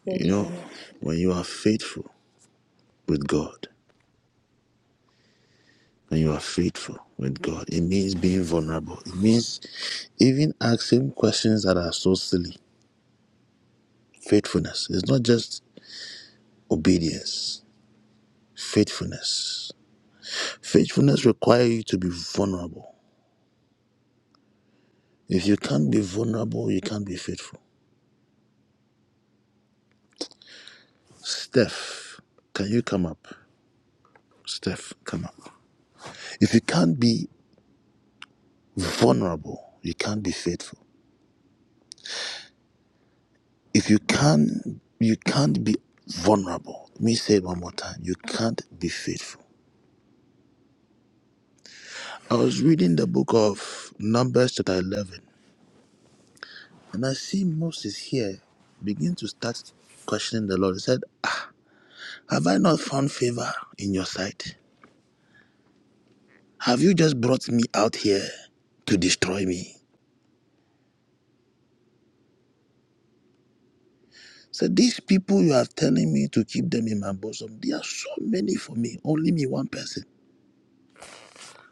Speaker 4: You know,
Speaker 6: Faithfulness.
Speaker 4: when you are faithful with God, And you are faithful with God. It means being vulnerable. It means even asking questions that are so silly. Faithfulness. It's not just obedience. Faithfulness. Faithfulness requires you to be vulnerable. If you can't be vulnerable, you can't be faithful. Steph, can you come up? Steph, come up. If you can't be vulnerable, you can't be faithful. If you can't you can't be vulnerable. Let me say it one more time. You can't be faithful I was reading the book of Numbers chapter 11, and I see Moses here begin to start questioning the Lord. He said, ah, Have I not found favor in your sight? Have you just brought me out here to destroy me? So these people you are telling me to keep them in my bosom, they are so many for me, only me one person.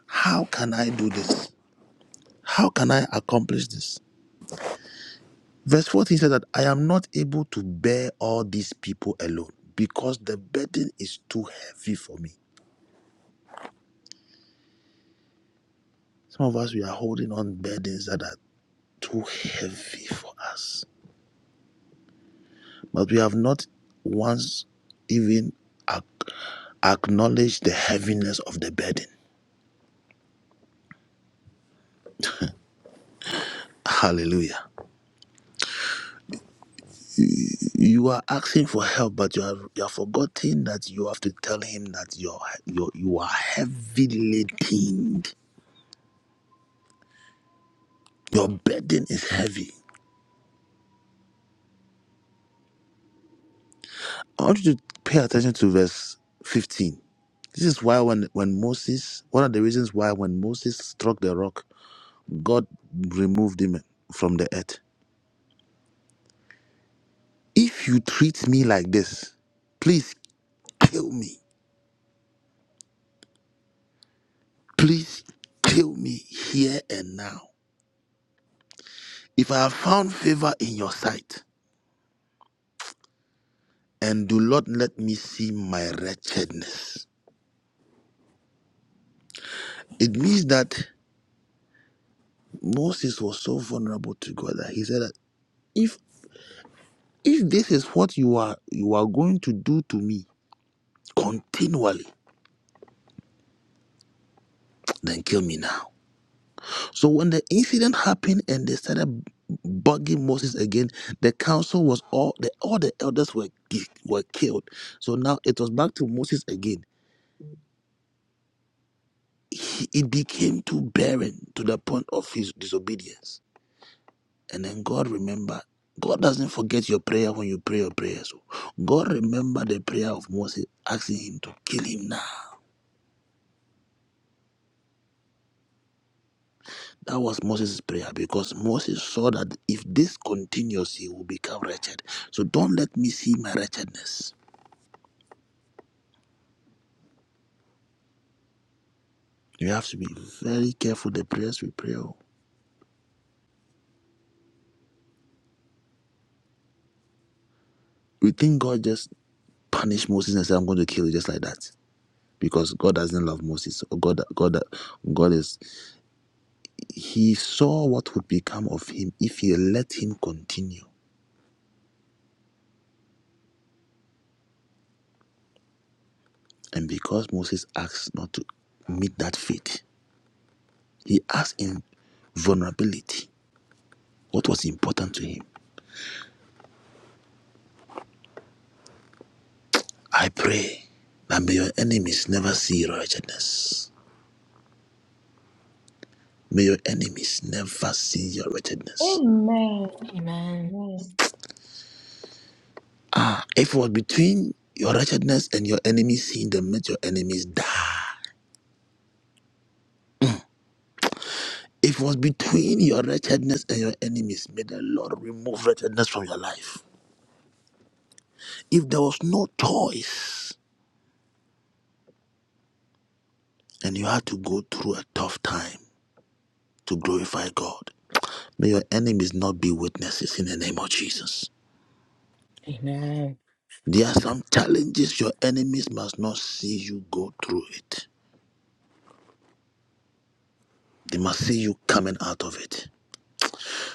Speaker 4: How can I do this? How can I accomplish this? Verse 14 says that I am not able to bear all these people alone because the burden is too heavy for me. Some of us, we are holding on burdens that are too heavy for us, but we have not once even ac- acknowledged the heaviness of the burden. Hallelujah. You are asking for help, but you are you are forgetting that you have to tell him that you're, you're, you are heavy laden. Your burden is heavy. I want you to pay attention to verse 15. This is why when, when Moses, one of the reasons why when Moses struck the rock, God removed him from the earth. If you treat me like this, please kill me. Please kill me here and now. If I have found favor in your sight, and do not let me see my wretchedness. It means that Moses was so vulnerable to God that he said that if. If this is what you are you are going to do to me continually, then kill me now. So when the incident happened and they started bugging Moses again, the council was all the all the elders were were killed. So now it was back to Moses again. He, it became too barren to the point of his disobedience. And then God remembered. God doesn't forget your prayer when you pray your prayers. God remembered the prayer of Moses, asking him to kill him now. That was Moses' prayer because Moses saw that if this continues, he will become wretched. So don't let me see my wretchedness. You have to be very careful the prayers we pray. oh. We think God just punished Moses and said, I'm going to kill you just like that. Because God doesn't love Moses. Or God, God, God is. He saw what would become of him if he let him continue. And because Moses asked not to meet that fate, he asked in vulnerability what was important to him. I pray that may your enemies never see your wretchedness. May your enemies never see your wretchedness.
Speaker 6: Amen.
Speaker 10: Amen.
Speaker 6: Amen.
Speaker 4: Ah, if it was between your wretchedness and your enemies seeing them, let your enemies die. If it was between your wretchedness and your enemies, may the Lord remove wretchedness from your life. If there was no choice and you had to go through a tough time to glorify God, may your enemies not be witnesses in the name of Jesus.
Speaker 10: Amen.
Speaker 4: There are some challenges your enemies must not see you go through it. They must see you coming out of it.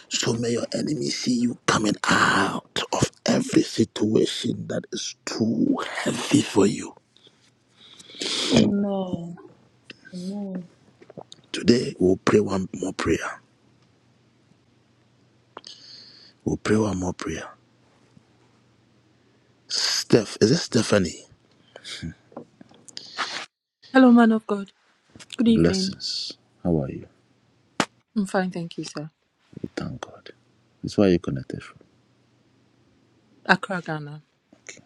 Speaker 4: So may your enemies see you coming out of every situation that is too heavy for you.
Speaker 6: Amen. Amen.
Speaker 4: Today we'll pray one more prayer. We'll pray one more prayer. Steph, is it Stephanie?
Speaker 11: Hello, man of God. Good evening.
Speaker 4: Blessings. How are you?
Speaker 11: I'm fine, thank you, sir.
Speaker 4: We thank God. That's why you connected from.
Speaker 11: Accra, Ghana.
Speaker 4: Okay.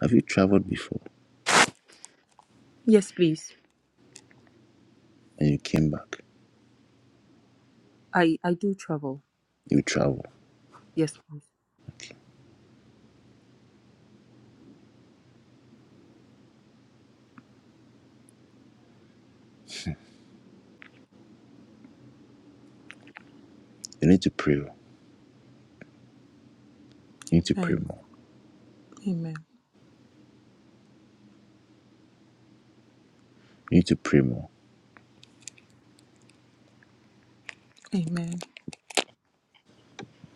Speaker 4: Have you traveled before
Speaker 11: Yes, please.
Speaker 4: and you came back?
Speaker 11: I I do travel.
Speaker 4: You travel.
Speaker 11: Yes, please.
Speaker 4: *laughs* You need to pray. You need to pray
Speaker 11: Amen.
Speaker 4: more.
Speaker 11: Amen.
Speaker 4: You need to pray more.
Speaker 11: Amen.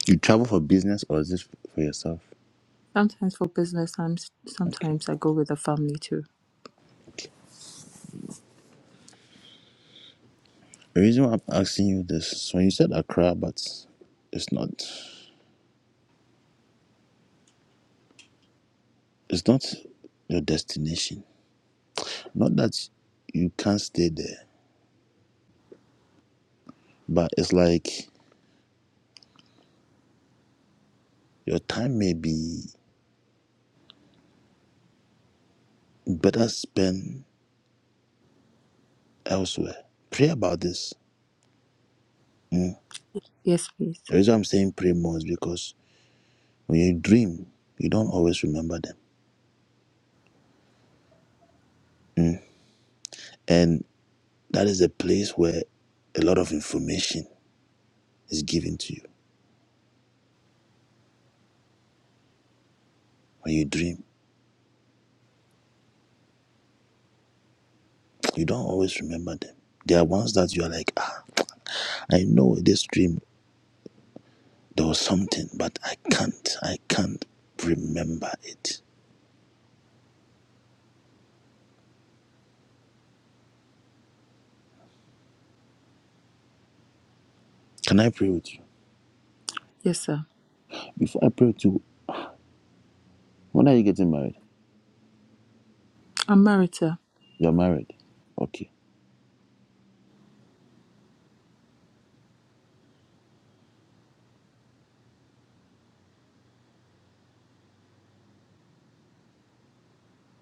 Speaker 4: You travel for business or is this for yourself?
Speaker 11: Sometimes for business, I'm,
Speaker 4: Okay.
Speaker 11: sometimes I go with the family too.
Speaker 4: okay. The reason why I'm asking you this is when you said Accra, but it's not it's not your destination. Not that you can't stay there, but it's like your time may be better spent elsewhere. Pray about this. Mm.
Speaker 11: Yes, please.
Speaker 4: The reason I'm saying pray more is because when you dream, you don't always remember them. Mm. And that is a place where a lot of information is given to you. when you dream, you don't always remember them. There are ones that you are like, ah, I know in this dream, there was something, but I can't, I can't remember it. Can I pray with you?
Speaker 11: Yes, sir.
Speaker 4: Before I pray with you, when are you getting married?
Speaker 11: I'm married, sir.
Speaker 4: You're married. Okay.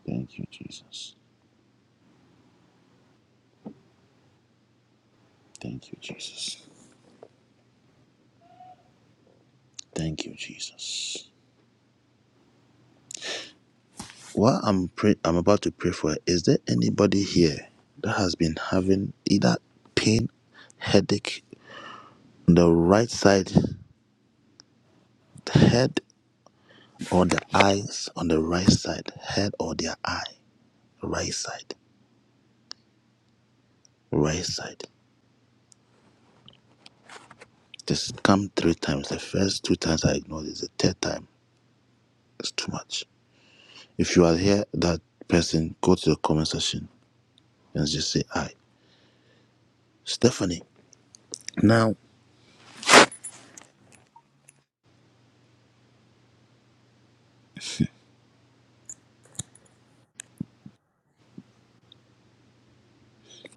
Speaker 4: Thank you, Jesus. Thank you, Jesus. Thank you, Jesus. While I'm pray- I'm about to pray for, her, is there anybody here that has been having either pain, headache, on the right side, the head or the eyes on the right side, head or their eye, right side, right side. Just come three times. The first two times I ignored it. The third time, it's too much. If you are here, that person, go to the comment section and just say, "Hi, Stephanie, now,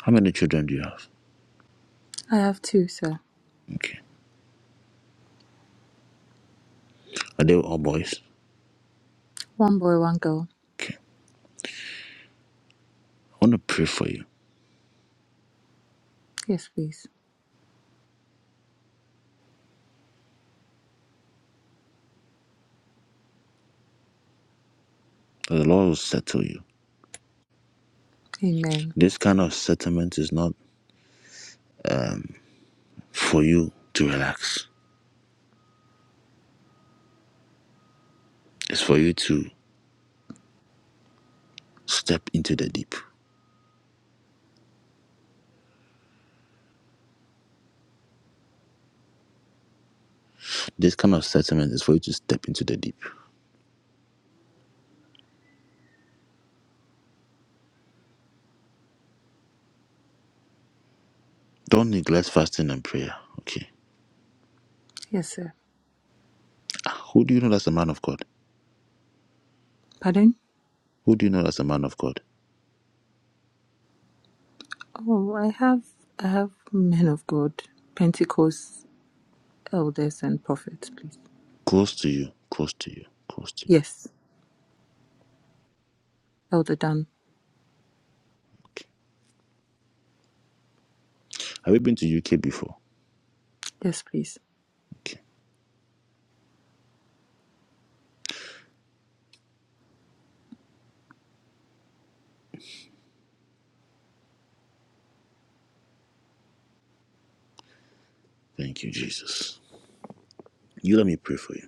Speaker 4: how many children do you have?
Speaker 11: I have two, sir.
Speaker 4: Okay. Are they all boys?
Speaker 11: One boy, one girl.
Speaker 4: Okay. I want to pray for you
Speaker 11: Yes, please.
Speaker 4: that the Lord will settle you.
Speaker 11: Amen.
Speaker 4: This kind of settlement is not for you to relax, it's for you to step into the deep. This kind of settlement is for you to step into the deep. Don't neglect fasting and prayer. Okay.
Speaker 11: Yes, sir.
Speaker 4: Ah, Who do you know that's a man of God?
Speaker 11: Pardon?
Speaker 4: Who do you know that's a man of God?
Speaker 11: Oh, I have I have men of God, Pentecost elders and prophets, please.
Speaker 4: Close to you. Close to you. Close to you.
Speaker 11: Yes, Elder Dan.
Speaker 4: Okay. Have you been to UK before?
Speaker 11: Yes, please.
Speaker 4: Okay. Thank you, Jesus. You let me pray for you.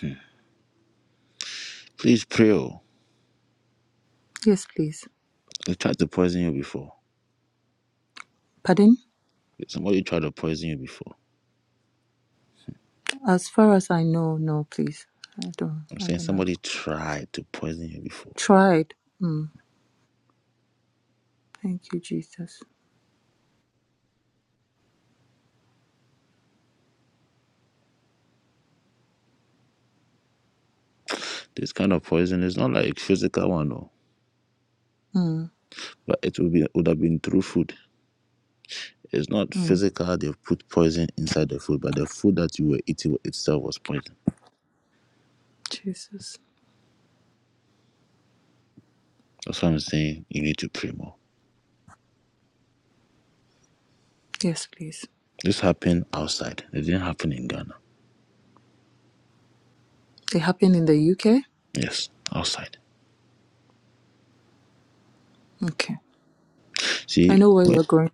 Speaker 4: Hmm. Please pray. Oh.
Speaker 11: Yes, please.
Speaker 4: They tried to poison you before.
Speaker 11: Pardon?
Speaker 4: Somebody tried to poison you before.
Speaker 11: As far as I know, no, please. I don't.
Speaker 4: I'm
Speaker 11: I
Speaker 4: saying
Speaker 11: don't have
Speaker 4: somebody tried to poison you before.
Speaker 11: tried. Mm. Thank you, Jesus.
Speaker 4: This kind of poison is not like physical one, no.
Speaker 11: Mm.
Speaker 4: But it would be would have been through food. It's not
Speaker 11: Mm.
Speaker 4: physical, how they've put poison inside the food, but the food that you were eating itself was poison.
Speaker 11: Jesus.
Speaker 4: That's why I'm saying you need to pray more.
Speaker 11: Yes, please.
Speaker 4: This happened outside. It didn't happen in Ghana.
Speaker 11: It happened in the UK.
Speaker 4: Yes, outside.
Speaker 11: Okay. I
Speaker 4: See,
Speaker 11: know where
Speaker 4: when,
Speaker 11: you're going,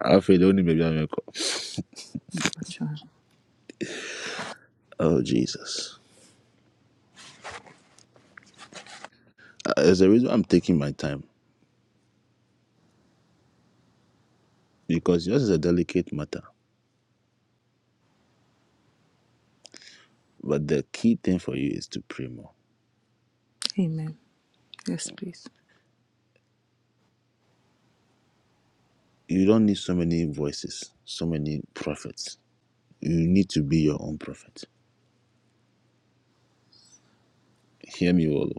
Speaker 4: I feel only maybe I'm a co-
Speaker 11: but, uh,
Speaker 4: Oh, Jesus. Uh, There's a reason I'm taking my time because yours is a delicate matter. But the key thing for you is to pray more.
Speaker 11: Amen. Yes, please.
Speaker 4: You don't need so many voices, so many prophets. You need to be your own prophet. Hear me, all.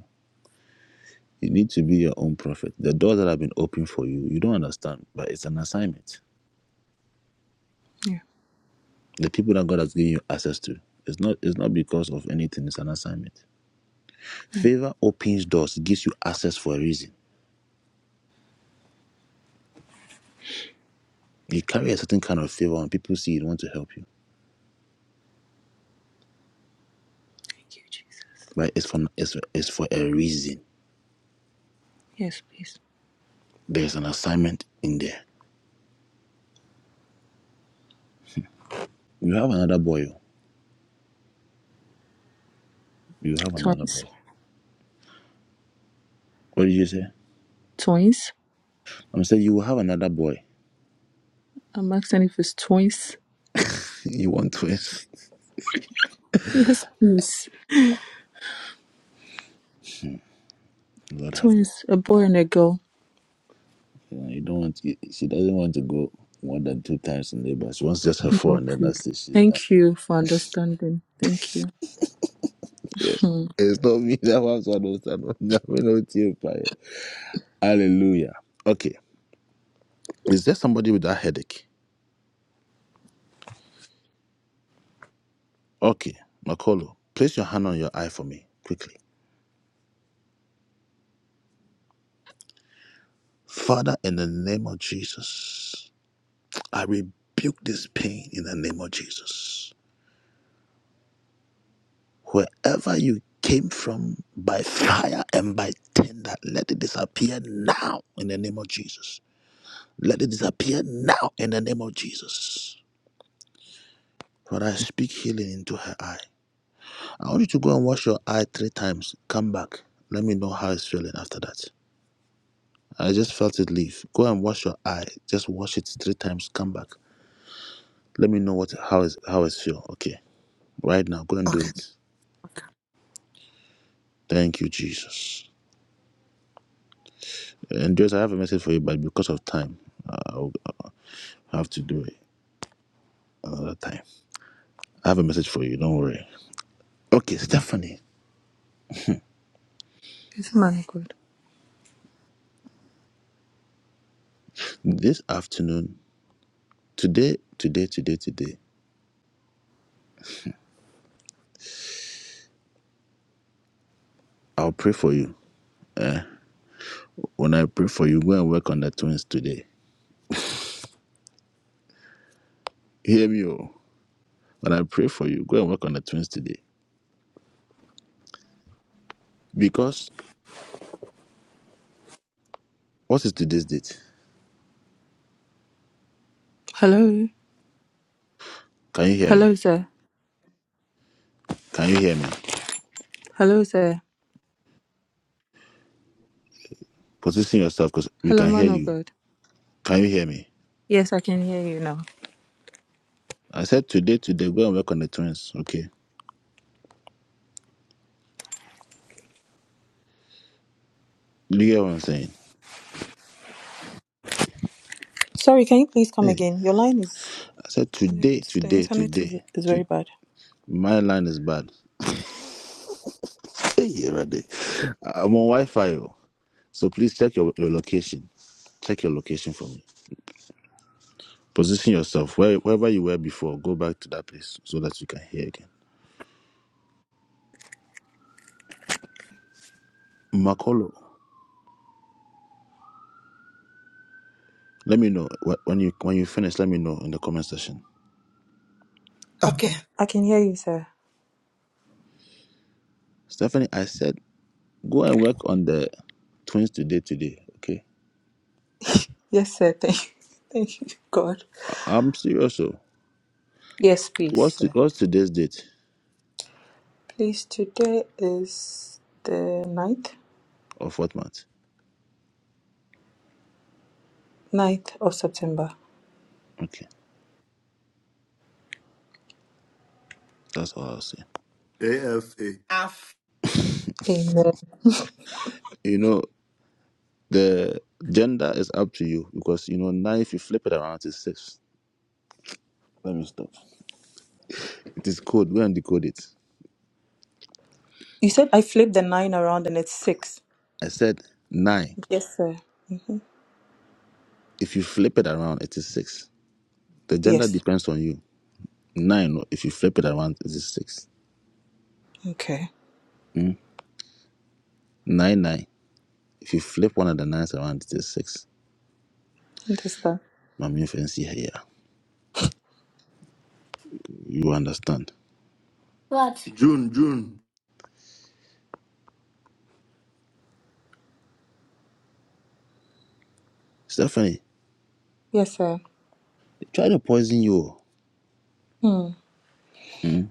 Speaker 4: You need to be your own prophet. The doors that have been opened for you, you don't understand, but it's an assignment.
Speaker 11: Yeah.
Speaker 4: The people that God has given you access to, it's not it's not because of anything, it's an assignment.
Speaker 11: Yeah.
Speaker 4: Favor opens doors, it gives you access for a reason. You carry a certain kind of favor and people see it want to help you.
Speaker 11: Thank you, Jesus.
Speaker 4: But it's for it's, it's for a reason.
Speaker 11: Yes, please.
Speaker 4: There's an assignment in there. You have another boy. oh. You have another
Speaker 11: Twins.
Speaker 4: boy. What did you say?
Speaker 11: Twins.
Speaker 4: I'm saying you will have another boy.
Speaker 11: I'm asking if it's twins.
Speaker 4: *laughs* You want twins. *laughs*
Speaker 11: Yes, please.
Speaker 4: Hmm, Lord have mercy.
Speaker 11: Twins. A boy and a girl.
Speaker 4: You, know, you don't want to, she doesn't want to go more than two times in labor. She wants just her four,
Speaker 11: No,
Speaker 4: and then
Speaker 11: please.
Speaker 4: that's it. She's done.
Speaker 11: Thank you for understanding. Thank you. Hmm.
Speaker 4: It's not me *laughs* that wants one. of son, *laughs* no, no, we know Hallelujah. Okay. Is there somebody with that headache? Okay, Makolo, place your hand on your eye for me quickly. Father, in the name of Jesus, I rebuke this pain in the name of Jesus. Wherever you came from by fire and by tender, let it disappear now in the name of Jesus. Let it disappear now in the name of Jesus. Father, I speak healing into her eye. I want you to go and wash your eye three times. Come back. Let me know how it's feeling after that. I just felt it leave. Go and wash your eye. Just wash it three times. Come back. Let me know what how is how it's feel. Okay. Right now, go and do it. Thank you, Jesus. And Joyce, I have a message for you, but because of time, I'll, I'll have to do it another time. I have a message for you. Don't worry. Okay, Stephanie.
Speaker 11: It's a man of God.
Speaker 4: This afternoon. Today, today, today, today, I'll pray for you. When I pray for you, go and work on the twins today. Hear me, oh. When I pray for you, go and work on the twins today. Because what is today's date?
Speaker 11: Hello.
Speaker 4: Can you hear me?
Speaker 11: Hello, sir.
Speaker 4: Can you hear me?
Speaker 11: Hello, sir.
Speaker 4: Position yourself because we
Speaker 11: Hello,
Speaker 4: can hear
Speaker 11: man of
Speaker 4: you.
Speaker 11: God.
Speaker 4: Can you hear me?
Speaker 11: Yes, I can hear you now.
Speaker 4: I said today, today, go and work on the twins, okay? You hear what I'm saying?
Speaker 11: Sorry, can you please come
Speaker 4: Hey,
Speaker 11: again? Your line is.
Speaker 4: I said today,
Speaker 11: It's, the
Speaker 4: today,
Speaker 11: internet is,
Speaker 4: today.
Speaker 11: is
Speaker 4: To,
Speaker 11: very bad.
Speaker 4: my line is bad. Hey, ready. I'm on Wi Fi, oh. So please check your, your location. Check your location for me Position yourself where, wherever you were before. Go back to that place so that you can hear again. Makolo, let me know wh- when you when you finish. Let me know in the comment section.
Speaker 11: I
Speaker 8: Okay.
Speaker 11: can, I can hear you, sir.
Speaker 4: Stephanie, I said go and work on the twins today. Today, okay?
Speaker 11: Yes, sir. *laughs* Thank, thank you, God.
Speaker 4: I- I'm serious. So
Speaker 11: Yes, please,
Speaker 4: what's to,
Speaker 11: sir.
Speaker 4: what's today's date
Speaker 11: Please, today is the ninth,
Speaker 4: of what month?
Speaker 11: ninth of September.
Speaker 4: Okay, that's all I'll say.
Speaker 3: AFA.
Speaker 11: Amen.
Speaker 4: You know the gender is up to you because you know now if you flip it around it's six. Let me stop. It is code. Go and decode it.
Speaker 11: You said I flipped the 9 around and it's 6.
Speaker 4: I said nine.
Speaker 11: Yes, sir. hmm
Speaker 4: If you flip it around, it is six. The gender
Speaker 11: Yes.
Speaker 4: depends on you. Nine, no, if you flip it around, it is six.
Speaker 11: Okay.
Speaker 4: Mm. Nine, nine. If you flip one of the nines around, it is six.
Speaker 11: Understand.
Speaker 4: My main fancy here. yeah. You understand.
Speaker 3: What?
Speaker 4: Stephanie,
Speaker 11: Yes, sir.
Speaker 4: they try to poison you.
Speaker 11: Hmm.
Speaker 4: Mm.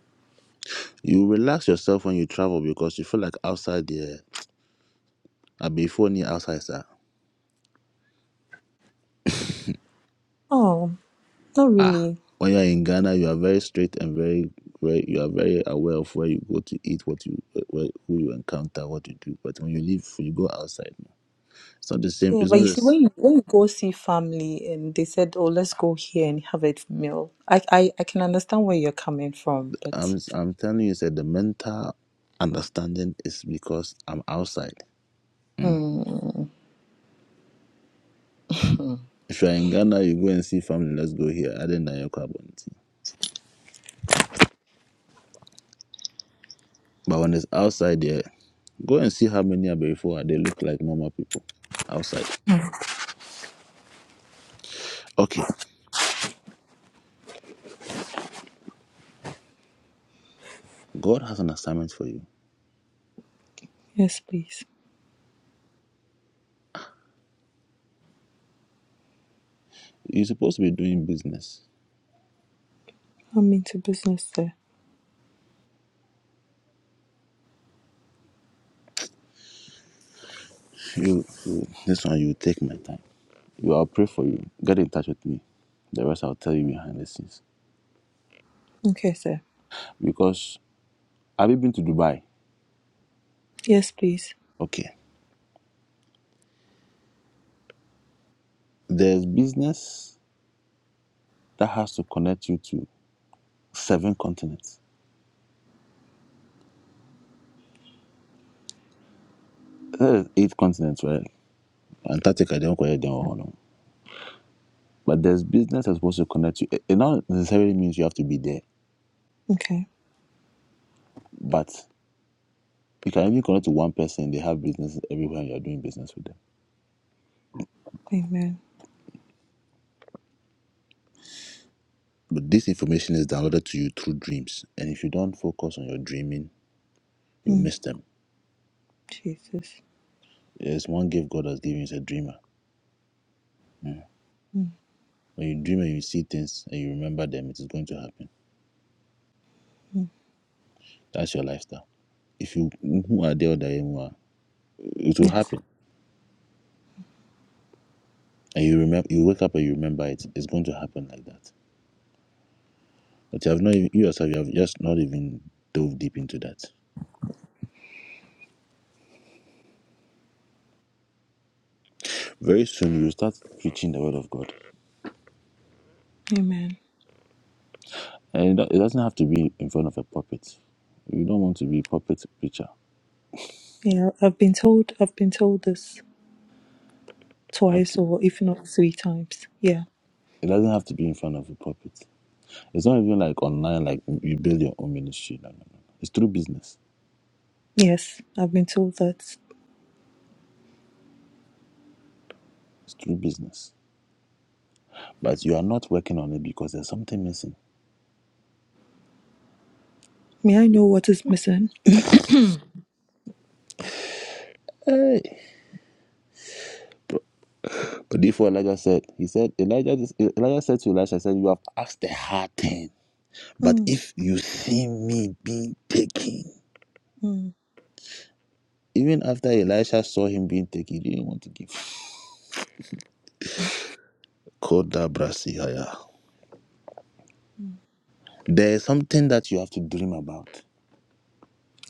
Speaker 4: You relax yourself when you travel because you feel like outside there, I before near outside, sir.
Speaker 11: Oh, not
Speaker 4: Ah.
Speaker 11: really.
Speaker 4: When you're in Ghana, you are very straight and very, very, you are very aware of where you go to eat, what you, where, who you encounter, what you do. But when you leave, you go outside. It's not the same.
Speaker 11: Yeah,
Speaker 4: It's
Speaker 11: but
Speaker 4: not
Speaker 11: you
Speaker 4: the.
Speaker 11: see, when you when you go see family and they said, "Oh, let's go here and have a meal," I I, I can understand where you're coming from,
Speaker 4: I'm
Speaker 11: but
Speaker 4: I'm telling you, said the mental understanding is because I'm outside. Mm.
Speaker 11: mm,
Speaker 4: If you're in Ghana, you go and see family. Let's go here. I didn't know your carbon on But when it's outside there, go and see how many are before. They look like normal people outside. Okay, God has an assignment for you.
Speaker 11: yes, please.
Speaker 4: You're supposed to be doing business.
Speaker 11: I'm into business, sir.
Speaker 4: You, you this one, you take my time. You, I'll pray for you. Get in touch with me. The rest I'll tell you behind the scenes.
Speaker 11: Okay, sir.
Speaker 4: Because have you been to Dubai?
Speaker 11: Yes, please.
Speaker 4: Okay. There's business that has to connect you to seven continents. Eh, Eight continents, right? Antarctica, they don't call it they don't But there's business that's supposed to connect you. It it not necessarily means you have to be there,
Speaker 11: Okay.
Speaker 4: but you can even connect to one person. They have business everywhere. and You're doing business with them.
Speaker 11: Amen.
Speaker 4: But this information is downloaded to you through dreams, and if you don't focus on your dreaming, you
Speaker 11: Mm,
Speaker 4: miss them.
Speaker 11: Jesus.
Speaker 4: There's one gift God has given you is a dreamer.
Speaker 11: Mm-hmm.
Speaker 4: When you dream and you see things and you remember them, it is going to happen. That's your lifestyle if you who are there or there, you are, it will
Speaker 11: Yes.
Speaker 4: happen. and you remember you wake up and you remember it it's going to happen like that but you have not even, you yourself you have just not even dove deep into that very soon you start preaching the word of god
Speaker 11: Amen.
Speaker 4: and it do- it doesn't have to be in front of a puppet you don't want to be a puppet preacher
Speaker 11: Yeah, I've been told. I've been told this twice,
Speaker 4: okay
Speaker 11: or if not three times. Yeah.
Speaker 4: it doesn't have to be in front of a puppet it's not even like online like you build your own ministry no no no it's through business
Speaker 11: Yes, I've been told that.
Speaker 4: it's through business but you are not working on it because there's something missing
Speaker 11: May I know what is missing?
Speaker 4: Hey, But therefore Elijah said, he said, Elijah, Elijah said to Elisha, said, you have asked a hard thing, but
Speaker 11: Mm,
Speaker 4: if you see me being taken,
Speaker 11: mm.
Speaker 4: even after Elisha saw him being taken, he didn't want to give. There is something that you have to dream about.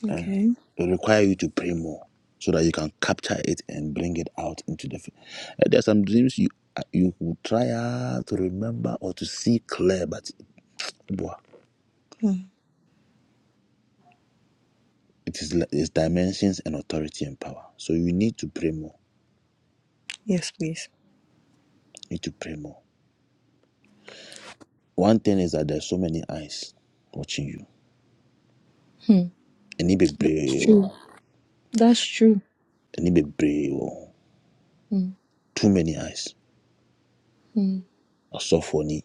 Speaker 11: Okay.
Speaker 4: It requires you to pray more so that you can capture it and bring it out into the field. There are some dreams you uh, you will try hard to remember or to see clear, but
Speaker 11: Mm.
Speaker 4: it is its dimensions and authority and power. So you need to pray more
Speaker 11: Yes, please.
Speaker 4: need to pray more. One thing is that there's so many eyes watching you.
Speaker 11: Mm.
Speaker 4: Any be
Speaker 11: That's
Speaker 4: brave,
Speaker 11: true. That's true.
Speaker 4: any be brave,
Speaker 11: Mm.
Speaker 4: too many eyes.
Speaker 11: Mm.
Speaker 4: I saw for any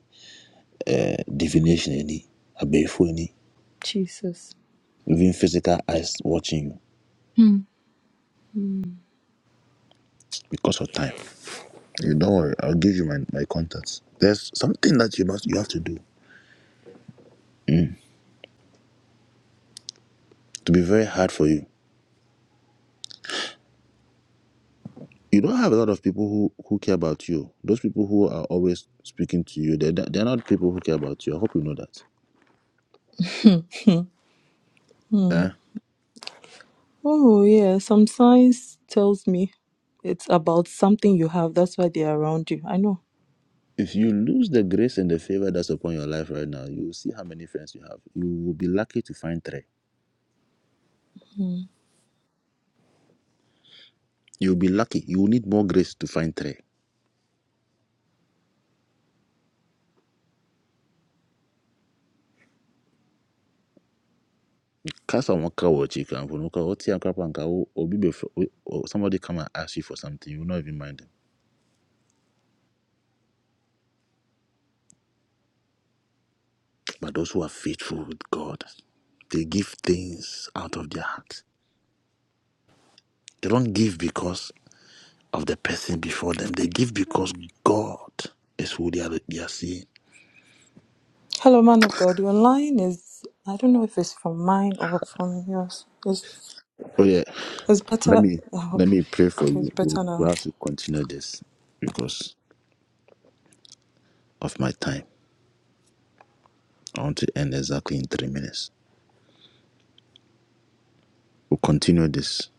Speaker 4: uh, divination, any obey for any
Speaker 11: Jesus.
Speaker 4: even physical eyes watching you
Speaker 11: Mm.
Speaker 4: because of time. You don't worry, I'll give you my, my contacts. There's something that you must you have to do to be very hard for you. You don't have a lot of people who, who care about you. Those people who are always speaking to you, they're, they're not people who care about you. I hope you know that.
Speaker 11: Mm.
Speaker 4: Eh?
Speaker 11: Oh yeah. Some signs tells me it's about something you have. That's why they're around you. I know.
Speaker 4: if you lose the grace and the favor that's upon your life right now, you will see how many friends you have. You will be lucky to find three. You will be lucky. You will need more grace to find three. Cast on one cow or for no cow, what tea, crap, and cow, or somebody come and ask you for something, you will not even mind them. But those who are faithful with God, they give things out of their heart. They don't give because of the person before them. They give because God is who they are, they are seeing.
Speaker 11: Hello, man of God. Your line is I don't know if it's from mine or from yours. It's
Speaker 4: Oh yeah.
Speaker 11: it's
Speaker 4: Let
Speaker 11: better.
Speaker 4: me
Speaker 11: I
Speaker 4: let
Speaker 11: hope
Speaker 4: me pray for
Speaker 11: it's
Speaker 4: you. We'll,
Speaker 11: better now.
Speaker 4: we'll have to continue this because of my time. I want to end exactly in three minutes. We'll continue this.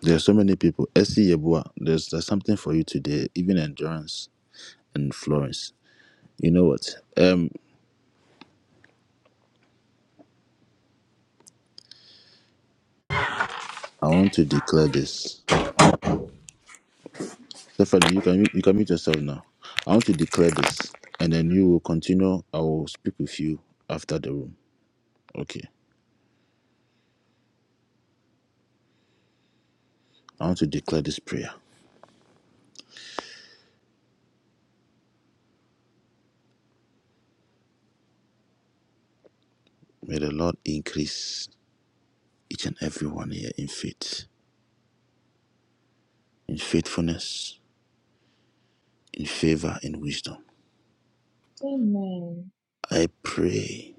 Speaker 4: There are so many people. SC Yebua, there's there's something for you today, even endurance and Florence. You know what? Um I want to declare this. Stephanie, you can you can mute yourself now. I want to declare this and then you will continue. I will speak with you after the room. Okay. I want to declare this prayer. May the Lord increase each and every one here in faith, in faithfulness, in favor, in wisdom.
Speaker 6: Amen.
Speaker 4: I pray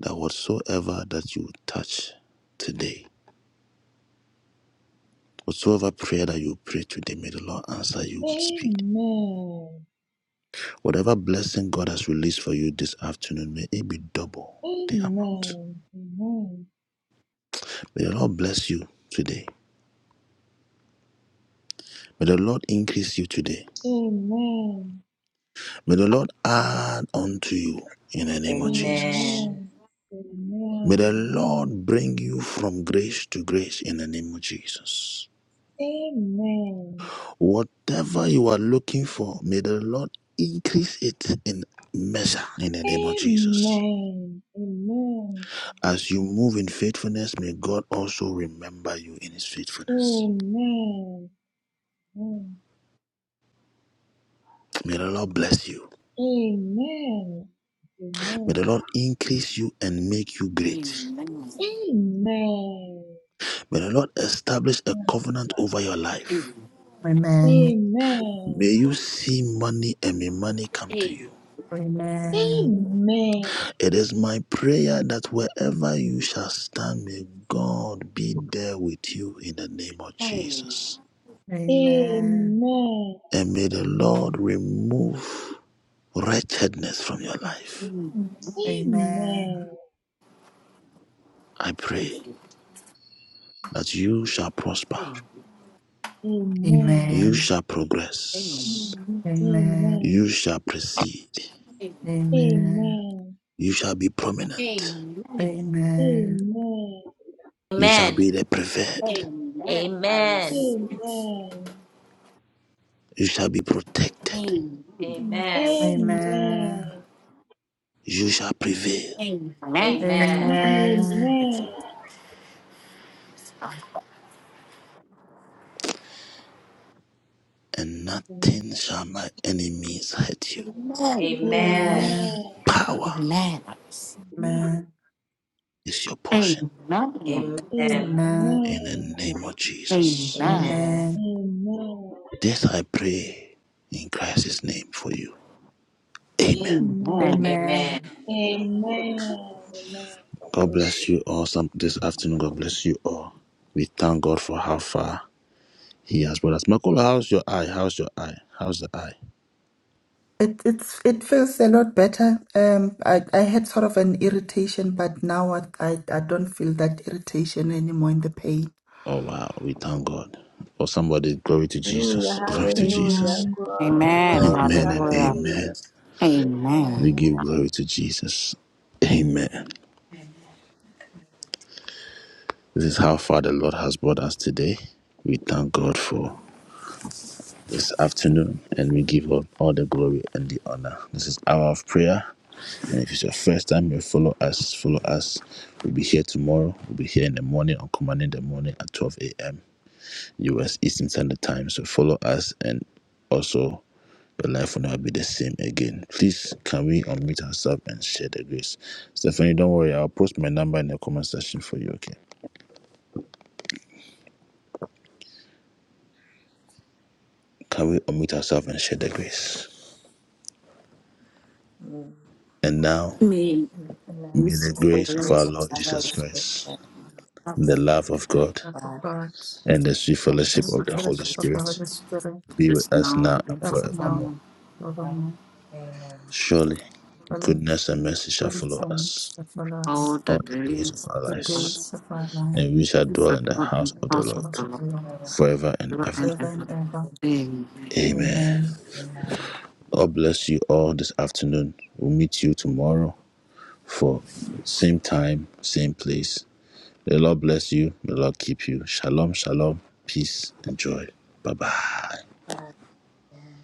Speaker 4: that whatsoever that you touch today, whatsoever prayer that you pray today, may the Lord answer you with speed.
Speaker 6: Amen.
Speaker 4: Whatever blessing God has released for you this afternoon, may it be double the amount.
Speaker 6: Amen.
Speaker 4: May the Lord bless you today. May the Lord increase you today.
Speaker 6: Amen.
Speaker 4: May the Lord add unto you in the name of Jesus.
Speaker 12: Amen.
Speaker 6: Amen. Amen.
Speaker 4: May the
Speaker 6: Amen.
Speaker 4: Lord bring you from grace to grace in the name of Jesus.
Speaker 6: Amen.
Speaker 4: Whatever you are looking for, may the Lord increase it in measure in the name of Jesus.
Speaker 6: Amen. Amen.
Speaker 4: As you move in faithfulness, may God also remember you in his faithfulness.
Speaker 6: Amen.
Speaker 4: May the Lord bless you.
Speaker 6: Amen. Amen.
Speaker 4: May the Lord increase you and make you
Speaker 13: I receive
Speaker 4: great.
Speaker 6: Amen.
Speaker 4: May the Lord establish a covenant over your life.
Speaker 13: it.
Speaker 8: Amen.
Speaker 4: May
Speaker 6: Amen.
Speaker 4: you see money and may money come to you.
Speaker 8: Amen.
Speaker 6: Amen.
Speaker 4: It is my prayer that wherever you shall stand, may God be there with you in the name of
Speaker 13: Amen.
Speaker 4: Jesus.
Speaker 8: Amen.
Speaker 6: Amen.
Speaker 4: And may the Lord remove wretchedness from your
Speaker 13: Amen.
Speaker 4: life.
Speaker 8: Amen.
Speaker 4: I
Speaker 13: It's
Speaker 4: pray
Speaker 13: your time.
Speaker 4: that you shall prosper,
Speaker 13: Amen.
Speaker 6: Amen. Amen.
Speaker 4: you
Speaker 6: Amen.
Speaker 8: Amen.
Speaker 4: shall progress,
Speaker 13: Amen.
Speaker 8: Amen.
Speaker 4: you shall proceed,
Speaker 8: Amen.
Speaker 13: Amen.
Speaker 8: Amen.
Speaker 4: you shall be prominent,
Speaker 13: Amen.
Speaker 4: you shall
Speaker 12: Amen.
Speaker 4: be the preferred,
Speaker 13: Amen.
Speaker 12: Amen.
Speaker 4: you shall be protected,
Speaker 12: Amen.
Speaker 8: Amen.
Speaker 4: you shall prevail,
Speaker 12: Amen.
Speaker 8: Amen.
Speaker 4: and nothing shall my enemies hurt you.
Speaker 12: Amen.
Speaker 6: Amen.
Speaker 4: Power is your portion
Speaker 12: Amen.
Speaker 8: Amen.
Speaker 4: in the name of Jesus.
Speaker 12: Amen.
Speaker 8: Amen.
Speaker 4: This I pray in Christ's name for you. Amen.
Speaker 6: Amen.
Speaker 8: Amen.
Speaker 12: Amen.
Speaker 8: Amen.
Speaker 6: Amen. Amen. Amen. Amen.
Speaker 4: God bless you all some this afternoon. God bless you all. We thank God for how far He has brought us. Makola, how's your eye? How's your eye? How's the eye?
Speaker 8: It it's it feels a lot better. Um, I I had sort of an irritation, but now I I, I don't feel that irritation anymore in the pain.
Speaker 4: Oh wow, we thank God. Or somebody, glory to Jesus. Glory to Jesus.
Speaker 8: Amen.
Speaker 13: Amen.
Speaker 4: Amen and
Speaker 13: Hallelujah.
Speaker 4: amen.
Speaker 13: Amen.
Speaker 4: We give glory to Jesus. Amen. This is how far the Lord has brought us today. We thank God for this afternoon, and we give God all the glory and the honor. This is Hour of Prayer. And if it's your first time, you follow us, follow us. We'll be here tomorrow. We'll be here in the morning on Command in the morning at 12 a.m. US Eastern Standard Time. So follow us, and also your life will never be the same again. Please, can we unmute ourselves and share the grace? Stephanie, don't worry. I'll post my number in the comment section for you, okay? Can we unmute ourselves and share the grace?
Speaker 12: Mm,
Speaker 4: And now,
Speaker 13: Me.
Speaker 12: mm, mm, And now,
Speaker 4: may the
Speaker 12: by the
Speaker 4: grace of our
Speaker 12: grace of
Speaker 4: Lord
Speaker 12: our Lord
Speaker 4: Jesus
Speaker 12: Jesus
Speaker 4: Christ
Speaker 12: Christ,
Speaker 4: The love of God
Speaker 8: Love of
Speaker 12: God.
Speaker 8: God,
Speaker 4: and the sweet
Speaker 13: of the
Speaker 8: the
Speaker 4: fellowship of
Speaker 8: sweet
Speaker 4: the
Speaker 13: Holy
Speaker 4: Holy
Speaker 8: fellowship of
Speaker 13: Spirit
Speaker 8: the
Speaker 4: Spirit
Speaker 8: Holy Spirit,
Speaker 4: be with
Speaker 13: is
Speaker 4: us
Speaker 13: now
Speaker 4: now and
Speaker 13: and
Speaker 8: us now,
Speaker 4: forevermore.
Speaker 13: forevermore.
Speaker 12: our Father,
Speaker 8: forevermore.
Speaker 12: Amen.
Speaker 4: Surely,
Speaker 8: Holy
Speaker 4: goodness and mercy shall
Speaker 8: goodness
Speaker 4: follow
Speaker 8: and
Speaker 4: us
Speaker 8: mercy follow
Speaker 13: All
Speaker 8: us
Speaker 13: the
Speaker 4: all the days of
Speaker 13: days
Speaker 8: all
Speaker 4: our
Speaker 13: of
Speaker 8: the
Speaker 13: the Lord
Speaker 4: lives,
Speaker 8: days of our life,
Speaker 4: and we shall
Speaker 13: is
Speaker 4: dwell
Speaker 13: the
Speaker 4: in the
Speaker 13: Lord
Speaker 4: house
Speaker 13: and
Speaker 4: of
Speaker 13: the
Speaker 4: the
Speaker 8: in
Speaker 13: house
Speaker 8: the
Speaker 4: Lord
Speaker 13: of
Speaker 8: house
Speaker 13: the
Speaker 8: of the
Speaker 13: Lord,
Speaker 8: Lord,
Speaker 4: forever and
Speaker 13: ever and
Speaker 4: ever.
Speaker 8: forever
Speaker 13: ever.
Speaker 8: and ever.
Speaker 13: Amen.
Speaker 4: Amen.
Speaker 8: Amen.
Speaker 12: Amen.
Speaker 4: God bless you all this afternoon. We'll meet you tomorrow for same time, same place. May the Lord bless you. May the Lord keep you. Shalom, shalom, peace and joy. Bye bye.
Speaker 12: Amen. Amen.